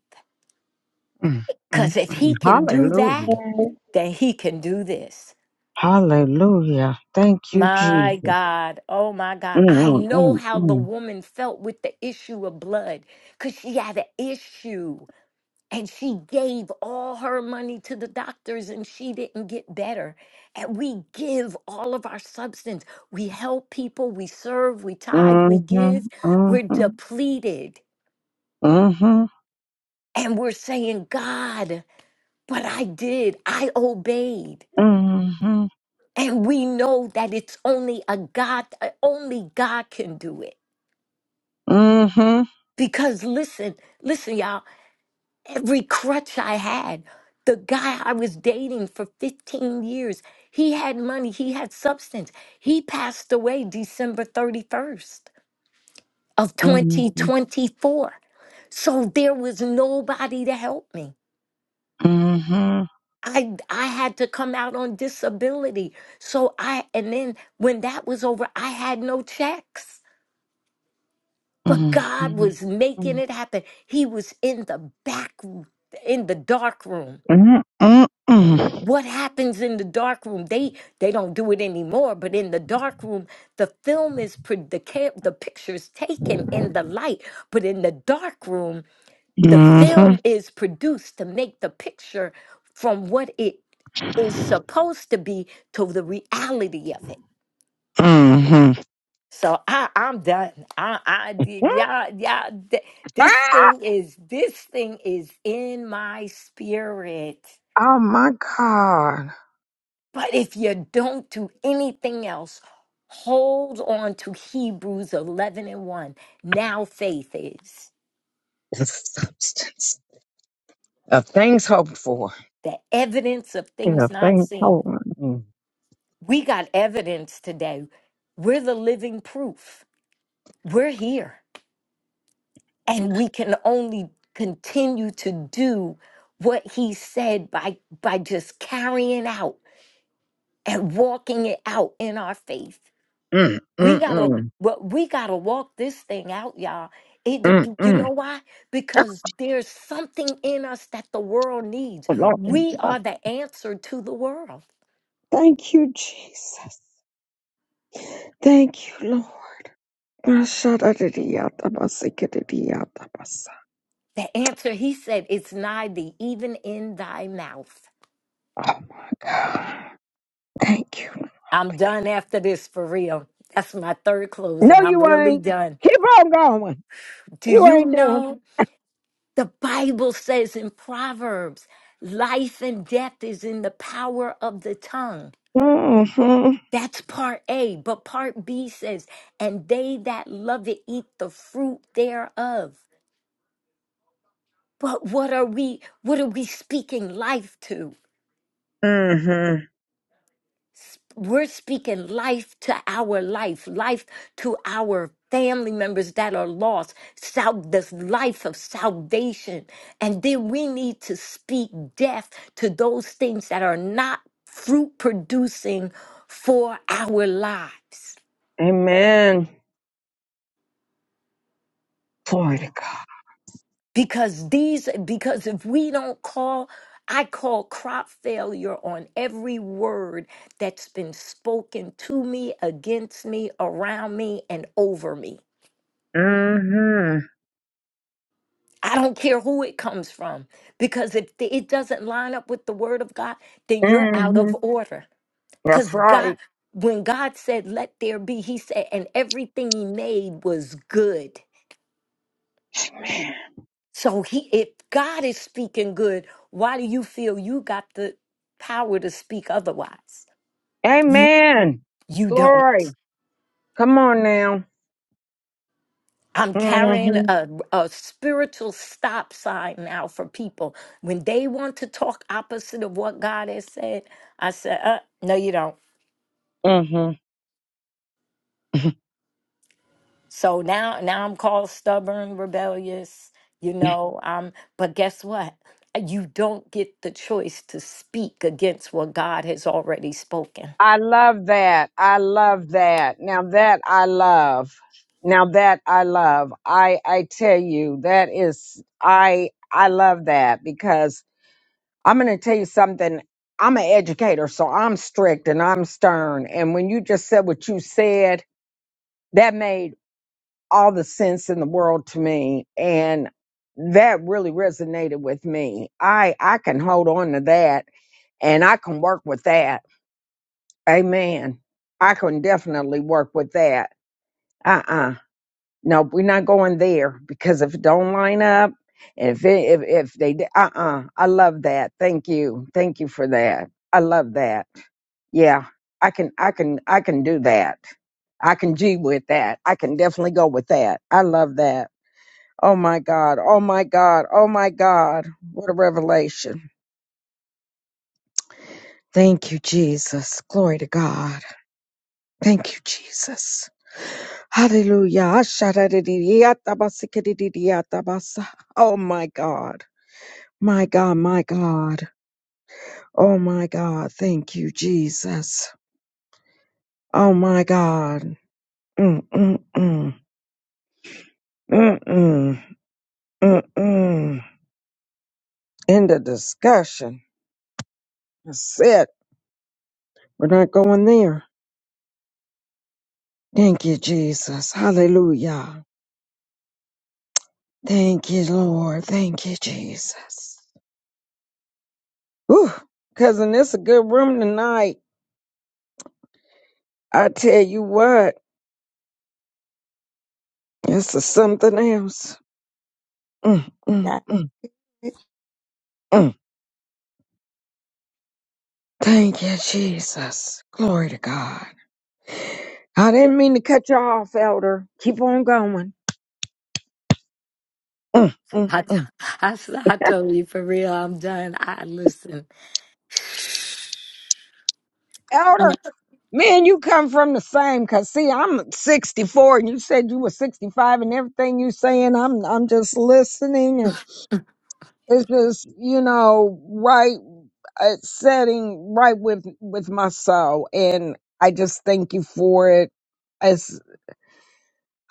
Speaker 11: mm, mm,
Speaker 2: Because if
Speaker 11: mm.
Speaker 2: he can do
Speaker 11: Hallelujah.
Speaker 2: that,
Speaker 5: And
Speaker 2: then he can do this.
Speaker 11: Hallelujah. Thank you,
Speaker 2: My
Speaker 11: Jesus.
Speaker 2: God. Oh my God. I
Speaker 11: Mm,
Speaker 2: know
Speaker 11: mm,
Speaker 2: how
Speaker 11: mm,
Speaker 2: the woman felt with the issue of blood because she had an issue and she gave all her money to the doctors and she didn't get better. And we give all of our substance. We help people, we serve, we tithe, we give. We're
Speaker 11: mm.
Speaker 2: depleted
Speaker 11: Mhm,
Speaker 2: and we're saying, God, but I did, I obeyed.
Speaker 11: mhm, mhm, mhm,
Speaker 2: And we know that it's only a God, only God can do it.
Speaker 11: mhm,
Speaker 2: Because listen, listen, y'all, every crutch I had, the guy I was dating for 15 years, he had money, he had substance. He passed away December 31st of
Speaker 11: mhm,
Speaker 2: 2024. So there was nobody to help me.
Speaker 11: mhm,
Speaker 2: I I had to come out on disability. So I and then when that was over, I had no checks. But
Speaker 11: mhm,
Speaker 2: God was making
Speaker 11: mhm.
Speaker 2: it happen. He was in the back in the dark room
Speaker 11: Mm, mm, mm.
Speaker 2: what happens in the dark room they they don't do it anymore but in the dark room the film is pro- the cam- the pictures taken in the light but in the dark room the
Speaker 11: Mhm,
Speaker 2: film is produced to make the picture from what it is supposed to be to the reality of it
Speaker 11: mhm.
Speaker 2: so i i'm done i i yeah yeah this
Speaker 11: Ah,
Speaker 2: thing is this thing is in my spirit
Speaker 11: Oh my God.
Speaker 2: But if you don't do anything else, hold on to Hebrews 11 and 1. Now faith is
Speaker 11: The substance of things hoped for.
Speaker 2: the evidence of
Speaker 11: Yeah,
Speaker 2: things not
Speaker 11: things
Speaker 2: seen.
Speaker 11: hoped.
Speaker 2: We got evidence today. We're the living proof. We're here. And we can only continue to do what he said by, by just carrying out and walking it out in our faith.
Speaker 11: Mm,
Speaker 2: We
Speaker 11: mm,
Speaker 2: gotta,
Speaker 11: mm,
Speaker 2: well, we gotta walk this thing out, y'all. It,
Speaker 11: mm,
Speaker 2: you
Speaker 11: mm.
Speaker 2: know why?
Speaker 11: Oh,
Speaker 2: Because there's something in us that the world needs.
Speaker 11: Lord.
Speaker 2: We are the answer to the world.
Speaker 11: Thank you, Jesus. Thank you, Lord. Mashadadidiyatabasikididiyatapasa.
Speaker 2: The answer, he said, it's nigh thee, even in thy mouth.
Speaker 11: Oh my God. Thank you, Lord.
Speaker 2: I'm
Speaker 11: God.
Speaker 2: done after this for real. That's my third close,
Speaker 11: No,
Speaker 2: and I'm
Speaker 11: you
Speaker 2: really
Speaker 11: ain't.
Speaker 2: done.
Speaker 11: Keep on going.
Speaker 2: Do
Speaker 11: You
Speaker 2: you
Speaker 11: ain't done.
Speaker 2: know the Bible says in Proverbs, life and death is in the power of the tongue?
Speaker 11: Mm-hmm.
Speaker 2: That's part A. But part B says, and they that love it eat the fruit thereof. But what are we what are we speaking life to?
Speaker 11: Mm-hmm.
Speaker 2: S- We're speaking life to our life, life to our family members that are lost, sal- this life of salvation. And then we need to speak death to those things that are not fruit producing for our lives.
Speaker 11: Amen. Glory to God.
Speaker 2: because these because if we don't call I call crop failure on every word that's been spoken to me, against me, around me, and over me.
Speaker 11: Mm-hmm.
Speaker 2: I don't care who it comes from, because if the- it doesn't line up with the word of God, then you're out
Speaker 11: Mm-hmm.
Speaker 2: of order.
Speaker 11: That's
Speaker 2: Because
Speaker 11: right.
Speaker 2: God, when God said, let there be, he said, and everything he made was good.
Speaker 11: Amen.
Speaker 2: So he if God is speaking good, why do you feel you got the power to speak otherwise? You
Speaker 11: Amen.
Speaker 2: you don't.
Speaker 11: Glory. Come on now.
Speaker 2: I'm carrying
Speaker 11: Mm-hmm.
Speaker 2: a, a spiritual stop sign now for people. When they want to talk opposite of what God has said, I said, uh, no, you don't.
Speaker 11: Mm-hmm.
Speaker 2: So now now I'm called stubborn, rebellious, you know, um, but guess what? You don't get the choice to speak against what God has already spoken.
Speaker 11: I love that. I love that. Now that I love. Now that I love. I I tell you that is I I love that because I'm going to tell you something. I'm an educator, so I'm strict and I'm stern. And when you just said what you said, that made all the sense in the world to me and that really resonated with me. I I can hold on to that and I can work with that Amen. I can definitely work with that. Uh uh No, we're not going there because if it don't line up, if it, if if they uh uh I love that. Thank you, thank you for that. I love that. Yeah, I can I can I can do that. I can G with that. I can definitely go with that. I love that. Oh my God. Oh my God. Oh my God. What a revelation. Thank you, Jesus. Glory to God. Thank you, Jesus. Hallelujah. Ashadadidiyatabasikadididiyata basa. Oh my God. My God, my God. Oh my God. Thank you, Jesus. Oh my God. Mm, mm, mm. Mm, mm. Mm, mm. End of discussion. That's it. We're not going there. Thank you, Jesus. Hallelujah. Thank you, Lord. Thank you, Jesus. Whew. Cousin, it's a good room tonight. I tell you what, this is something else. Mm, mm,
Speaker 1: That's
Speaker 11: mm,
Speaker 1: it.
Speaker 11: mm. Thank you, Jesus. Glory to God. I didn't mean to cut you off, Elder. Keep on going. Mm, mm,
Speaker 2: I, t-
Speaker 11: mm.
Speaker 2: I, s- I told you for real, I'm done. I listen,
Speaker 11: Elder, me and you come from the same. Cause see, I'm 64, and you said you were 65, and everything you saying, I'm I'm just listening, and it's just you know right uh, setting right with with my soul, and I just thank you for it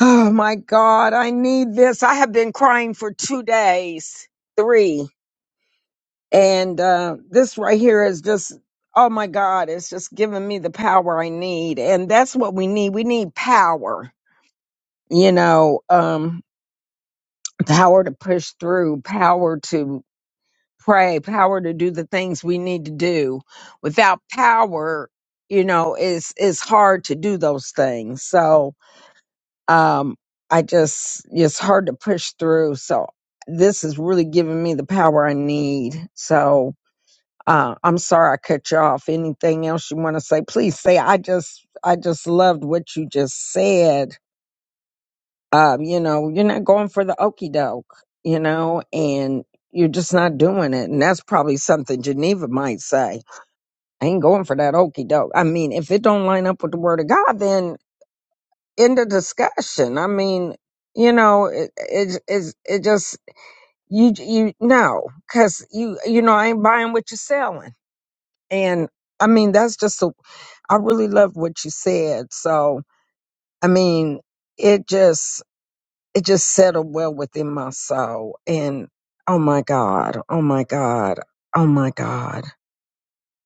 Speaker 11: Oh my God, I need this. I have been crying for two days, three. And uh, this right here is just, oh my God, it's just giving me the power I need. And that's what we need. We need power, you know, um, power to push through, power to pray, power to do the things we need to do. Without power, you know, it's, it's hard to do those things. So, um i just it's hard to push through so this is really giving me the power i need so uh i'm sorry i cut you off anything else you want to say please say i just i just loved what you just said um you know you're not going for the okey doke you know and you're just not doing it and that's probably something geneva might say i ain't going for that okey doke i mean if it don't line up with the word of god then in the discussion. I mean, you know, it it it, it just you you know, cause you you know, I ain't buying what you're selling, and I mean that's just a, I really love what you said. So I mean, it just it just settled well within my soul, and oh my God, oh my God, oh my God,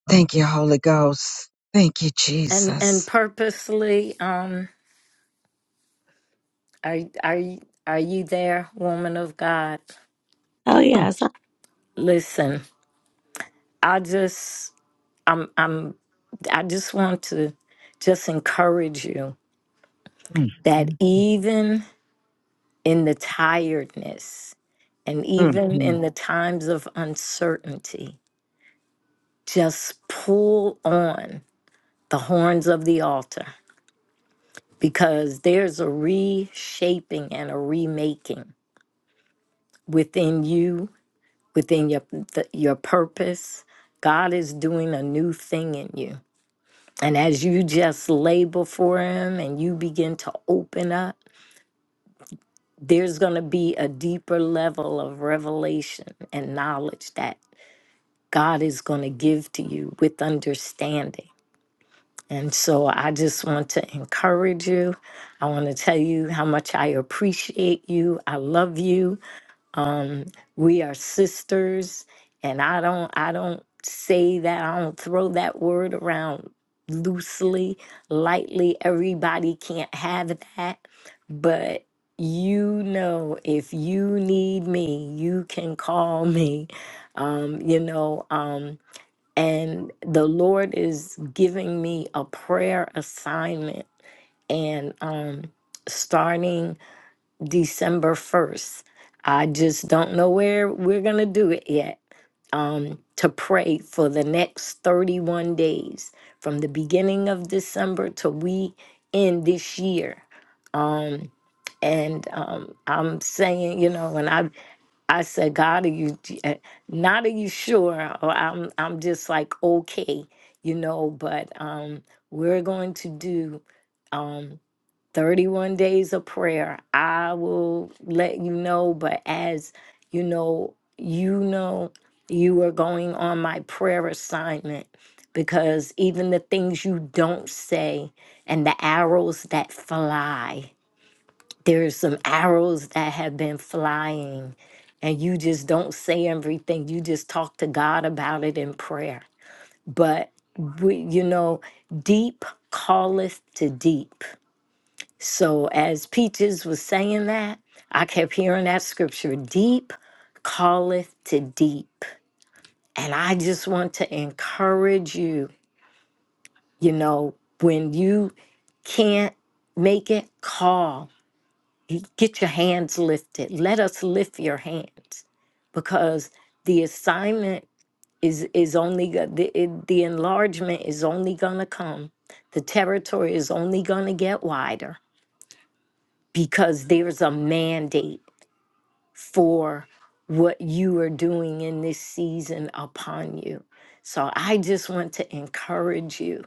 Speaker 11: thank you, Holy Ghost, thank you,
Speaker 2: and and
Speaker 11: Jesus.
Speaker 2: purposely, um, are are you- are you there, woman of God?
Speaker 1: Oh
Speaker 11: Mm,
Speaker 1: yes, I
Speaker 2: Listen, I just, I'm, I'm, I just want to just encourage you
Speaker 11: mm,
Speaker 2: that
Speaker 11: mm,
Speaker 2: even in the tiredness and
Speaker 11: mm,
Speaker 2: even
Speaker 11: mm.
Speaker 2: in the times of uncertainty, just pull on the horns of the altar because there's a reshaping and a remaking within you, within your th- your purpose. God is doing a new thing in you. And as you just labor for him and you begin to open up, there's going to be a deeper level of revelation and knowledge that God is going to give to you with understanding. And so I just want to encourage you. I want to tell you how much I appreciate you. I love you. um we are sisters and i don't i don't say that i don't throw that word around loosely lightly everybody can't have that but you know if you need me you can call me um you know um and the lord is giving me a prayer assignment and um starting December 1st. I just don't know where we're going to do it yet. Um, to pray for the next 31 days from the beginning of December till we end this year. Um, and um, I'm saying, you know, when I I said, God, are you eh, not? Are you sure? Or I'm I'm just like okay, you know. But um, we're going to do. Um, 31 days of prayer. I will let you know, but as you know, you know, you are going on my prayer assignment because even the things you don't say and the arrows that fly, there's some arrows that have been flying, and you just don't say everything. You just talk to God about it in prayer. But, we, you know, deep calleth to deep so, as Peaches was saying that, I kept hearing that scripture deep calleth to deep. And I just want to encourage you, you know, when you can't make it, call, get your hands lifted. Let us lift your hands because the assignment is is only go- the, it- the enlargement is only going to come the territory is only going to get wider because there's a mandate for what you are doing in this season upon you. So I just want to encourage you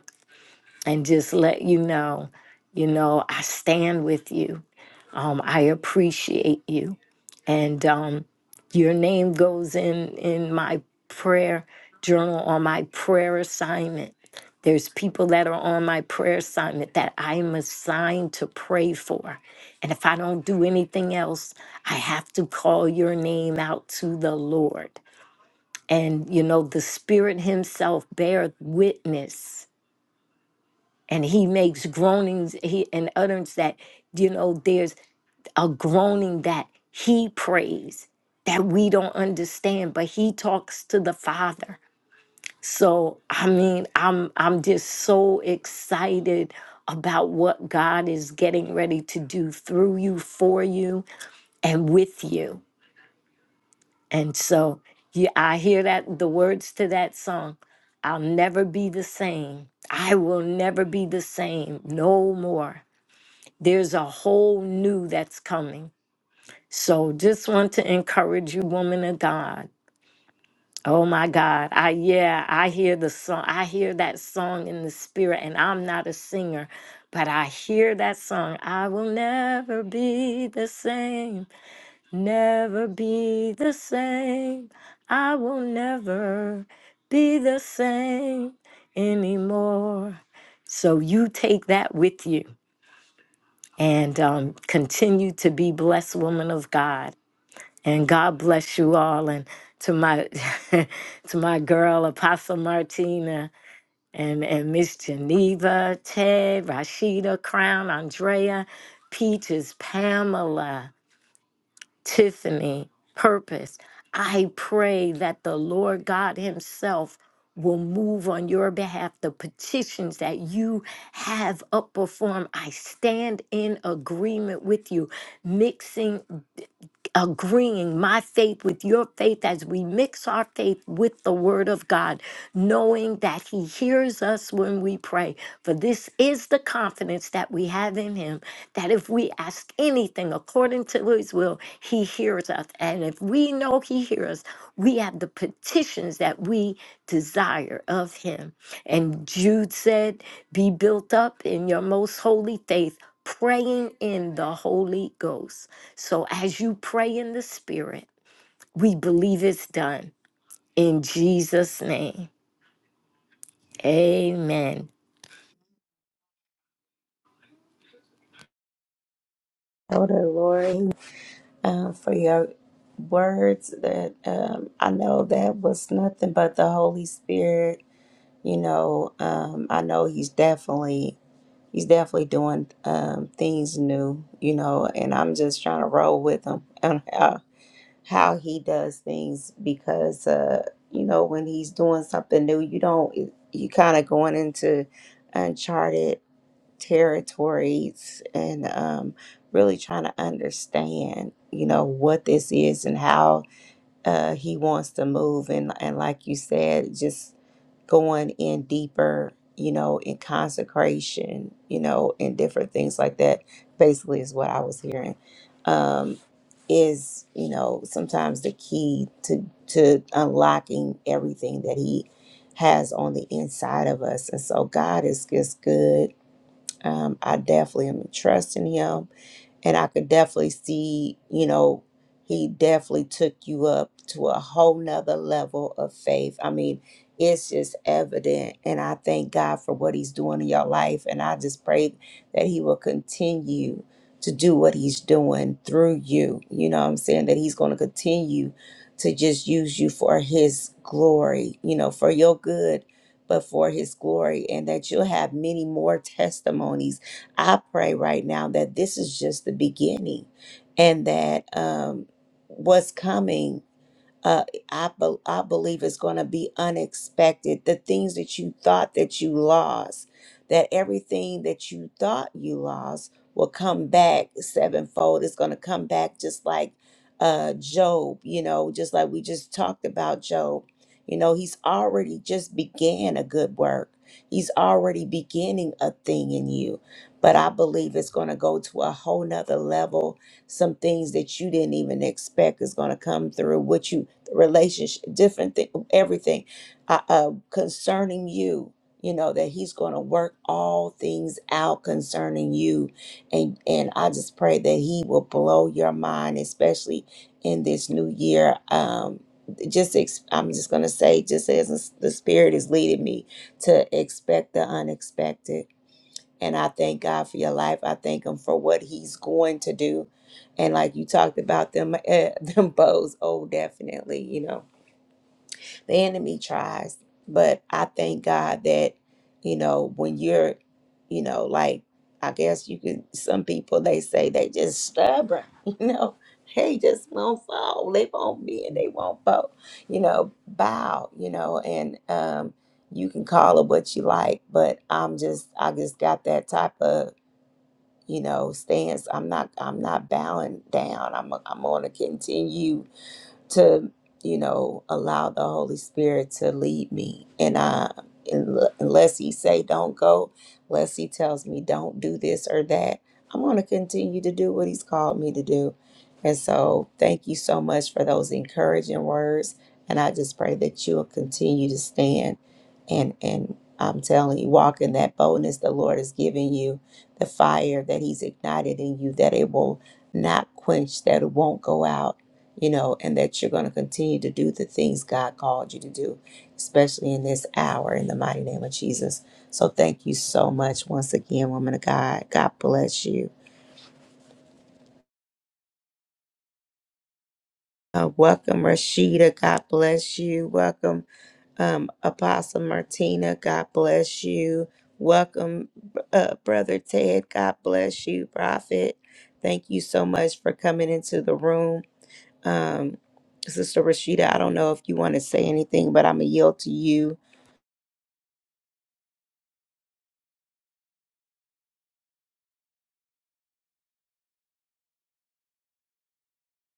Speaker 2: and just let you know, you know, I stand with you. Um, I appreciate you. And um, your name goes in in my prayer journal on my prayer assignment. There's people that are on my prayer assignment that I'm assigned to pray for. And if I don't do anything else, I have to call your name out to the Lord. And, you know, the Spirit Himself beareth witness and he makes groanings he and utterance that you know there's a groaning that he prays that we don't understand but he talks to the father so i mean i'm i'm just so excited about what god is getting ready to do through you for you and with you and so yeah, i hear that the words to that song i'll never be the same i will never be the same no more There's a whole new that's coming. So just want to encourage you, woman of God. Oh my God. I yeah, I hear the song. I hear that song in the spirit, and I'm not a singer, but I hear that song. I will never be the same. Never be the same. I will never be the same anymore. So you take that with you and um, continue to be blessed woman of god and god bless you all and to my to my girl apostle martina and and miss geneva ted rashida crown andrea peaches pamela Tiffany, purpose. I pray that the Lord God Himself will move on your behalf the petitions that you have up before Him. I stand in agreement with you, mixing agreeing my faith with your faith as we mix our faith with the word of God, knowing that he hears us when we pray. For this is the confidence that we have in him that if we ask anything according to his will, he hears us. And if we know he hears, us, we have the petitions that we desire of him. And Jude said, Be built up in your most holy faith praying in the Holy Ghost. So as you pray in the Spirit, we believe it's done. In Jesus' name, amen.
Speaker 1: know the Lord uh, for your words. That um, I know that was nothing but the Holy Spirit. You know, um, I know He's definitely he's definitely doing um, things new, you know, and I'm just trying to roll with him on how, how he does things because, uh, you know, when he's doing something new, you don't, you kind of going into uncharted territories and um, really trying to understand, you know, what this is and how uh, he wants to move and and like you said, just going in deeper, you know, in consecration, you know, and different things like that. Basically, is what I was hearing. Um, is you know sometimes the key to to unlocking everything that he has on the inside of us, and so God is just good. Um, I definitely am trusting Him and I could definitely see, you know, he definitely took you up to a whole nother level of faith. I mean, it's just evident. And I thank God for what he's doing in your life. And I just pray that he will continue to do what he's doing through you. You know what I'm saying? That he's going to continue to just use you for his glory, you know, for your good, but for his glory. And that you'll have many more testimonies I pray right now that this is just the beginning and that um, what's coming uh, I, be- I believe it's going to be unexpected. The things that you thought that you lost, that everything that you thought you lost will come back sevenfold. It's going to come back just like uh, Job, you know, just like we just talked about Job. You know, he's already just began a good work. He's already beginning a thing in you. But I believe it's going to go to a whole nother level some things that you didn't even expect is going to come through what you relationship, different thing, everything uh, uh, concerning you. You know that He's going to work all things out concerning you, and and I just pray that He will blow your mind, especially in this new year. Um, just ex- I'm just going to say, just as the Spirit is leading me to expect the unexpected, and I thank God for your life. I thank Him for what He's going to do, and like you talked about them, eh, them bows. Oh, definitely, you know the enemy tries but i thank god that you know when you're you know like i guess you can some people they say they just stubborn you know they just won't fall they won't be and they won't bow you know bow you know and um you can call it what you like but i'm just i just got that type of you know stance i'm not i'm not bowing down i'm i'm going to continue to you know allow the holy spirit to lead me and i unle- unless he say don't go unless he tells me don't do this or that i'm going to continue to do what he's called me to do and so thank you so much for those encouraging words and i just pray that you'll continue to stand and and i'm telling you walk in that boldness the lord has given you the fire that he's ignited in you that it will not quench that it won't go out you know, and that you're going to continue to do the things God called you to do, especially in this hour, in the mighty name of Jesus. So thank you so much once again, woman of God. God bless you. Uh, welcome, Rashida. God bless you. Welcome, um, Apostle Martina. God bless you. Welcome, uh, Brother Ted. God bless you, Prophet. Thank you so much for coming into the room. Um, Sister Rashida, I don't know if you want to say anything, but I'm going to yield to you.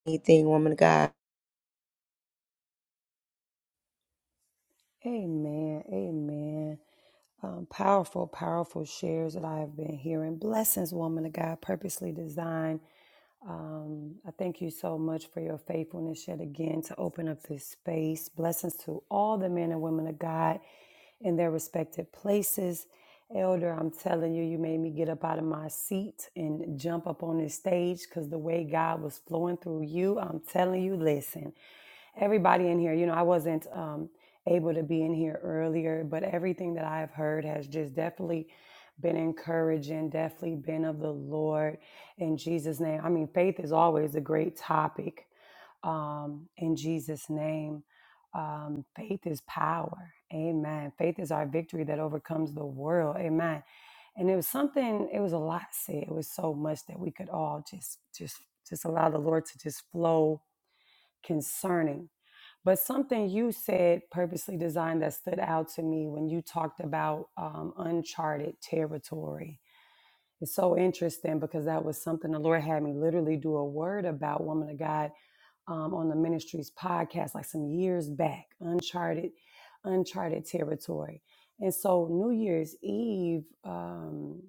Speaker 1: Anything, woman of God?
Speaker 14: Amen. Amen. Um, powerful, powerful shares that I have been hearing. Blessings, woman of God, purposely designed. Um, I thank you so much for your faithfulness yet again to open up this space. Blessings to all the men and women of God in their respective places. Elder, I'm telling you, you made me get up out of my seat and jump up on this stage because the way God was flowing through you, I'm telling you, listen everybody in here you know i wasn't um able to be in here earlier but everything that i've heard has just definitely been encouraging definitely been of the lord in jesus name i mean faith is always a great topic um in jesus name um faith is power amen faith is our victory that overcomes the world amen and it was something it was a lot said it was so much that we could all just just just allow the lord to just flow concerning but something you said, purposely designed, that stood out to me when you talked about um, uncharted territory. It's so interesting because that was something the Lord had me literally do a word about, woman of God, um, on the ministry's podcast, like some years back. Uncharted, uncharted territory. And so New Year's Eve. um,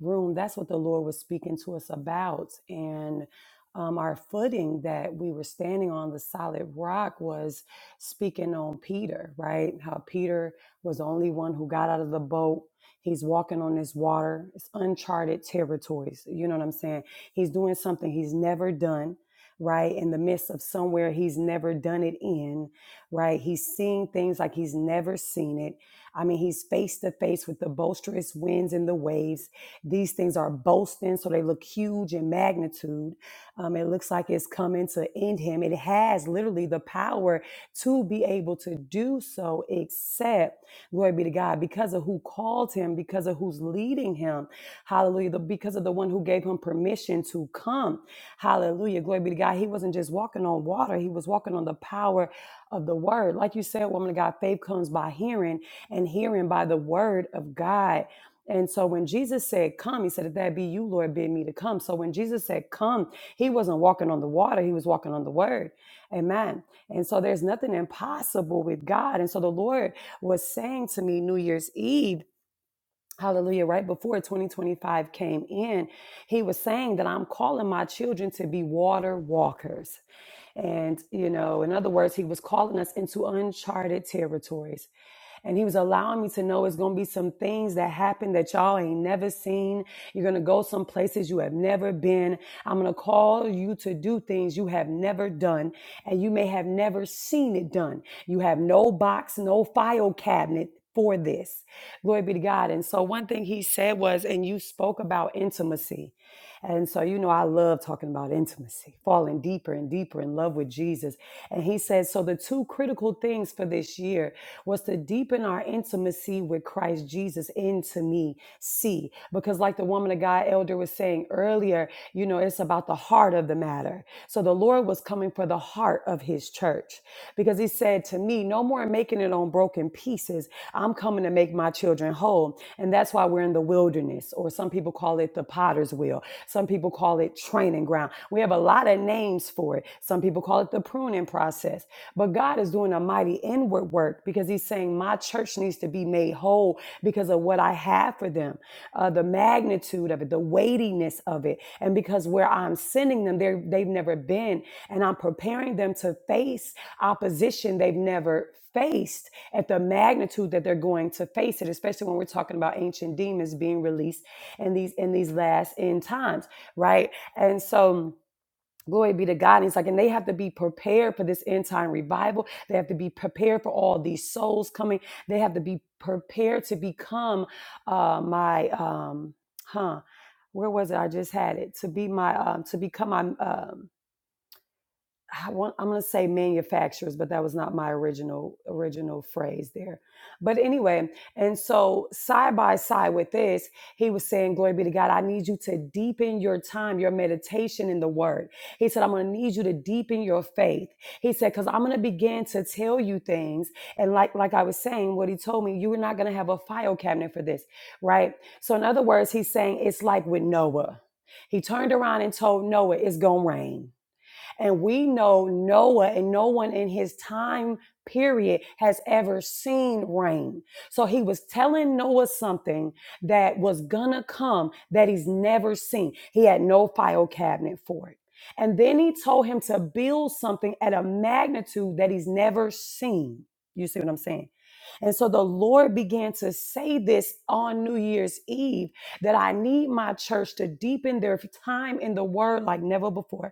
Speaker 14: room, that's what the Lord was speaking to us about. And um, our footing that we were standing on, the solid rock, was speaking on Peter, right? How Peter was the only one who got out of the boat. He's walking on this water. It's uncharted territories. You know what I'm saying? He's doing something he's never done, right? In the midst of somewhere he's never done it in, right? He's seeing things like he's never seen it. I mean, he's face to face with the boisterous winds and the waves these things are boasting, so they look huge in magnitude. Um, it looks like it's coming to end him. It has literally the power to be able to do so, except, glory be to God, because of who called him, because of who's leading him. Hallelujah. The- because of the one who gave him permission to come. Hallelujah. Glory be to God. He wasn't just walking on water, he was walking on the power of the word. Like you said, woman of God, faith comes by hearing, and hearing by the word of God. And so when Jesus said, Come, he said, If that be you, Lord, bid me to come. So when Jesus said, Come, he wasn't walking on the water, he was walking on the word. Amen. And so there's nothing impossible with God. And so the Lord was saying to me New Year's Eve, Hallelujah, right before 2025 came in, he was saying that I'm calling my children to be water walkers. And, you know, in other words, he was calling us into uncharted territories. And he was allowing me to know it's going to be some things that happen that y'all ain't never seen. You're going to go some places you have never been. I'm going to call you to do things you have never done and you may have never seen it done. You have no box, no file cabinet for this. Glory be to God. And so one thing he said was, and you spoke about intimacy. And so, you know, I love talking about intimacy, falling deeper and deeper in love with Jesus. And he says, so the two critical things for this year was to deepen our intimacy with Christ Jesus into me, see, because like the woman of God elder was saying earlier, you know, it's about the heart of the matter. So the Lord was coming for the heart of his church because because he said to me, No more making it on broken pieces. I'm coming to make my children whole. And that's why we're in the wilderness, or some people call it the potter's wheel. Some people call it training ground. We have a lot of names for it. Some people call it the pruning process. But God is doing a mighty inward work because he's saying, My church needs to be made whole because of what I have for them, uh, the magnitude of it, the weightiness of it. And because where I'm sending them, they're- they've never been. And I'm preparing them to face opposition they've never faced at the magnitude that they're going to face it especially when we're talking about ancient demons being released in these in these last end times right and so glory be to god and he's like and they have to be prepared for this end time revival they have to be prepared for all these souls coming they have to be prepared to become uh my um huh where was it i just had it to be my um to become my um I want, I'm going to say manufacturers, but that was not my original original phrase there. But anyway, and so side by side with this, he was saying, "Glory be to God. I need you to deepen your time, your meditation in the Word." He said, "I'm going to need you to deepen your faith." He said, "Because I'm going to begin to tell you things, and like like I was saying, what he told me, you are not going to have a file cabinet for this, right?" So in other words, he's saying it's like with Noah. He turned around and told Noah, "It's going to rain." And we know Noah and no one in his time period has ever seen rain. So he was telling Noah something that was gonna come that he's never seen. He had no file cabinet for it. And then he told him to build something at a magnitude that he's never seen. You see what I'm saying? And so the Lord began to say this on New Year's Eve that I need my church to deepen their time in the word like never before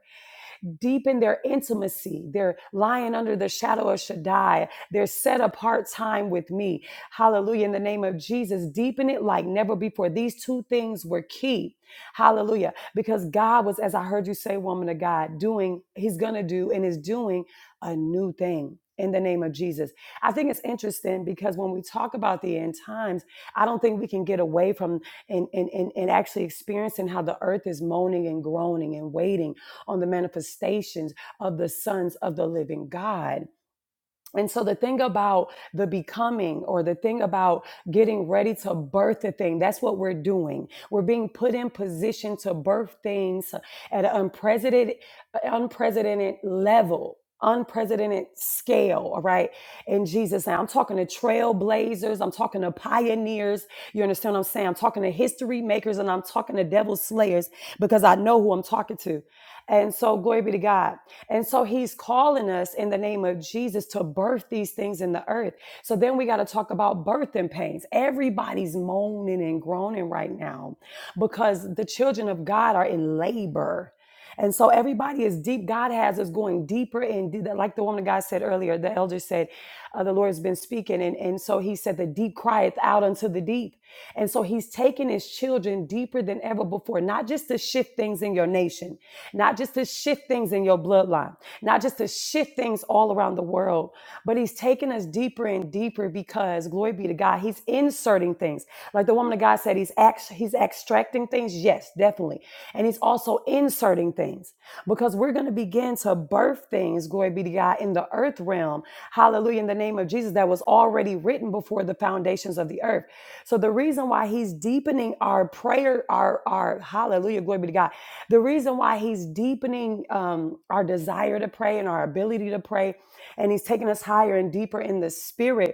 Speaker 14: deepen their intimacy. They're lying under the shadow of Shaddai. They're set apart time with me. Hallelujah. In the name of Jesus, deepen it like never before. These two things were key. Hallelujah. Because God was, as I heard you say, woman of God, doing, He's going to do and is doing a new thing. In the name of Jesus. I think it's interesting because when we talk about the end times, I don't think we can get away from and, and, and, and actually experiencing how the earth is moaning and groaning and waiting on the manifestations of the sons of the living God. And so the thing about the becoming or the thing about getting ready to birth a thing, that's what we're doing. We're being put in position to birth things at an unprecedented, unprecedented level. Unprecedented scale, all right? In Jesus' name, I'm talking to trailblazers, I'm talking to pioneers. You understand what I'm saying? I'm talking to history makers and I'm talking to devil slayers because I know who I'm talking to. And so, glory be to God. And so he's calling us in the name of Jesus to birth these things in the earth. So then we got to talk about birthing pains. Everybody's moaning and groaning right now because the children of God are in labor. And so everybody is deep. God has us going deeper and de- like the woman of God said earlier, the elder said, uh, the Lord has been speaking. And, and so he said, the deep crieth out unto the deep. And so he's taking his children deeper than ever before, not just to shift things in your nation, not just to shift things in your bloodline, not just to shift things all around the world, but he's taking us deeper and deeper because glory be to God, he's inserting things. Like the woman of God said, he's act, he's extracting things. Yes, definitely. And he's also also inserting things because we're going to begin to birth things, glory be to God, in the earth realm. Hallelujah, in the name of Jesus, that was already written before the foundations of the earth. So the reason why he's deepening our prayer, our, our, hallelujah, glory be to God. The reason why he's deepening um, our desire to pray and our ability to pray, and he's taking us higher and deeper in the spirit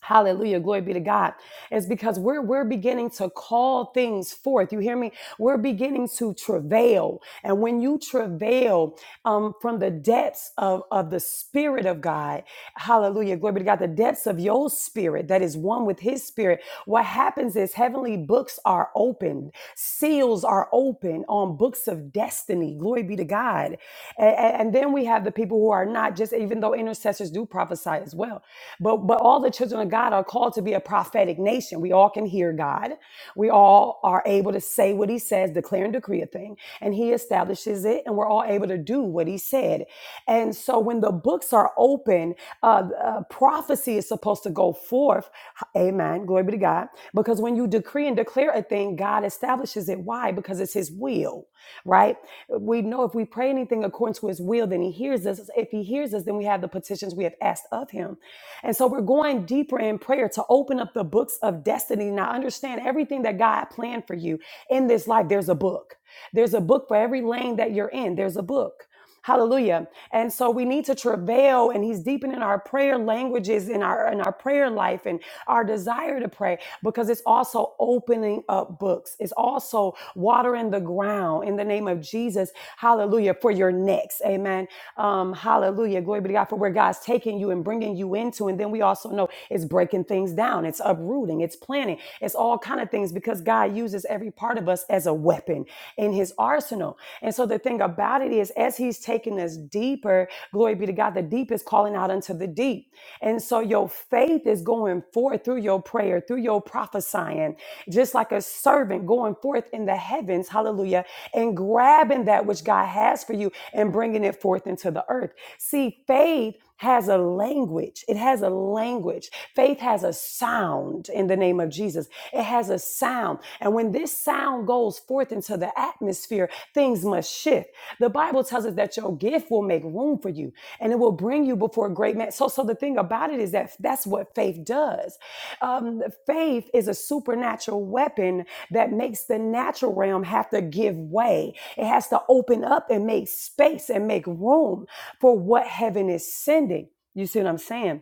Speaker 14: Hallelujah. Glory be to God. It's because we're we're beginning to call things forth. You hear me? We're beginning to travail. And when you travail um, from the depths of, of the spirit of God, hallelujah, glory be to God, the depths of your spirit that is one with his spirit, what happens is heavenly books are opened, seals are open on books of destiny. Glory be to God. A- And, then we have the people who are not just, even though intercessors do prophesy as well but but all the children of God are called to be a prophetic nation. We all can hear God. We all are able to say what he says, declare and decree a thing, and he establishes it, and we're all able to do what he said. And so when the books are open, uh, uh, prophecy is supposed to go forth. Amen. Glory be to God. Because when you decree and declare a thing, God establishes it. Why? Because it's his will, right? We know if we pray anything according to his will, then he hears us. If he hears us, then we have the petitions we have asked of him. And so we're going deeper in prayer to open up the books of destiny. Now, understand everything that God planned for you in this life, there's a book. There's a book for every lane that you're in, there's a book. Hallelujah. And so we need to travail and he's deepening our prayer languages in our in our prayer life and our desire to pray because it's also opening up books. It's also watering the ground in the name of Jesus. Hallelujah for your next. Amen. Um hallelujah. Glory be to God for where God's taking you and bringing you into and then we also know it's it's breaking things down it's uprooting it's planting it's all kind of things because god uses every part of us as a weapon in his arsenal and so the thing about it is as he's taking us deeper glory be to god the deep is calling out unto the deep and so your faith is going forth through your prayer through your prophesying just like a servant going forth in the heavens hallelujah and grabbing that which god has for you and bringing it forth into the earth see faith has a language. It has a language. Faith has a sound in the name of Jesus. It has a sound. And when this sound goes forth into the atmosphere, things must shift. The Bible tells us that your gift will make room for you and it will bring you before great men. So, so the thing about it is that that's what faith does. Um, faith is a supernatural weapon that makes the natural realm have to give way. It has to open up and make space and make room for what heaven is sending. You see what I'm saying?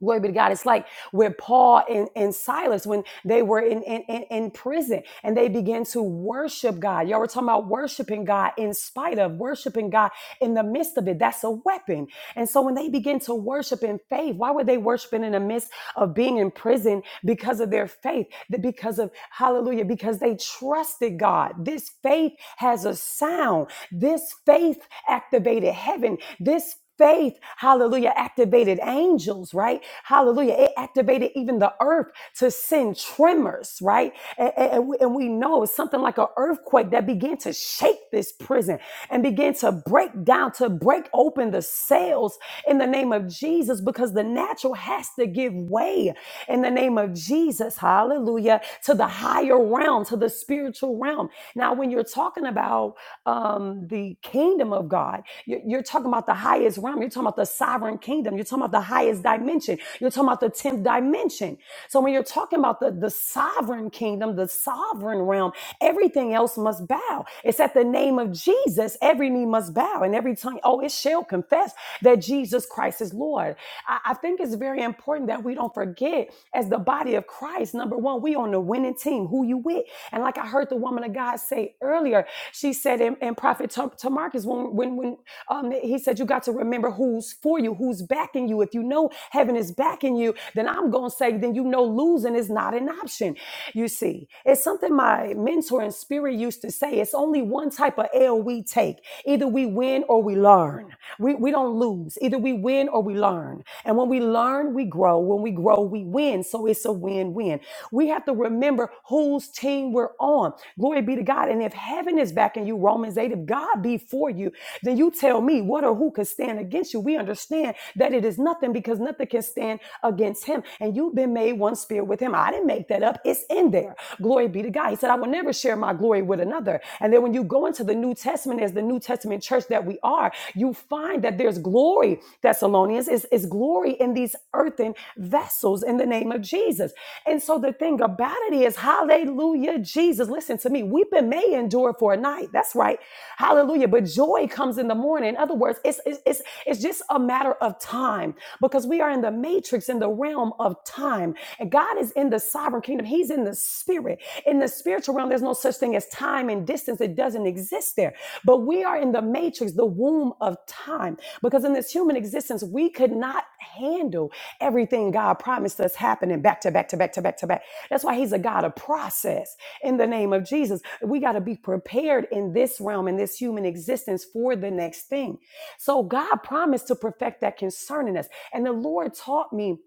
Speaker 14: Glory be to God. It's like where Paul and, and Silas, when they were in, in, in in prison and they began to worship God. Y'all were talking about worshiping God in spite of, worshiping God in the midst of it. That's a weapon. And so when they begin to worship in faith, why were they worshiping in the midst of being in prison because of their faith? That Because of, hallelujah, because they trusted God. This faith has a sound. This faith activated heaven. This Faith, hallelujah, activated angels, right? Hallelujah. It activated even the earth to send tremors, right? And, and, we, and we know it's something like an earthquake that began to shake this prison and began to break down, to break open the cells in the name of Jesus because the natural has to give way in the name of Jesus, hallelujah, to the higher realm, to the spiritual realm. Now, when you're talking about um, the kingdom of God. You're, you're talking about the highest realm. You're talking about the sovereign kingdom. You're talking about the highest dimension. You're talking about the 10th dimension. So when you're talking about the, the sovereign kingdom, the sovereign realm, everything else must bow. It's at the name of Jesus, every knee must bow and every tongue, oh, it shall confess that Jesus Christ is Lord. I, I think it's very important that we don't forget as the body of Christ, number one, we on the winning team, who you with. And like I heard the woman of God say earlier, she said, and, and Prophet Tam- Tamarcus, when, when, when um, he said, you got to remember who's for you, who's backing you. If you know heaven is backing you, you, then I'm going to say, then you know losing is not an option. You see, it's something my mentor in spirit used to say. It's only one type of L we take. Either we win or we learn. We, we don't lose. Either we win or we learn. And when we learn, we grow. When we grow, we win. So it's a win win. We have to remember whose team we're on. Glory be to God. And if heaven is backing you, Romans 8, if God be for you, then you tell me what or who could stand against you. We understand that it is nothing nothing because nothing can stand against him. And you've been made one spirit with him. I didn't make that up. It's in there. Glory be to God. He said, I will never share my glory with another. And then when you go into the New Testament, as the New Testament church that we are, you find that there's glory, Thessalonians, is, is glory in these earthen vessels in the name of Jesus. And so the thing about it is, hallelujah, Jesus, listen to me. Weeping may endure for a night. That's right. Hallelujah. But joy comes in the morning. In other words, it's, it's, it's, it's just it's a matter of time because we are in the matrix, in the realm of time. And God is in the sovereign kingdom, He's in the spirit. In the spiritual realm, there's no such thing as time and distance, it doesn't exist there. But we are in the matrix, the womb of time, because in this human existence, we could not handle everything God promised us happening back to back to back to back to back. That's why He's a God of process in the name of Jesus. We got to be prepared in this realm, in this human existence for the next thing. So God promised to perfect that concerning us. And the Lord taught me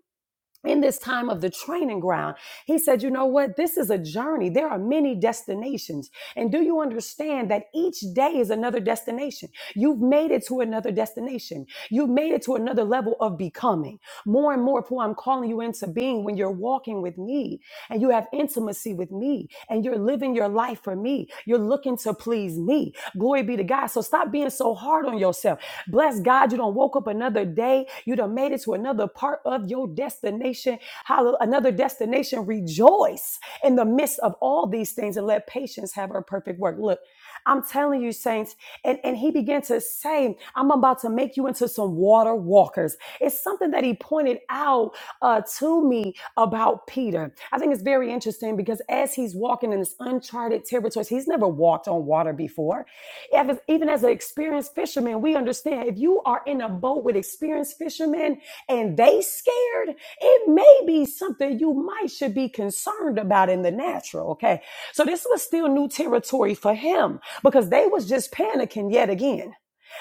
Speaker 14: in this time of the training ground, he said, You know what? This is a journey. There are many destinations. And do you understand that each day is another destination? You've made it to another destination. You've made it to another level of becoming. More and more, Paul, I'm calling you into being when you're walking with me and you have intimacy with me and you're living your life for me. You're looking to please me. Glory be to God. So stop being so hard on yourself. Bless God, you don't woke up another day. You done made it to another part of your destination. Hallelujah. Another destination. Rejoice in the midst of all these things and let patience have her perfect work. Look, I'm telling you, saints, and, and he began to say, I'm about to make you into some water walkers. It's something that he pointed out uh, to me about Peter. I think it's very interesting because as he's walking in this uncharted territories, he's never walked on water before. Ev- Even as an experienced fisherman, we understand if you are in a boat with experienced fishermen and they scared, it may be something you might should be concerned about in the natural. Okay. So this was still new territory for him because they was just panicking yet again.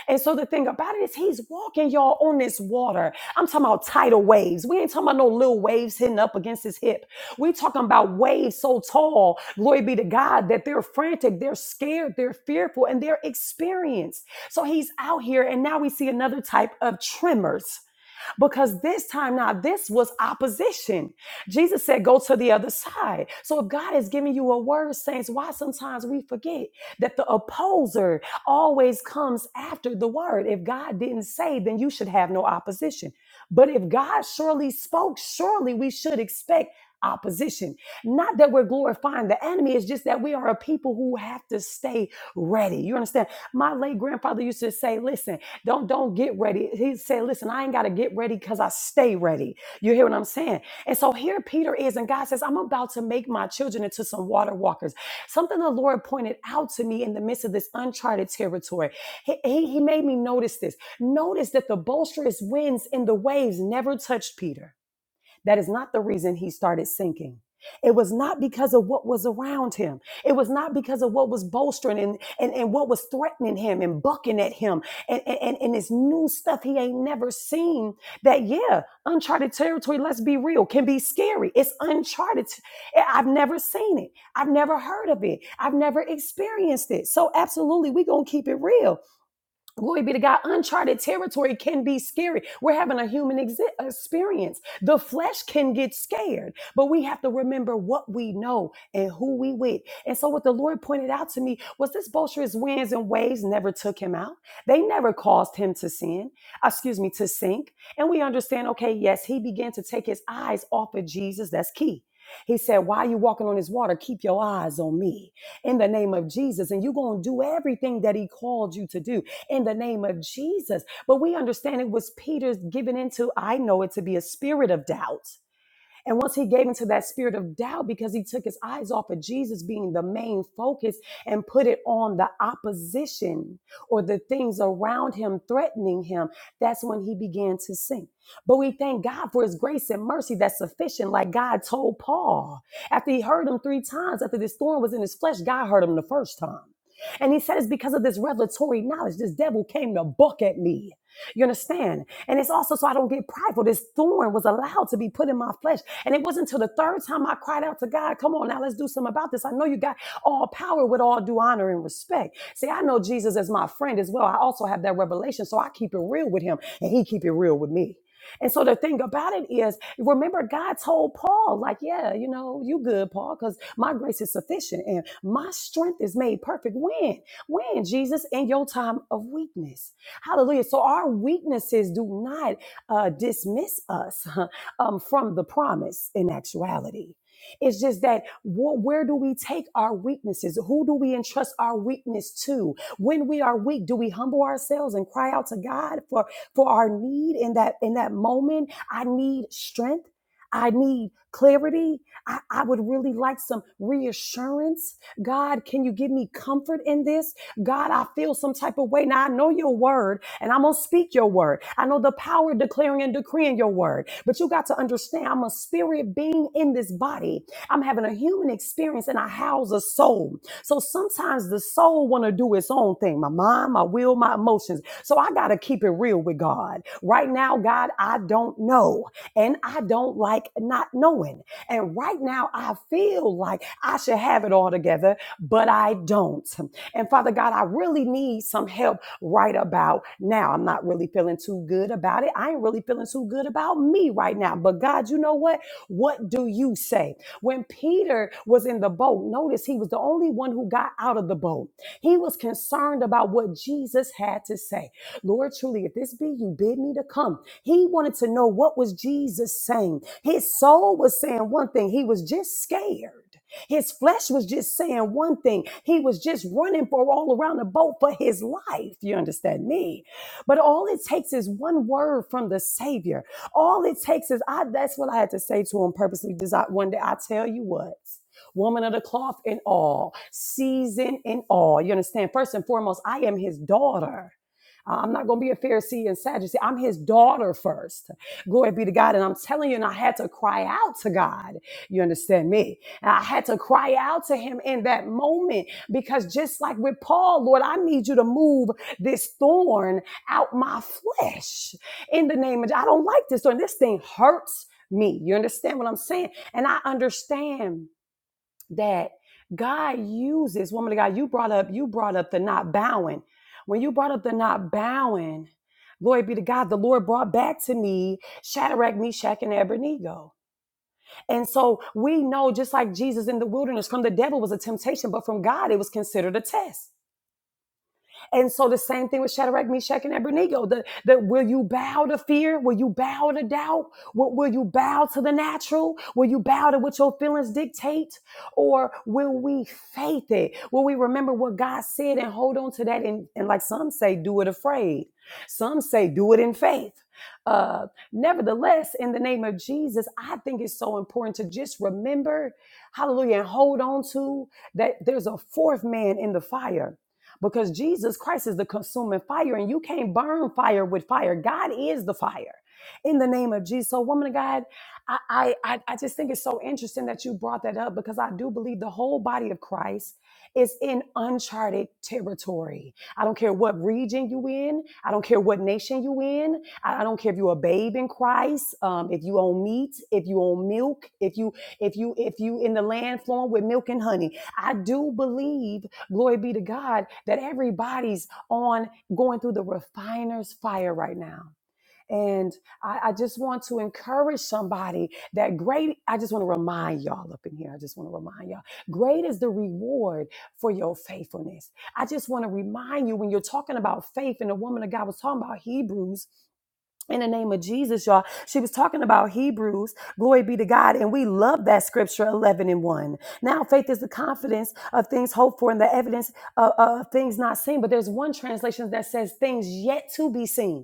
Speaker 14: And so the thing about it is he's walking y'all on this water. I'm talking about tidal waves. We ain't talking about no little waves hitting up against his hip. We talking about waves so tall, glory be to God, that they're frantic, they're scared, they're fearful, and they're experienced. So he's out here and now we see another type of tremors because this time now this was opposition. Jesus said, Go to the other side. So if God is giving you a word, saints, why sometimes we forget that the opposer always comes after the word. If God didn't say, then you should have no opposition. But if God surely spoke, surely we should expect opposition. Not that we're glorifying the enemy, it's just that we are a people who have to stay ready. You understand? My late grandfather used to say, listen, don't don't get ready. He said, "Listen, I ain't got to get ready because I stay ready." You hear what I'm saying? And so here Peter is, and God says, "I'm about to make my children into some water walkers." Something the Lord pointed out to me in the midst of this uncharted territory. He, he, he made me notice this. Notice that the boisterous winds and the waves never touched Peter. That is not the reason he started sinking. It was not because of what was around him. It was not because of what was bolstering and, and, and what was threatening him and bucking at him and, and, and this new stuff he ain't never seen. That, yeah, uncharted territory, let's be real, can be scary. It's uncharted. I've never seen it. I've never heard of it. I've never experienced it. So, absolutely, we going to keep it real. Glory be to God. Uncharted territory can be scary. We're having a human exi- experience. The flesh can get scared, but we have to remember what we know and who we with. And so, what the Lord pointed out to me was this boisterous winds and waves never took him out. They never caused him to sin, uh, excuse me, to sink. And we understand, okay, yes, he began to take his eyes off of Jesus. That's key. He said, Why are you walking on this water? Keep your eyes on me in the name of Jesus. And you're going to do everything that he called you to do in the name of Jesus. But we understand it was Peter's giving into, I know it to be a spirit of doubt and once he gave into that spirit of doubt because he took his eyes off of Jesus being the main focus and put it on the opposition or the things around him threatening him, that's when he began to sink. But we thank God for his grace and mercy that's sufficient, like God told Paul. After he heard him three times, after this thorn was in his flesh, God heard him the first time. And he said it's because of this revelatory knowledge. This devil came to buck at me. You understand? And it's also so I don't get prideful. This thorn was allowed to be put in my flesh. And it wasn't until the third time I cried out to God, come on, now let's do something about this. I know you got all power with all due honor and respect. See, I know Jesus is my friend as well. I also have that revelation. So I keep it real with him and he keep it real with me. And so the thing about it is, remember God told Paul, like, yeah, you know, you good, Paul, because my grace is sufficient and my strength is made perfect. When? When, Jesus, in your time of weakness. Hallelujah. So our weaknesses do not uh, dismiss us um, from the promise in actuality. It's just that wh- where do we take our weaknesses? Who do we entrust our weakness to? When we are weak, do we humble ourselves and cry out to God for for our need in that in that moment? I need strength. I need clarity. I, I would really like some reassurance. God, can you give me comfort in this? God, I feel some type of way. Now I know your word and I'm going to speak your word. I know the power of declaring and decreeing your word. But you got to understand, I'm a spirit being in this body. I'm having a human experience and I house a soul. So sometimes the soul want to do its own thing, my mind, my will, my emotions. So I got to keep it real with God. Right now, God, I don't know and I don't like not knowing. And right now I feel like I should have it all together, but I don't. And Father God, I really need some help right about now. I'm not really feeling too good about it. I ain't really feeling too good about me right now. But God, you know what? What do you say? When Peter was in the boat, notice he was the only one who got out of the boat. He was concerned about what Jesus had to say. Lord, truly, if this be you, bid me to come. He wanted to know what was Jesus saying. His soul was saying one thing. He was just scared. His flesh was just saying one thing. He was just running for all around the boat for his life. You understand me? But all it takes is one word from the Savior. All it takes is I that's what I had to say to him purposely. Desi- One day I tell you what. Woman of the cloth in all, season in all. You understand? First and foremost, I am his daughter. Uh, I'm not going to be a Pharisee and Sadducee. I'm his daughter first. Glory be to God. And I'm telling you, and I had to cry out to God. You understand me? I had to cry out to him in that moment because just like with Paul, Lord, I need you to move this thorn out my flesh in the name of, I don't like this thorn. This thing hurts me. You understand what I'm saying? And I understand that God uses, woman of God, you brought up, you brought up the not bowing. When you brought up the not bowing, glory be to God, the Lord brought back to me Shadrach, Meshach, and Abednego and so we know, just like Jesus in the wilderness, from the devil was a temptation, but from God it was considered a test. And so the same thing with Shadrach, Meshach, and Abednego. The, the, will you bow to fear? Will you bow to doubt? Will, will you bow to the natural? Will you bow to what your feelings dictate? Or will we faith it? Will we remember what God said and hold on to that? And, and like some say, do it afraid. Some say, do it in faith. Uh, nevertheless, in the name of Jesus, I think it's so important to just remember, hallelujah, and hold on to that there's a fourth man in the fire because Jesus Christ is the consuming fire, and you can't burn fire with fire. God is the fire. In the name of Jesus. So, woman of God, I, I, I I just think it's so interesting that you brought that up because I do believe the whole body of Christ is in uncharted territory. I don't care what region you in. I don't care what nation you in. I, I don't care if you're a babe in Christ, um, if you own meat, if you own milk, if you if you if you in the land flowing with milk and honey. I do believe, glory be to God, that everybody's on going through the refiner's fire right now. And I, I just want to encourage somebody that great. I just want to remind y'all up in here. I just want to remind y'all great is the reward for your faithfulness. I just want to remind you when you're talking about faith, and the woman of God was talking about Hebrews in the name of Jesus, y'all. She was talking about Hebrews, glory be to God. And we love that scripture 11 and 1. Now, faith is the confidence of things hoped for and the evidence of, of things not seen. But there's one translation that says things yet to be seen.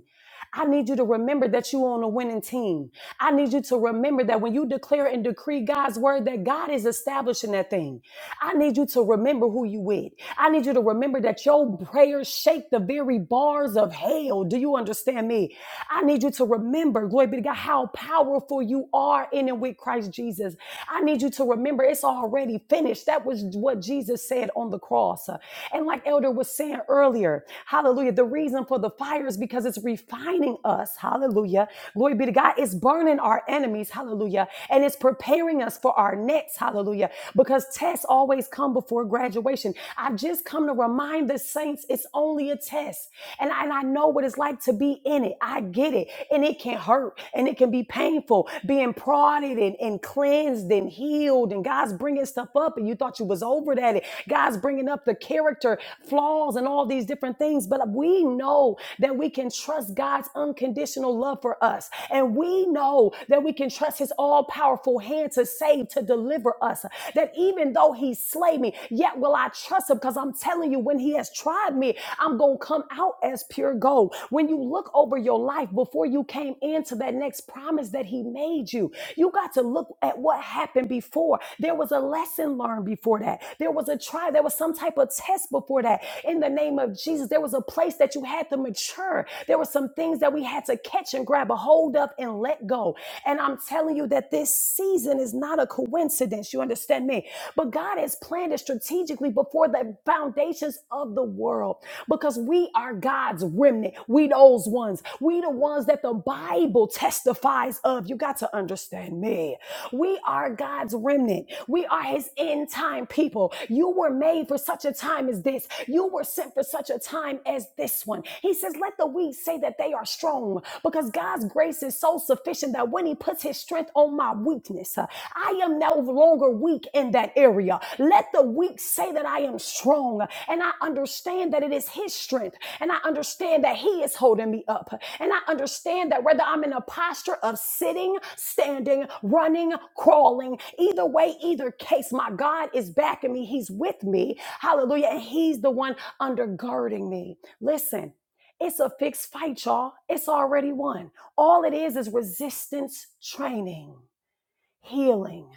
Speaker 14: I need you to remember that you're on a winning team. I need you to remember that when you declare and decree God's word, that God is establishing that thing. I need you to remember who you with. I need you to remember that your prayers shake the very bars of hell. Do you understand me? I need you to remember, glory be to God, how powerful you are in and with Christ Jesus. I need you to remember it's already finished. That was what Jesus said on the cross. And like Elder was saying earlier. Hallelujah. The reason for the fire is because it's refining us. Hallelujah. Glory be to God. It's burning our enemies. Hallelujah. And it's preparing us for our next. Hallelujah. Because tests always come before graduation. I've just come to remind the saints it's only a test. And I, and I know what it's like to be in it. I get it. And it can hurt and it can be painful being prodded and, and cleansed and healed. And God's bringing stuff up and you thought you was over that. And God's bringing up the character flaws and all these different things. But we know that we can trust God's unconditional love for us. And we know that we can trust his all powerful hand to save, to deliver us. That even though he slay me, yet will I trust him because I'm telling you, when he has tried me, I'm going to come out as pure gold. When you look over your life before you came into that next promise that he made you, you got to look look at what happened before. There was a lesson learned before that. There was a try. There was some type of test before that. In the name of Jesus, there was a place that you had to mature. There were some things that we had to catch and grab a hold of and let go. And I'm telling you that this season is not a coincidence. You understand me? But God has planned it strategically before the foundations of the world because we are God's remnant. We those ones. We the ones that the the Bible testifies of. You got to understand me. We are God's remnant. We are his end time people. You were made for such a time as this. You were sent for such a time as this one. He says, let the weak say that they are strong because God's grace is so sufficient that when he puts his strength on my weakness, uh, I am no longer weak in that area. Let the weak say that I am strong and I understand that it is his strength and I understand that He is holding me up. And I understand that whether I'm in a posture of sitting, standing, running, crawling, either way, either case, my God is backing me. He's with me. Hallelujah. And He's the one undergirding me. Listen, it's a fixed fight, y'all. It's already won. All it is is resistance training, healing,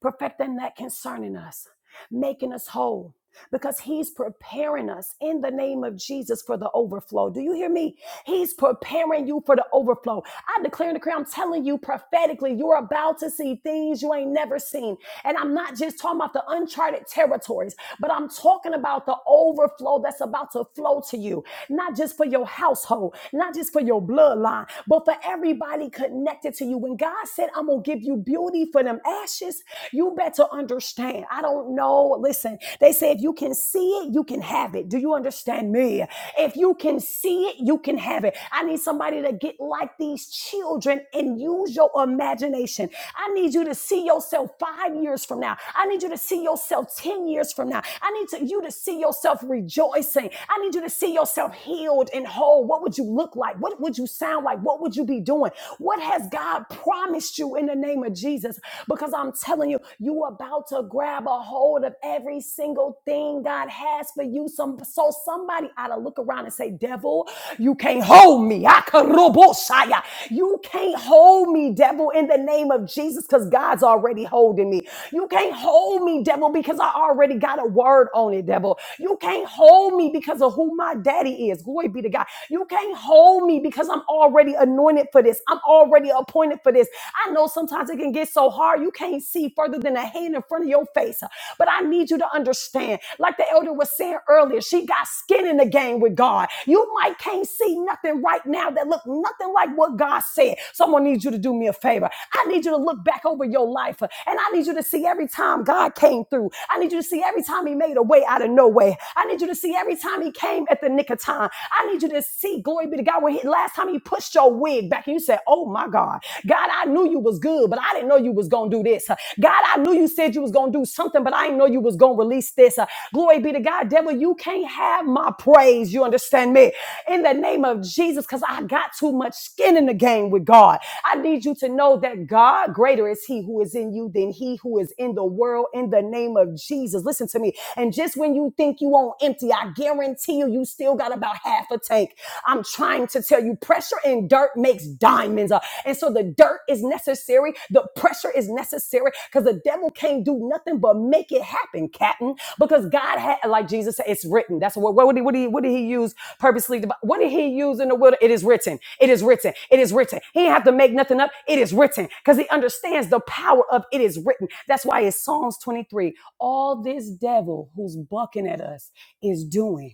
Speaker 14: perfecting that concerning us, making us whole because He's preparing us in the name of Jesus for the overflow. Do you hear me? He's preparing you for the overflow. I declare and decree, I'm telling you prophetically, you're about to see things you ain't never seen. And I'm not just talking about the uncharted territories, but I'm talking about the overflow that's about to flow to you, not just for your household, not just for your bloodline, but for everybody connected to you. When God said, I'm going to give you beauty for them ashes, you better understand. I don't know. Listen, they say if you can see it, you can have it. Do you understand me? If you can see it, you can have it. I need somebody to get like these children and use your imagination. I need you to see yourself five years from now. I need you to see yourself 10 years from now. I need to, you to see yourself rejoicing. I need you to see yourself healed and whole. What would you look like? What would you sound like? What would you be doing? What has God promised you in the in the name of Jesus because I'm telling you, you about to grab a hold of every single thing God has for you. Some so somebody ought to look around and say, Devil, you can't hold me. Akaroboshaya. You can't hold me, devil, in the name of Jesus, because God's already holding me. You can't hold me, devil, because I already got a word on it, devil. You can't hold me because of who my daddy is. Glory be to God. You can't hold me because I'm already anointed anointed for this. I'm already appointed for this. I know sometimes it can get so hard you can't see further than a hand in front of your face. But I need you to understand, like the elder was saying earlier, she got skin in the game with God. You might can't see nothing right now that look nothing like what God said. Someone needs you to do me a favor. I need you to look back over your life uh, and I need you to see every time God came through. I need you to see every time he made a way out of no way. I need you to see every time he came at the nick of time. I need I need you to see, glory be to God, where he, last time he pushed your wig back and you said, Oh my God, God, I knew you was good, but I didn't know you was going to do this. God, I knew you said you was going to do something, but I didn't know you was going to release this. Glory be to God, devil, you can't have my praise. You understand me? In the name of Jesus, because I got too much skin in the game with God. I need you to know that God, greater is he who is in you than he who is in the world in the name of Jesus. Listen to me. And just when you think you won't on empty, I guarantee you, you still got about half a tank. I'm trying to tell you, pressure and dirt makes diamonds. Uh, And so the dirt is necessary, the pressure is necessary because the devil can't do nothing but make it happen, Captain. Because God had, like Jesus said, it's written. That's what, what, did, he, what, did, he, what did he use purposely? to- What did he use in the wilderness? It is written. It is written. It is written. He didn't have to make nothing up. It is written because he understands the power of it is written. That's why it's Psalms 23. All this devil who's bucking at us is doing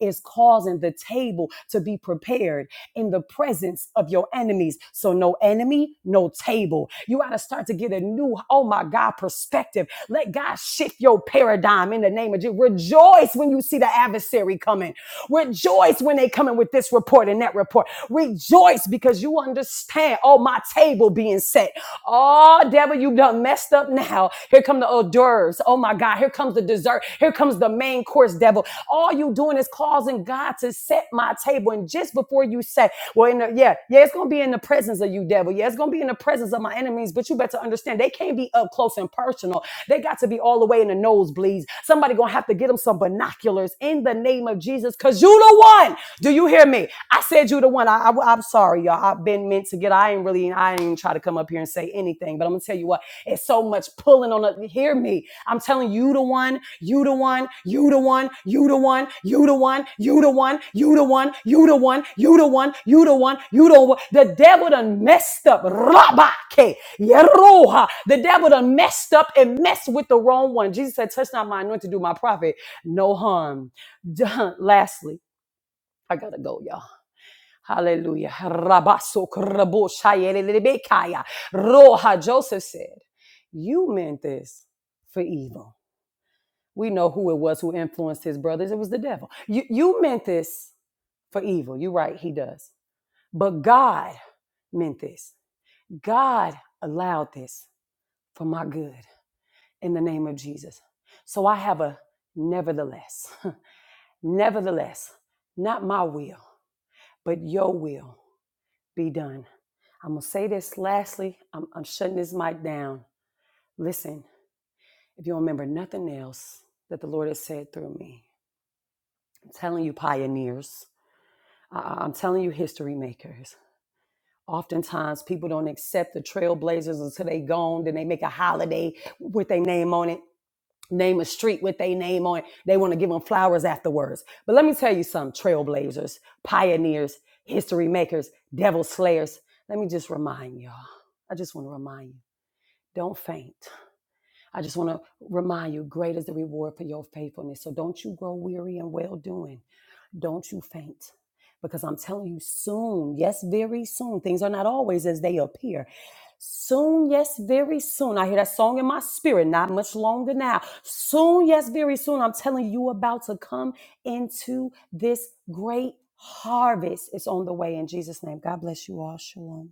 Speaker 14: is causing the table to be prepared in the presence of your enemies. So, no enemy, no table. You got to start to get a new, oh my God, perspective. Let God shift your paradigm in the name of Jesus. Rejoice when you see the adversary coming. Rejoice when they come in with this report and that report. Rejoice because you understand. Oh, my table being set. Oh, devil, you done messed up now. Here come the hors d'oeuvres. Oh my God. Here comes the dessert. Here comes the main course, devil. All you doing is causing God to set my table. And just before you say, well, in the, yeah, yeah, it's gonna be in the presence of you, devil. Yeah, it's gonna be in the presence of my enemies. But you better understand they can't be up close and personal. They got to be all the way in the nosebleeds. Somebody gonna have to get them some binoculars in the name of Jesus because you the one. Do you hear me? I said you the one. I, I, am sorry, y'all. I've been meant to get, I ain't really, I ain't even try to come up here and say anything, but I'm going to tell you what, it's so much pulling on the, hear me. I'm telling you the one, you the one, you the one, you the one, you the one, you the one, you the one, you the one, you the one, you the one, you the one. The devil done messed up. Rabake, yeroha. The devil done messed up and messed with the wrong one. Jesus said, touch not my anointed, do my prophet no harm. John, lastly, I gotta go, y'all. Hallelujah. Rabaso krabo shayelelebekaya. Roha. Joseph said, You meant this for evil. We know who it was who influenced his brothers. It was the devil. You, you meant this for evil. You're right, he does. But God meant this. God allowed this for my good in the name of Jesus. So I have a nevertheless, nevertheless, not my will, but your will be done. I'm going to say this lastly. I'm, I'm shutting this mic down. Listen, if you don't remember nothing else that the Lord has said through me, I'm telling you, pioneers, I- I- I'm telling you, history makers. Oftentimes, people don't accept the trailblazers until they gone. Then they make a holiday with their name on it, name a street with their name on it. They want to give them flowers afterwards. But let me tell you something trailblazers, pioneers, history makers, devil slayers. Let me just remind y'all. I just want to remind you. Don't faint. I just want to remind you great is the reward for your faithfulness. So don't you grow weary in well doing. Don't you faint. Because I'm telling you, soon, yes, very soon, things are not always as they appear. Soon, yes, very soon. I hear that song in my spirit, not much longer now. Soon, yes, very soon. I'm telling you, you about to come into this great harvest. It's on the way in Jesus' name. God bless you all. Shalom.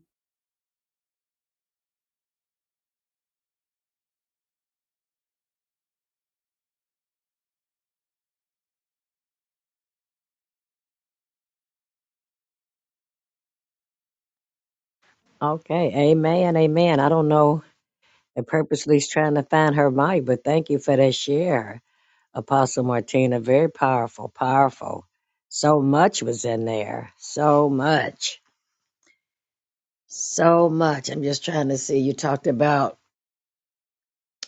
Speaker 5: Okay, amen, amen. I don't know if purposely is trying to find her mic, but thank you for that share, Apostle Martina. Very powerful, powerful. So much was in there. So much. So much. I'm just trying to see. You talked about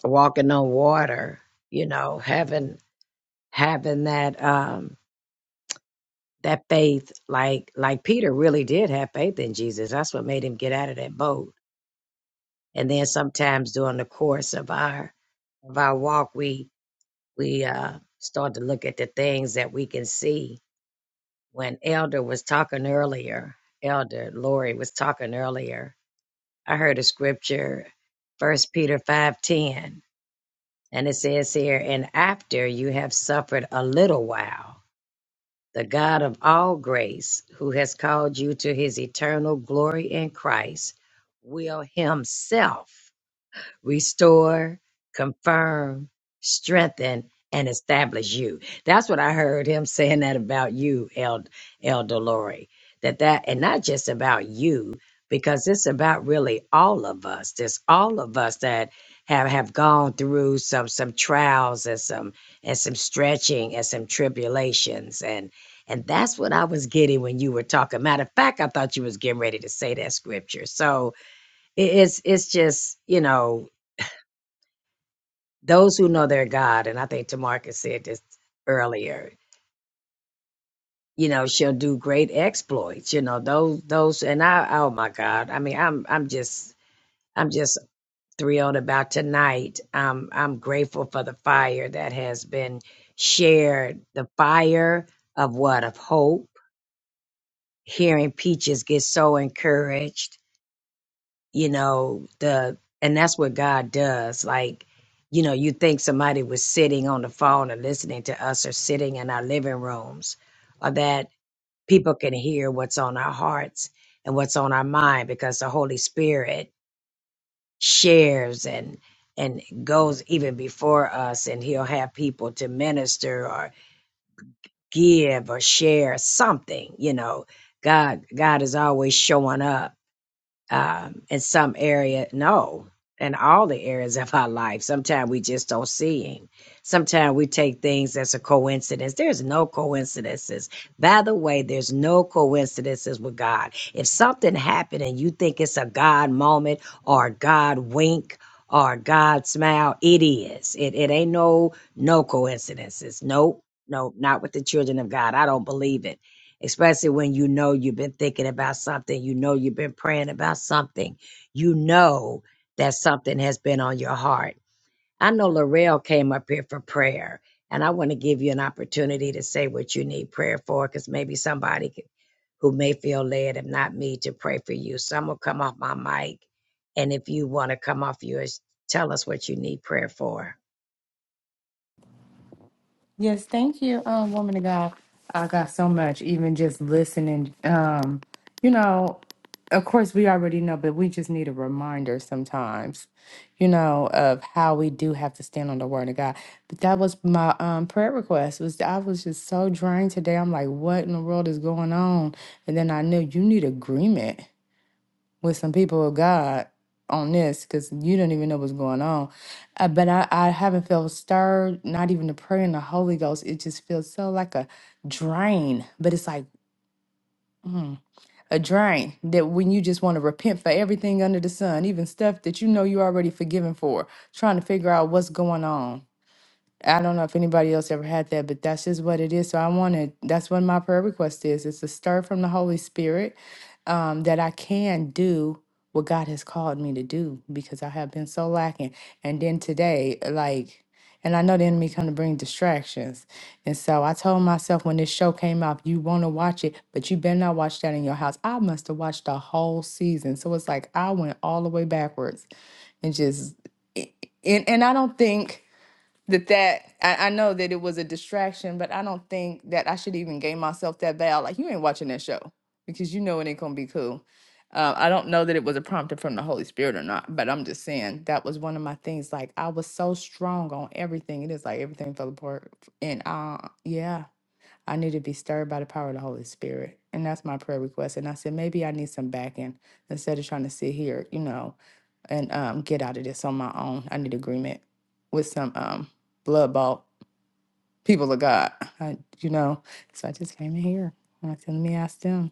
Speaker 5: walking on water, you know, having having that um that faith, like like Peter really did have faith in Jesus. That's what made him get out of that boat. And then sometimes during the course of our of our walk, we we uh, start to look at the things that we can see. When Elder was talking earlier, Elder Lori was talking earlier. I heard a scripture, First Peter five ten, and it says here, "And after you have suffered a little while." the God of all grace, who has called you to his eternal glory in Christ, will himself restore, confirm, strengthen, and establish you. That's what I heard him saying that about you, El Elder Lori. That that and not just about you, because it's about really all of us. There's all of us that have have gone through some some trials and some and some stretching and some tribulations and and that's what I was getting when you were talking. Matter of fact, I thought you was getting ready to say that scripture. So it- it's it's just you know those who know their God, and I think Tamarcus said this earlier, you know, shall do great exploits. You know, those those and I oh my God. I mean, I'm I'm just I'm just thrilled about tonight. Um I'm grateful for the fire that has been shared. The fire of what? Of hope. Hearing Peaches get so encouraged you know the and that's what god does like you know you think somebody was sitting on the phone or listening to us or sitting in our living rooms or that people can hear what's on our hearts and what's on our mind because the holy spirit shares and and goes even before us and he'll have people to minister or give or share something you know god god is always showing up um, in some area. No, in all the areas of our life. Sometimes we just don't see Him. Sometimes we take things as a coincidence. There's no coincidences. By the way, there's no coincidences with God. If something happened and you think it's a God moment or a God wink or a God smile, it is. It it ain't no no coincidences. Nope. Nope, not with the children of God. I don't believe it especially when you know you've been thinking about something, you know you've been praying about something, you know that something has been on your heart. I know Laurel came up here for prayer, and I want to give you an opportunity to say what you need prayer for, because maybe somebody could, who may feel led, if not me, to pray for you. So I'm gonna come off my mic, and if you want to come off yours, tell us what you need prayer for.
Speaker 15: Yes, thank you, um, woman of God. I got so much, even just listening. Um, you know, of course, we already know, but we just need a reminder sometimes, you know, of how we do have to stand on the word of God. But that was my um, prayer request. Was I was just so drained today. I'm like, what in the world is going on? And then I knew you need agreement with some people of God on this because you don't even know what's going on. Uh, but I, I haven't felt stirred, not even to pray in the Holy Ghost. It just feels so like a drain, but it's like mm, a drain that when you just want to repent for everything under the sun, even stuff that you know you're already forgiven for, trying to figure out what's going on. I don't know if anybody else ever had that, but that's just what it is. So I wanted that's what my prayer request is. It's a stir from the Holy Spirit um, that I can do what God has called me to do because I have been so lacking. And then today, like, and I know the enemy come to bring distractions. And so I told myself when this show came out, you want to watch it, but you better not watch that in your house. I must have watched the whole season. So it's like I went all the way backwards and just and, and I don't think that that I, I know that it was a distraction, but I don't think that I should even gain myself that vow. Like you ain't watching that show because you know it ain't gonna be cool. Uh, I don't know that it was a prompting from the Holy Spirit or not, but I'm just saying that was one of my things. Like I was so strong on everything, it is like everything fell apart. And uh, yeah, I need to be stirred by the power of the Holy Spirit, and that's my prayer request. And I said maybe I need some backing instead of trying to sit here, you know, and um, get out of this on my own. I need agreement with some um, blood bought people of God, I, you know. So I just came in here and I said, let me ask them.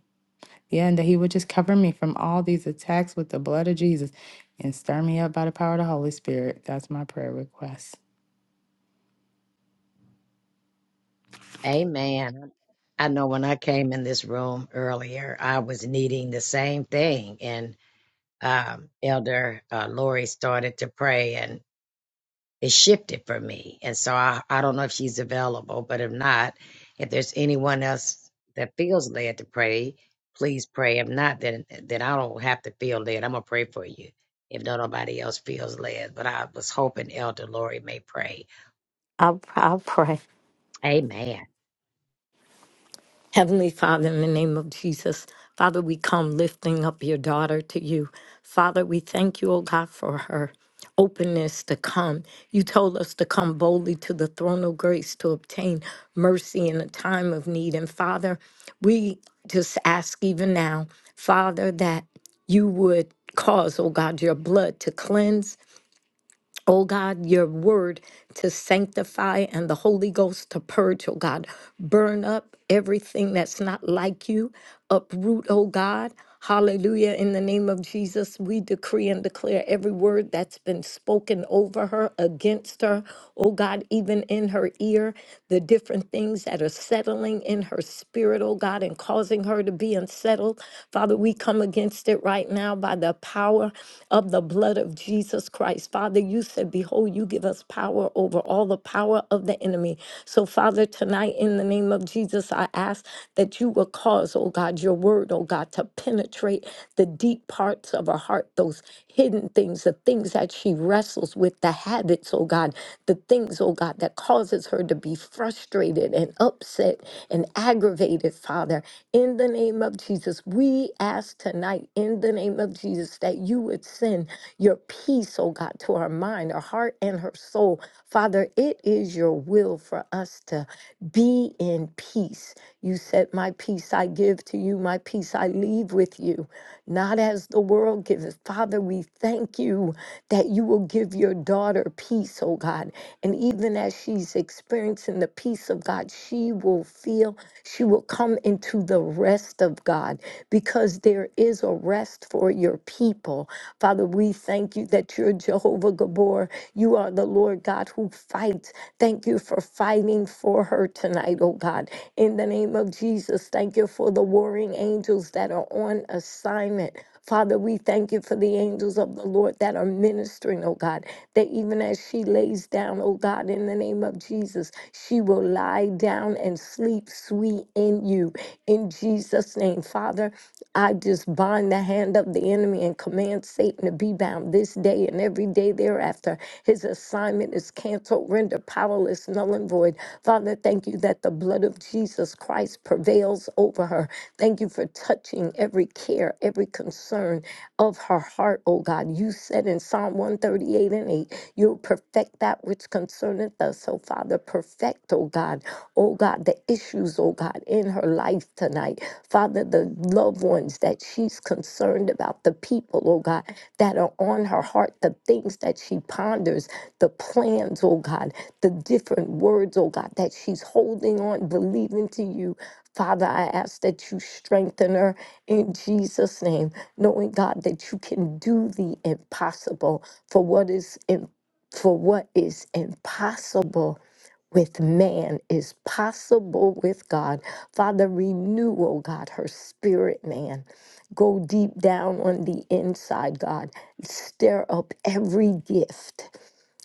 Speaker 15: Yeah, and that He would just cover me from all these attacks with the blood of Jesus and stir me up by the power of the Holy Spirit. That's my prayer request.
Speaker 5: Amen. I know when I came in this room earlier, I was needing the same thing. And um, Elder uh, Lori started to pray and it shifted for me. And so I, I don't know if she's available, but if not, if there's anyone else that feels led to pray, please pray. If not, then, then I don't have to feel led. I'm going to pray for you if no nobody else feels led. But I was hoping Elder Lori may pray.
Speaker 2: I'll, I'll pray.
Speaker 5: Amen.
Speaker 2: Heavenly Father, in the name of Jesus, Father, we come lifting up your daughter to you. Father, we thank you, O God, for her openness to come. You told us to come boldly to the throne of grace to obtain mercy in a time of need. And Father, we just ask even now, Father, that you would cause, oh God, your blood to cleanse Oh God, your word to sanctify and the Holy Ghost to purge, oh God. Burn up everything that's not like you. Uproot, oh God. Hallelujah. In the name of Jesus, we decree and declare every word that's been spoken over her, against her, oh God, even in her ear, the different things that are settling in her spirit, oh God, and causing her to be unsettled. Father, we come against it right now now by the power of the blood of Jesus Christ. Father, you said, Behold, you give us power over all the power of the enemy. So, Father, tonight in the name of Jesus, I ask that you will cause, oh God, your word, oh God, to penetrate the deep parts of her heart, those hidden things, the things that she wrestles with, the habits, oh God, the things, oh God, that causes her to be frustrated and upset and aggravated, Father. In the name of Jesus, we ask tonight, in the name of Jesus, that you would send your peace, oh God, to her mind, her heart, and her soul. Father, it is your will for us to be in peace. You said, My peace I give to you, my peace I leave with you, not as the world gives. Father, we thank you that you will give your daughter peace, oh God. And even as she's experiencing the peace of God, she will feel. She will come into the rest of God because there is a rest for your people. Father, we thank you that you're Jehovah Gabor. You are the Lord God who fights. Thank you for fighting for her tonight, oh God. In the name of Jesus, thank you for the warring angels that are on assignment. Father, we thank you for the angels of the Lord that are ministering, oh God that even as she lays down, oh God, in the name of Jesus, she will lie down and sleep sweet in you. In Jesus' name, Father, I just bind the hand of the enemy and command Satan to be bound this day and every day thereafter. His assignment is canceled, rendered powerless, null and void. Father, thank you that the blood of Jesus Christ prevails over her. Thank you for touching every care, every concern of her heart, O God. You said in Psalm 138 and 8, you'll perfect that which concerneth us. So, Father, perfect, O God, O God, the issues, O God, in her life tonight. Father, the loved ones that she's concerned about, the people, O God, that are on her heart, the things that she ponders, the plans, O God, the different words, O God, that she's holding on, believing to you. Father, I ask that you strengthen her in Jesus' name knowing God that you can do the impossible for what is im- for what is impossible with man is possible with God. Father, renew, oh God, her spirit, man. Go deep down on the inside, God. Stir up every gift.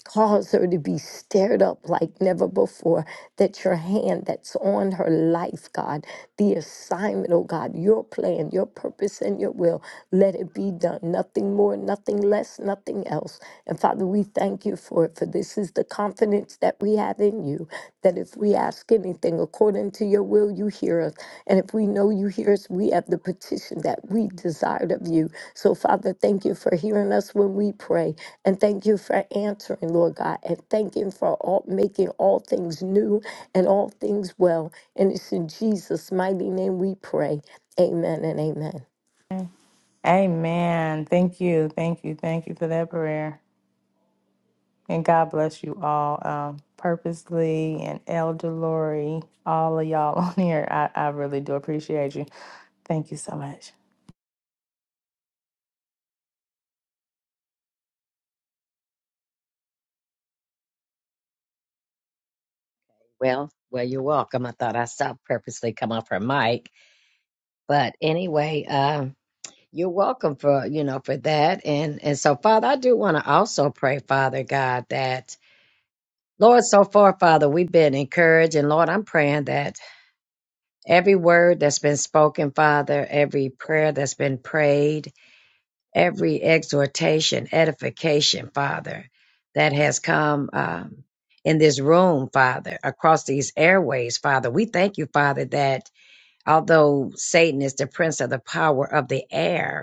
Speaker 2: Cause her to be stirred up like never before. That your hand that's on her life, God, the assignment, oh God, your plan, your purpose, and your will, let it be done. Nothing more, nothing less, nothing else. And Father, we thank you for it, for this is the confidence that we have in you, that if we ask anything according to your will, you hear us. And if we we know you hear us. We have the petition that we desired of you. So, Father, thank you for hearing us when we pray. And thank you for answering, Lord God. And thank you for all, making all things new and all things well. And it's in Jesus' mighty name we pray. Amen and amen.
Speaker 15: Amen. Thank you. Thank you. Thank you for that prayer. And God bless you all. Um, Purposely and Elder Lori, all of y'all on here, I, I really do appreciate you. Thank you so much.
Speaker 5: Well, well, you're welcome. I thought I saw purposely come off her mic, but anyway, um, you're welcome for you know for that. And and so, Father, I do want to also pray, Father God, that Lord, so far, Father, we've been encouraged, and Lord, I'm praying that every word that's been spoken, Father, every prayer that's been prayed, every exhortation, edification, Father, that has come. Um, in this room, Father, across these airways, Father, we thank you, Father, that Although Satan is the prince of the power of the air,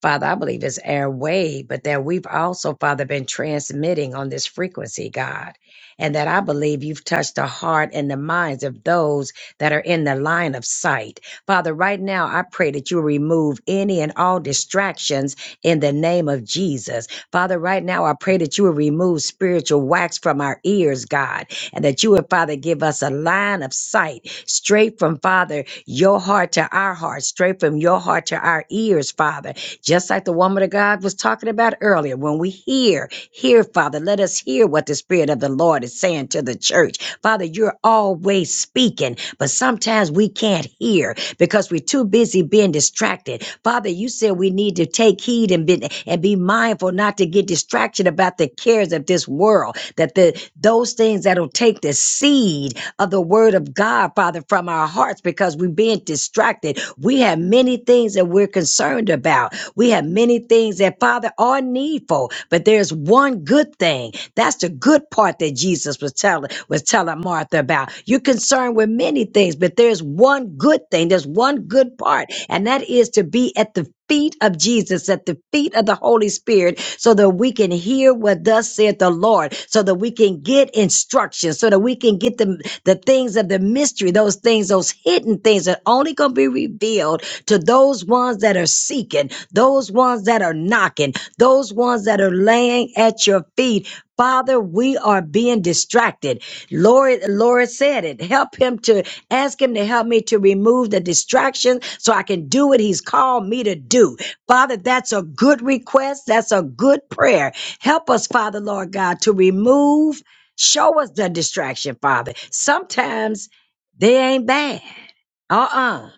Speaker 5: Father, I believe it's our way, but that we've also, Father, been transmitting on this frequency, God. And that I believe you've touched the heart and the minds of those that are in the line of sight. Father, right now, I pray that you remove any and all distractions in the name of Jesus. Father, right now, I pray that you will remove spiritual wax from our ears, God, and that you would, Father, give us a line of sight straight from, Father, your heart to our heart, straight from your heart to our ears, Father just like the woman of God was talking about earlier, when we hear, hear, Father, let us hear what the Spirit of the Lord is saying to the church. Father, you're always speaking, but sometimes we can't hear because we're too busy being distracted. Father, you said we need to take heed and be, and be mindful not to get distracted about the cares of this world, that the those things that'll take the seed of the word of God, Father, from our hearts because we're being distracted. We have many things that we're concerned about. We have many things that, Father, are needful, but there's one good thing. That's the good part that Jesus was telling was telling Martha about. You're concerned with many things, but there's one good thing. There's one good part, and that is to be at the feet of Jesus, at the feet of the Holy Spirit, so that we can hear what thus saith the Lord, so that we can get instruction, so that we can get the, the things of the mystery, those things, those hidden things that only gonna be revealed to those ones that are seeking, those ones that are knocking, those ones that are laying at your feet. Father, we are being distracted. Lord, Lord said it. Help him to ask him to help me to remove the distraction so I can do what he's called me to do. Father, that's a good request. That's a good prayer. Help us, Father, Lord God, to remove, show us the distraction, Father. Sometimes they ain't bad. Uh uh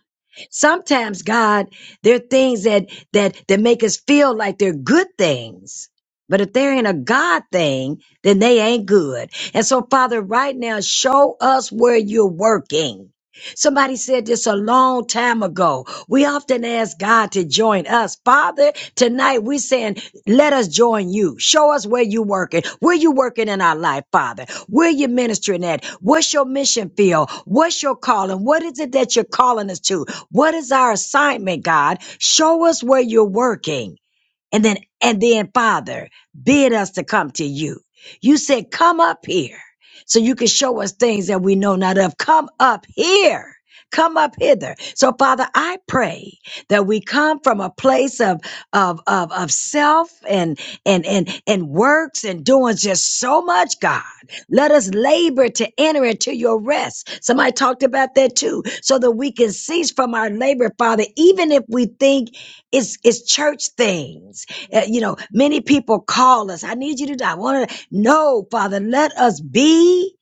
Speaker 5: Sometimes, God, there are things that that that make us feel like they're good things. But if they ain't a God thing, then they ain't good. And so, Father, right now, show us where you're working. Somebody said this a long time ago. We often ask God to join us. Father, tonight we're saying, let us join you. Show us where you're working. Where you working in our life, Father? Where you ministering at? What's your mission field? What's your calling? What is it that you're calling us to? What is our assignment, God? Show us where you're working. And then, and then, Father, bid us to come to you. You said, come up here so you can show us things that we know not of. Come up here. Come up hither. So, Father, I pray that we come from a place of of of, of self and and and and works and doing just so much, God. Let us labor to enter into your rest. Somebody talked about that too, so that we can cease from our labor, Father, even if we think it's it's church things. Uh, you know, many people call us. I need you to do. I want to. No, Father, let us be.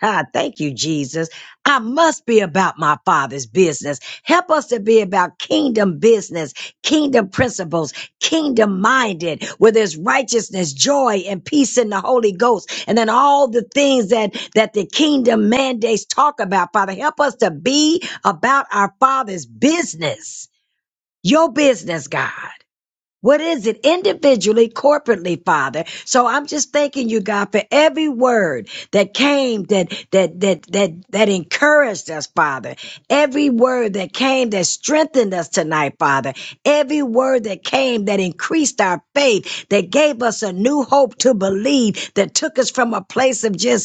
Speaker 5: God, thank you, Jesus. I must be about my Father's business. Help us to be about kingdom business, kingdom principles, kingdom minded, where there's righteousness, joy, and peace in the Holy Ghost, and then all the things that that the kingdom mandates talk about. Father, help us to be about our Father's business your business, God. What is it individually, corporately, Father? So I'm just thanking you, God, for every word that came that, that, that, that, that encouraged us, Father. Every word that came that strengthened us tonight, Father. Every word that came that increased our faith, that gave us a new hope to believe, that took us from a place of just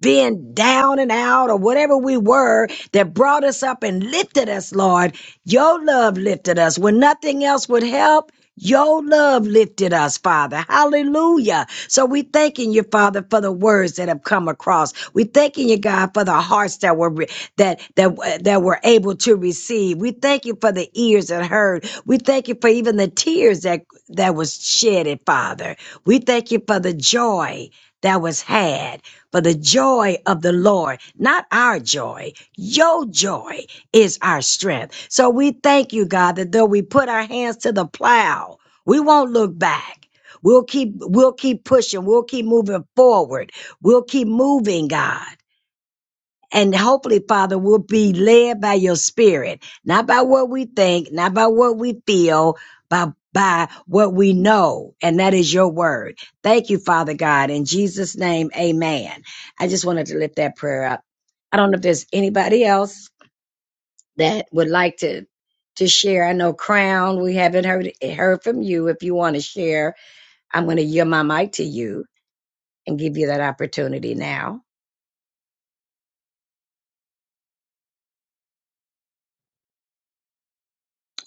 Speaker 5: being down and out or whatever we were that brought us up and lifted us, Lord. Your love lifted us when nothing else would help. Your love lifted us, Father. Hallelujah. So we thanking you, Father, for the words that have come across. We thanking you, God, for the hearts that were re- that that that were able to receive. We thank you for the ears that heard. We thank you for even the tears that that was shedded, Father. We thank you for the joy that was had. For the joy of the Lord, not our joy, your joy is our strength. So we thank you, God, that though we put our hands to the plow, we won't look back. We'll keep we'll keep pushing. We'll keep moving forward. We'll keep moving, God. And hopefully, Father, we'll be led by your spirit, not by what we think, not by what we feel, but by what we know. And that is your word. Thank you, Father God. In Jesus' name, amen. I just wanted to lift that prayer up. I don't know if there's anybody else that would like to to share. I know Crown, we haven't heard heard from you. If you want to share, I'm going to yield my mic to you and give you that opportunity now.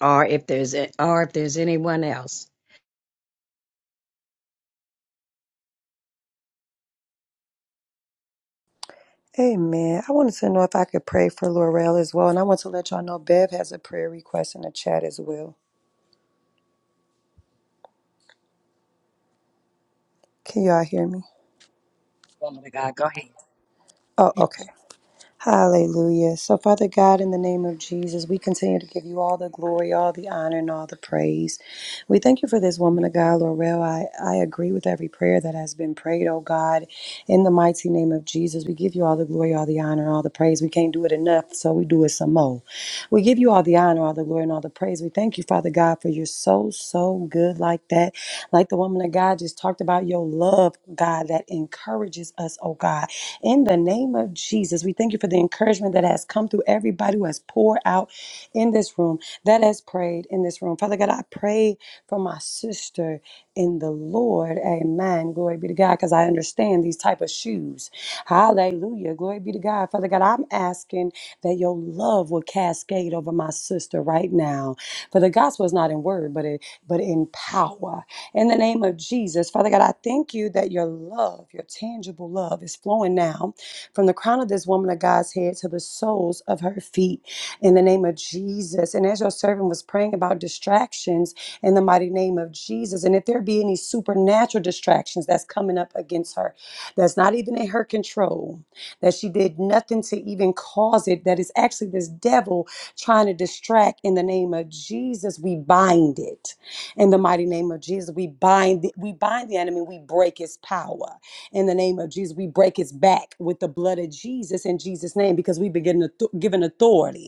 Speaker 5: Or if there's or if there's anyone else.
Speaker 14: Amen. I wanted to know if I could pray for Laurel as well. And I want to let y'all know Bev has a prayer request in the chat as well. Can y'all hear me?
Speaker 5: Woman of God, go ahead.
Speaker 14: Oh, okay. Hallelujah. So, Father God, in the name of Jesus, we continue to give you all the glory, all the honor, and all the praise. We thank you for this woman of God, Laurel. I, I agree with every prayer that has been prayed, oh God. In the mighty name of Jesus, we give you all the glory, all the honor, all the praise. We can't do it enough, so we do it some more. We give you all the honor, all the glory, and all the praise. We thank you, Father God, for you're so, so good like that. Like the woman of God just talked about your love, God, that encourages us, oh God. In the name of Jesus, we thank you for the encouragement that has come through everybody who has poured out in this room, that has prayed in this room. Father God, I pray for my sister in the Lord. Amen. Glory be to God, because I understand these type of shoes. Hallelujah. Glory be to God. Father God, I'm asking that your love will cascade over my sister right now. For the gospel is not in word, but it but in power. In the name of Jesus, Father God, I thank you that your love, your tangible love, is flowing now from the crown of this woman of God's head to the soles of her feet. In the name of Jesus. And as your servant was praying about distractions, in the mighty name of Jesus. And if there be any supernatural distractions that's coming up against her, that's not even in her control, that she did nothing to even cause it, that is actually this devil trying to distract in the name of Jesus, we bind it. In the mighty name of Jesus, we bind the, we bind the enemy, we break his power. In the name of Jesus, we break his back with the blood of Jesus in Jesus' name because we've been given, auth- given authority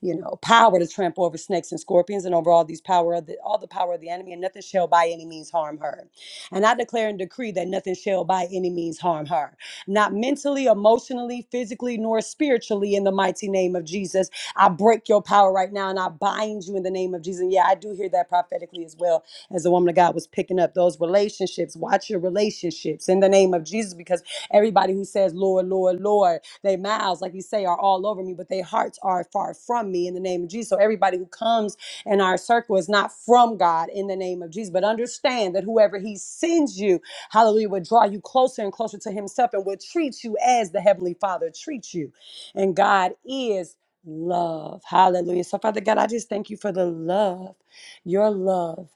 Speaker 14: you know, power to trample over snakes and scorpions and over all these power of the, all the power of the enemy, and nothing shall by any means harm her. And I declare and decree that nothing shall by any means harm her, not mentally, emotionally, physically, nor spiritually, in the mighty name of Jesus. I break your power right now and I bind you in the name of Jesus. And yeah, I do hear that prophetically as well as the woman of God was picking up those relationships. Watch your relationships in the name of Jesus because everybody who says, Lord, Lord, Lord, their mouths, like you say, are all over me, but their hearts are far from me in the name of Jesus. So everybody who comes in our circle is not from God in the name of Jesus. But understand that whoever He sends you, hallelujah, will draw you closer and closer to Himself and will treat you as the Heavenly Father treats you. And God is love. Hallelujah. So, Father God, I just thank you for the love, your love.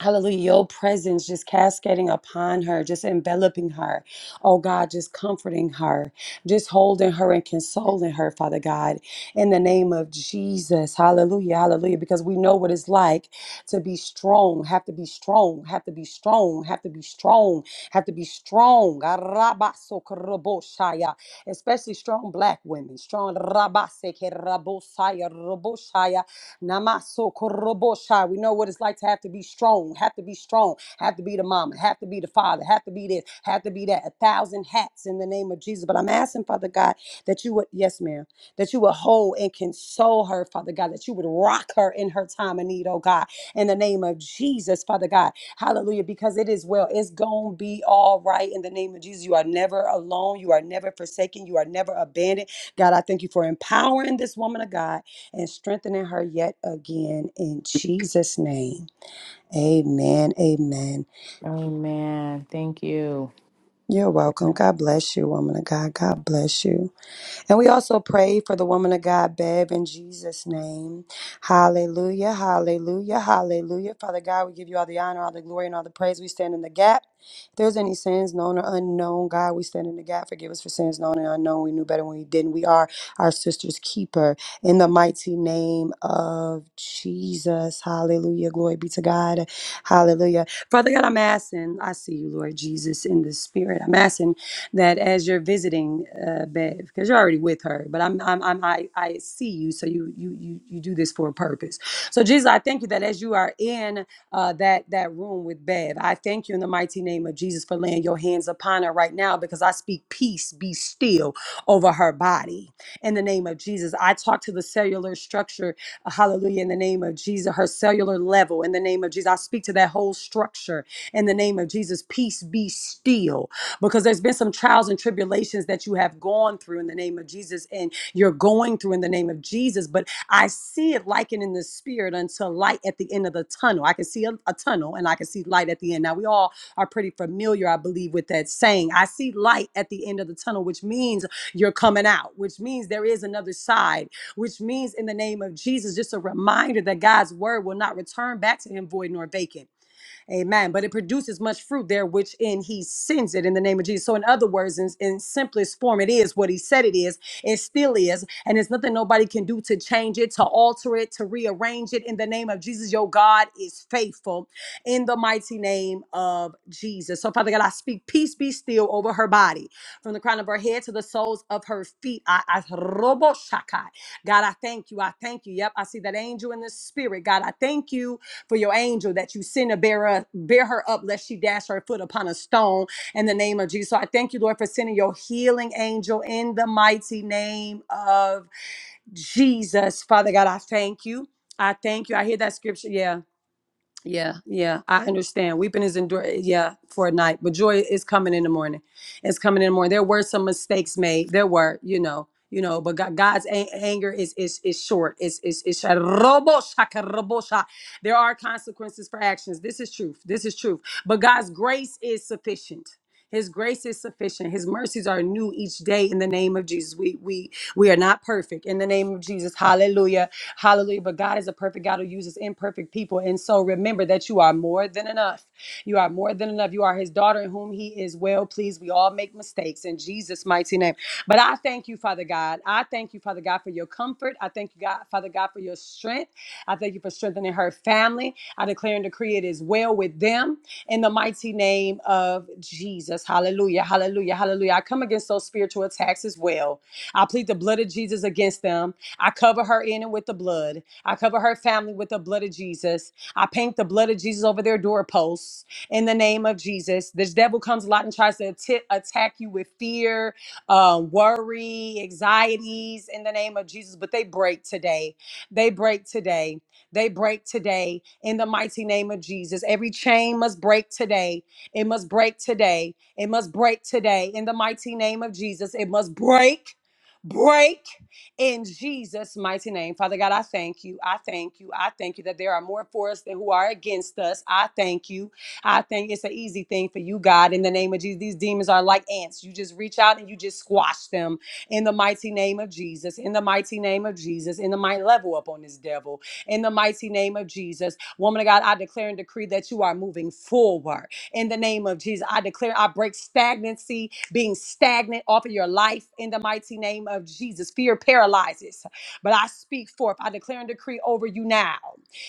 Speaker 14: Hallelujah. Your presence just cascading upon her, just enveloping her. Oh God, just comforting her, just holding her and consoling her, Father God, in the name of Jesus. Hallelujah. Hallelujah. Because we know what it's like to be strong, have to be strong, have to be strong, have to be strong, have to be strong. Arabasokorobosaya. Especially strong black women, strong. rabasekerabosaya, roboshaya. Namaso korobosha. We know what it's like to have to be strong, have to be strong, have to be the mama, have to be the father, have to be this, have to be that. A thousand hats in the name of Jesus. But I'm asking, Father God, that you would, yes, ma'am, that you would hold and console her, Father God, that you would rock her in her time of need, oh God, in the name of Jesus, Father God. Hallelujah. Because it is well. It's going to be all right in the name of Jesus. You are never alone. You are never forsaken. You are never abandoned. God, I thank you for empowering this woman of God and strengthening her yet again in Jesus' name. Amen. Amen.
Speaker 15: Amen. Thank you.
Speaker 14: You're welcome. God bless you, woman of God. God bless you. And we also pray for the woman of God, Bev, in Jesus' name. Hallelujah, hallelujah, hallelujah. Father God, we give you all the honor, all the glory, and all the praise. We stand in the gap. If there's any sins known or unknown, God, we stand in the gap. Forgive us for sins known and unknown. We knew better when we didn't. We are our sister's keeper in the mighty name of Jesus. Hallelujah. Glory be to God. Hallelujah. Father God, I'm asking, I see you, Lord Jesus, in the spirit. I'm asking that as you're visiting uh, Bev, because you're already with her, but I'm, I'm, I'm I, I see you, so you, you, you, you do this for a purpose. So Jesus, I thank you that as you are in uh, that that room with Bev, I thank you in the mighty name of Jesus for laying your hands upon her right now, because I speak peace, be still over her body in the name of Jesus. I talk to the cellular structure, uh, hallelujah, in the name of Jesus, her cellular level in the name of Jesus. I speak to that whole structure in the name of Jesus. Peace be still because there's been some trials and tribulations that you have gone through in the name of Jesus and you're going through in the name of Jesus. But I see it likened in the spirit unto light at the end of the tunnel. I can see a, a tunnel and I can see light at the end. Now, we all are pretty familiar, I believe, with that saying. I see light at the end of the tunnel, which means you're coming out, which means there is another side, which means in the name of Jesus, just a reminder that God's word will not return back to him void nor vacant Amen. But it produces much fruit there, which in he sends it in the name of Jesus. So, in other words, in, in simplest form, it is what he said it is. It still is. And there's nothing nobody can do to change it, to alter it, to rearrange it. In the name of Jesus, your God is faithful in the mighty name of Jesus. So, Father God, I speak peace be still over her body from the crown of her head to the soles of her feet. I, I robo shakai. God, I thank you. I thank you. Yep, I see that angel in the spirit. God, I thank you for your angel that you send to bear, her, bear her up, lest she dash her foot upon a stone in the name of Jesus. So I thank you, Lord, for sending your healing angel in the mighty name of Jesus. Father God, I thank you. I thank you. I hear that scripture. Yeah. Yeah, yeah, I understand. Weeping is endure, yeah, for a night, but joy is coming in the morning. It's coming in the morning. There were some mistakes made. There were, you know, you know, but God, God's a- anger is is is short. It's is is There are consequences for actions. This is truth. This is truth. But God's grace is sufficient. His grace is sufficient. His mercies are new each day in the name of Jesus. We we we are not perfect in the name of Jesus. Hallelujah. Hallelujah. But God is a perfect God who uses imperfect people. And so remember that you are more than enough. You are more than enough. You are his daughter in whom he is well pleased. We all make mistakes in Jesus' mighty name. But I thank you, Father God. I thank you, Father God, for your comfort. I thank you, God, Father God, for your strength. I thank you for strengthening her family. I declare and decree it is well with them in the mighty name of Jesus. Hallelujah. Hallelujah. Hallelujah. I come against those spiritual attacks as well. I plead the blood of Jesus against them. I cover her in and with the blood. I cover her family with the blood of Jesus. I paint the blood of Jesus over their doorposts in the name of Jesus. This devil comes a lot and tries to atti- attack you with fear, uh, worry, anxieties in the name of Jesus, but they break today. They break today. They break today in the mighty name of Jesus. Every chain must break today. It must break today. It must break today in the mighty name of Jesus. It must break break in Jesus' mighty name. Father God, I thank you. I thank you. I thank you that there are more for us than who are against us. I thank you. I think it's an easy thing for you, God, in the name of Jesus. These demons are like ants. You just reach out and you just squash them in the mighty name of Jesus, in the mighty name of Jesus, in the mighty level up on this devil, in the mighty name of Jesus. Woman of God, I declare and decree that you are moving forward in the name of Jesus. I declare, I break stagnancy being stagnant off of your life in the mighty name of Jesus. Fear paralyzes, but I speak forth. I declare and decree over you now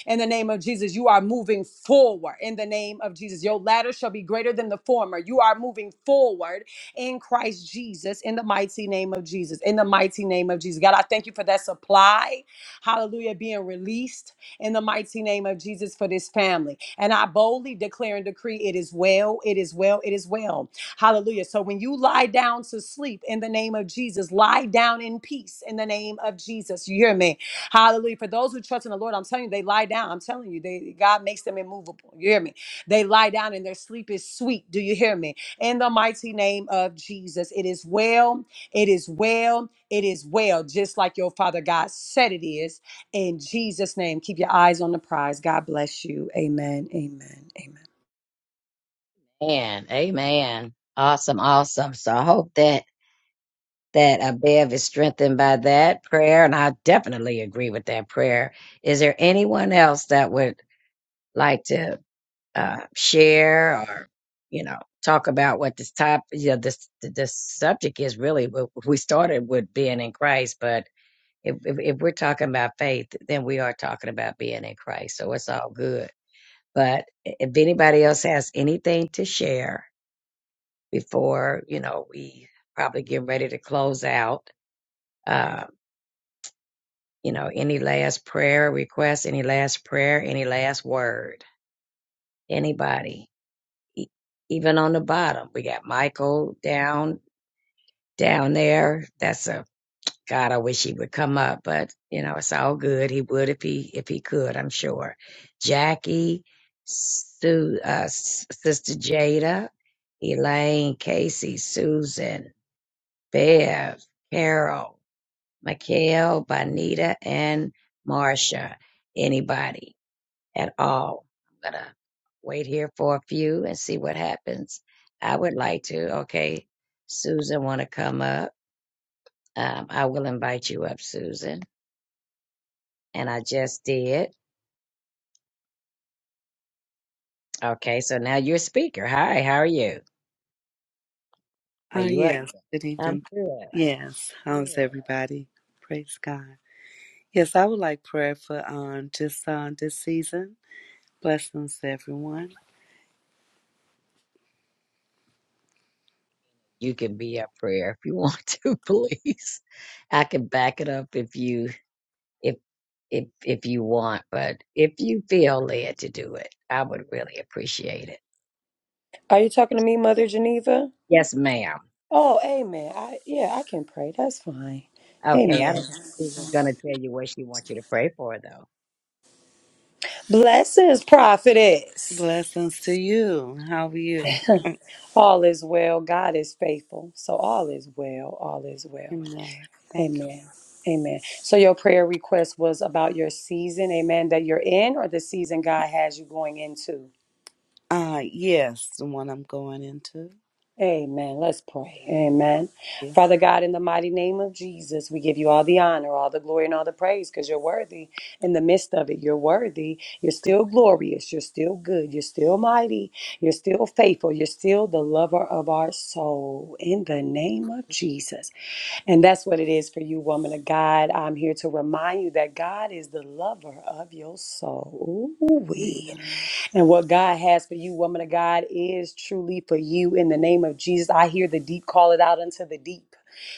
Speaker 14: in the name of Jesus. You are moving forward in the name of Jesus. Your latter shall be greater than the former. You are moving forward in Christ Jesus in the mighty name of Jesus. In the mighty name of Jesus. God, I thank you for that supply. Hallelujah. Being released in the mighty name of Jesus for this family. And I boldly declare and decree it is well, it is well, it is well Hallelujah. So when you lie down to sleep in the name of Jesus, lie down in peace in the name of Jesus. You hear me? Hallelujah. For those who trust in the Lord, I'm telling you, they lie down. I'm telling you, they God makes them immovable. You hear me? They lie down and their sleep is sweet. Do you hear me? In the mighty name of Jesus, it is well, it is well, it is well, just like your father God said it is. In Jesus' name, keep your eyes on the prize. God bless you. Amen. Amen. Amen.
Speaker 5: And amen. Awesome, awesome. So I hope that that Abev is strengthened by that prayer, and I definitely agree with that prayer. Is there anyone else that would like to uh, share or, you know, talk about what this top, you know, this this subject is really? We we started with being in Christ, but if, if if we're talking about faith, then we are talking about being in Christ. So it's all good. But if anybody else has anything to share, before you know we probably get ready to close out. Uh, you know, any last prayer requests, any last prayer, any last word, anybody, E- even on the bottom. We got Michael down down there. That's a God. I wish he would come up, but you know it's all good. He would if he if he could. I'm sure. Jackie, Sue, uh, S- Sister Jada, Elaine, Casey, Susan, Bev, Carol. Mikhail, Bonita, and Marcia. Anybody at all. I'm going to wait here for a few and see what happens. I would like to. Okay, Susan want to come up. Um, I will invite you up, Susan. And I just did. Okay, so now you're a speaker. Hi, how are you? Are
Speaker 16: Ah,
Speaker 5: you up?
Speaker 16: yes. Good
Speaker 5: I'm
Speaker 16: evening.
Speaker 5: good.
Speaker 16: Yes. How's
Speaker 5: Good.
Speaker 16: everybody? Praise God. Yes, I would like prayer for um just uh, this season. Blessings, everyone.
Speaker 5: You can be a prayer if you want to, please. I can back it up if you if if if you want, but if you feel led to do it, I would really appreciate it.
Speaker 14: Are you talking to me, Mother Geneva?
Speaker 5: Yes, ma'am.
Speaker 14: Oh, amen. I yeah, I can pray. That's fine.
Speaker 5: Okay, I
Speaker 14: Amen.
Speaker 5: don't know if gonna tell you what she wants you to pray for though.
Speaker 14: Blessings, prophetess.
Speaker 16: Blessings to you. How are you?
Speaker 14: All is well. God is faithful. So all is well. All is well.
Speaker 16: Amen. Thank you.
Speaker 14: Amen. Amen. So your prayer request was about your season, amen, that you're in or the season God has you going into.
Speaker 16: Ah yes, the one I'm going into.
Speaker 14: Amen. Let's pray. Amen.
Speaker 16: Yes.
Speaker 14: Father God, in the mighty name of Jesus, we give you all the honor, all the glory, and all the praise because you're worthy. In the midst of it, you're worthy. You're still glorious. You're still good. You're still mighty. You're still faithful. You're still the lover of our soul. In the name of Jesus. And that's what it is for you, woman of God. I'm here to remind you that God is the lover of your soul. Ooh-wee.
Speaker 16: Amen.
Speaker 14: And what God has for you, woman of God, is truly for you in the name of Jesus. I hear the deep call it out unto the deep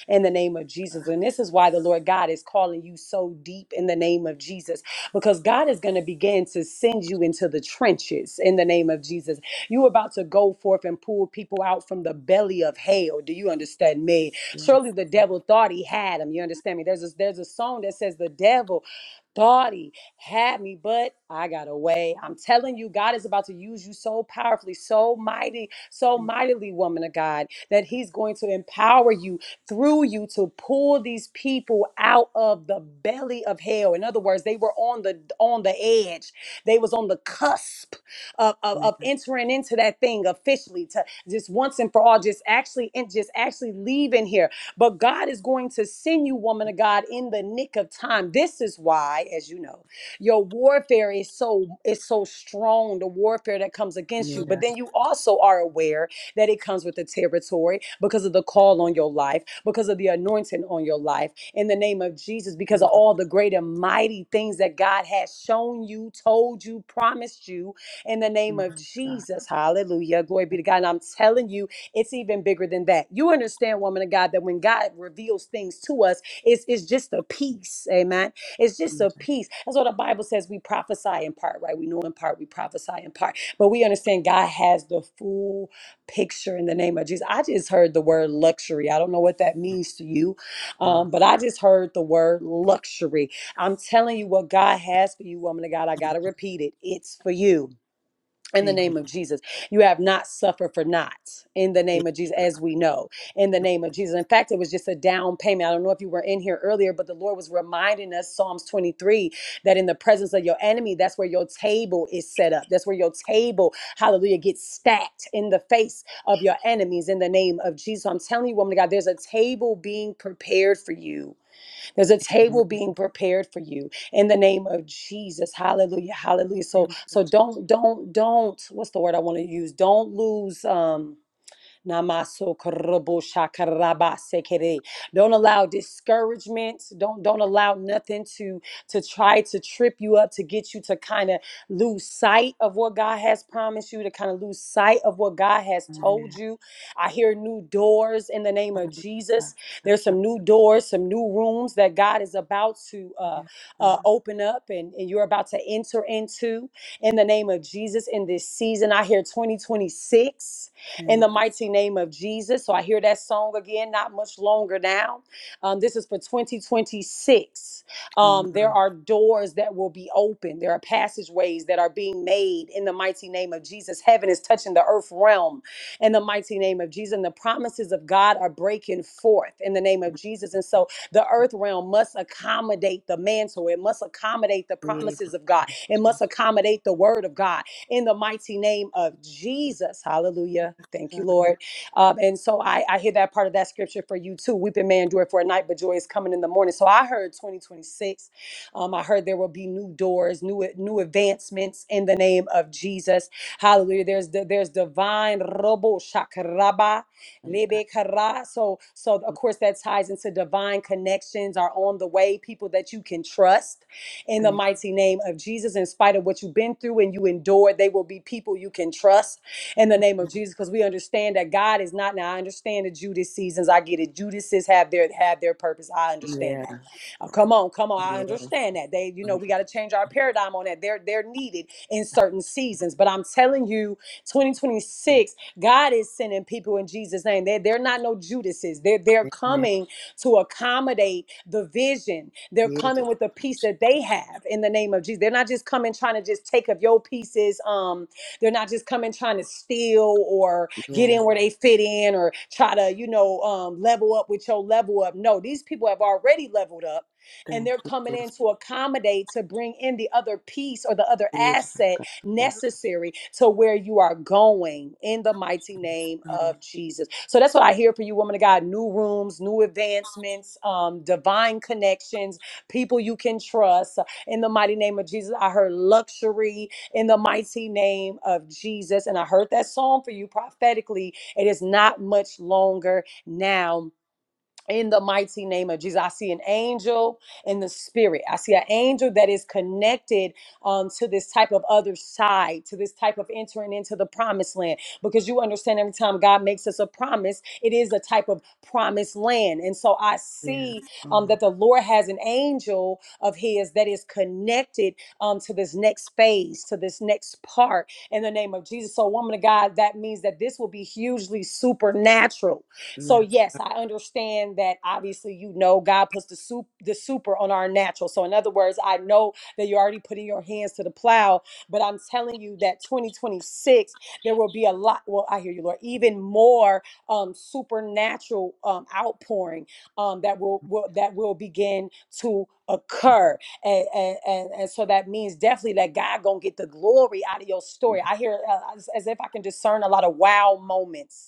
Speaker 14: in the name of
Speaker 16: God.
Speaker 14: Jesus. And this is why the Lord God is calling you so deep in the name of Jesus, because God is going to begin to send you into the trenches in the name of Jesus. You're about to go forth and pull people out from the belly of hell. Do you understand me?
Speaker 16: Yes.
Speaker 14: Surely the devil thought he had him. You understand me? There's a, there's a song that says the devil Thoughty had me, but I got away. I'm telling you, God is about to use you so powerfully, so mighty, so mightily, woman of God, that He's going to empower you through you to pull these people out of the belly of hell. In other words, they were on the on the edge. They was on the cusp of, of,
Speaker 16: Amen.
Speaker 14: of entering into that thing officially to just once and for all, just actually and just actually leaving here but God is going to send you, woman of God, in the nick of time. This is why, as you know, your warfare is so is so strong, the warfare that comes against you. But
Speaker 16: Yeah.
Speaker 14: then you also are aware that it comes with the territory because of the call on your life, because of the anointing on your life, in the name of Jesus, because
Speaker 16: Amen.
Speaker 14: of all the great and mighty things that God has shown you, told you, promised you, in the name of
Speaker 16: God.
Speaker 14: Jesus. Hallelujah. Glory be to God. And I'm telling you, it's even bigger than that. You understand, woman of God, that when God reveals things to us, it's, it's just a piece. Amen. It's just
Speaker 16: Amen.
Speaker 14: a piece. That's what the Bible says. We prophesy in part, right? We know in part, we prophesy in part. But we understand God has the full picture in the name of Jesus. I just heard the word luxury. I don't know what that means to you, um, but I just heard the word luxury. I'm telling you what God has for you, woman of God. I got to repeat it. It's for you in the
Speaker 16: Amen.
Speaker 14: name of Jesus. You have not suffered for naught in the name of Jesus, as we know, in the name of Jesus. In fact, it was just a down payment. I don't know if you were in here earlier, but the Lord was reminding us, Psalms 23, that in the presence of your enemy, that's where your table is set up. That's where your table, hallelujah, gets stacked in the face of your enemies in the name of Jesus. So I'm telling you, woman of God, there's a table being prepared for you there's a
Speaker 16: Amen.
Speaker 14: table being prepared for you in the name of Jesus. Hallelujah. Hallelujah. So
Speaker 16: Thank you,
Speaker 14: so
Speaker 16: Jesus.
Speaker 14: don't don't don't what's the word I want to use? Don't lose um Namaso korobo shakaraba sekere. Don't allow discouragement. Don't don't allow nothing to to try to trip you up to get you to kind of lose sight of what God has promised you, to kind of lose sight of what God has
Speaker 16: Amen.
Speaker 14: told you. I hear new doors in the name of
Speaker 16: Thank
Speaker 14: Jesus. There's some new doors, some new rooms that God is about to
Speaker 16: you,
Speaker 14: uh,
Speaker 16: God.
Speaker 14: uh, open up and, and you're about to enter into in the name of Jesus in this season. I hear 2026 in the mighty name of Jesus. So I hear that song again, not much longer now. Um, this is for 2026.
Speaker 16: Thank
Speaker 14: Um,
Speaker 16: you.
Speaker 14: there are doors that will be open, there are passageways that are being made in the mighty name of Jesus. Heaven is touching the earth realm in the mighty name of Jesus. And the promises of God are breaking forth in the name of Jesus. And so the earth realm must accommodate the mantle, it must accommodate the
Speaker 16: Yeah,
Speaker 14: promises of God, it
Speaker 16: gotcha.
Speaker 14: must accommodate the word of God in the mighty name of Jesus. Hallelujah. Thank you, Lord. Um, and so I, I hear that part of that scripture for you too. Weeping may endure for a night, but joy is coming in the morning. So I heard 2026. Um, I heard there will be new doors, new new advancements in the name of Jesus. Hallelujah. There's the, there's divine robo shakaraba
Speaker 16: And I
Speaker 14: lebe kara. So so of course that ties into divine connections are on the way. People that you can trust in the
Speaker 16: think,
Speaker 14: mighty name of Jesus. In spite of what you've been through and you endured, they will be people you can trust in the name of Jesus. Because we understand that God is not now. I understand the Judas seasons. I get it. Judases have their have their purpose. I understand
Speaker 16: yeah,
Speaker 14: that. Uh, come on, come on. I
Speaker 16: yes,
Speaker 14: understand that. They, you know,
Speaker 16: mm-mm.
Speaker 14: we got to change our paradigm on that. They're they're needed in certain seasons. But I'm telling you, 2026, God is sending people in Jesus' name. they they're not no Judases. They're they're
Speaker 16: amen.
Speaker 14: coming to accommodate the vision. They're
Speaker 16: Yeah,
Speaker 14: coming with the piece
Speaker 16: gotcha.
Speaker 14: that they have in the name of Jesus. They're not just coming trying to just take of your pieces. Um, they're not just coming trying to steal or get
Speaker 16: yeah,
Speaker 14: in where they fit in or try to, you know, um, level up with your level up. No, these people have already leveled up and
Speaker 16: thank
Speaker 14: they're
Speaker 16: you,
Speaker 14: coming
Speaker 16: Jesus.
Speaker 14: in to accommodate to bring in the other piece or the other
Speaker 16: Yeah,
Speaker 14: asset
Speaker 16: gotcha.
Speaker 14: necessary to where you are going in the mighty name
Speaker 16: Oh,
Speaker 14: of Jesus. So that's what I hear for you, woman of God. New rooms, new advancements, um, divine connections, people you can trust in the mighty name of Jesus. I heard luxury in the mighty name of Jesus. And I heard that song for you prophetically. It is not much longer now in the mighty name of Jesus. I see an angel in the spirit. I see an angel that is connected um, to this type of other side, to this type of entering into the promised land. Because you understand, every time God makes us a promise, it is a type of promised land. And so I
Speaker 16: yes,
Speaker 14: see um,
Speaker 16: oh,
Speaker 14: that the Lord has an angel of His that is connected um, to this next phase, to this next part in the name of Jesus. So, woman of God, that means that this will be hugely supernatural so
Speaker 16: yes,
Speaker 14: yes, I understand that obviously you know God puts the soup the super on our natural. So in other words, I know that you're already putting your hands to the plow, but I'm telling you that 2026 there will be a lot well I hear you Lord, even more um supernatural um outpouring um that will, will that will begin to occur and, and and and so that means definitely that God gonna get the glory out of your story. I hear uh, as, as if I can discern a lot of wow moments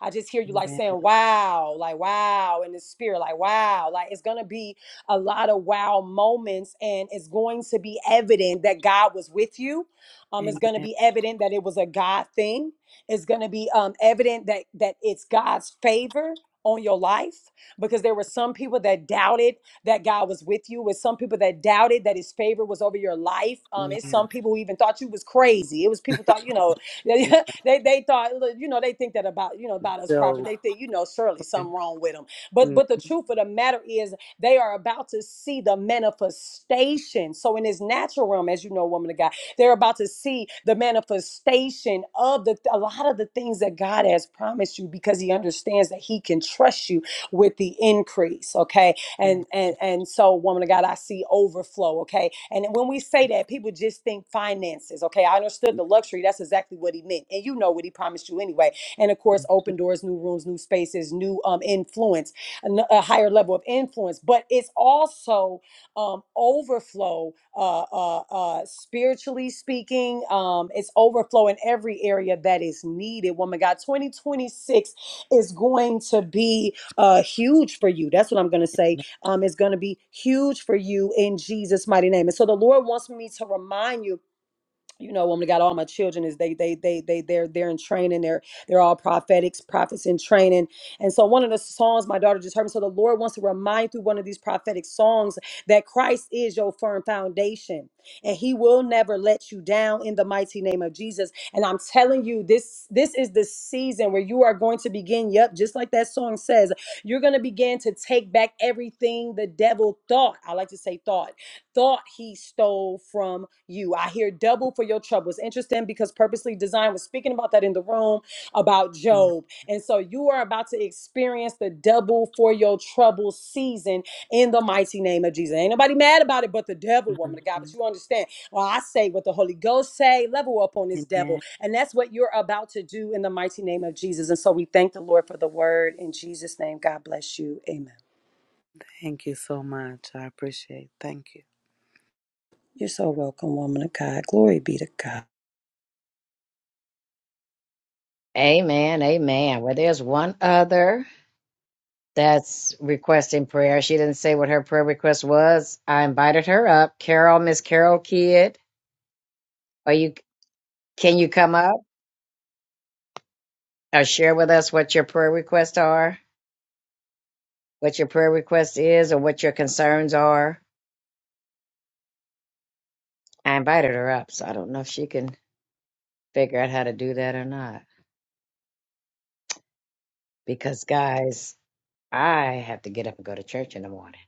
Speaker 14: I just hear you like
Speaker 16: amen,
Speaker 14: saying, wow, like, wow, in the spirit, like, wow. Like, it's going to be a lot of wow moments, and it's going to be evident that God was with you. Um, it's going to
Speaker 16: amen.
Speaker 14: be evident that it was a God thing. It's going to be um, evident that that it's God's favor on your life because there were some people that doubted that God was with you, with some people that doubted that His favor was over your life. Um, it's
Speaker 16: Yeah,
Speaker 14: some people who even thought you was crazy. It was people thought you know they they thought, you know, they think that about you know about us prophet.
Speaker 16: so,
Speaker 14: They think, you know, surely
Speaker 16: yeah,
Speaker 14: something wrong with them. But
Speaker 16: mm,
Speaker 14: but the truth of the matter is, they are about to see the manifestation. So in this natural realm, as you know, woman of God, they're about to see the manifestation of the a lot of the things that God has promised you because He understands that He can trust you with the increase. Okay, and
Speaker 16: thank-
Speaker 14: and and so woman of god i see overflow okay and when we say that people just think finances okay i understood the luxury that's exactly what he meant and you know what he promised you anyway and of course open doors new rooms new spaces new um influence an- a higher level of influence but it's also um overflow uh uh, uh spiritually speaking um it's overflow in every area that is needed woman of god 2026 is going to be uh huge for you that's what i'm going to say um, is going to be huge for you in Jesus' mighty name. And so the Lord wants me to remind you you know, woman of God, all my children is they they they they they're they're in training. They're they're all prophetics, prophets in training. And so one of the songs my daughter just heard me. So the Lord wants to remind through one of these prophetic songs that Christ is your firm foundation and he will never let you down in the mighty name of Jesus. And I'm telling you, this this is the season where you are going to begin, yep, just like that song says, you're gonna begin to take back everything the devil thought. I like to say thought thought he stole from you. I hear double for your trouble. It's interesting because Purposely Designed was speaking about that in the room about
Speaker 16: mm,
Speaker 14: Job. And so you are about to experience the double for your trouble season in the mighty name of Jesus. Ain't nobody mad about it but the devil, woman
Speaker 16: mm,
Speaker 14: of God. But you understand. Well, I say what the Holy Ghost say, level up on this devil.
Speaker 16: amen.
Speaker 14: And that's what you're about to do in the mighty name of Jesus. And so we thank the Lord for the word. In Jesus' name, God bless you. Amen.
Speaker 16: Thank you so much. I appreciate it. Thank
Speaker 14: You're so welcome, woman of God. Glory be to God.
Speaker 5: Amen, amen. Well, there's one other that's requesting prayer. She didn't say what her prayer request was. I invited her up. Carol, Miss Carol Kidd, are you can you come up or share with us what your prayer requests are, what your prayer request is or what your concerns are? I invited her up, so I don't know if she can figure out how to do that or not. Because, guys, I have to get up and go to church in the morning.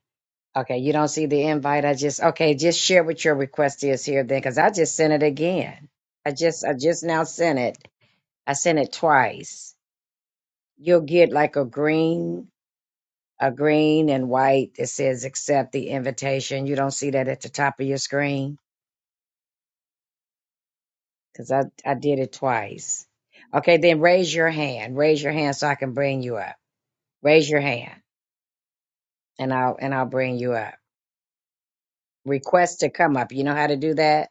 Speaker 5: Okay, you don't see the invite. I just okay, just share what your request is here then, because I just sent it again. I just I just now sent it. I sent it twice. You'll get like a green, a green and white that says accept the invitation. You don't see that at the top of your screen because I I did it twice. Okay, then raise your hand. Raise your hand so I can bring you up. Raise your hand. and I'll and I'll bring you up. Request to come up. You know how to do that?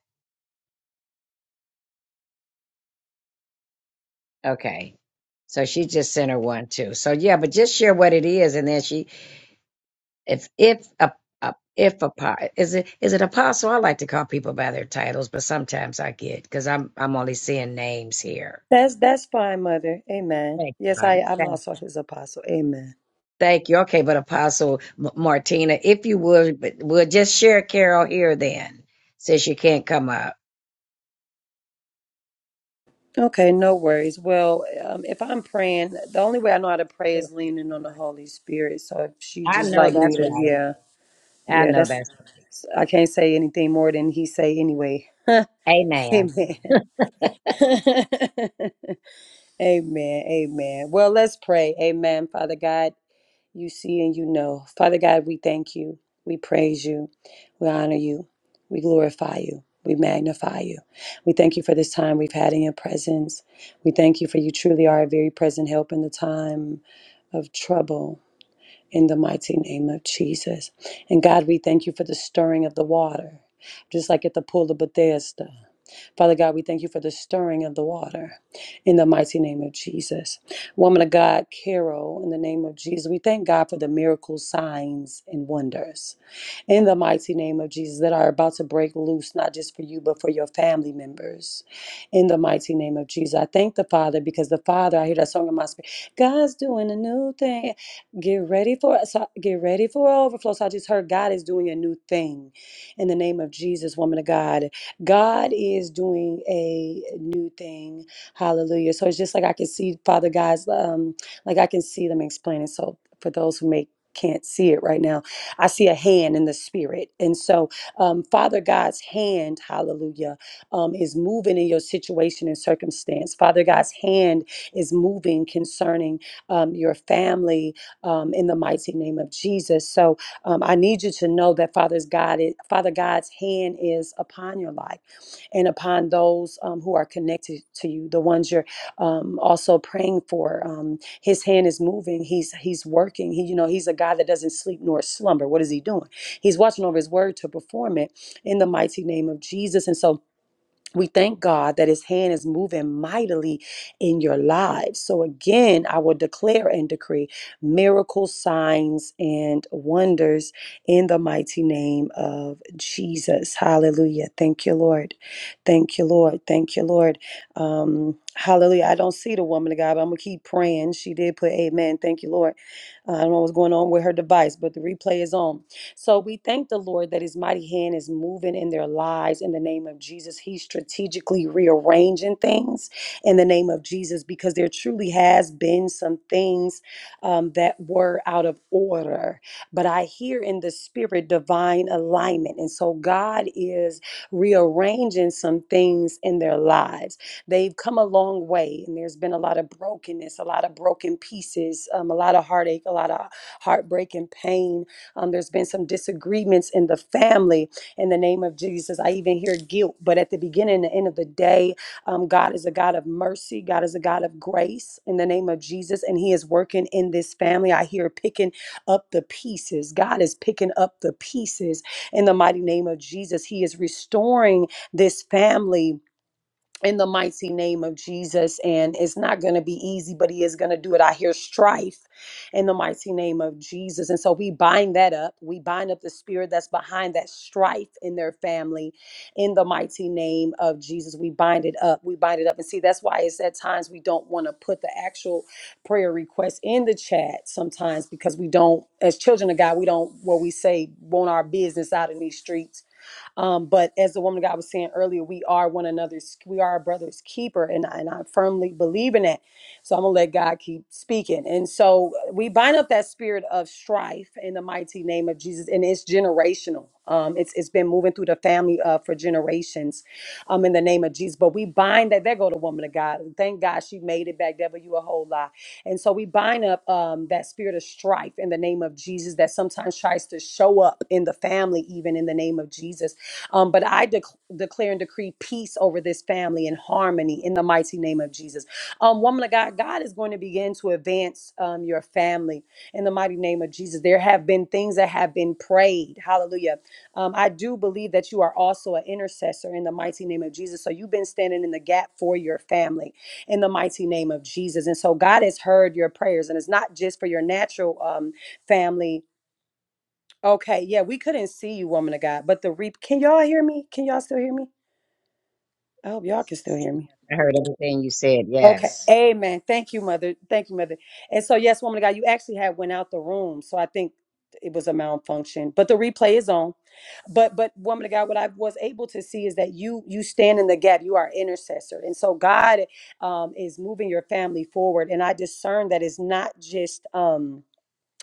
Speaker 5: Okay. So she just sent her one too. So yeah, but just share what it is, and then she, if if a, a if a po- is it is it apostle? I like to call people by their titles, but sometimes I get because I'm I'm only seeing names here.
Speaker 14: That's that's fine, Mother. Amen.
Speaker 5: Thank you,
Speaker 14: Yes, I
Speaker 5: honey.
Speaker 14: I'm
Speaker 5: Thank,
Speaker 14: also His apostle. Amen.
Speaker 5: thank you. Okay, but Apostle M- Martina, if you would, but- would just share Carol here then, since you can't come up.
Speaker 14: Okay, no worries. Well, um, if I'm praying, the only way I know how to pray
Speaker 5: Yes,
Speaker 14: is
Speaker 5: she's
Speaker 14: leaning on the
Speaker 5: trying.
Speaker 14: Holy Spirit. So if she
Speaker 5: I
Speaker 14: just
Speaker 5: know
Speaker 14: like me
Speaker 5: that's
Speaker 14: to,
Speaker 5: right.
Speaker 14: yeah,
Speaker 5: I
Speaker 14: yeah,
Speaker 5: know
Speaker 14: that's
Speaker 5: that's
Speaker 14: I can't say anything more than He say anyway.
Speaker 5: Amen.
Speaker 14: Amen. amen. Amen. Well, let's pray. Amen. Father God. You see and you know. Father God, we thank you. We praise you. We honor you. We glorify you. We magnify you. We thank you for this time we've had in your presence. We thank you for you truly are a very present help in the time of trouble in the mighty name of Jesus. And God, we thank you for the stirring of the water, just like at the pool of Bethesda. Father God, we thank you for the stirring of the water in the mighty name of Jesus. Woman of God, Carol, in the name of Jesus, we thank God for the miracles, signs, and wonders in the mighty name of Jesus that are about to break loose, not just for you, but for your family members. In the mighty name of Jesus. I thank the Father because the Father, I hear that song in my spirit. God's doing a new thing. Get ready for so get ready for overflow. So I just heard God is doing a new thing. In the name of Jesus, woman of God. God is doing a new thing. Hallelujah. So it's just like I can see, Father God's um, like I can see them explaining. So for those who may can't see it right now I see a hand in the spirit. And so, um, Father God's hand, hallelujah, um, is moving in your situation and circumstance. Father God's hand is moving concerning um, your family um, in the mighty name of Jesus. So, um, I need you to know that Father's God, is, Father God's hand is upon your life and upon those um, who are connected to you, the ones you're um, also praying for. Um, his hand is moving. He's he's working. He you know he's a God that doesn't sleep nor slumber. What is he doing? He's watching over his word to perform it in the mighty name of Jesus. And so we thank God that His hand is moving mightily in your lives. So, again, I will declare and decree miracles, signs, and wonders in the mighty name of Jesus. Hallelujah. Thank you, Lord. Thank you, Lord. Thank you, Lord. Um, hallelujah. I don't see the woman of God, but I'm going to keep praying. She did put amen. Thank you, Lord. Uh, I don't know what's going on with her device, but the replay is on. So we thank the Lord that His mighty hand is moving in their lives in the name of Jesus. He's strategically rearranging things in the name of Jesus because there truly has been some things um, that were out of order. But I hear in the spirit divine alignment. And so God is rearranging some things in their lives. They've come a long way, and there's been a lot of brokenness, a lot of broken pieces, um, a lot of heartache, a lot of heartbreak and pain um, there's been some disagreements in the family in the name of Jesus. I even hear guilt, but at the beginning and the end of the day, um, God is a God of mercy. God is a God of grace in the name of Jesus, and He is working in this family. I hear picking up the pieces. God is picking up the pieces in the mighty name of Jesus. He is restoring this family in the mighty name of Jesus. And it's not going to be easy, but He is going to do it. I hear strife in the mighty name of Jesus. And so we bind that up. We bind up the spirit that's behind that strife in their family in the mighty name of Jesus. We bind it up. We bind it up. And see, that's why it's at times we don't want to put the actual prayer request in the chat sometimes because we don't, as children of God, we don't, what we say, want our business out in these streets um, but as the woman of God was saying earlier, we are one another's, we are our brother's keeper, and I, and I firmly believe in that. So I'm gonna let God keep speaking. And so uh, we bind up that spirit of strife in the mighty name of Jesus, and it's generational. Um, it's it's been moving through the family uh, for generations, um, in the name of Jesus. But we bind that. There go the woman of God. Thank God she made it back. Devil, you a whole lot. And so we bind up um, that spirit of strife in the name of Jesus that sometimes tries to show up in the family, even in the name of Jesus. Um, but I dec declare and decree peace over this family and harmony in the mighty name of Jesus. Um, woman of God, God is going to begin to advance um, your family in the mighty name of Jesus. There have been things that have been prayed. Hallelujah. Um, I do believe that you are also an intercessor in the mighty name of Jesus. So you've been standing in the gap for your family in the mighty name of Jesus. And so God has heard your prayers, and it's not just for your natural um, family Okay, yeah, we couldn't see you, woman of God, but the reap. Can y'all hear me? Can y'all still hear me? I hope y'all can still hear me.
Speaker 5: I heard everything you said.
Speaker 14: Okay,
Speaker 5: Yes.
Speaker 14: amen. Thank you, mother. Thank you, mother. And so, yes, woman of God, you actually had went out the room, so I think it was a malfunction. But the replay is on. But but woman of God, what I was able to see is that you you stand in the gap. You are intercessor, and so God um, is moving your family forward. And I discern that it's not just. Um,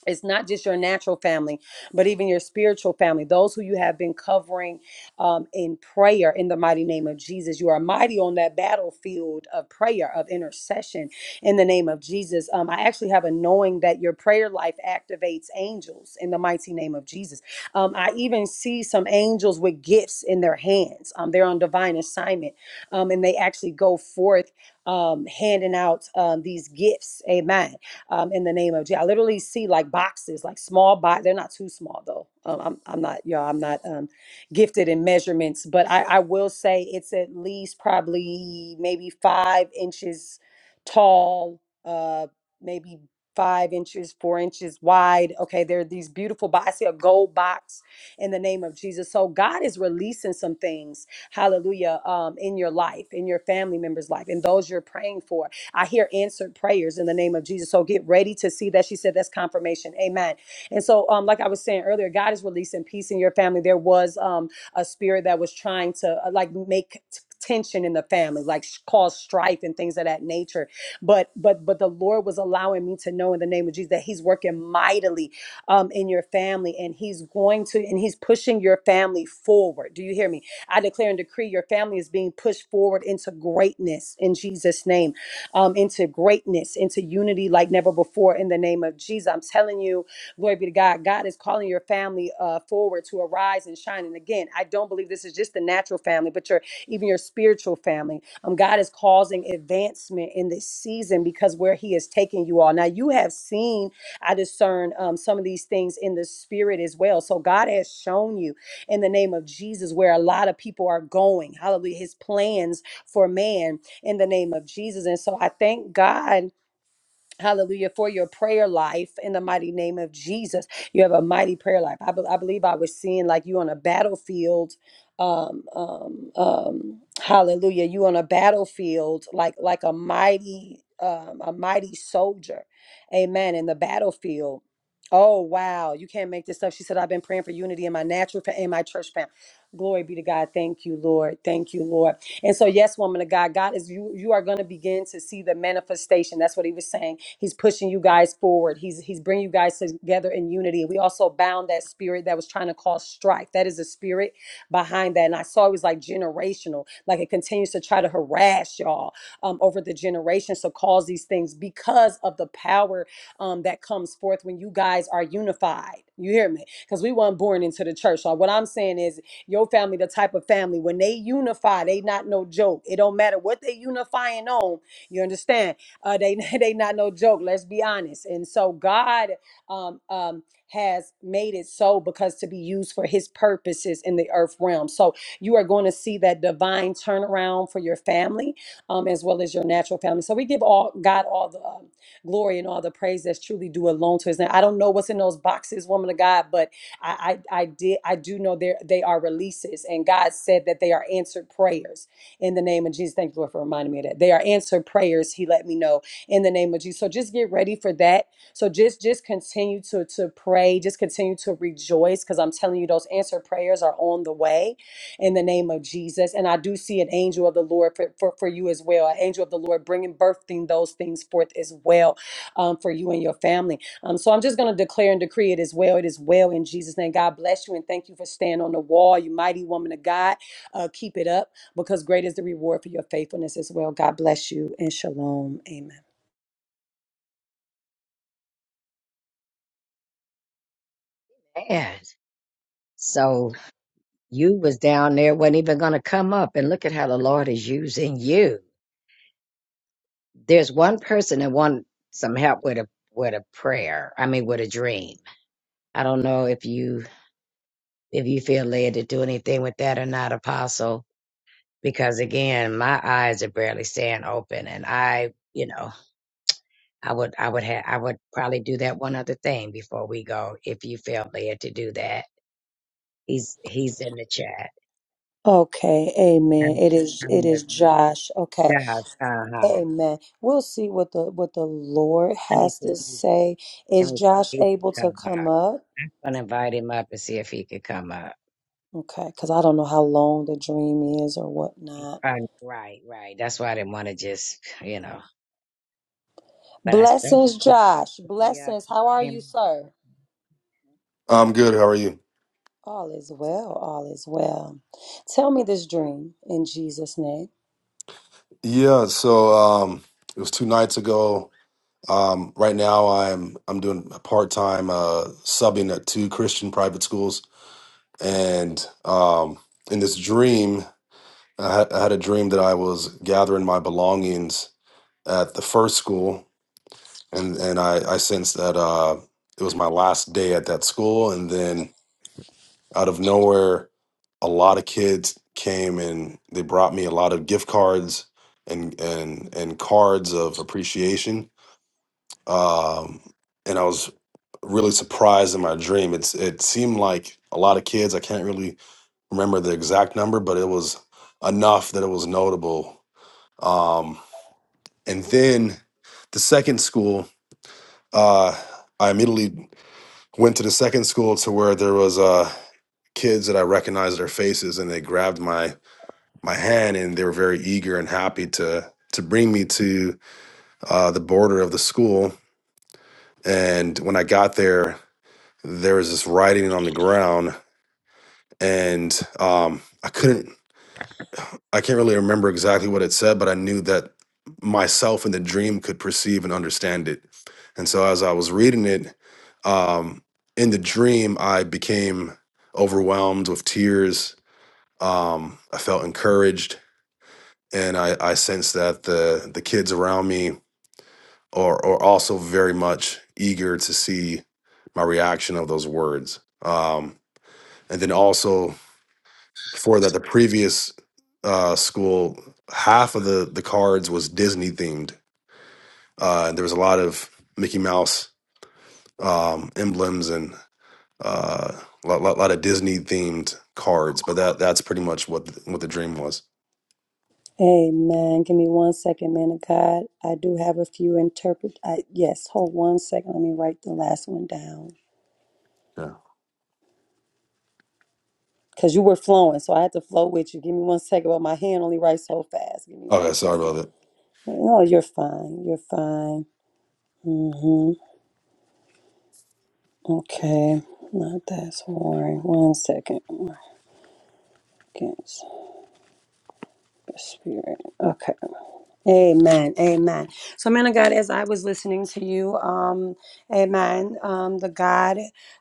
Speaker 14: it's not just your natural family, but even your spiritual family, those who you have been covering um, in prayer in the mighty name of Jesus. You are mighty on that battlefield of prayer, of intercession in the name of Jesus. Um, I actually have a knowing that your prayer life activates angels in the mighty name of Jesus. Um, I even see some angels with gifts in their hands. Um, they're on divine assignment um, and they actually go forth um, handing out um, these gifts. Amen um, in the name of Jesus. I literally see like boxes, like small box. They're not too small though. Um, I'm, I'm not, y'all, I'm not um, gifted in measurements, but I, I will say it's at least probably maybe five inches tall, uh, maybe five inches, four inches wide. Okay, there are these beautiful boxes. I see a gold box in the name of Jesus. So God is releasing some things, hallelujah, um, in your life, in your family member's life, and those you're praying for. I hear answered prayers in the name of Jesus. So get ready to see that. She said that's confirmation. Amen. And so, um, like I was saying earlier, God is releasing peace in your family. There was um a spirit that was trying to uh, like make t- tension in the family, like sh- cause strife and things of that nature. But but but the Lord was allowing me to know in the name of Jesus that He's working mightily um, in your family, and He's going to, and He's pushing your family forward. Do you hear me? I declare and decree your family is being pushed forward into greatness in Jesus' name, um, into greatness, into unity like never before in the name of Jesus. I'm telling you, glory be to God. God is calling your family uh, forward to arise and shine. And again, I don't believe this is just the natural family, but your even your spiritual family. Um, God is causing advancement in this season because where He is taking you all. Now you have seen I discern um, some of these things in the spirit as well. So God has shown you in the name of Jesus where a lot of people are going. Hallelujah. His plans for man in the name of Jesus. And so I thank God Hallelujah for your prayer life in the mighty name of Jesus. You have a mighty prayer life. I, be- I believe I was seeing like you on a battlefield. Um, um, um, hallelujah. You on a battlefield like like a mighty um, a mighty soldier. Amen. In the battlefield. Oh wow, you can't make this up. She said, I've been praying for unity in my natural fa- in my church family. Glory be to God. Thank you, Lord. Thank you, Lord. And so, yes, woman of God, God is you. You are going to begin to see the manifestation. That's what He was saying. He's pushing you guys forward. He's He's bringing you guys together in unity. We also bound that spirit that was trying to cause strife. That is a spirit behind that. And I saw it was like generational. Like it continues to try to harass y'all um, over the generations to cause these things because of the power um, that comes forth when you guys are unified. You hear me? Because we weren't born into the church. So what I'm saying is your family, the type of family, when they unify, they not no joke. It don't matter what they unifying on. You understand? Uh, they they not no joke. Let's be honest. And so God um, um, has made it so because to be used for His purposes in the earth realm. So you are going to see that divine turnaround for your family um, as well as your natural family. So we give all God all the um, glory and all the praise that's truly due alone to His name. I don't know what's in those boxes, woman of God, but I, I I did I do know there they are releases, and God said that they are answered prayers in the name of Jesus. Thank you Lord for reminding me of that they are answered prayers. He let me know in the name of Jesus. So just get ready for that. So just just continue to to pray. Just continue to rejoice because I'm telling you those answered prayers are on the way in the name of Jesus. And I do see an angel of the Lord for, for, for you as well, an angel of the Lord bringing birthing those things forth as well um, for you and your family. Um, so I'm just going to declare and decree it as well. It is well in Jesus' name. God bless you and thank you for staying on the wall, you mighty woman of God. Uh, keep it up because great is the reward for your faithfulness as well. God bless you and shalom. Amen.
Speaker 5: yes. So you was down there, wasn't even going to come up. And look at how the Lord is using you. There's one person that want some help with a with a prayer. I mean, with a dream. I don't know if you if you feel led to do anything with that or not, Apostle. Because again, my eyes are barely staying open, and I, you know, I would I would have I would probably do that one other thing before we go if you felt led to do that He's he's in the chat.
Speaker 14: Okay,
Speaker 5: I
Speaker 14: amen.
Speaker 5: don't
Speaker 14: It is
Speaker 5: I
Speaker 14: it
Speaker 5: don't know if
Speaker 14: is Josh. Okay.
Speaker 5: Josh. Uh huh.
Speaker 14: Amen. We'll see what the what the Lord
Speaker 5: Let me
Speaker 14: has
Speaker 5: see
Speaker 14: to
Speaker 5: if he
Speaker 14: say.
Speaker 5: let
Speaker 14: Is
Speaker 5: me see if
Speaker 14: Josh
Speaker 5: he
Speaker 14: able
Speaker 5: can
Speaker 14: to
Speaker 5: come
Speaker 14: come
Speaker 5: up.
Speaker 14: up?
Speaker 5: I'm gonna invite him up and see if he could come up.
Speaker 14: Okay, because I don't know how long the dream is or whatnot.
Speaker 5: Uh, right, right. That's why I didn't want to just you know. But I still
Speaker 14: Blessings,
Speaker 5: should
Speaker 14: Josh.
Speaker 5: pick you up.
Speaker 14: Blessings.
Speaker 5: He
Speaker 14: How are you,
Speaker 5: came.
Speaker 14: sir?
Speaker 17: I'm good. How are you?
Speaker 14: All is well, all is well. Tell me this dream in Jesus' name.
Speaker 17: Yeah, so um it was two nights ago. Um right now I'm I'm doing a part-time uh subbing at two Christian private schools and um in this dream I had, I had a dream that I was gathering my belongings at the first school and and I I sensed that uh it was my last day at that school and then Out of nowhere, a lot of kids came and they brought me a lot of gift cards and and and cards of appreciation. Um, and I was really surprised in my dream. It's it seemed like a lot of kids. I can't really remember the exact number, but it was enough that it was notable. Um, and then the second school, uh, I immediately went to the second school to where there was uh, kids that I recognized their faces, and they grabbed my my hand, and they were very eager and happy to to bring me to uh, the border of the school. And when I got there, there was this writing on the ground, and um, I couldn't, I can't really remember exactly what it said, but I knew that myself in the dream could perceive and understand it. And so as I was reading it, um, in the dream, I became overwhelmed with tears. Um, I felt encouraged, and I, I sensed that the the kids around me or or also very much eager to see my reaction of those words. Um, and then also for that, the previous uh, school, half of the the cards was Disney themed. Uh, and there was a lot of Mickey Mouse um, emblems and uh, a lot, lot, lot of Disney themed cards. But that that's pretty much what the, what the dream was.
Speaker 14: Amen. Give me one second, man of God. I do have a few interpret. I, yes, hold one second. Let me write the last one down
Speaker 17: Yeah.
Speaker 14: because you were flowing, so I had to flow with you. Give me one second, but my hand only writes so fast. Give me
Speaker 17: Okay.
Speaker 14: one
Speaker 17: Sorry
Speaker 14: second.
Speaker 17: about that.
Speaker 14: No, you're fine. You're fine. Mm-hmm. Okay. Not that sorry. One second. Against the spirit. Okay. Amen. Amen. So, man of God, as I was listening to you, um, amen, um, the God,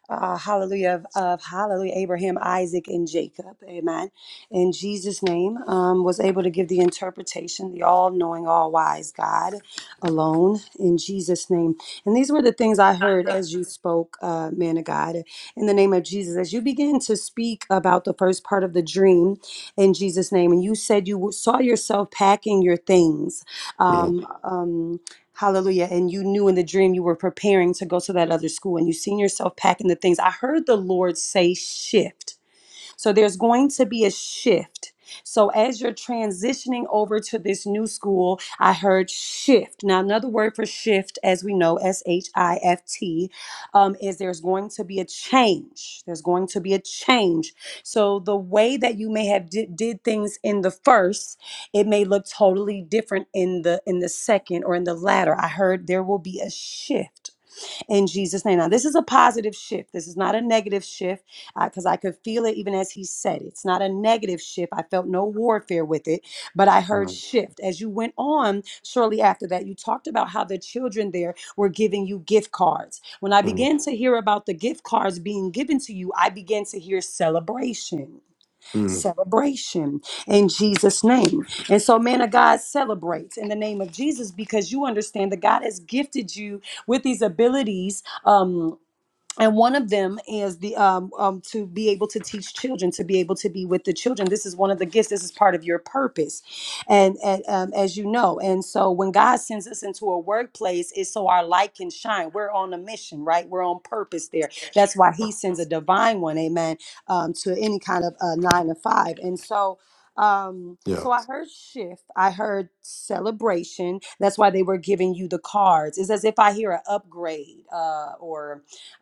Speaker 14: uh, hallelujah, of, of hallelujah, Abraham, Isaac, and Jacob, amen, in Jesus' name, um, was able to give the interpretation, the all knowing, all wise God alone, in Jesus' name. And these were the things I heard as you spoke, uh, man of God, in the name of Jesus. As you begin to speak about the first part of the dream, in Jesus' name. And you said you saw yourself packing your things.
Speaker 17: Mhm,
Speaker 14: Um, um, Hallelujah. And you knew in the dream you were preparing to go to that other school and you seen yourself packing the things. I heard the Lord say shift. So there's going to be a shift. So as you're transitioning over to this new school, I heard shift. Now, another word for shift, as we know, S H I F T, um, is there's going to be a change. There's going to be a change. So the way that you may have did, did things in the first, it may look totally different in the in the second or in the latter. I heard there will be a shift in Jesus' name. Now, this is a positive shift. This is not a negative shift because I could feel it even as he said it. It's not a negative shift. I felt no warfare with it, but I heard
Speaker 17: mhm,
Speaker 14: shift. As you went on shortly after that, you talked about how the children there were giving you gift cards. When I
Speaker 17: mhm,
Speaker 14: began to hear about the gift cards being given to you, I began to hear celebration
Speaker 17: mhm.
Speaker 14: celebration in Jesus' name. And so, man of God celebrates in the name of Jesus because you understand that God has gifted you with these abilities. Um, and one of them is the um, um to be able to teach children to be able to be with the children this is one of the gifts this is part of your purpose and, and um, as you know and so when god sends us into a workplace it's so our light can shine we're on a mission right we're on purpose there that's why he sends a divine one amen um, to any kind of uh, nine to five and so um
Speaker 17: Yeah.
Speaker 14: so i heard shift i heard celebration that's why they were giving you the cards it's as if i hear an upgrade uh or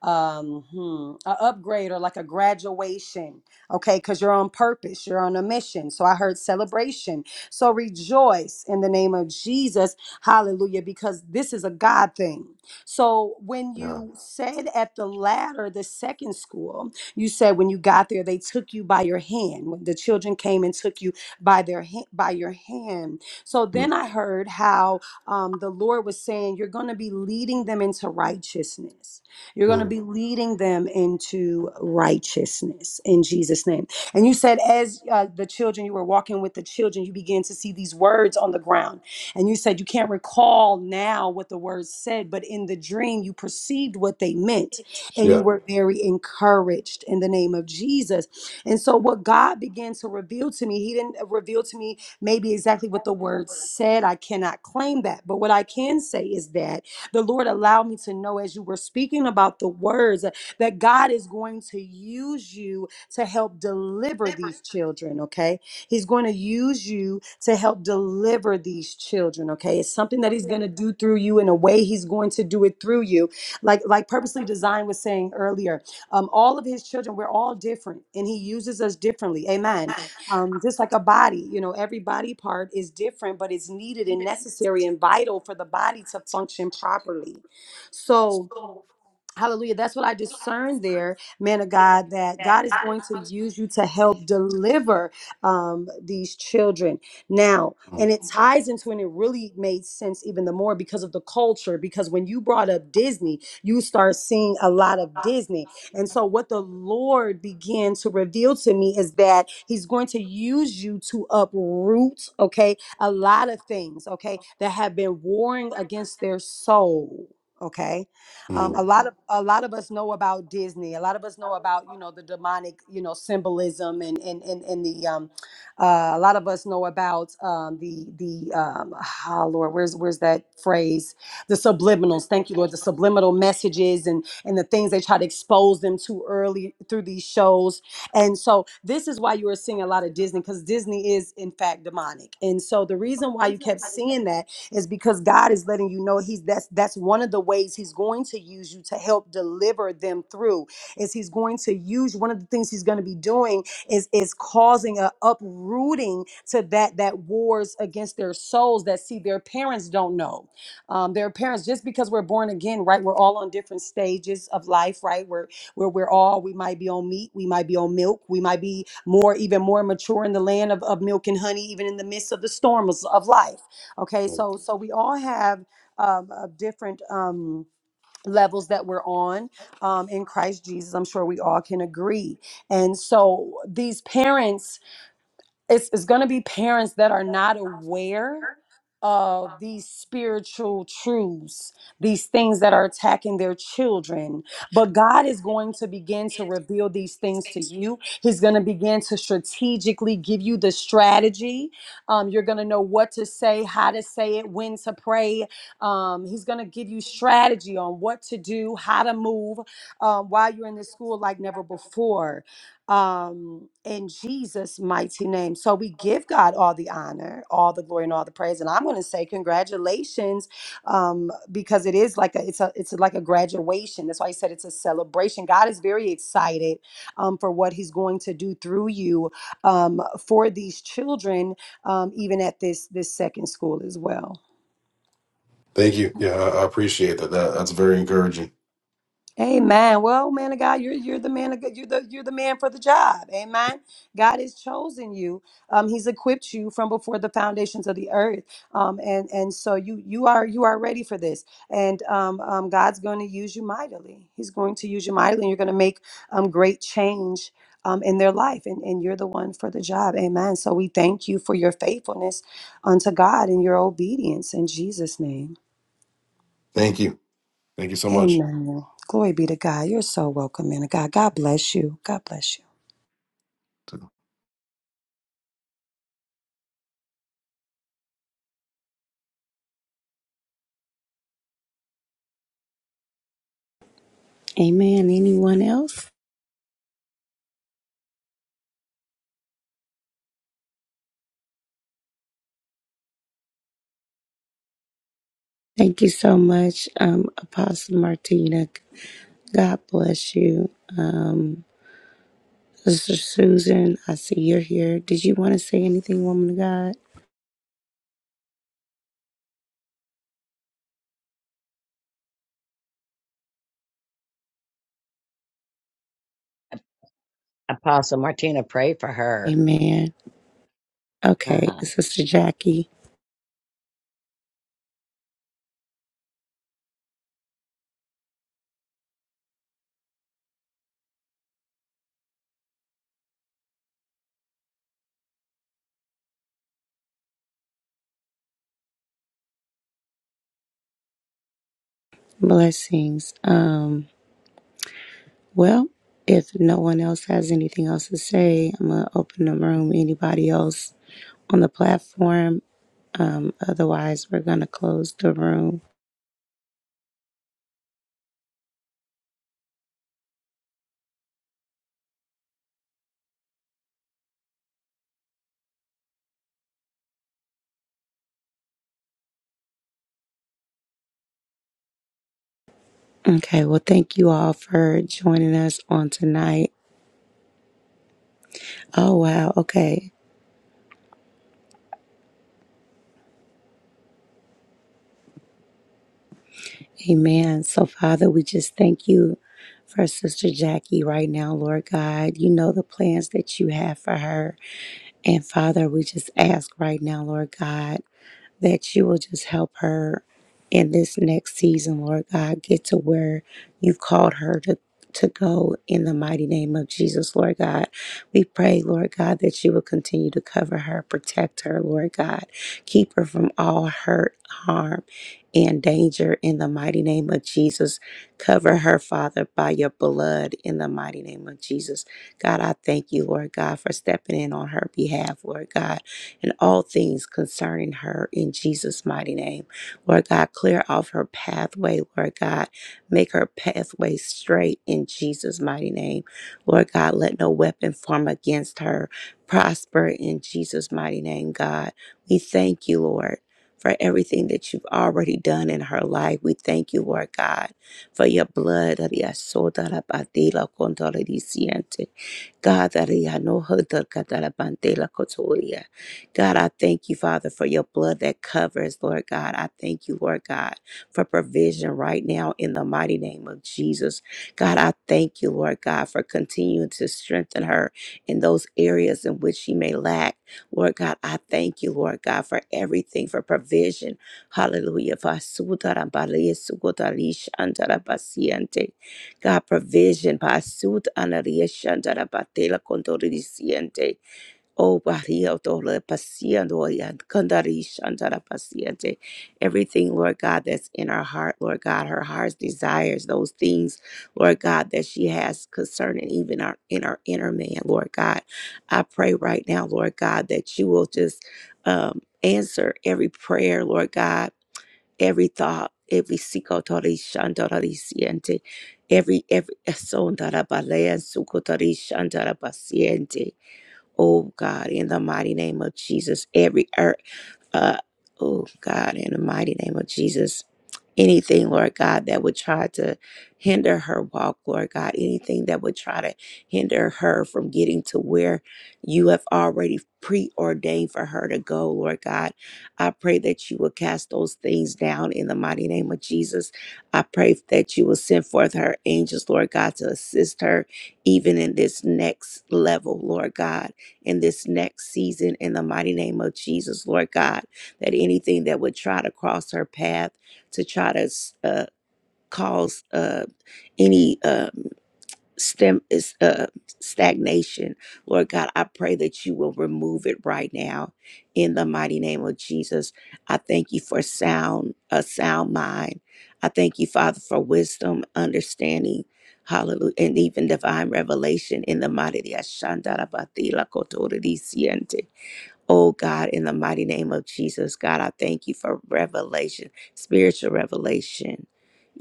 Speaker 14: um hmm, a upgrade or like a graduation okay because you're on purpose you're on a mission so i heard celebration so rejoice in the name of jesus hallelujah because this is a god thing so when
Speaker 17: Yeah.
Speaker 14: you said at the latter the second school you said when you got there they took you by your hand when the children came and took you by their hand by your hand so
Speaker 17: Yeah.
Speaker 14: then i heard how um, the lord was saying you're going to be leading them into righteousness you're going to
Speaker 17: mhm,
Speaker 14: be leading them into righteousness in Jesus' name. And you said, as uh, the children, you were walking with the children, you began to see these words on the ground. And you said, you can't recall now what the words said, but in the dream, you perceived what they meant and you
Speaker 17: Yeah.
Speaker 14: were very encouraged in the name of Jesus. And so, what God began to reveal to me, He didn't uh, reveal to me maybe exactly what the words said. I cannot claim that. But what I can say is that the Lord allowed me to know as you were speaking about the words uh, that God is going to use you to help deliver these children, okay? He's going to use you to help deliver these children, okay? It's something that he's going to do through you in a way he's going to do it through you. Like like purposely designed was saying earlier, um all of his children we're all different and he uses us differently. Amen um, just like a body you know every body part is different but it's needed and necessary and vital for the body to function properly so Hallelujah. That's what I discern there, man of God, that God is going to use you to help deliver um, these children. Now, and it ties into, and it really made sense even the more because of the culture. Because when you brought up Disney, you start seeing a lot of Disney. And so, what the Lord began to reveal to me is that He's going to use you to uproot, okay, a lot of things, okay, that have been warring against their soul, okay? Um, a
Speaker 17: Mm,
Speaker 14: lot of a lot of us know about Disney. A lot of us know about you know the demonic you know symbolism and and and, and the um, uh, a lot of us know about um, the the um, ah, Lord, where's where's that phrase? The subliminals. Thank you, Lord. The subliminal messages and and the things they try to expose them to early through these shows. And so this is why you are seeing a lot of Disney because Disney is in fact demonic. And so the reason why you kept seeing that is because God is letting you know he's that's that's one of the ways he's going to use you to help deliver them through is he's going to use one of the things he's going to be doing is is causing a uprooting to that that wars against their souls that see their parents don't know um, their parents just because we're born again right we're all on different stages of life right we're where we're all we might be on meat we might be on milk we might be more even more mature in the land of, of milk and honey even in the midst of the storms of life Okay,
Speaker 17: mm.
Speaker 14: so so we all have um, uh, different um, levels that we're on um, in Christ Jesus. I'm sure we all can agree. And so these parents, it's, it's going to be parents that are not aware of these spiritual truths, these things that are attacking their children. But God is going to begin to reveal these things to you. He's going to begin to strategically give you the strategy. Um, you're going to know what to say, how to say it, when to pray. Um, he's going to give you strategy on what to do, how to move um, while you're in this school like never before um, in Jesus' mighty name. So we give God all the honor, all the glory, and all the praise. And I'm going to say congratulations, um, because it is like a it's a it's like a graduation. That's why I said it's a celebration. God is very excited um, for what He's going to do through you um, for these children, um, even at this this second school as well.
Speaker 17: Thank you. Yeah, I I appreciate that. that. That's very encouraging.
Speaker 14: Amen. Well, man of God, you're you're the man of God. You're the you're the man for the job. Amen. God has chosen you. Um, he's equipped you from before the foundations of the earth. Um, and and so you you are you are ready for this. And um, um God's going to use you mightily. He's going to use you mightily, and you're going to make um great change. Um, in their life, and, and you're the one for the job. Amen. So we thank you for your faithfulness unto God and your obedience in Jesus' name.
Speaker 17: Thank you. Thank you so much.
Speaker 14: Amen. Glory be to God. You're so welcome, man of God. God bless you. God bless you.
Speaker 1: Amen. Anyone else? Thank you so much, um, Apostle Martina. God bless you. Um, Sister Susan, I see you're here. Did you want to say anything, woman of God?
Speaker 5: Apostle Martina, pray for her.
Speaker 1: Amen.
Speaker 5: Uh
Speaker 1: Okay,
Speaker 5: huh.
Speaker 1: Sister Jackie. Blessings. Um, well, if no one else has anything else to say, I'm gonna open the room. Anybody else on the platform? Um, otherwise, we're gonna close the room. Okay. Well, thank you all for joining us on tonight. Oh wow. Okay. Amen. So, Father, we just thank you for Sister Jackie right now, Lord God. You know the plans that you have for her, and Father, we just ask right now, Lord God. that you will just help her in this next season, Lord God, get to where you've called her to. To go in the mighty name of Jesus, Lord God. We pray, Lord God, that you will continue to cover her, protect her, Lord God. Keep her from all hurt, harm, and danger in the mighty name of Jesus. Cover her, Father, by your blood in the mighty name of Jesus. God, I thank you, Lord God, for stepping in on her behalf, Lord God and all things concerning her in Jesus' mighty name. Lord God, clear off her pathway. Lord God, make her pathway straight in Jesus' mighty name. Lord God, let no weapon form against her prosper in Jesus' mighty name, God. We thank you, Lord. For everything that you've already done in her life. We thank you, Lord God, for your blood. God, that like yeah. God, I thank you, Father, for your blood that covers, Lord God. I thank you, Lord God, for provision right now in the mighty name of Jesus. God, I thank you, Lord God, for continuing to strengthen her in those areas in which she may lack. Lord God, I thank you, Lord God, for everything, for provision. Hallelujah. Fasudarabalesukodarishantarabaciente. God, provision. Pasudanarieshandarabatelakondorisiente. Oh, Bahia, Dole, Pasiando, Yan- Kandari, Shandara, Pasiente. Everything, Lord God, that's in our heart, Lord God, her heart's desires, those things, Lord God, that she has concerning even our in our inner man, Lord God. I pray right now, Lord God, that you will just um, answer every prayer, Lord God, every thought, every sikotori, shandori, paciente, every every son darabale, sukotori, shandara, paciente. Oh God, in the mighty name of Jesus, every earth, uh, oh God, in the mighty name of Jesus, anything, Lord God, that would try to hinder her walk, Lord God, anything that would try to hinder her from getting to where you have already preordained for her to go, Lord God. I pray that you will cast those things down in the mighty name of Jesus. I pray that you will send forth her angels, Lord God, to assist her even in this next level, Lord God in this next season in the mighty name of Jesus, Lord God, that anything that would try to cross her path to try to uh, cause uh, any. uh, stem is uh stagnation lord god i pray that you will remove it right now in the mighty name of jesus i thank you for sound a sound mind i thank you father for wisdom understanding hallelujah and even divine revelation in the mighty Oh God, in the mighty name of Jesus, God, I thank you for revelation, spiritual revelation.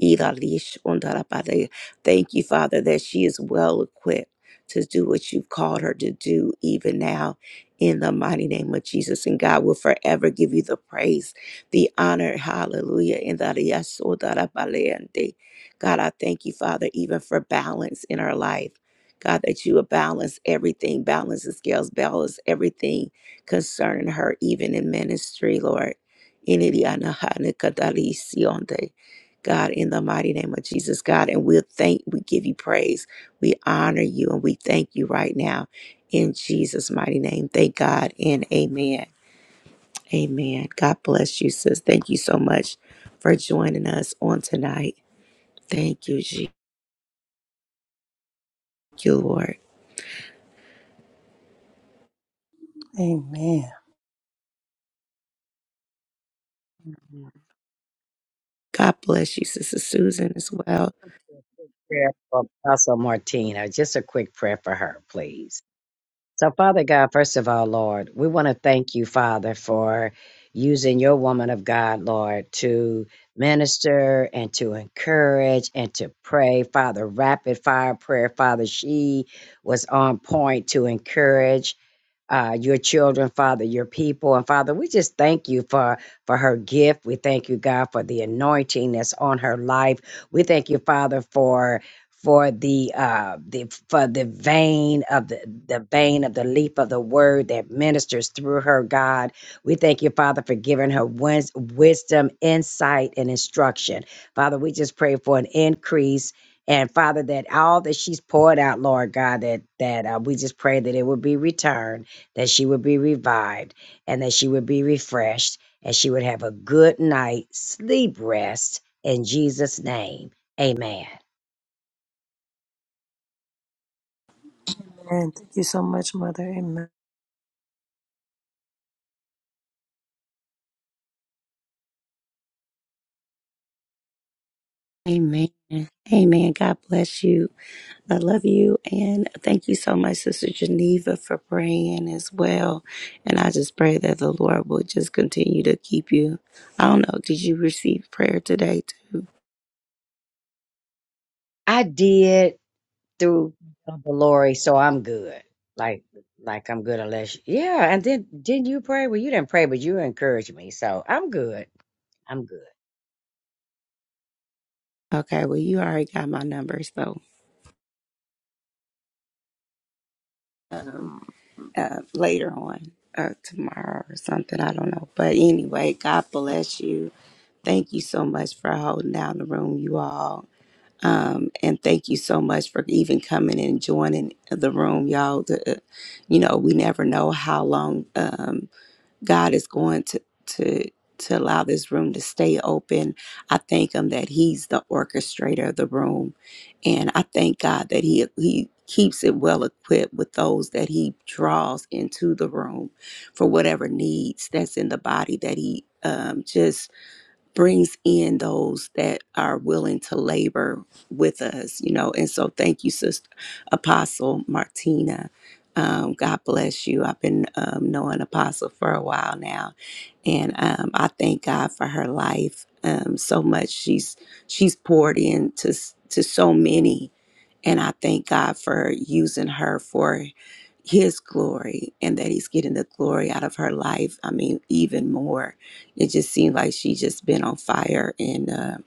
Speaker 1: Iralish ondarabade. Thank you, Father, that she is well equipped to do what you've called her to do even now in the mighty name of Jesus. And God will forever give you the praise, the honor. Hallelujah. In the yes, ondarabaleande. God, I thank you, Father, even for balance in her life. God, that you will balance everything, balance the scales, balance everything concerning her, even in ministry, Lord. God, in the mighty name of Jesus, God, and we'll thank, we give you praise, we honor you, and we thank you right now in Jesus' mighty name. Thank God and amen. Amen. God bless you, sis. Thank you so much for joining us on tonight. Thank you, Jesus. Thank you, Lord.
Speaker 14: Amen.
Speaker 16: you.
Speaker 1: God bless you, Sister Susan, as well.
Speaker 5: Prayer for Apostle Martina. Just a quick prayer for her, please. So, Father God, first of all, Lord, we want to thank you, Father, for using your woman of God, Lord, to minister and to encourage and to pray. Father, rapid fire prayer, Father, she was on point to encourage uh, your children, Father, your people. And Father, we just thank you for, for her gift. We thank you, God, for the anointing that's on her life. We thank you, Father, for for the uh the for the vein of the the vein of the leaf of the word that ministers through her god we thank you father for giving her wis- wisdom insight and instruction father we just pray for an increase and father that all that she's poured out lord god that that uh, we just pray that it would be returned that she would be revived and that she would be refreshed and she would have a good night sleep rest in Jesus name. Amen.
Speaker 14: Amen. Thank you so much, Mother. Amen.
Speaker 1: Amen. Amen. God bless you. I love you. And thank you so much, Sister Geneva, for praying as well. And I just pray that the Lord will just continue to keep you. I don't know. Did you receive prayer today? Too?
Speaker 5: I did through Uncle Lori, so I'm good. Like like I'm good unless yeah, and then didn't you pray? Well you didn't pray, but you encouraged me. So I'm good. I'm good.
Speaker 1: Okay. Well, you already got my number. So uh, later on, uh, tomorrow or something. I don't know. But anyway, God bless you. Thank you so much for holding down the room, you all. Um, and thank you so much for even coming and joining the room, y'all. The, uh, you know, we never know how long um, God is going to to to allow this room to stay open. I thank Him that He's the orchestrator of the room, and I thank God that He He keeps it well equipped with those that He draws into the room for whatever needs that's in the body that He um, just brings in those that are willing to labor with us, you know. And so, thank you, Sister Apostle Martina. Um, God bless you. I've been um, knowing Apostle for a while now, and um, I thank God for her life um, so much. She's she's poured into s- to so many, and I thank God for using her for His glory, and that He's getting the glory out of her life. I mean, even more it just seemed like she just been on fire and uh,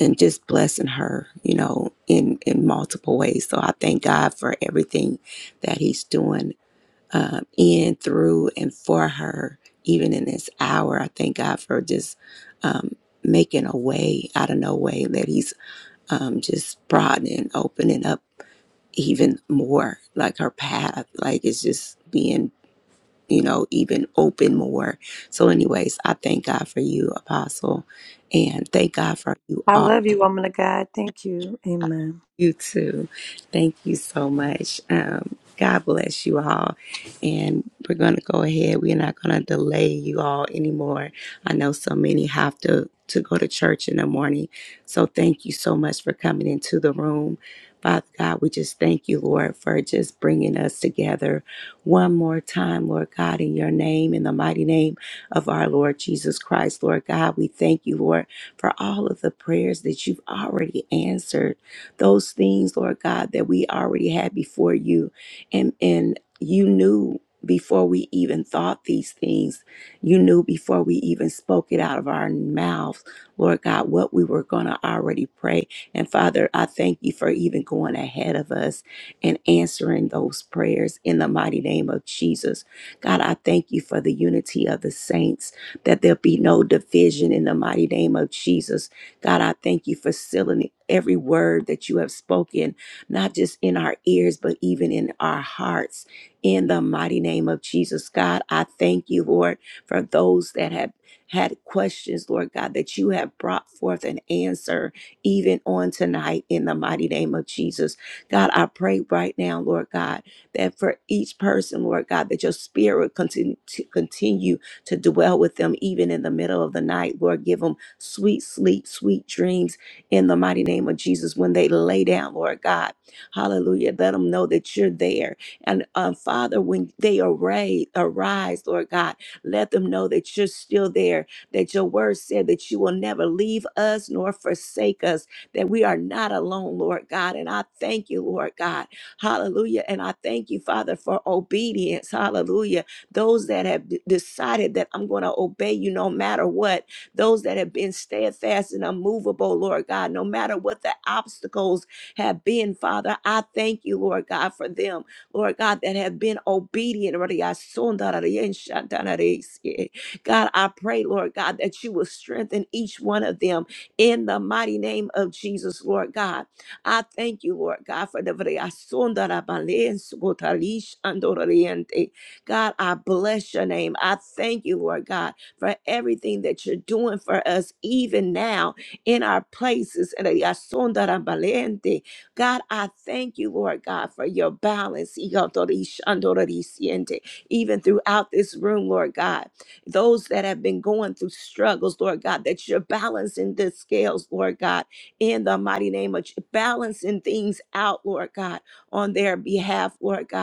Speaker 1: and just blessing her, you know, in in multiple ways. So I thank God for everything that He's doing um, in, through, and for her. Even in this hour, I thank God for just um, making a way out of no way that He's um, just broadening, opening up even more, like her path. Like it's just being you know, even open more. So, anyways, I thank God for you, Apostle, and thank God for you
Speaker 14: I
Speaker 1: all.
Speaker 14: love you, woman of God. Thank you. Amen.
Speaker 1: You too. Thank you so much. Um, God bless you all. And we're going to go ahead. We're not going to delay you all anymore. I know so many have to, to go to church in the morning. So thank you so much for coming into the room. Father God, we just thank you, Lord, for just bringing us together one more time, Lord God, in your name, in the mighty name of our Lord Jesus Christ, Lord God. We thank you, Lord, for all of the prayers that you've already answered those things, Lord God, that we already had before you. And and you knew before we even thought these things, you knew before we even spoke it out of our mouths, Lord God, what we were going to already pray. And Father, I thank you for even going ahead of us and answering those prayers in the mighty name of Jesus. God, I thank you for the unity of the saints, that there'll be no division in the mighty name of Jesus God, I thank you for sealing every word that you have spoken, not just in our ears, but even in our hearts. In the mighty name of Jesus, God, I thank you, Lord, for those that have had questions, Lord God, that you have brought forth an answer even on tonight in the mighty name of Jesus. God, I pray right now, Lord God, that for each person, Lord God, that your spirit continue to continue to dwell with them even in the middle of the night. Lord, give them sweet sleep, sweet dreams in the mighty name of Jesus when they lay down, Lord God. Hallelujah. Let them know that you're there. And uh, Father, when they array, arise, Lord God, let them know that you're still there, that your word said that you will never leave us nor forsake us, that we are not alone, Lord God. And I thank you, Lord God. Hallelujah. And I thank you, Father, for obedience. Hallelujah those that have d- decided that I'm going to obey you no matter what, those that have been steadfast and unmovable, Lord God, no matter what the obstacles have been, Father, I thank you, Lord God, for them, Lord God, that have been obedient. God, I pray, Lord God, that you will strengthen each one of them in the mighty name of Jesus, Lord God. I thank you, Lord God, for the God, I bless your name. I thank you, Lord God, for everything that you're doing for us, even now in our places. And I son that God, I thank you, Lord God, for your balance. Y yo to di Even throughout this room, Lord God, those that have been going through struggles, Lord God, that you're balancing the scales, Lord God, in the mighty name of Je- balancing things out, Lord God, on their behalf, Lord God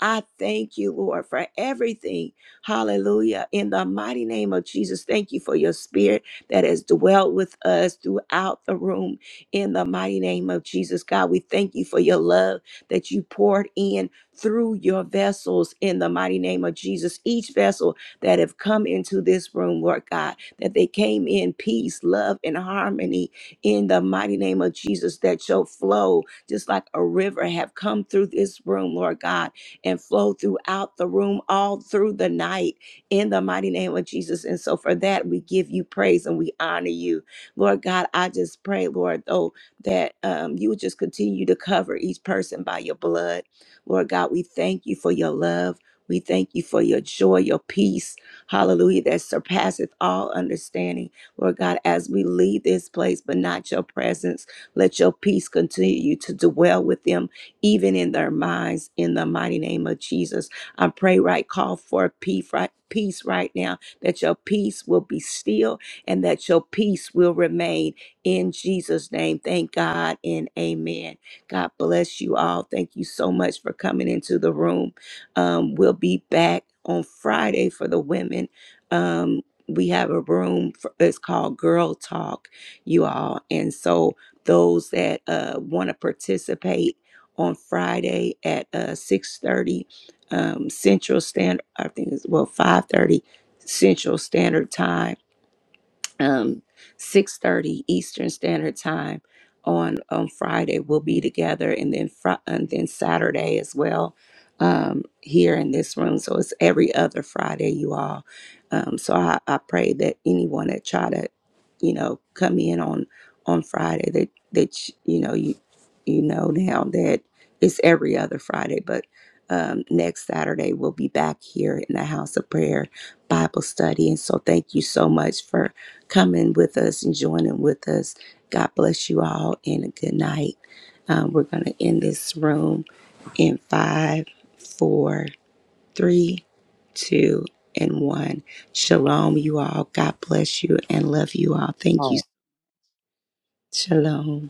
Speaker 1: I thank you, Lord, for everything. Hallelujah. In the mighty name of Jesus, thank you for your spirit that has dwelt with us throughout the room. In the mighty name of Jesus, God, we thank you for your love that you poured in through your vessels in the mighty name of Jesus. Each vessel that have come into this room, Lord God, that they came in peace, love, and harmony in the mighty name of Jesus, that your flow, just like a river, have come through this room, Lord God and flow throughout the room all through the night in the mighty name of Jesus. And so for that, we give you praise and we honor you. Lord God, I just pray, Lord, though, that um, you would just continue to cover each person by your blood. Lord God, we thank you for your love. We thank you for your joy, your peace, hallelujah, that surpasseth all understanding. Lord God, as we leave this place, but not your presence, let your peace continue to dwell within even in their minds, in the mighty name of Jesus. I pray right, call for peace right, peace right now, that your peace will be still and that your peace will remain in Jesus' name. Thank God and amen. God bless you all. Thank you so much for coming into the room. Um, we'll be back on Friday for the women. Um, we have a room for, it's called Girl Talk, you all. And so those that uh, want to participate, on Friday at uh, 6.30 um, Central Standard, I think it's, well, 5.30 Central Standard Time um, 6.30 Eastern Standard Time on, on Friday. We'll be together and then fr- and then Saturday as well um, here in this room. So it's every other Friday, you all. Um, so I, I pray that anyone that try to, you know, come in on on Friday that that you know you you know now that it's every other Friday, but um, next Saturday we'll be back here in the house of prayer Bible study. And so thank you so much for Coming with us and joining with us. God bless you all and a good night. Um, we're going to end this room in five, four, three, two, and one. Shalom, you all. God bless you and love you all. Thank you. Shalom.